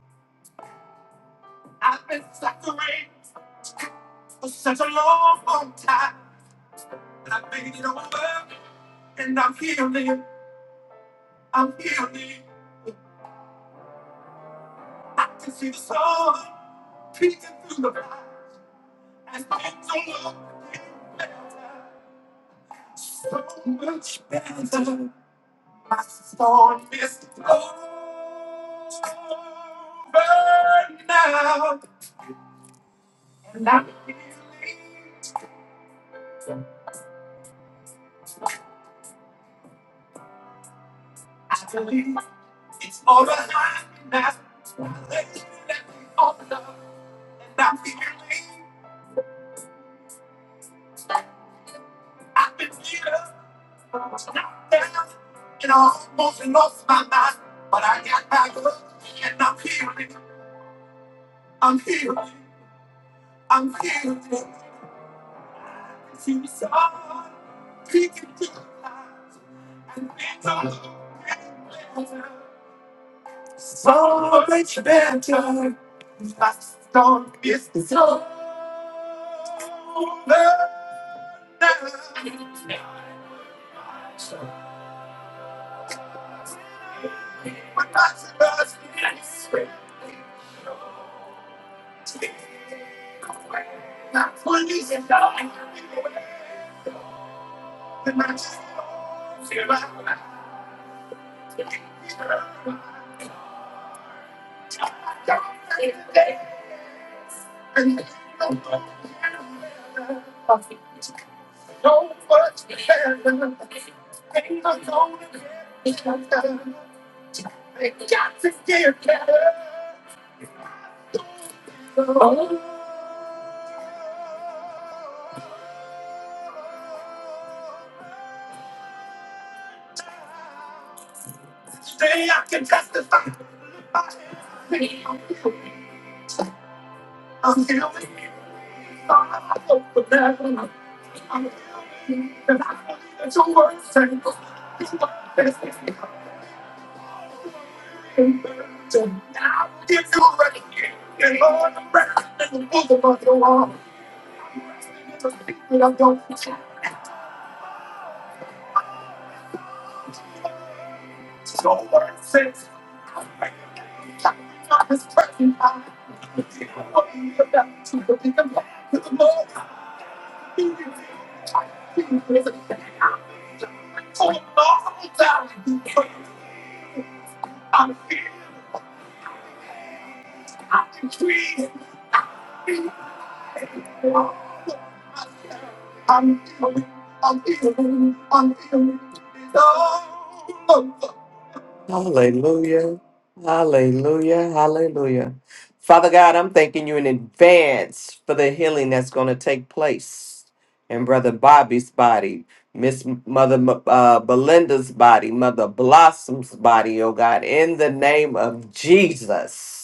Speaker 6: Hallelujah. Hallelujah. Hallelujah. Father God, I'm thanking you in advance for the healing that's going to take place in Brother Bobby's body, Miss Mother uh, Belinda's body, Mother Blossom's body, oh God, in the name of Jesus.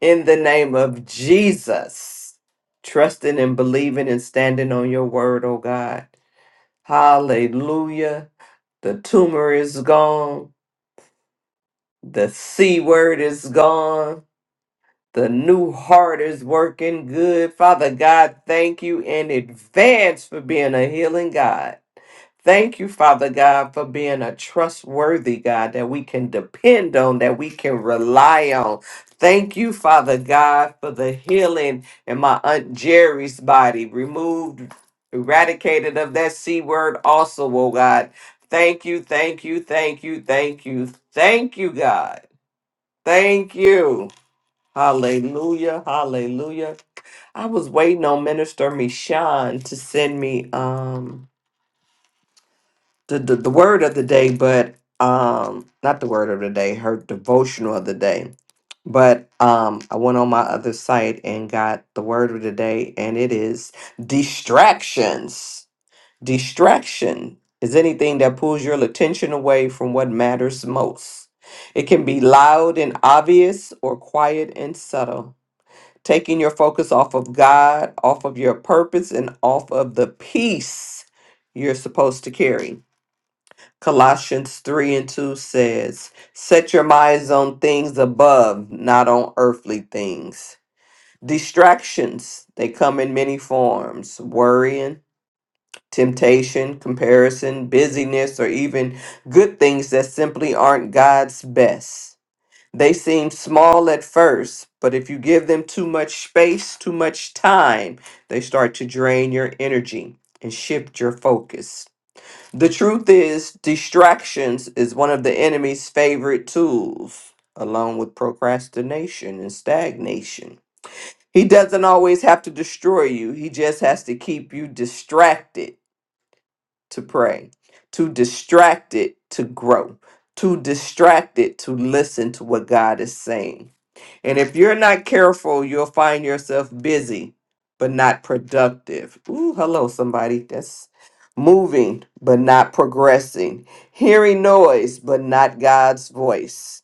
Speaker 6: in the name of Jesus, trusting and believing and standing on your word, oh God. Hallelujah. The tumor is gone. The C word is gone. The new heart is working good. Father God, thank you in advance for being a healing God. Thank you, Father God, for being a trustworthy God that we can depend on, that we can rely on. Thank you, Father God, for the healing in my Aunt Jerry's body, removed, eradicated of that C word, also, oh God. Thank you, thank you, thank you, thank you, thank you, God. Thank you. Hallelujah, hallelujah. I was waiting on Minister Michon to send me um the, the, the word of the day, but um, not the word of the day, her devotional of the day. But um, I went on my other site and got the word of the day, and it is distractions. Distraction is anything that pulls your attention away from what matters most. It can be loud and obvious or quiet and subtle, taking your focus off of God, off of your purpose, and off of the peace you're supposed to carry. Colossians 3 and 2 says, Set your minds on things above, not on earthly things. Distractions, they come in many forms worrying, temptation, comparison, busyness, or even good things that simply aren't God's best. They seem small at first, but if you give them too much space, too much time, they start to drain your energy and shift your focus. The truth is, distractions is one of the enemy's favorite tools, along with procrastination and stagnation. He doesn't always have to destroy you, he just has to keep you distracted to pray, to distracted to grow, to distracted to listen to what God is saying. And if you're not careful, you'll find yourself busy but not productive. Ooh, hello, somebody. That's moving but not progressing, hearing noise but not God's voice.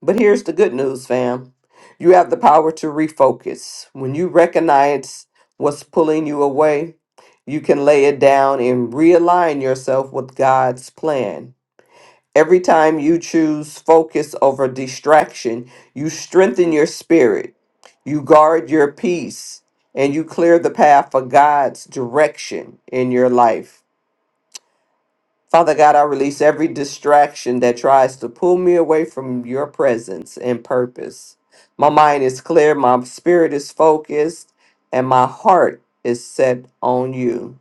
Speaker 6: But here's the good news, fam you have the power to refocus. When you recognize what's pulling you away, you can lay it down and realign yourself with God's plan. Every time you choose focus over distraction, you strengthen your spirit, you guard your peace, and you clear the path for God's direction in your life. Father God, I release every distraction that tries to pull me away from your presence and purpose. My mind is clear, my spirit is focused, and my heart is set on you.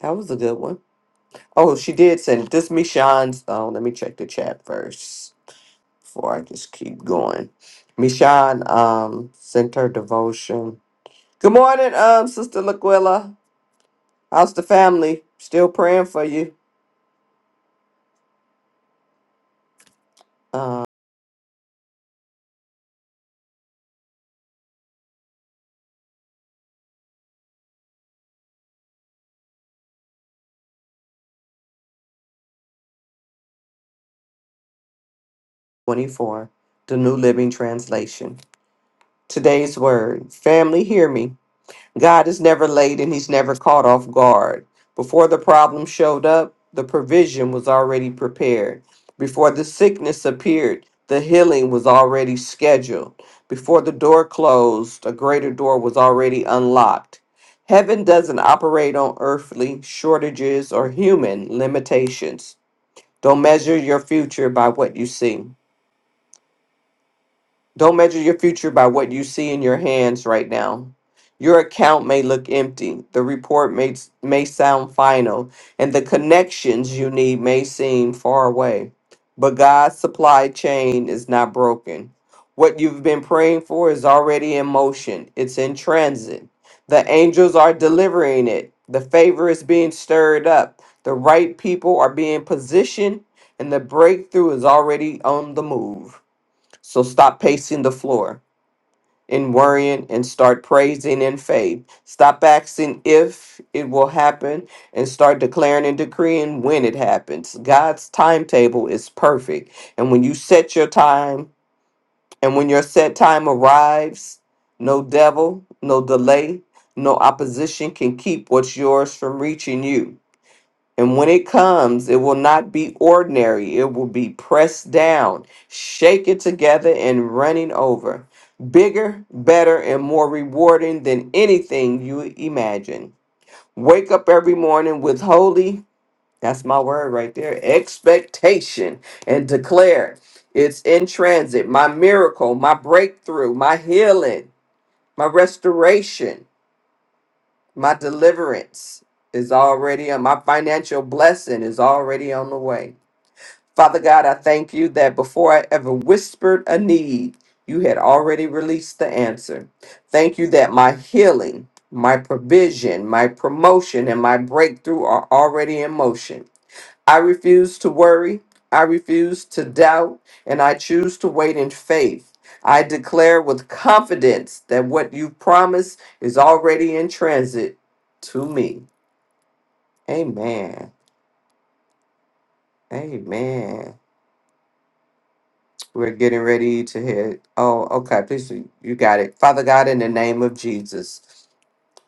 Speaker 6: That was a good one. Oh, she did send it. This me Sean's. Oh, let me check the chat first. before I just keep going. Michonne um sent her devotion. Good morning, um, Sister Laquilla. How's the family? Still praying for you. Uh, 24, the New Living Translation. Today's word, family, hear me. God is never late and he's never caught off guard. Before the problem showed up, the provision was already prepared. Before the sickness appeared, the healing was already scheduled. Before the door closed, a greater door was already unlocked. Heaven doesn't operate on earthly shortages or human limitations. Don't measure your future by what you see. Don't measure your future by what you see in your hands right now. Your account may look empty, the report may, may sound final, and the connections you need may seem far away. But God's supply chain is not broken. What you've been praying for is already in motion, it's in transit. The angels are delivering it, the favor is being stirred up, the right people are being positioned, and the breakthrough is already on the move. So stop pacing the floor and worrying and start praising in faith. Stop asking if it will happen and start declaring and decreeing when it happens. God's timetable is perfect. And when you set your time and when your set time arrives, no devil, no delay, no opposition can keep what's yours from reaching you. And when it comes, it will not be ordinary. It will be pressed down, shaken together, and running over. Bigger, better, and more rewarding than anything you imagine. Wake up every morning with holy, that's my word right there, expectation, and declare it's in transit. My miracle, my breakthrough, my healing, my restoration. My deliverance is already on, my financial blessing is already on the way. Father God, I thank you that before I ever whispered a need, you had already released the answer. Thank you that my healing, my provision, my promotion, and my breakthrough are already in motion. I refuse to worry. I refuse to doubt, and I choose to wait in faith. I declare with confidence that what you promised is already in transit to me. Amen. Amen. We're getting ready to hit. Oh, okay. Please, you you got it. Father God, in the name of Jesus,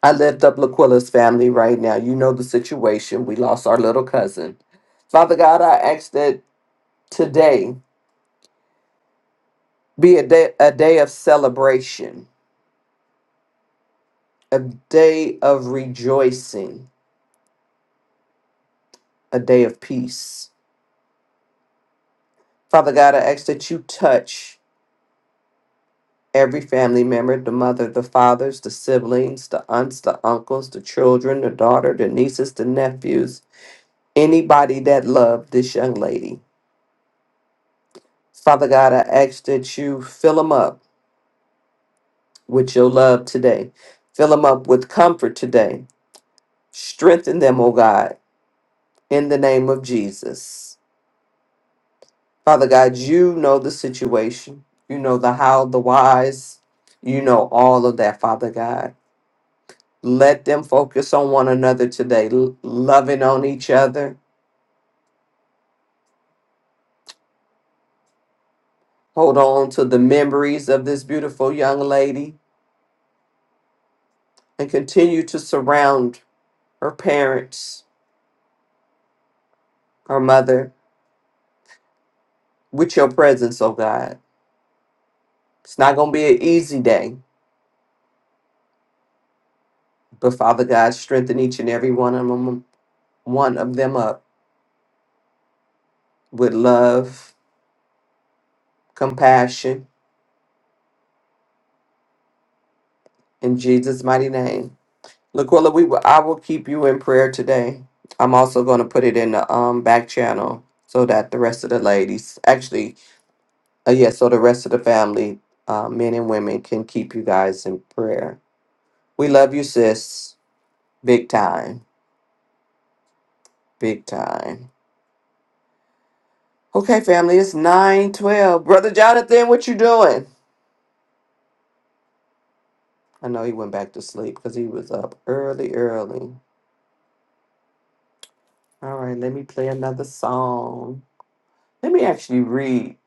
Speaker 6: I lift up Laquilla's family right now. You know the situation. We lost our little cousin. Father God, I ask that today. Be a day, a day of celebration, a day of rejoicing, a day of peace. Father God, I ask that you touch every family member the mother, the fathers, the siblings, the aunts, the uncles, the children, the daughter, the nieces, the nephews, anybody that loved this young lady. Father God, I ask that you fill them up with your love today. Fill them up with comfort today. Strengthen them, O God, in the name of Jesus. Father God, you know the situation. You know the how, the whys. You know all of that, Father God. Let them focus on one another today, l- loving on each other. Hold on to the memories of this beautiful young lady and continue to surround her parents, her mother, with your presence, oh God. It's not going to be an easy day, but Father God, strengthen each and every one of them, one of them up with love, compassion, In Jesus' mighty name. Laquilla, we will, I will keep you in prayer today. I'm also going to put it in the um back channel so that the rest of the ladies, actually, uh, yeah, so the rest of the family, uh, men and women, can keep you guys in prayer. We love you, sis. Big time. Big time. Okay, family, it's 912. Brother Jonathan, what you doing? I know he went back to sleep because he was up early, early. All right, let me play another song. Let me actually read.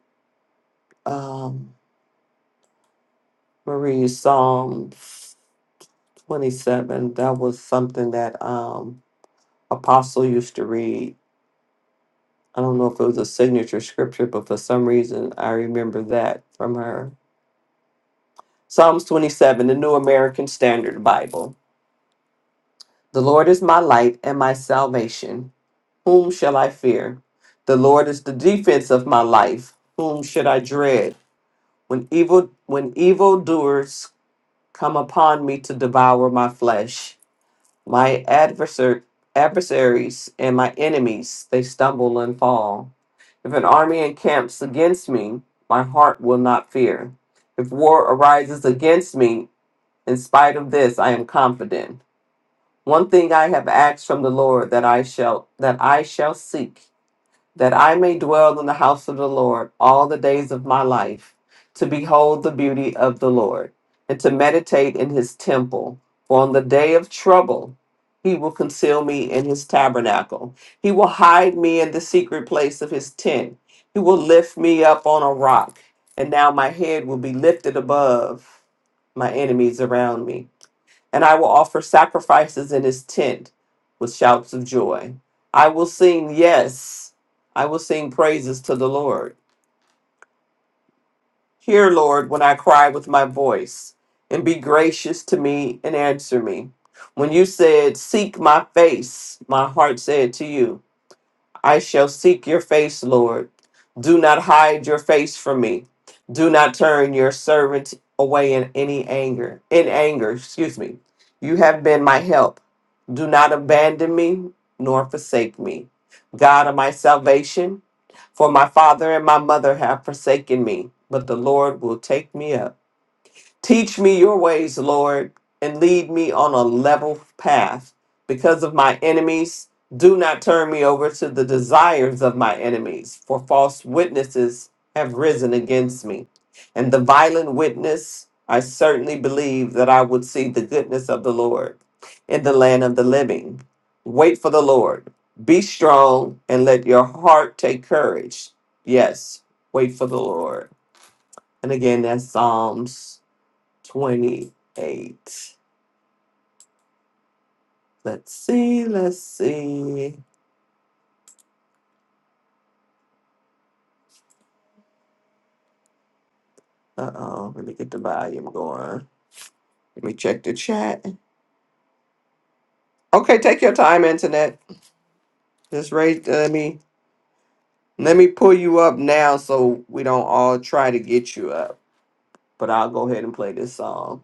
Speaker 6: Um, Marie, Psalm 27, that was something that um, Apostle used to read. I don't know if it was a signature scripture, but for some reason I remember that from her. Psalms 27, the New American Standard Bible. The Lord is my light and my salvation. Whom shall I fear? The Lord is the defense of my life. Whom should I dread? When evil when evildoers come upon me to devour my flesh. My adversar- adversaries and my enemies, they stumble and fall. If an army encamps against me, my heart will not fear. If war arises against me, in spite of this, I am confident. One thing I have asked from the Lord that I shall that I shall seek that I may dwell in the house of the Lord all the days of my life, to behold the beauty of the Lord, and to meditate in his temple. For on the day of trouble, he will conceal me in his tabernacle. He will hide me in the secret place of his tent. He will lift me up on a rock, and now my head will be lifted above my enemies around me and I will offer sacrifices in his tent with shouts of joy. I will sing, yes, I will sing praises to the Lord. Hear, Lord, when I cry with my voice, and be gracious to me and answer me. When you said, Seek my face, my heart said to you, I shall seek your face, Lord. Do not hide your face from me. Do not turn your servant away in any anger. In anger, excuse me. You have been my help. Do not abandon me nor forsake me. God of my salvation, for my father and my mother have forsaken me, but the Lord will take me up. Teach me your ways, Lord, and lead me on a level path. Because of my enemies, do not turn me over to the desires of my enemies, for false witnesses have risen against me. And the violent witness, I certainly believe that I would see the goodness of the Lord in the land of the living. Wait for the Lord. Be strong and let your heart take courage. Yes, wait for the Lord. And again, that's Psalms 28. Let's see, let's see. Uh oh, let me get the volume going. Let me check the chat. Okay, take your time, internet. Just raise, uh, let me let me pull you up now so we don't all try to get you up. But I'll go ahead and play this song.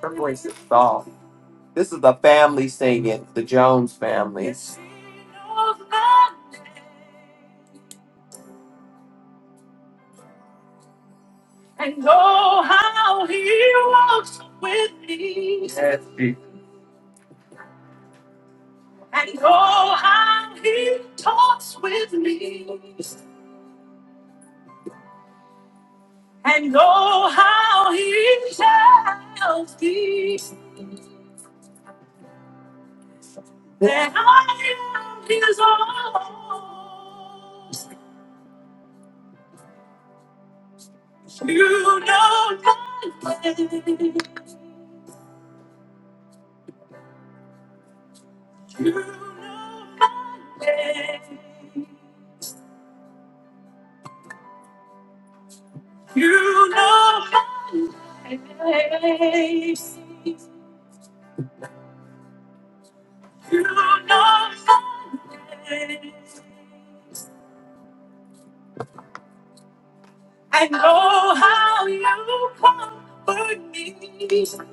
Speaker 6: Her voice is soft. This is the family singing, the Jones family. Yes, he-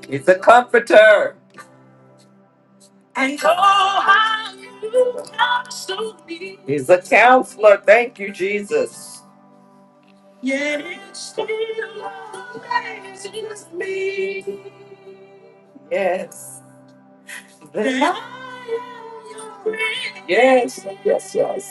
Speaker 6: He's a comforter. He's a counselor. Thank you, Jesus. Yes. Yes, yes, yes.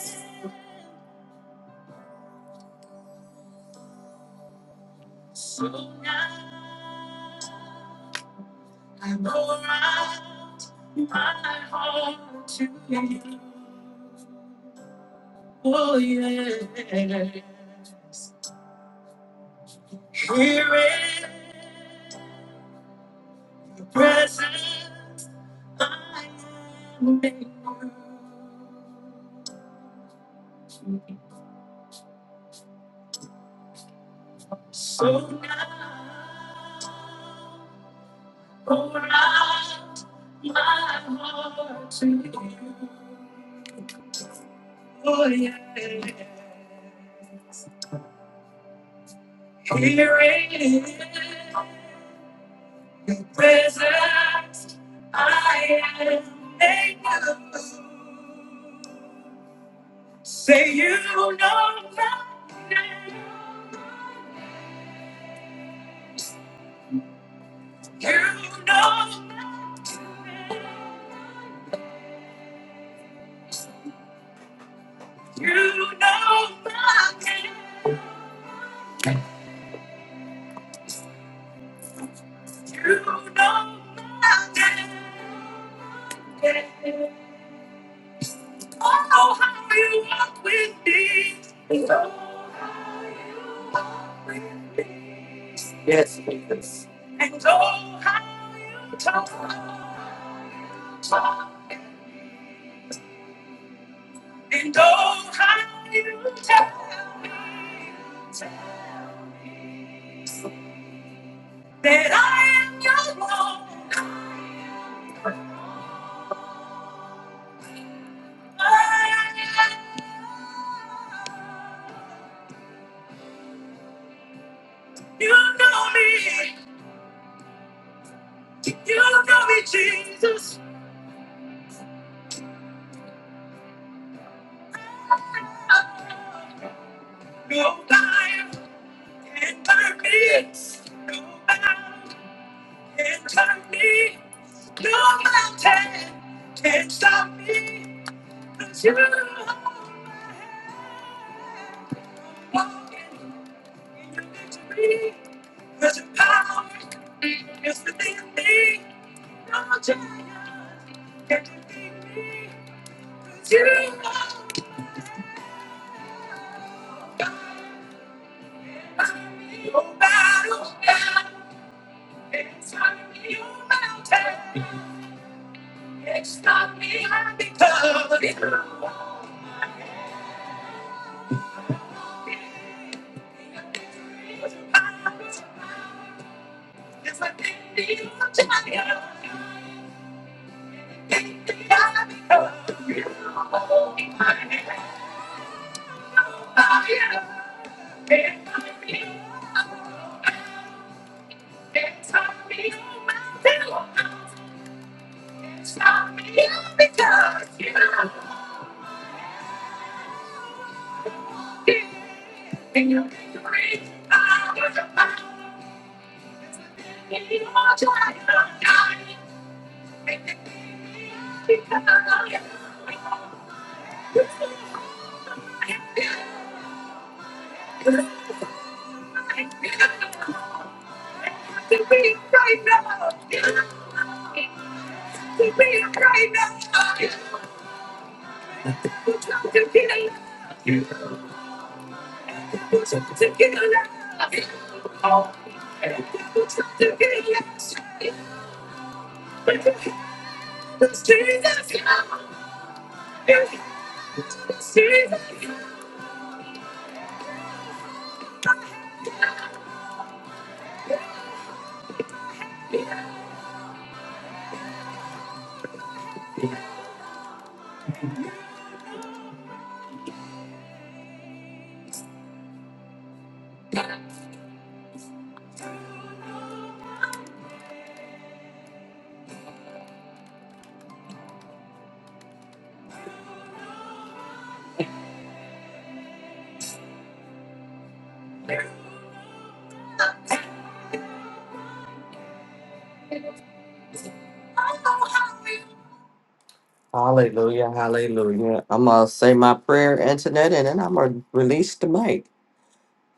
Speaker 6: Hallelujah, hallelujah. I'm going to say my prayer, Antoinette, and then I'm going to release the mic.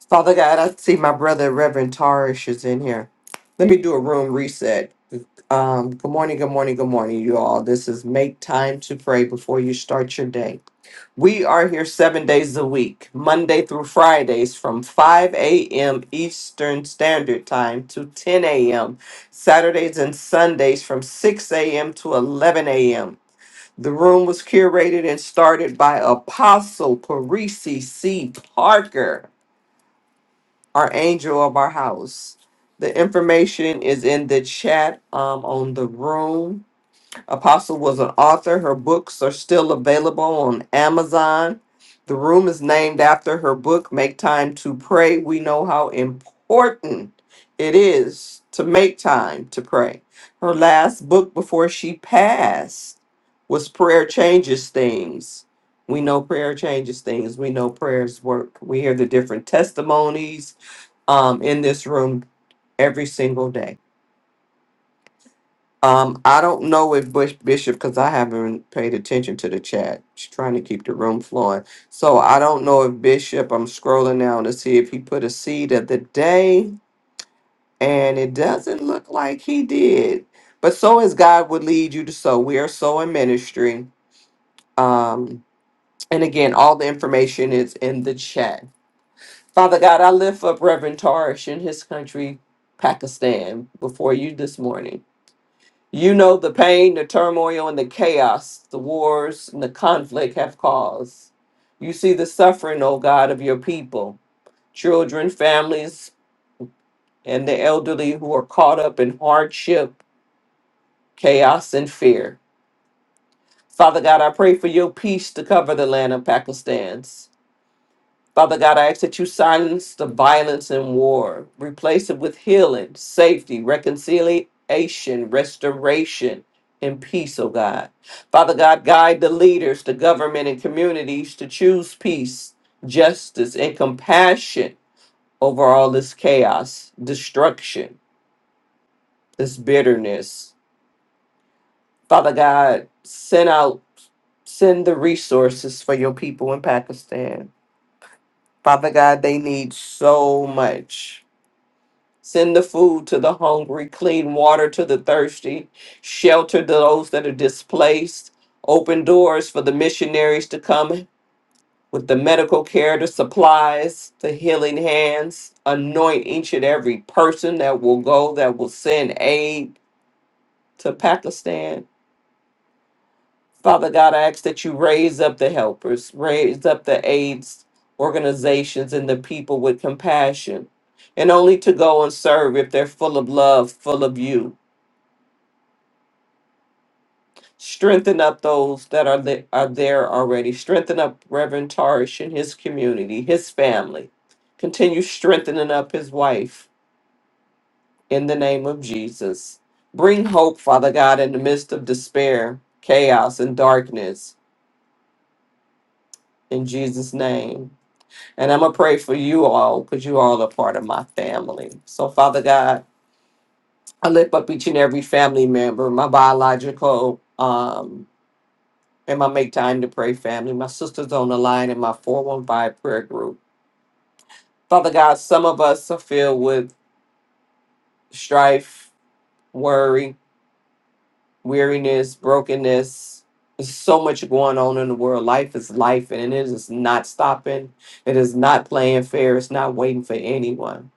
Speaker 6: Father God, I see my brother Reverend Tarish is in here. Let me do a room reset. Um, good morning, good morning, good morning, you all. This is Make Time to Pray Before You Start Your Day. We are here seven days a week, Monday through Fridays from 5 a.m. Eastern Standard Time to 10 a.m., Saturdays and Sundays from 6 a.m. to 11 a.m. The room was curated and started by Apostle Parisi C. Parker our angel of our house. The information is in the chat um, on the room. Apostle was an author. Her books are still available on Amazon. The room is named after her book, Make Time to Pray. We know how important it is to make time to pray. Her last book before she passed was Prayer Changes Things. We know prayer changes things. We know prayers work. We hear the different testimonies um, in this room every single day. Um, I don't know if Bush Bishop, because I haven't paid attention to the chat. She's trying to keep the room flowing. So I don't know if Bishop, I'm scrolling now to see if he put a seed of the day, and it doesn't look like he did. But so as God would lead you to sow. We are sowing ministry. Um, and again, all the information is in the chat. Father God, I lift up Reverend Tarish in his country, Pakistan, before you this morning. You know the pain, the turmoil, and the chaos the wars and the conflict have caused. You see the suffering, O God, of your people, children, families, and the elderly who are caught up in hardship, chaos, and fear. Father God, I pray for your peace to cover the land of Pakistan. Father God, I ask that you silence the violence and war, replace it with healing, safety, reconciliation, restoration, and peace, oh God. Father God, guide the leaders, the government, and communities to choose peace, justice, and compassion over all this chaos, destruction, this bitterness. Father God, send out, send the resources for your people in Pakistan. Father God, they need so much. Send the food to the hungry, clean water to the thirsty, shelter those that are displaced, open doors for the missionaries to come with the medical care, the supplies, the healing hands, anoint each and every person that will go, that will send aid to Pakistan. Father God, I ask that you raise up the helpers, raise up the aids organizations and the people with compassion, and only to go and serve if they're full of love, full of you Strengthen up those that are, the, are there already. Strengthen up Reverend Tarish and his community, his family. Continue strengthening up his wife in the name of Jesus. Bring hope, Father God, in the midst of despair, chaos, and darkness in Jesus' name. And I'm going to pray for you all because you all are part of my family. So, Father God, I lift up each and every family member, my biological. Um, And my make time to pray family. My sisters on the line in my 415 prayer group. Father God, some of us are filled with strife, worry, weariness, brokenness. There's so much going on in the world. Life is life and it is not stopping. It is not playing fair. It's not waiting for anyone.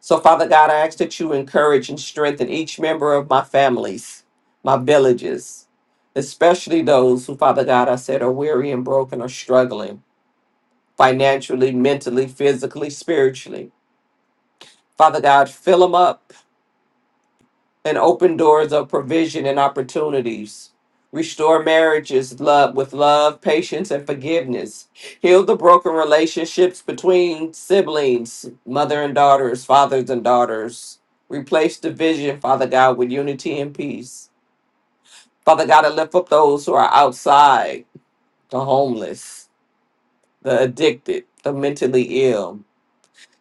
Speaker 6: So, Father God, I ask that you encourage and strengthen each member of my families, my villages, especially those who, Father God, I said are weary and broken or struggling. financially, mentally, physically, spiritually. Father God, fill them up and open doors of provision and opportunities. Restore marriages love with love, patience, and forgiveness. Heal the broken relationships between siblings, mother and daughters, fathers and daughters. Replace division, Father God, with unity and peace. Father God, I lift up those who are outside, the homeless, the addicted, the mentally ill.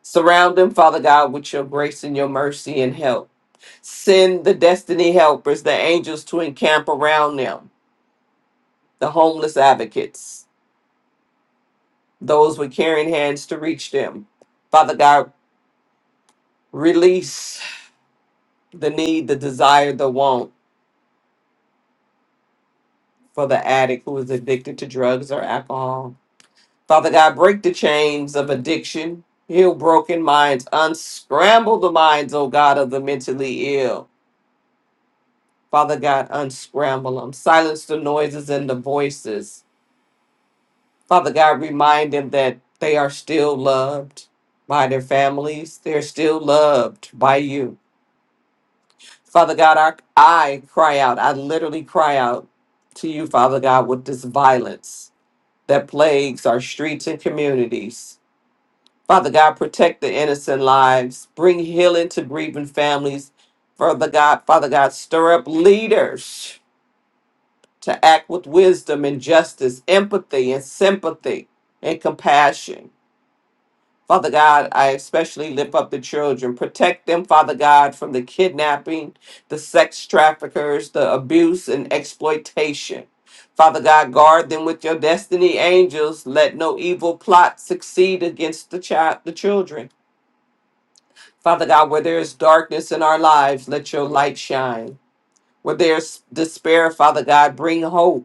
Speaker 6: Surround them, Father God, with your grace and your mercy and help. Send the destiny helpers, the angels to encamp around them, the homeless advocates, those with caring hands to reach them. Father God, release the need, the desire, the want for the addict who is addicted to drugs or alcohol. Father God, break the chains of addiction, heal broken minds, unscramble the minds, O God, of the mentally ill Father God, unscramble them. Silence the noises and the voices. Father God, remind them that they are still loved by their families. They're still loved by you. Father God, I, I cry out. I literally cry out to you, Father God, with this violence that plagues our streets and communities. Father God, protect the innocent lives. Bring healing to grieving families. Father God, Father God, stir up leaders to act with wisdom and justice, empathy and sympathy and compassion. Father God, I especially lift up the children. Protect them, Father God, from the kidnapping, the sex traffickers, the abuse and exploitation. Father God, guard them with your destiny angels. Let no evil plot succeed against the child, the children. Father God, where there is darkness in our lives, let your light shine. Where there's despair, Father God, bring hope.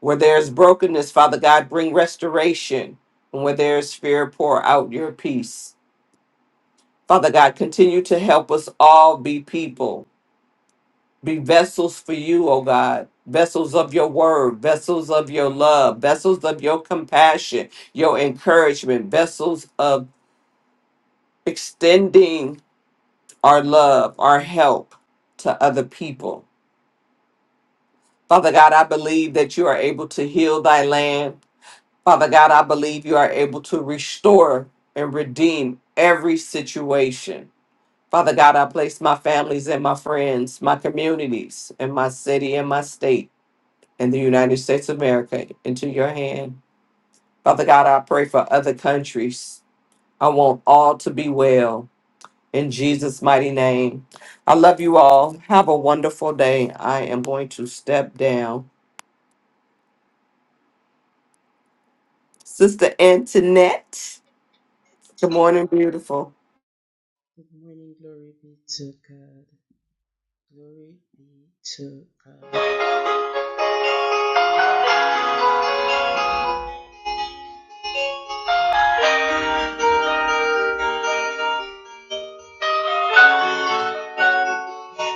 Speaker 6: Where there's brokenness, Father God, bring restoration. And where there's fear, pour out your peace. Father God, continue to help us all be people, be vessels for you, O God, vessels of your word, vessels of your love, vessels of your compassion, your encouragement, vessels of extending our love, our help to other people. Father God, I believe that you are able to heal thy land. Father God, I believe you are able to restore and redeem every situation. Father God, I place my families and my friends, my communities, and my city and my state in the United States of America into your hand. Father God, I pray for other countries. I want all to be well in Jesus' mighty name. I love you all. Have a wonderful day. I am going to step down. Sister Antoinette, good morning, beautiful.
Speaker 10: Good morning, glory be to God. Glory be to God.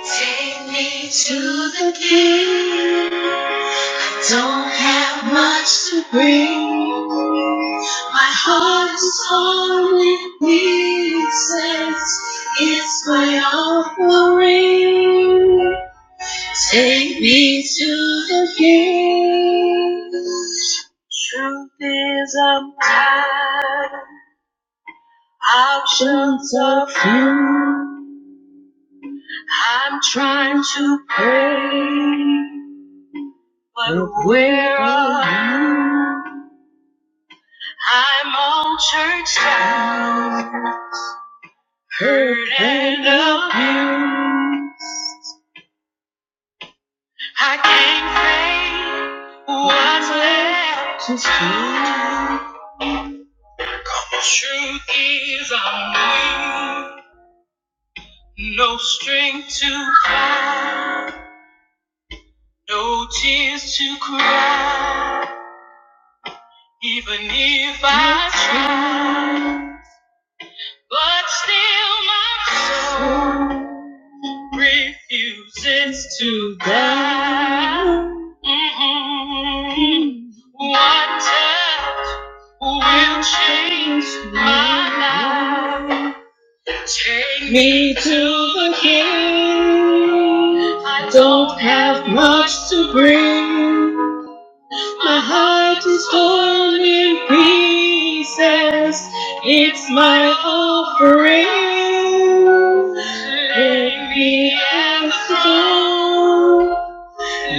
Speaker 10: Take me to the King. I don't have much to bring. My heart is torn in pieces. It's my offering. Take me to the King. Truth is, I'm tired. Options are few. I'm trying to pray, but where are you? I'm all churched out, hurt and abused. I can't say what's left to do. Truth is, I'm weak. No strength to fight, no tears to cry. Even if I try, but still my soul refuses to die. Mm-mm. One touch will change my life. Take me to the king. I don't have much to bring. My heart is torn in pieces. It's my offering. Let me at the throne.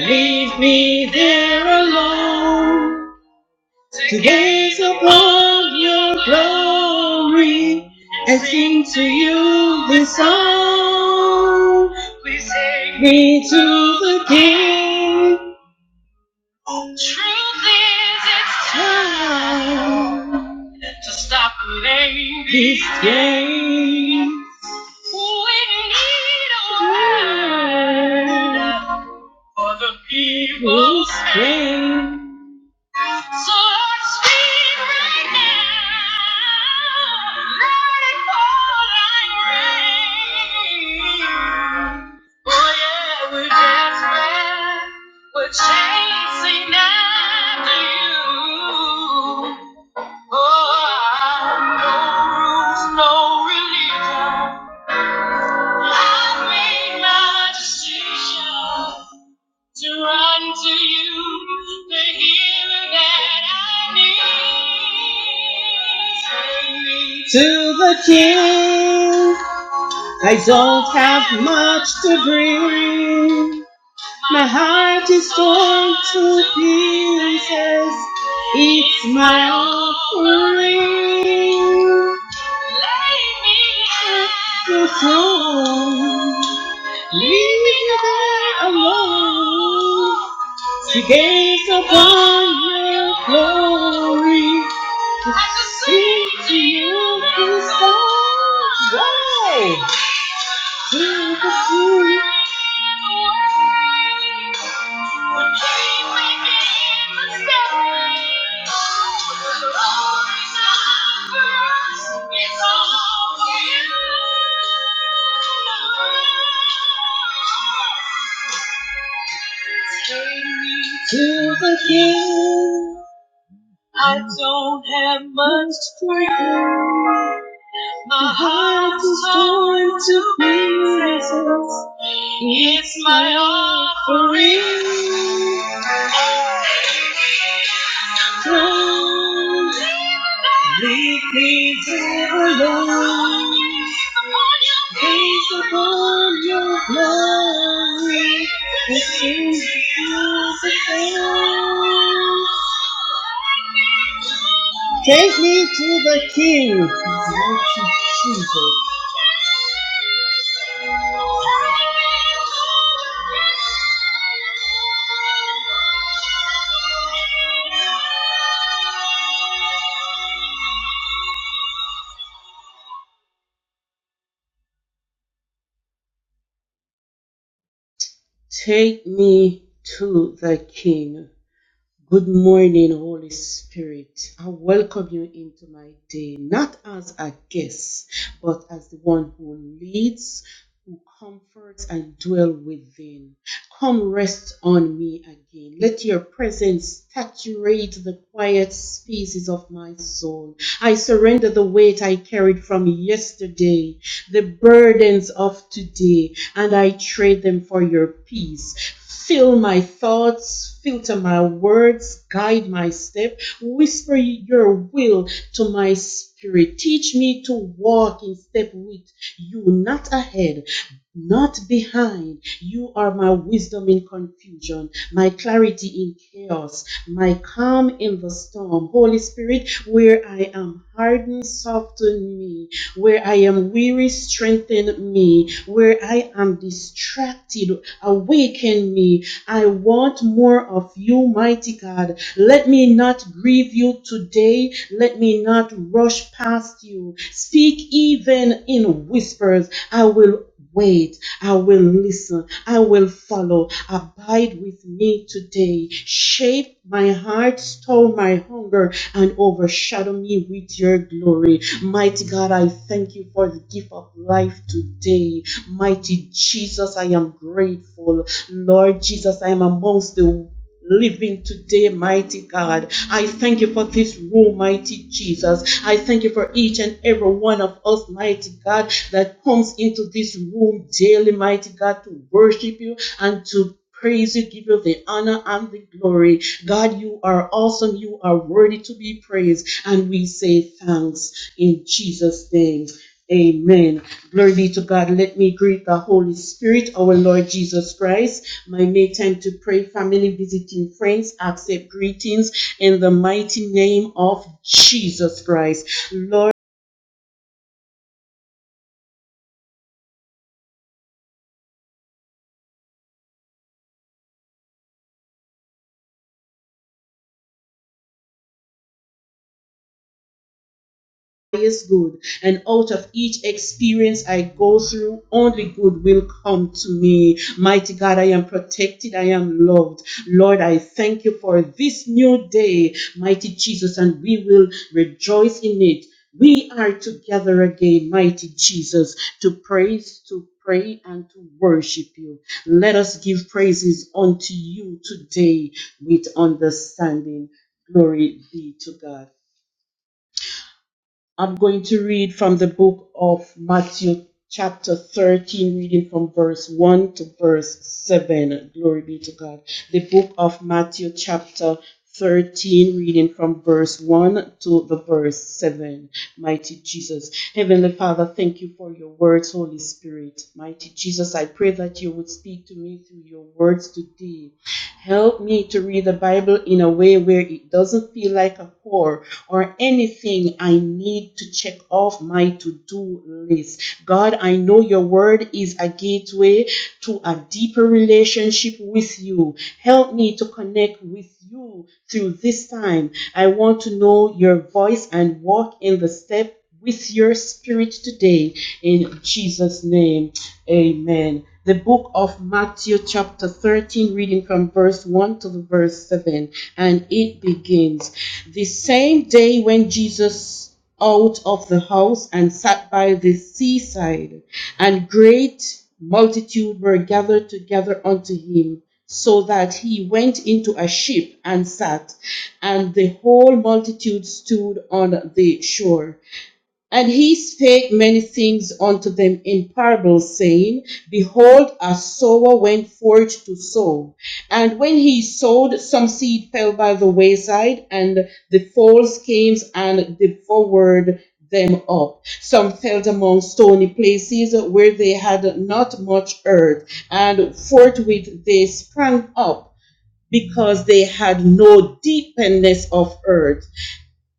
Speaker 10: Leave me there alone to gaze upon your glory and sing to you this song. Take me to the King. Truth is, it's time to stop playing these games. We need a word for the people's pain. So Lord, speak right now. Let it fall like rain. Oh yeah, we're desperate. We're chasing after you. Oh, no rules, no religion. I've made my decision to run to you, the healer that I need. Take me to the King. I don't have much to bring. My heart is torn to pieces. It's my offering. Lay me at your throne. Leave me there alone to gaze upon your glory. To sing to you in songs. Why? To the truth. To the hill, I don't have much to give. My heart is torn to pieces. It's my offering. Don't leave me here alone. Gaze upon your glory. It seems you the same. Take me to the King. Take me to the King. Good morning, Holy Spirit. I welcome you into my day, not as a guest, but as the one who leads comforts and dwell within. Come rest on me again. Let your presence saturate the quiet spaces of my soul. I surrender the weight I carried from yesterday, the burdens of today, and I trade them for your peace. Fill my thoughts, filter my words, guide my step, whisper your will to my spirit. Teach me to walk in step with you, not ahead, not behind. You are my wisdom in confusion, my clarity in chaos, my calm in the storm. Holy Spirit, where I am hardened, soften me. Where I am weary, strengthen me. Where I am distracted, awaken me. I want more of you, mighty God. Let me not grieve you today. Let me not rush past you. Speak even in whispers. I will wait. I will listen. I will follow. Abide with me today. Shape my heart, store my hunger, and overshadow me with your glory. Mighty God, I thank you for the gift of life today. Mighty Jesus, I am grateful. Lord Jesus, I am amongst the living today, mighty God. I thank you for this room, mighty Jesus. I thank you for each and every one of us, mighty God, that comes into this room daily, mighty God, to worship you and to praise you, give you the honor and the glory. God, you are awesome. You are worthy to be praised. And we say thanks in Jesus' name. Amen. Glory be to God. Let me greet the Holy Spirit, our Lord Jesus Christ. My make time to pray, family, visiting friends, accept greetings in the mighty name of Jesus Christ. Lord, highest good, and out of each experience I go through, only good will come to me. Mighty God, I am protected, I am loved. Lord, I thank you for this new day, mighty Jesus, and we will rejoice in it. We are together again, mighty Jesus, to praise, to pray, and to worship you. Let us give praises unto you today with understanding. Glory be to God. I'm going to read from the book of Matthew, chapter 13, reading from verse 1 to verse 7. Glory be to God. The book of Matthew, chapter 13, reading from verse 1 to the verse 7. Mighty Jesus. Heavenly Father, thank you for your words, Holy Spirit. Mighty Jesus, I pray that you would speak to me through your words today. Help me to read the Bible in a way where it doesn't feel like a chore or anything I need to check off my to do list. God, I know your word is a gateway to a deeper relationship with you. Help me to connect with you through this time. I want to know your voice and walk in the step with your spirit today in Jesus' name. Amen. The book of Matthew, chapter 13, reading from verse 1 to the verse 7, and it begins The same day when Jesus out of the house and sat by the seaside, and great multitude were gathered together unto him, so that he went into a ship and sat, and the whole multitude stood on the shore. And he spake many things unto them in parables, saying, Behold, a sower went forth to sow. And when he sowed, some seed fell by the wayside, and the fowls came and devoured them up. Some fell among stony places where they had not much earth, and forthwith they sprang up, because they had no deepness of earth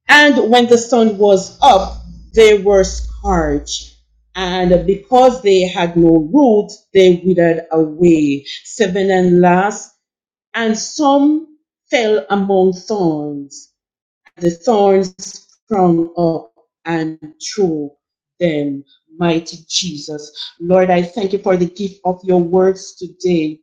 Speaker 10: and when the sun was up, they were scorched. And because they had no root, they withered away. Seven and last, and some fell among thorns. The thorns sprung up and threw them. Mighty Jesus. Lord, I thank you for the gift of your words today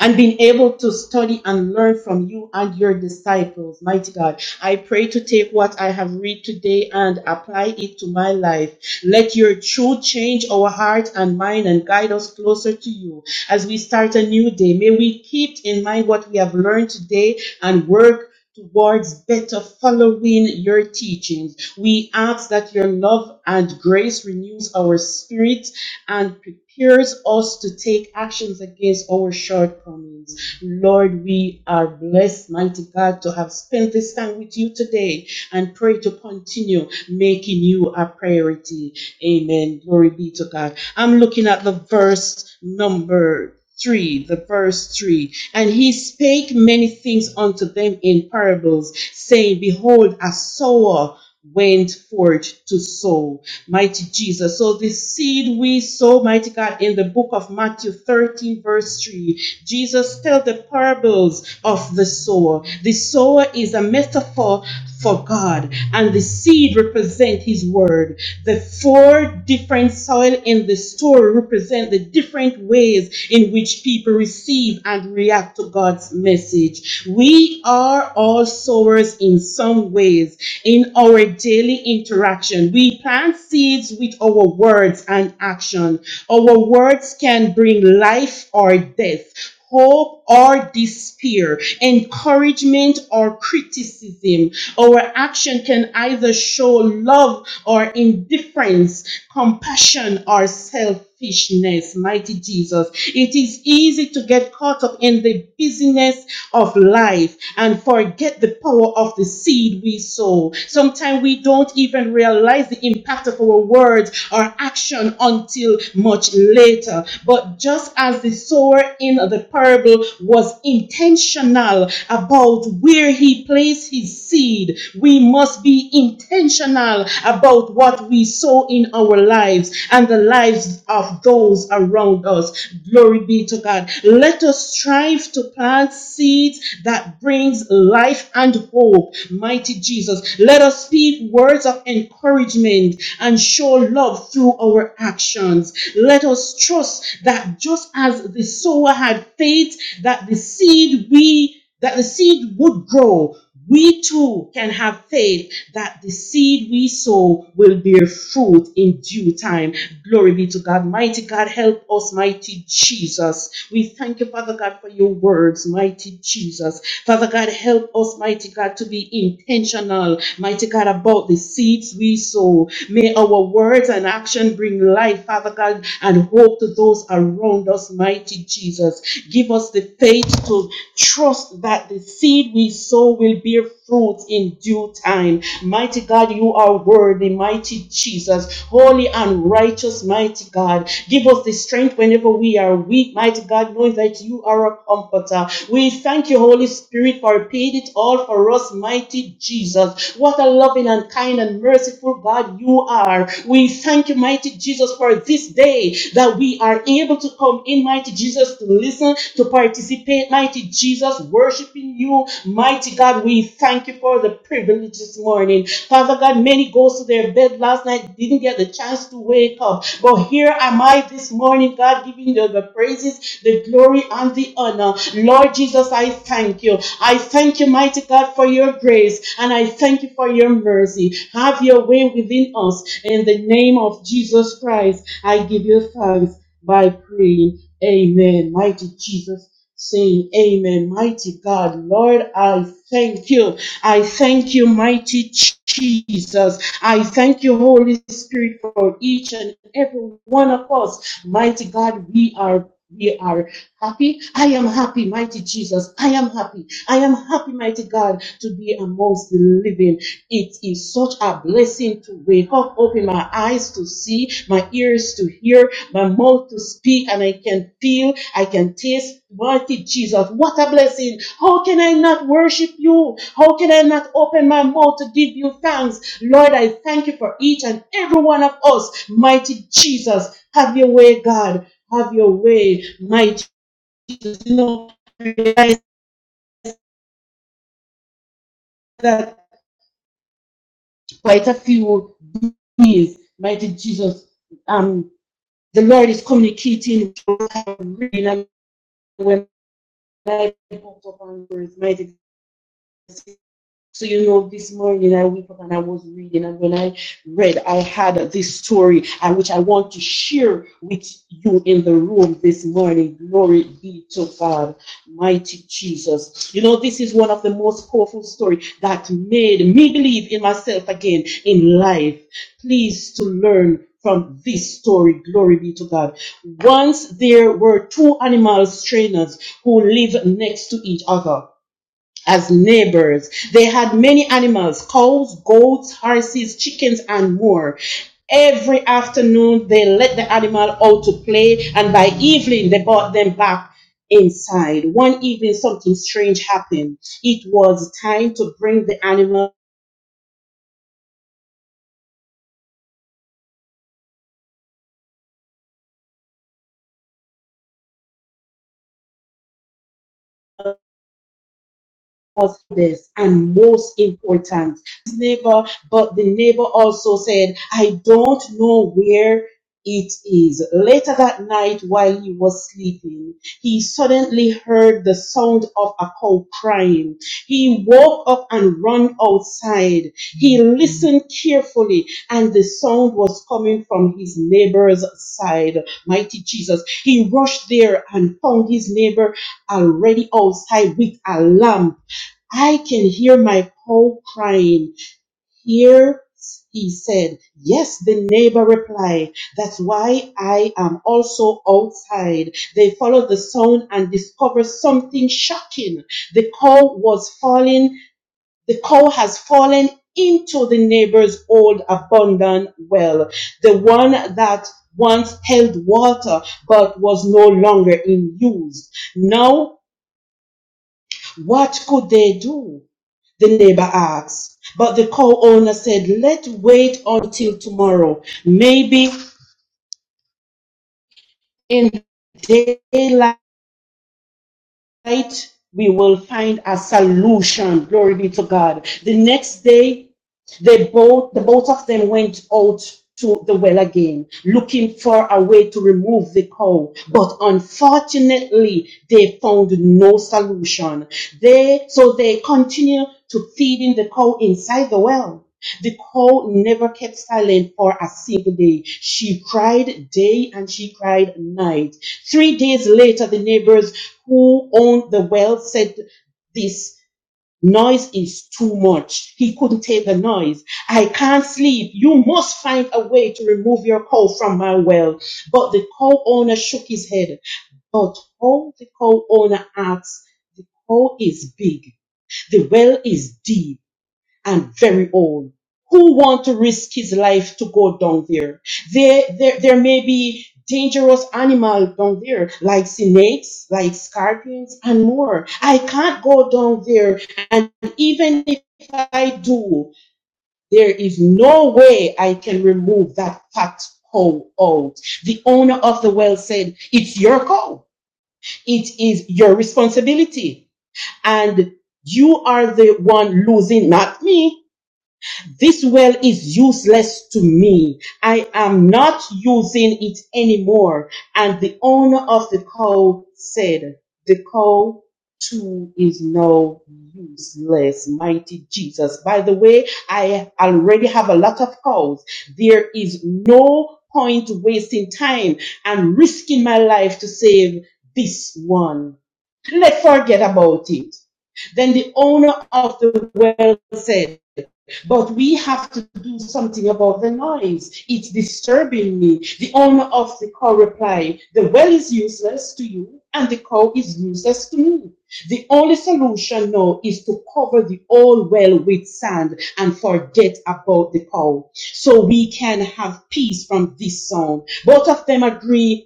Speaker 10: and being able to study and learn from you and your disciples. Mighty God, I pray to take what I have read today and apply it to my life. Let your truth change our heart and mind and guide us closer to you as we start a new day. May we keep in mind what we have learned today and work towards better following your teachings. We ask that your love and grace renews our spirit and prepares us to take actions against our shortcomings. Lord, we are blessed, mighty God, to have spent this time with you today and pray to continue making you a priority. Amen. Glory be to God. I'm looking at the verse number three, the verse three. And he spake many things unto them in parables, saying, Behold, a sower went forth to sow. Mighty Jesus. So the seed we sow, mighty God, in the book of Matthew 13, verse 3, Jesus tells the parables of the sower. The sower is a metaphor for God, and the seed represents his word. The the four different soil in the story represent the different ways in which people receive and react to God's message. We are all sowers in some ways in our daily interaction. We plant seeds with our words and action. Our words can bring life or death hope or despair, encouragement or criticism. Our action can either show love or indifference, compassion or selfishness. Mighty Jesus, it is easy to get caught up in the busyness of life and forget the power of the seed we sow. Sometimes we don't even realize the impact of our words or actions action until much later. But just as the sower in the parable was intentional about where he placed his seed, we must be intentional about what we sow in our lives and the lives of those around us. Glory be to God. Let us strive to plant seeds that brings life and hope. Mighty Jesus. Jesus. Let us speak words of encouragement and show love through our actions. Let us trust that just as the sower had faith that the seed we that the seed would grow, we too can have faith that the seed we sow will bear fruit in due time. Glory be to God. Mighty God, help us, mighty Jesus. We thank you, Father God, for your word words, mighty Jesus. Father God, help us, mighty God, to be intentional, mighty God, about the seeds we sow. May our words and action bring life, Father God, and hope to those around us, mighty Jesus. Give us the faith to trust that the seed we sow will bear fruit in due time. Mighty God, you are worthy, mighty Jesus, holy and righteous, mighty mighty God. Give us the strength whenever we are weak, mighty God, knowing that you are a comforter. We thank you, Holy Spirit, for paid it all for us, mighty Jesus. What a loving and kind and merciful God you are. We thank you, mighty Jesus, for this day that we are able to come in, mighty Jesus, to listen, to participate, mighty Jesus, worshiping you, mighty God. We thank you for the privilege this morning. Father God, many goes to their bed last night, didn't get the chance to wake up. But here am I this morning, God, giving you the praises, the glory, and the honor. Lord Jesus, I thank you. I thank you, mighty God, for your grace, and I thank you for your mercy. Have your way within us. In the name of Jesus Christ, I give you thanks by praying. Amen. Mighty Jesus, saying amen. Mighty God, Lord, I thank you. I thank you, mighty Jesus. I thank you, Holy Spirit, for each and every one of us. Mighty God, we are. We are happy. I am happy, mighty Jesus. I am happy. I am happy, mighty God, to be amongst the living. It is such a blessing to wake up, open my eyes to see, my ears to hear, my mouth to speak and I can feel, I can taste. Mighty Jesus, what a blessing. How can I not worship you? How can I not open my mouth to give you thanks? Lord, I thank you for each and every one of us. Mighty Jesus, have your way, God. Have your way, mighty Jesus. You know, I realize that quite a few days, mighty Jesus, um, the Lord is communicating. through what When I looked up on words, mighty So, you know, this morning I woke up and I was reading, and when I read, I had this story, and which I want to share with you in the room this morning. Glory be to God, mighty Jesus. You know, this is one of the most powerful stories that made me believe in myself again in life. Please to learn from this story. Glory be to God. Once there were two animal trainers who lived next to each other as neighbors. They had many animals cows, goats, horses, chickens, and more. Every afternoon, they let the animal out to play, and by evening, they brought them back inside. One evening, something strange happened. It was time to bring the animal was this and most important his neighbor but the neighbor also said i don't know where it is later that night while he was sleeping he suddenly heard the sound of a cow crying he woke up and ran outside he listened carefully and the sound was coming from his neighbor's side mighty jesus he rushed there and found his neighbor already outside with a lamb I can hear my cow crying. Here he said, Yes, the neighbor replied, That's why I am also outside. They followed the sound and discovered something shocking. The cow was falling, the cow has fallen into the neighbor's old abandoned well, the one that once held water but was no longer in use. Now what could they do? The neighbor asked. But the co-owner said, let's wait until tomorrow. Maybe in daylight we will find a solution. Glory be to God. The next day They both, the both of them went out to the well again, looking for a way to remove the cow. But unfortunately, they found no solution. They, so they continued to feeding the cow inside the well. The cow never kept silent for a single day. She cried day and she cried night. Three days later, the neighbors who owned the well said this Noise is too much. He couldn't take the noise. I can't sleep. You must find a way to remove your cow from my well. But the cow owner shook his head. But how the cow owner asked, the cow is big. The well is deep and very old who want to risk his life to go down there. There, there, there may be dangerous animals down there, like snakes, like scorpions, and more. I can't go down there. And even if I do, there is no way I can remove that fat cow out. The owner of the well said, it's your cow. It is your responsibility. And you are the one losing, not me this well is useless to me. I am not using it anymore. And the owner of the cow said, the cow too is now useless. Mighty Jesus. By the way, I already have a lot of cows. There is no point wasting time and risking my life to save this one. Let's forget about it. Then the owner of the well said, but we have to do something about the noise. It's disturbing me. The owner of the cow replied, The well is useless to you, and the cow is useless to me. The only solution now is to cover the old well with sand and forget about the cow, so we can have peace from this song. Both of them agree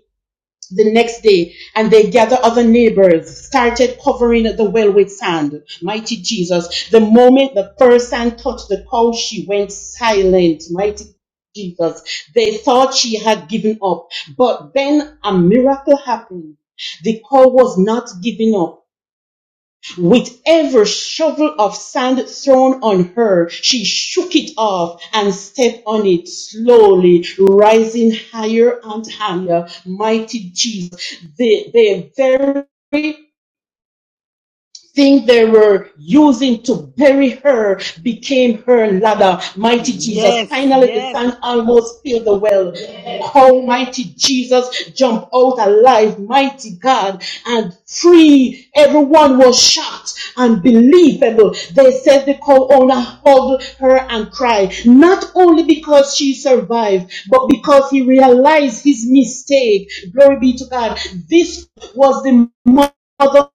Speaker 10: the next day, and they gather other neighbors, started covering the well with sand. Mighty Jesus, the moment the first sand touched the cow, she went silent. Mighty Jesus, they thought she had given up, but then a miracle happened. The cow was not giving up. With every shovel of sand thrown on her, she shook it off and stepped on it slowly, rising higher and higher. Mighty Jesus, the, the very thing they were using to bury her became her ladder. Mighty Jesus.
Speaker 5: Yes,
Speaker 10: Finally, the
Speaker 5: yes,
Speaker 10: sand almost filled the well. Oh, mighty Jesus, jump out alive, mighty God, and free. Everyone was shocked and believable. They said the co-owner hugged her and cried, not only because she survived, but because he realized his mistake. Glory be to God. This was the mother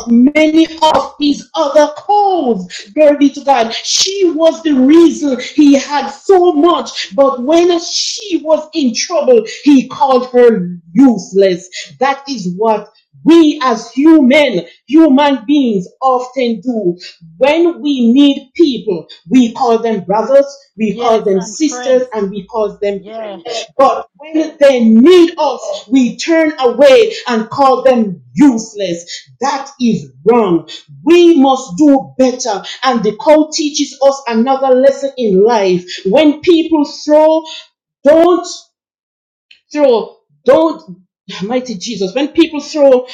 Speaker 10: of many of his other calls. Glory be to God. She was the reason he had so much, but when she was in trouble, he called her useless. That is what we as human, human beings often do. When we need people, people. We call them brothers, we call
Speaker 5: yes,
Speaker 10: them
Speaker 5: and
Speaker 10: sisters,
Speaker 5: friends.
Speaker 10: and we call them
Speaker 5: Yeah.
Speaker 10: friends. But when they need us, we turn away and call them useless. That is wrong. We must do better. And the call teaches us another lesson in life. When people throw, don't throw don't mighty jesus when people throw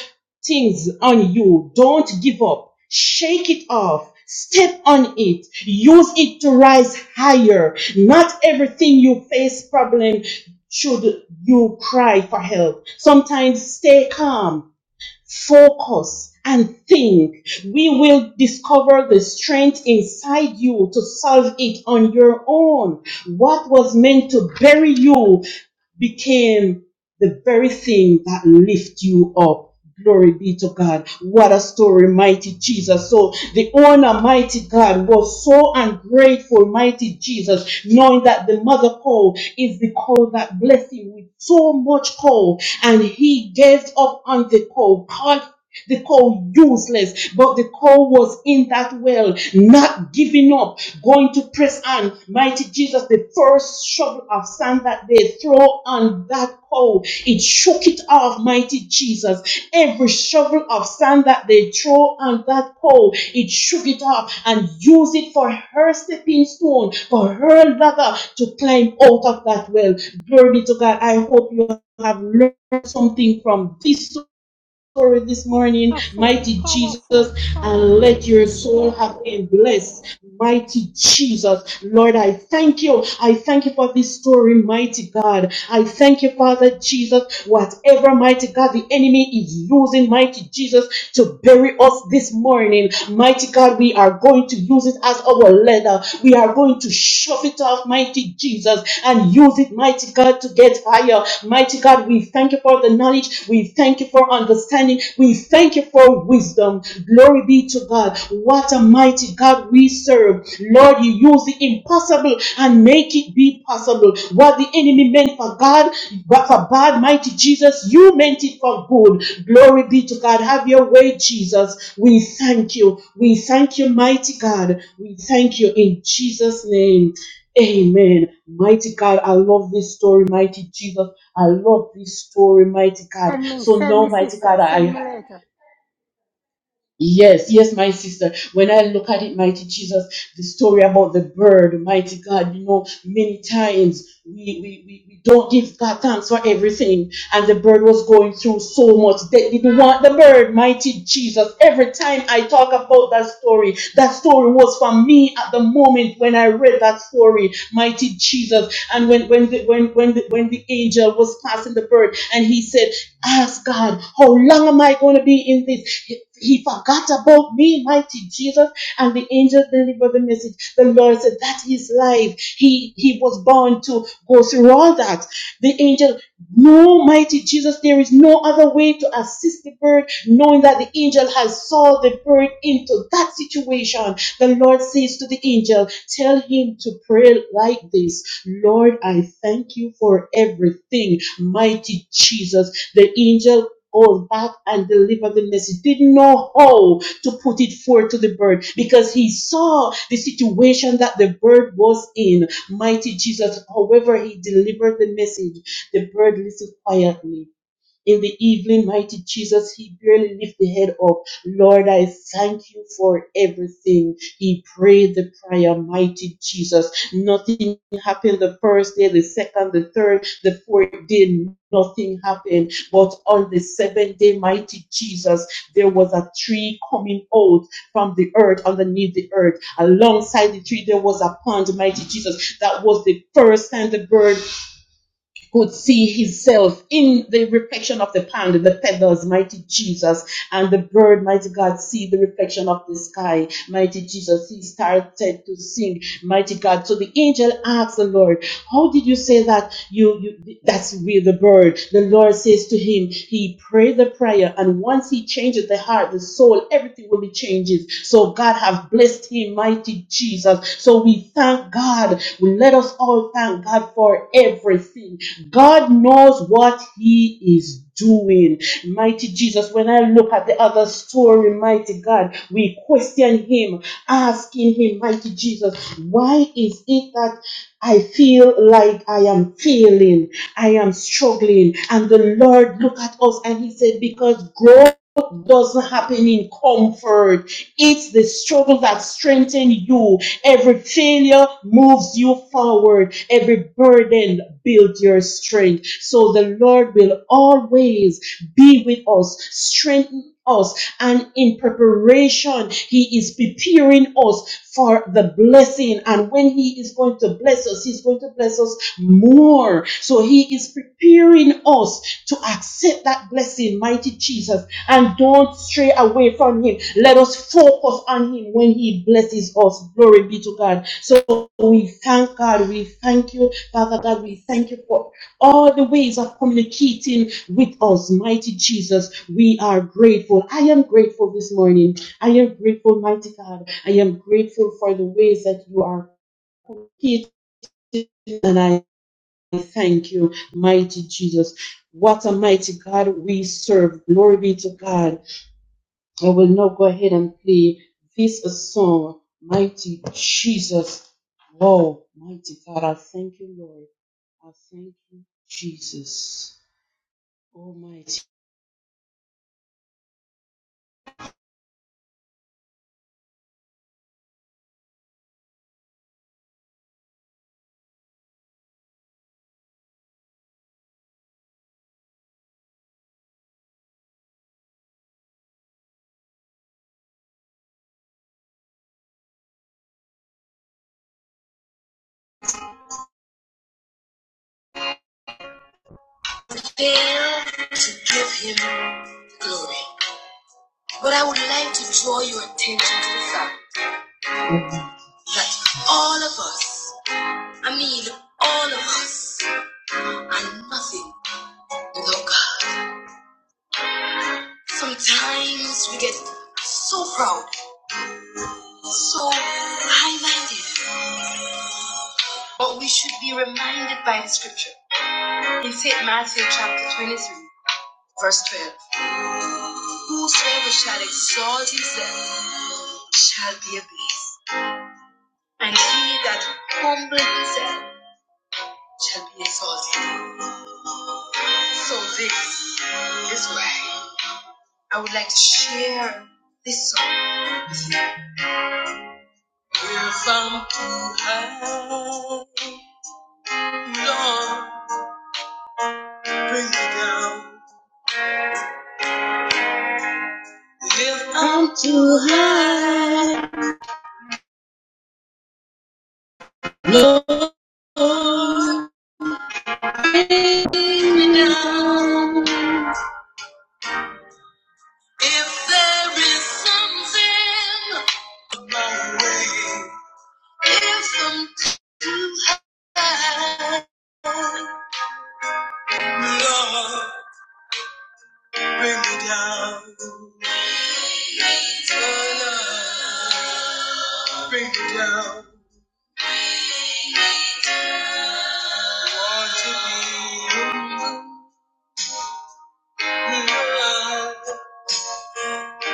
Speaker 10: things on you don't give up shake it off step on it use it to rise higher not everything you face problem should you cry for help sometimes stay calm Focus and think. We will discover the strength inside you to solve it on your own. What was meant to bury you became the very thing that lifts you up. Glory be to God. What a story, mighty Jesus. So the owner, mighty God, was so ungrateful, mighty Jesus, knowing that the mother cow is the cow that blessed him with so much coal, and he gave up on the coal, called the coal useless, but the coal was in that well, not giving up going to press on. Mighty Jesus, the first shovel of sand that they throw on that pole, it shook it off, mighty Jesus. Every shovel of sand that they throw on that pole, it shook it off and used it for her stepping stone, for her ladder to climb out of that well. Glory be to God. I hope you have learned something from this story this morning,
Speaker 5: Powerful,
Speaker 10: mighty Jesus,
Speaker 5: powerful,
Speaker 10: and
Speaker 5: powerful.
Speaker 10: let your soul have been blessed, mighty Jesus. Lord, I thank you. I thank you for this story, mighty God. I thank you, Father Jesus. Whatever, mighty God, the enemy is using, mighty Jesus, to bury us this morning. Mighty God, we are going to use it as our leather. We are going to shove it off, mighty Jesus, and use it, mighty God, to get higher. Mighty God, we thank you for the knowledge. We thank you for understanding. We thank you for wisdom. Glory be to God. What a mighty mighty God we serve. Lord, you use the impossible and make it be possible. What the enemy meant for God, but for bad, mighty Jesus, you meant it for good. Glory be to God. Have your way, Jesus. We thank you. We thank you, mighty God. We thank you in Jesus' name. Amen. Mighty God, I love this story, mighty Jesus. I love this story, mighty God.
Speaker 5: Send me,
Speaker 10: So
Speaker 5: send
Speaker 10: now,
Speaker 5: me,
Speaker 10: mighty
Speaker 5: sister.
Speaker 10: God,
Speaker 5: Send me
Speaker 10: I
Speaker 5: later.
Speaker 10: Yes, yes, my sister. When I look at it, mighty Jesus, the story about the bird, mighty God, you know, many times we, we, we, we don't give God thanks for everything. And the bird was going through so much. They didn't want the bird, mighty Jesus. Every time I talk about that story, that story was for me at the moment when I read that story, mighty Jesus. And when when the, when when the, when the angel was passing the bird, and he said Ask God, how long am I going to be in this? He he forgot about me, mighty Jesus. And the angel delivered the message. The Lord said, That is life. He he was born to go through all that. The angel, no, mighty Jesus, there is no other way to assist the bird, knowing that the angel has saw the bird into that situation. The Lord says to the angel, Tell him to pray like this Lord, I thank you for everything, mighty Jesus. The angel goes back and deliver the message. Didn't know how to put it forth to the bird because he saw the situation that the bird was in. Mighty Jesus. However, he delivered the message. The bird listened quietly in the evening, mighty Jesus, he barely lifted the head up. Lord, I thank you for everything. He prayed the prayer, mighty Jesus. Nothing happened the first day, the second, the third, the fourth day. Nothing happened. But on the seventh day, mighty Jesus, there was a tree coming out from the earth, underneath the earth. Alongside the tree, there was a pond, mighty Jesus. That was the first time the bird could see himself in the reflection of the pond, the feathers, mighty Jesus, and the bird, mighty God, see the reflection of the sky, mighty Jesus. He started to sing, mighty God. So the angel asked the Lord, "How did you say that? You, you that's real, the bird." The Lord says to him, "He prayed the prayer, and once he changes the heart, the soul, everything will be changes." So God have blessed him, mighty Jesus. So we thank God. We let us all thank God for everything God knows what He is doing. Mighty Jesus, when I look at the other story, mighty God, we question Him, asking Him, mighty Jesus, why is it that I feel like I am failing, I am struggling? And the Lord looked at us and He said, because growth doesn't happen in comfort. It's the struggle that strengthens you. Every failure moves you forward. Every burden builds your strength. So the Lord will always be with us, strengthen us, and in preparation, He is preparing us for the blessing. And when He is He's going to bless us. He's going to bless us more. So He is preparing us to accept that blessing, mighty Jesus, and don't stray away from Him. Let us focus on Him when He blesses us. Glory be to God. So we thank God. We thank you, Father God. We thank you for all the ways of communicating with us, mighty Jesus. We are grateful. I am grateful this morning. I am grateful, mighty God. I am grateful for the ways that you are and I thank you, mighty Jesus. What a mighty God we serve. Glory be to God. I will now go ahead and play this song, Mighty Jesus. Oh, mighty God. I thank you, Lord. I thank you, Jesus. Almighty. Fail to give him glory. But I would like to draw your attention to the fact that all of us I mean, all of us are nothing without God. Sometimes we get so proud, so high-minded, but we should be reminded by the scripture in St. Matthew chapter 23, verse 12. Whosoever shall exalt himself shall be abased, and he that humbleth himself shall be exalted. So this is why I would like to share this song If I'm too high, Lord, bring me down. If I'm too high, Lord, bring me down. If there is something, if I'm too high, Lord, Lord, bring me down. I Want to be in your love,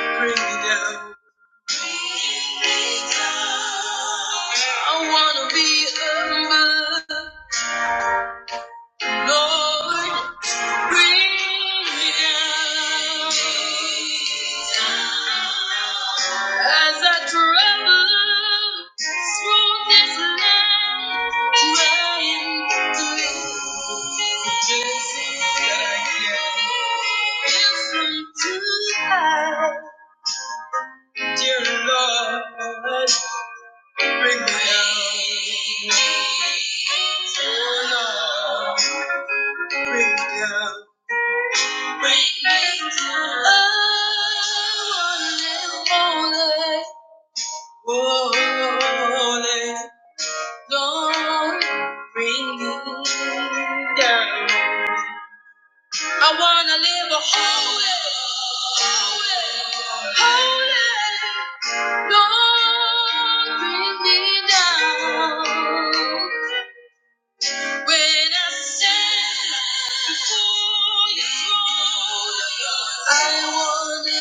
Speaker 10: bring me down. I wanna be my Lord. Bring me down. As I travel through this land, trying to live just as I am. If I'm too high, dear Lord, I wanna live a holy, holy, holy. Lord, bring me down. When I stand before your throne, I want it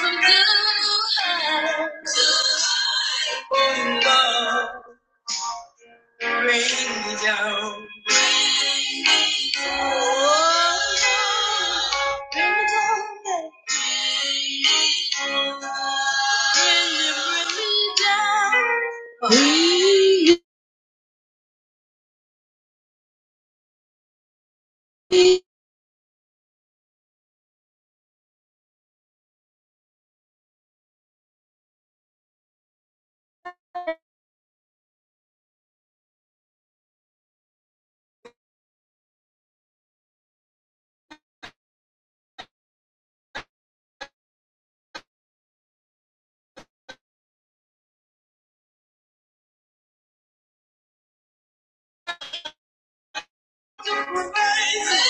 Speaker 10: from you. Oh, Lord, rain down. Oh, Lord, rain down. Can you bring me down? Praise you, Jesus.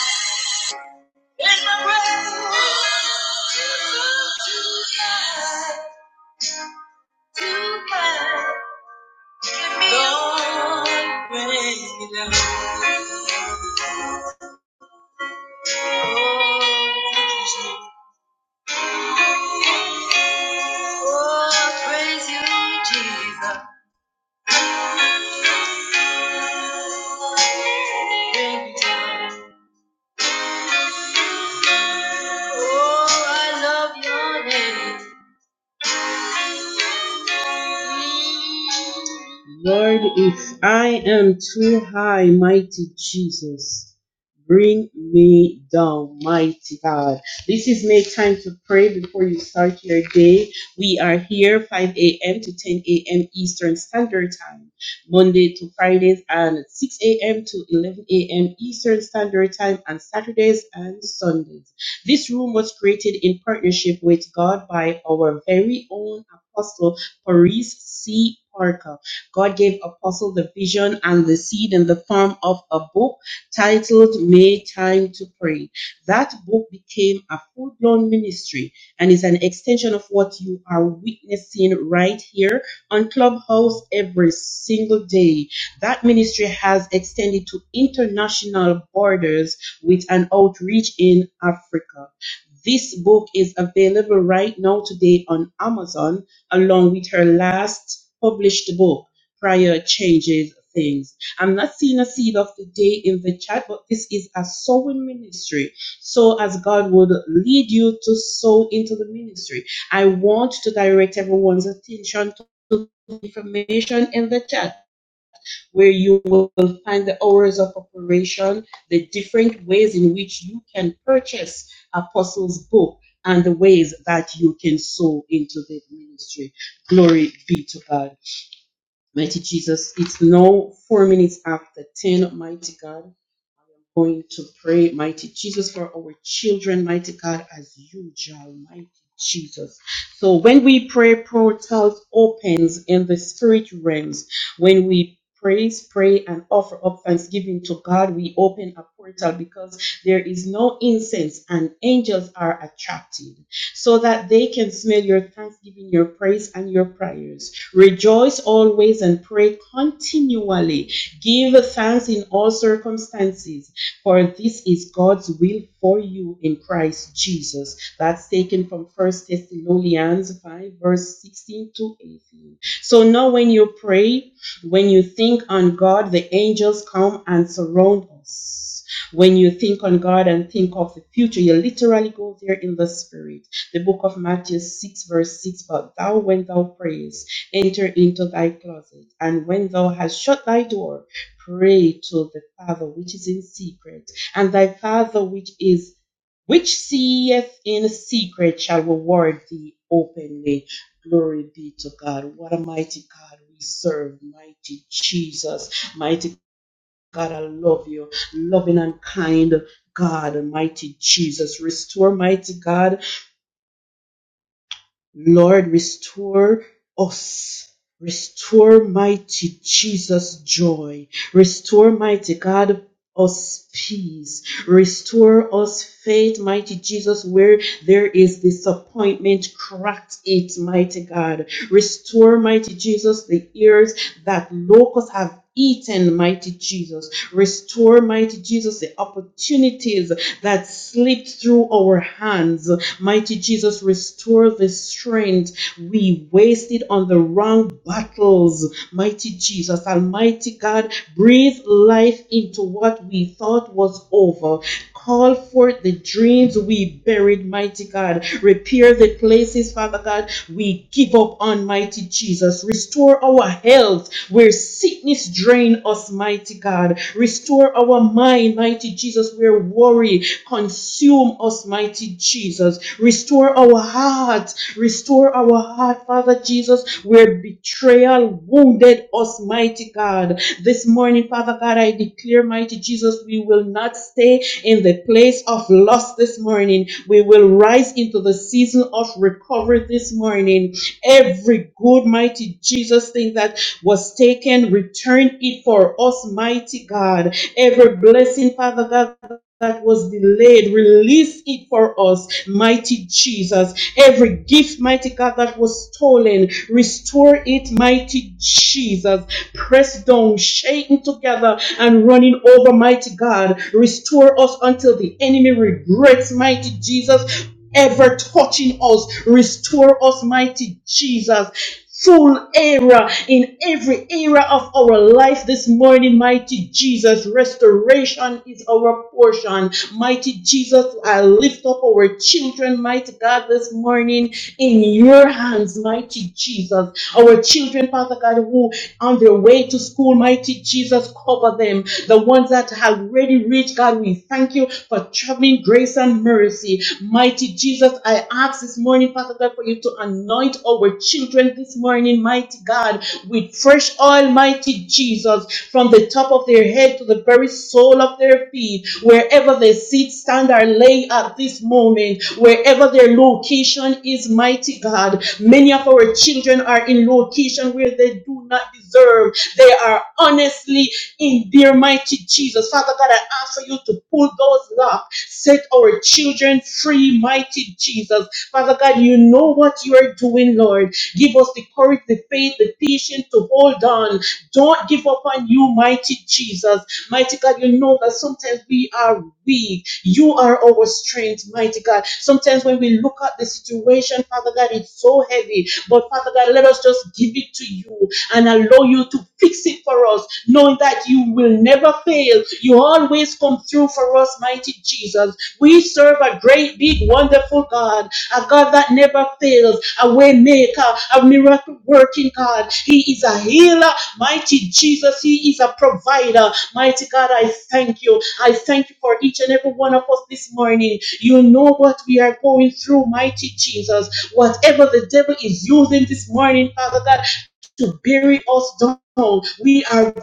Speaker 10: Bring down. Oh, I love your name. Lord, if I am too high, mighty Jesus, bring me down, mighty God. This is make time to pray before you start your day. We are here 5 a.m. to 10 a.m. Eastern Standard Time, Monday to Fridays, and 6 a.m. to 11 a.m. Eastern Standard Time, and Saturdays and Sundays. This room was created in partnership with God by our very own Apostle Paris C. Parker. God gave Apostle the vision and the seed in the form of a book titled May Time to Pray. That book became a full blown ministry and is an extension of what you are witnessing right here on Clubhouse every single day. That ministry has extended to international borders with an outreach in Africa. This book is available right now today on Amazon along with her last published book. Prayer changes things. I'm not seeing a seed of the day in the chat, but this is a sowing ministry. So as God would lead you to sow into the ministry. I want to direct everyone's attention to the information in the chat where you will find the hours of operation, the different ways in which you can purchase Apostles' book, and the ways that you can sow into the ministry. Glory be to God. Mighty Jesus, it's now four minutes after 10, mighty God. I am going to pray, mighty Jesus, for our children, mighty God, as usual, mighty Jesus. So when we pray, portals opens in the spirit realms. When we praise, pray, and offer up thanksgiving to God, we open a portal because there is no incense and angels are attracted so that they can smell your thanksgiving, your praise, and your prayers. Rejoice always and pray continually. Give thanks in all circumstances, for this is God's will for you in Christ Jesus. That's taken from First Thessalonians 5, verse 16 to 18. So now, when you pray, when you think on God, the angels come and surround us. When you think on God and think of the future, you literally go there in the spirit. The book of Matthew 6, verse 6 But thou, when thou prayest, enter into thy closet, and when thou hast shut thy door, pray to the Father which is in secret, and thy Father which is which seeth in secret shall reward thee openly. Glory be to God. What a mighty God we serve, mighty Jesus, mighty God, I love you, loving and kind. God, mighty Jesus, restore, mighty God, Lord, restore us. Restore mighty Jesus joy. Restore mighty God us peace. Restore us faith, mighty Jesus, where there is disappointment, crack it, mighty God. Restore, mighty Jesus, the ears that locusts have eaten, mighty Jesus. Restore, mighty Jesus, the opportunities that slipped through our hands. Mighty Jesus, restore the strength we wasted on the wrong battles. Mighty Jesus, Almighty God, breathe life into what we thought was over. Call forth the dreams we buried, mighty God. Repair the places, Father God, we give up on, mighty Jesus. Restore our health where sickness drained us, mighty God. Restore our mind, mighty Jesus, where worry Consume us, mighty Jesus. Restore our hearts. Restore our heart, Father Jesus, where betrayal wounded us, mighty God. This morning, Father God, I declare, mighty Jesus, we will not stay in the place of loss this morning. We will rise into the season of recovery this morning. Every good, mighty Jesus thing that was taken, return it for us, mighty God. Every blessing, Father God that was delayed, release it for us, mighty Jesus. Every gift, mighty God, that was stolen, restore it, mighty Jesus. Pressed down, shaken together, and running over, mighty God. Restore us until the enemy regrets, mighty Jesus, ever touching us. Restore us, mighty Jesus full era in every era of our life this morning, mighty Jesus. Restoration is our portion portion. Mighty Jesus, I lift up our children, mighty God, this morning in your hands, mighty Jesus. Our children, Father God, who on their way to school, mighty Jesus, cover them. The ones that have already reached, God, we thank you for traveling grace and mercy. Mighty Jesus, I ask this morning, Father God God, for you to anoint our children this morning, mighty God, with fresh oil, mighty Jesus, from the top of their head to the very sole of their feet, wherever they sit, stand, or lay at this moment, wherever their location is, mighty God. Many of our children are in location where they do not deserve. They are honestly in their mighty Jesus. Father God, I ask for you to pull those locks, set our children free, mighty Jesus. Father God, you know what you are doing, Lord. Give us the courage, the faith, the patience to hold on. Don't give up on you, mighty Jesus. Mighty God, you know that sometimes we are weak. You are our strength, mighty God. Sometimes when we look at the situation, Father God, it's so heavy. But Father God, let us just give it to you and allow you to fix it for us, knowing that you will never fail. You always come through for us, mighty Jesus. We serve a great, big, wonderful God, a God that never fails, a way maker, a miracle working God. He is a healer, mighty Jesus. He is a provider. Mighty God, I thank you. I thank you for each and every one of us this morning. You know what we are going through, mighty Jesus. Whatever the devil is using this morning, Father God, to bury us down. We are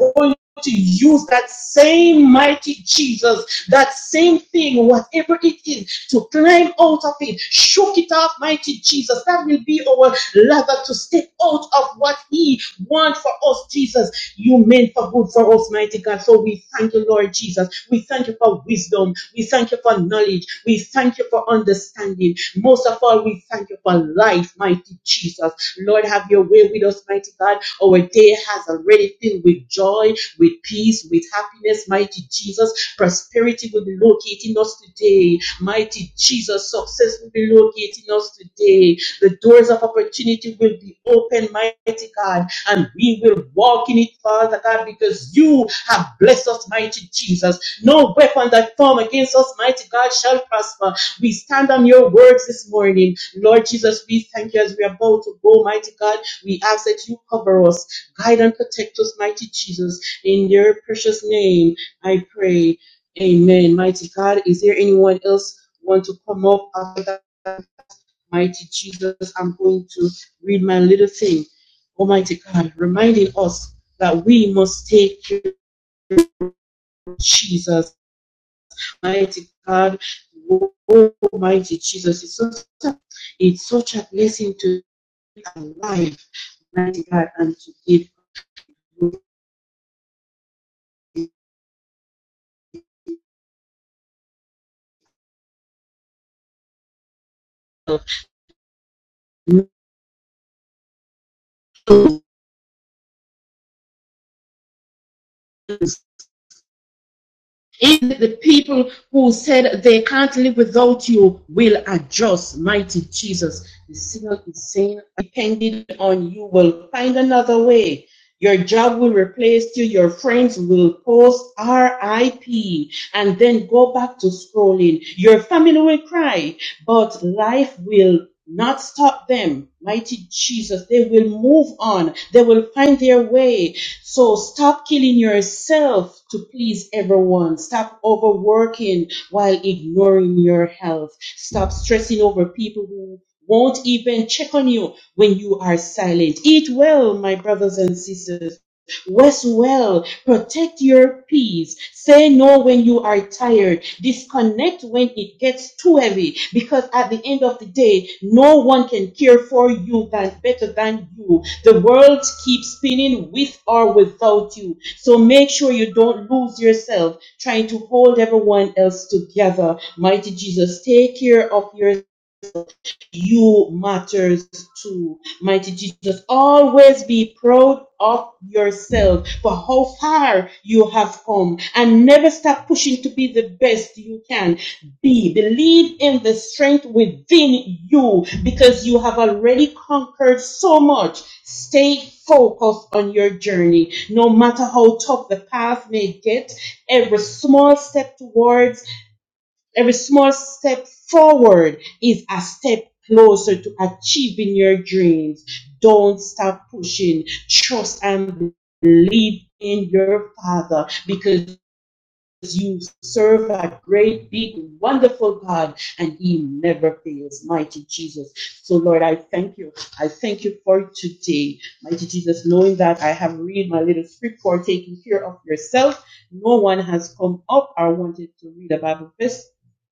Speaker 10: to use that same mighty Jesus, that same thing, whatever it is, to climb out of it, shook it off, mighty Jesus. That will be our lever to step out of what He wants for us, Jesus. You meant for good for us, mighty God. So we thank you, Lord Jesus. We thank you for wisdom. We thank you for knowledge. We thank you for understanding. Most of all, we thank you for life, mighty Jesus. Lord, have your way with us, mighty God. Our day has already filled with joy, with peace, with happiness, mighty Jesus. Prosperity will be locating us today, mighty Jesus. Success will be locating us today. The doors of opportunity will be open, mighty God, and we will walk in it, Father God, because you have blessed us, mighty Jesus. No weapon that form against us, mighty God, shall prosper we stand on your words this morning. Lord Jesus, we thank you as we are about to go, mighty God. We ask that you cover us, guide and protect us, mighty Jesus. In your precious name, I pray. Amen. Mighty God, is there anyone else want to come up after that? Mighty Jesus, I'm going to read my little thing. Almighty God, reminding us that we must take care of Jesus Almighty God, oh, Almighty Jesus. It's such, a, it's such a blessing to be alive, Almighty God, and to give yourself no Even the people who said they can't live without you will adjust, mighty Jesus. The signal is saying, depending on you, will find another way. Your job will replace you. Your friends will post RIP and then go back to scrolling. Your family will cry, but life will not stop them. Mighty Jesus, they will move on. They will find their way. So stop killing yourself to please everyone. Stop overworking while ignoring your health. Stop stressing over people who won't even check on you when you are silent. Eat well, my brothers and sisters. Rest well. Protect your peace. Say no when you are tired. Disconnect when it gets too heavy. Because at the end of the day, no one can care for you than, better than you. The world keeps spinning with or without you. So make sure you don't lose yourself trying to hold everyone else together. Mighty Jesus, take care of yourself you matters too. Mighty Jesus, always be proud of yourself for how far you have come and never stop pushing to be the best you can be. Believe in the strength within you because you have already conquered so much. Stay focused on your journey. No matter how tough the path may get, every small step towards Every small step forward is a step closer to achieving your dreams. Don't stop pushing. Trust and believe in your Father because you serve a great, big, wonderful God, and He never fails. Mighty Jesus. So, Lord, I thank you. I thank you for today. Mighty Jesus, knowing that I have read my little script for taking care of yourself. No one has come up or wanted to read a Bible verse.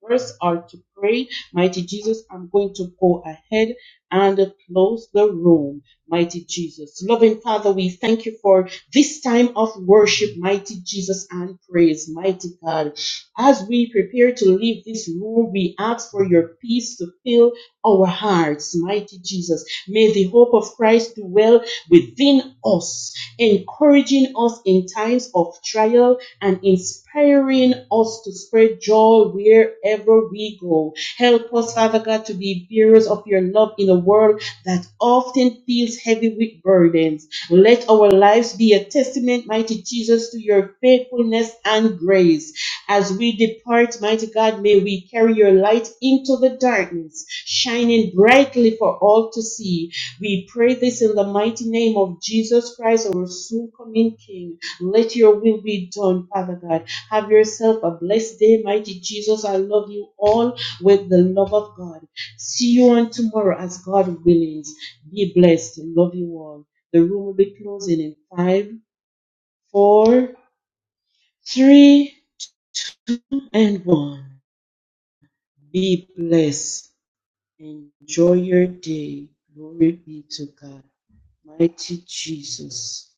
Speaker 10: Verse or to pray, mighty Jesus, I'm going to go ahead and close the room, mighty Jesus. Loving Father, we thank you for this time of worship, mighty Jesus, and praise, mighty God. As we prepare to leave this room, we ask for your peace to fill our hearts, mighty Jesus. May the hope of Christ dwell within us, encouraging us in times of trial and inspiring us to spread joy wherever we go. Help us, Father God, to be bearers of your love in a world that often feels heavy with burdens. Let our lives be a testament, mighty Jesus, to your faithfulness and grace. As we depart, mighty God, may we carry your light into the darkness, shining brightly for all to see. We pray this in the mighty name of Jesus Christ, our soon coming King. Let your will be done, Father God. Have yourself a blessed day, mighty Jesus. I love you all with the love of God. See you on tomorrow as God willing. Be blessed. Love you all. The room will be closing in five, four, three, and one. Be blessed. Enjoy your day. Glory be to God. Mighty Jesus.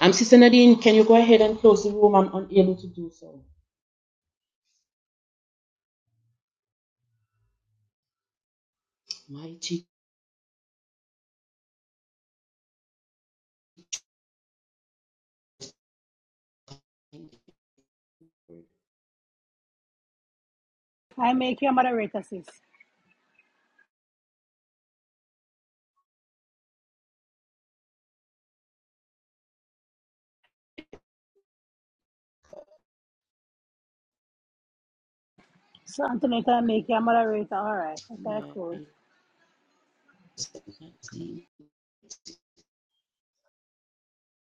Speaker 10: I'm Sister Nadine. Can you go ahead and close the room? I'm unable to do so. Mighty,
Speaker 5: I make you a moderator, sis. So Antoinette, I make you a moderator. All right. Okay, cool.
Speaker 10: mighty mighty.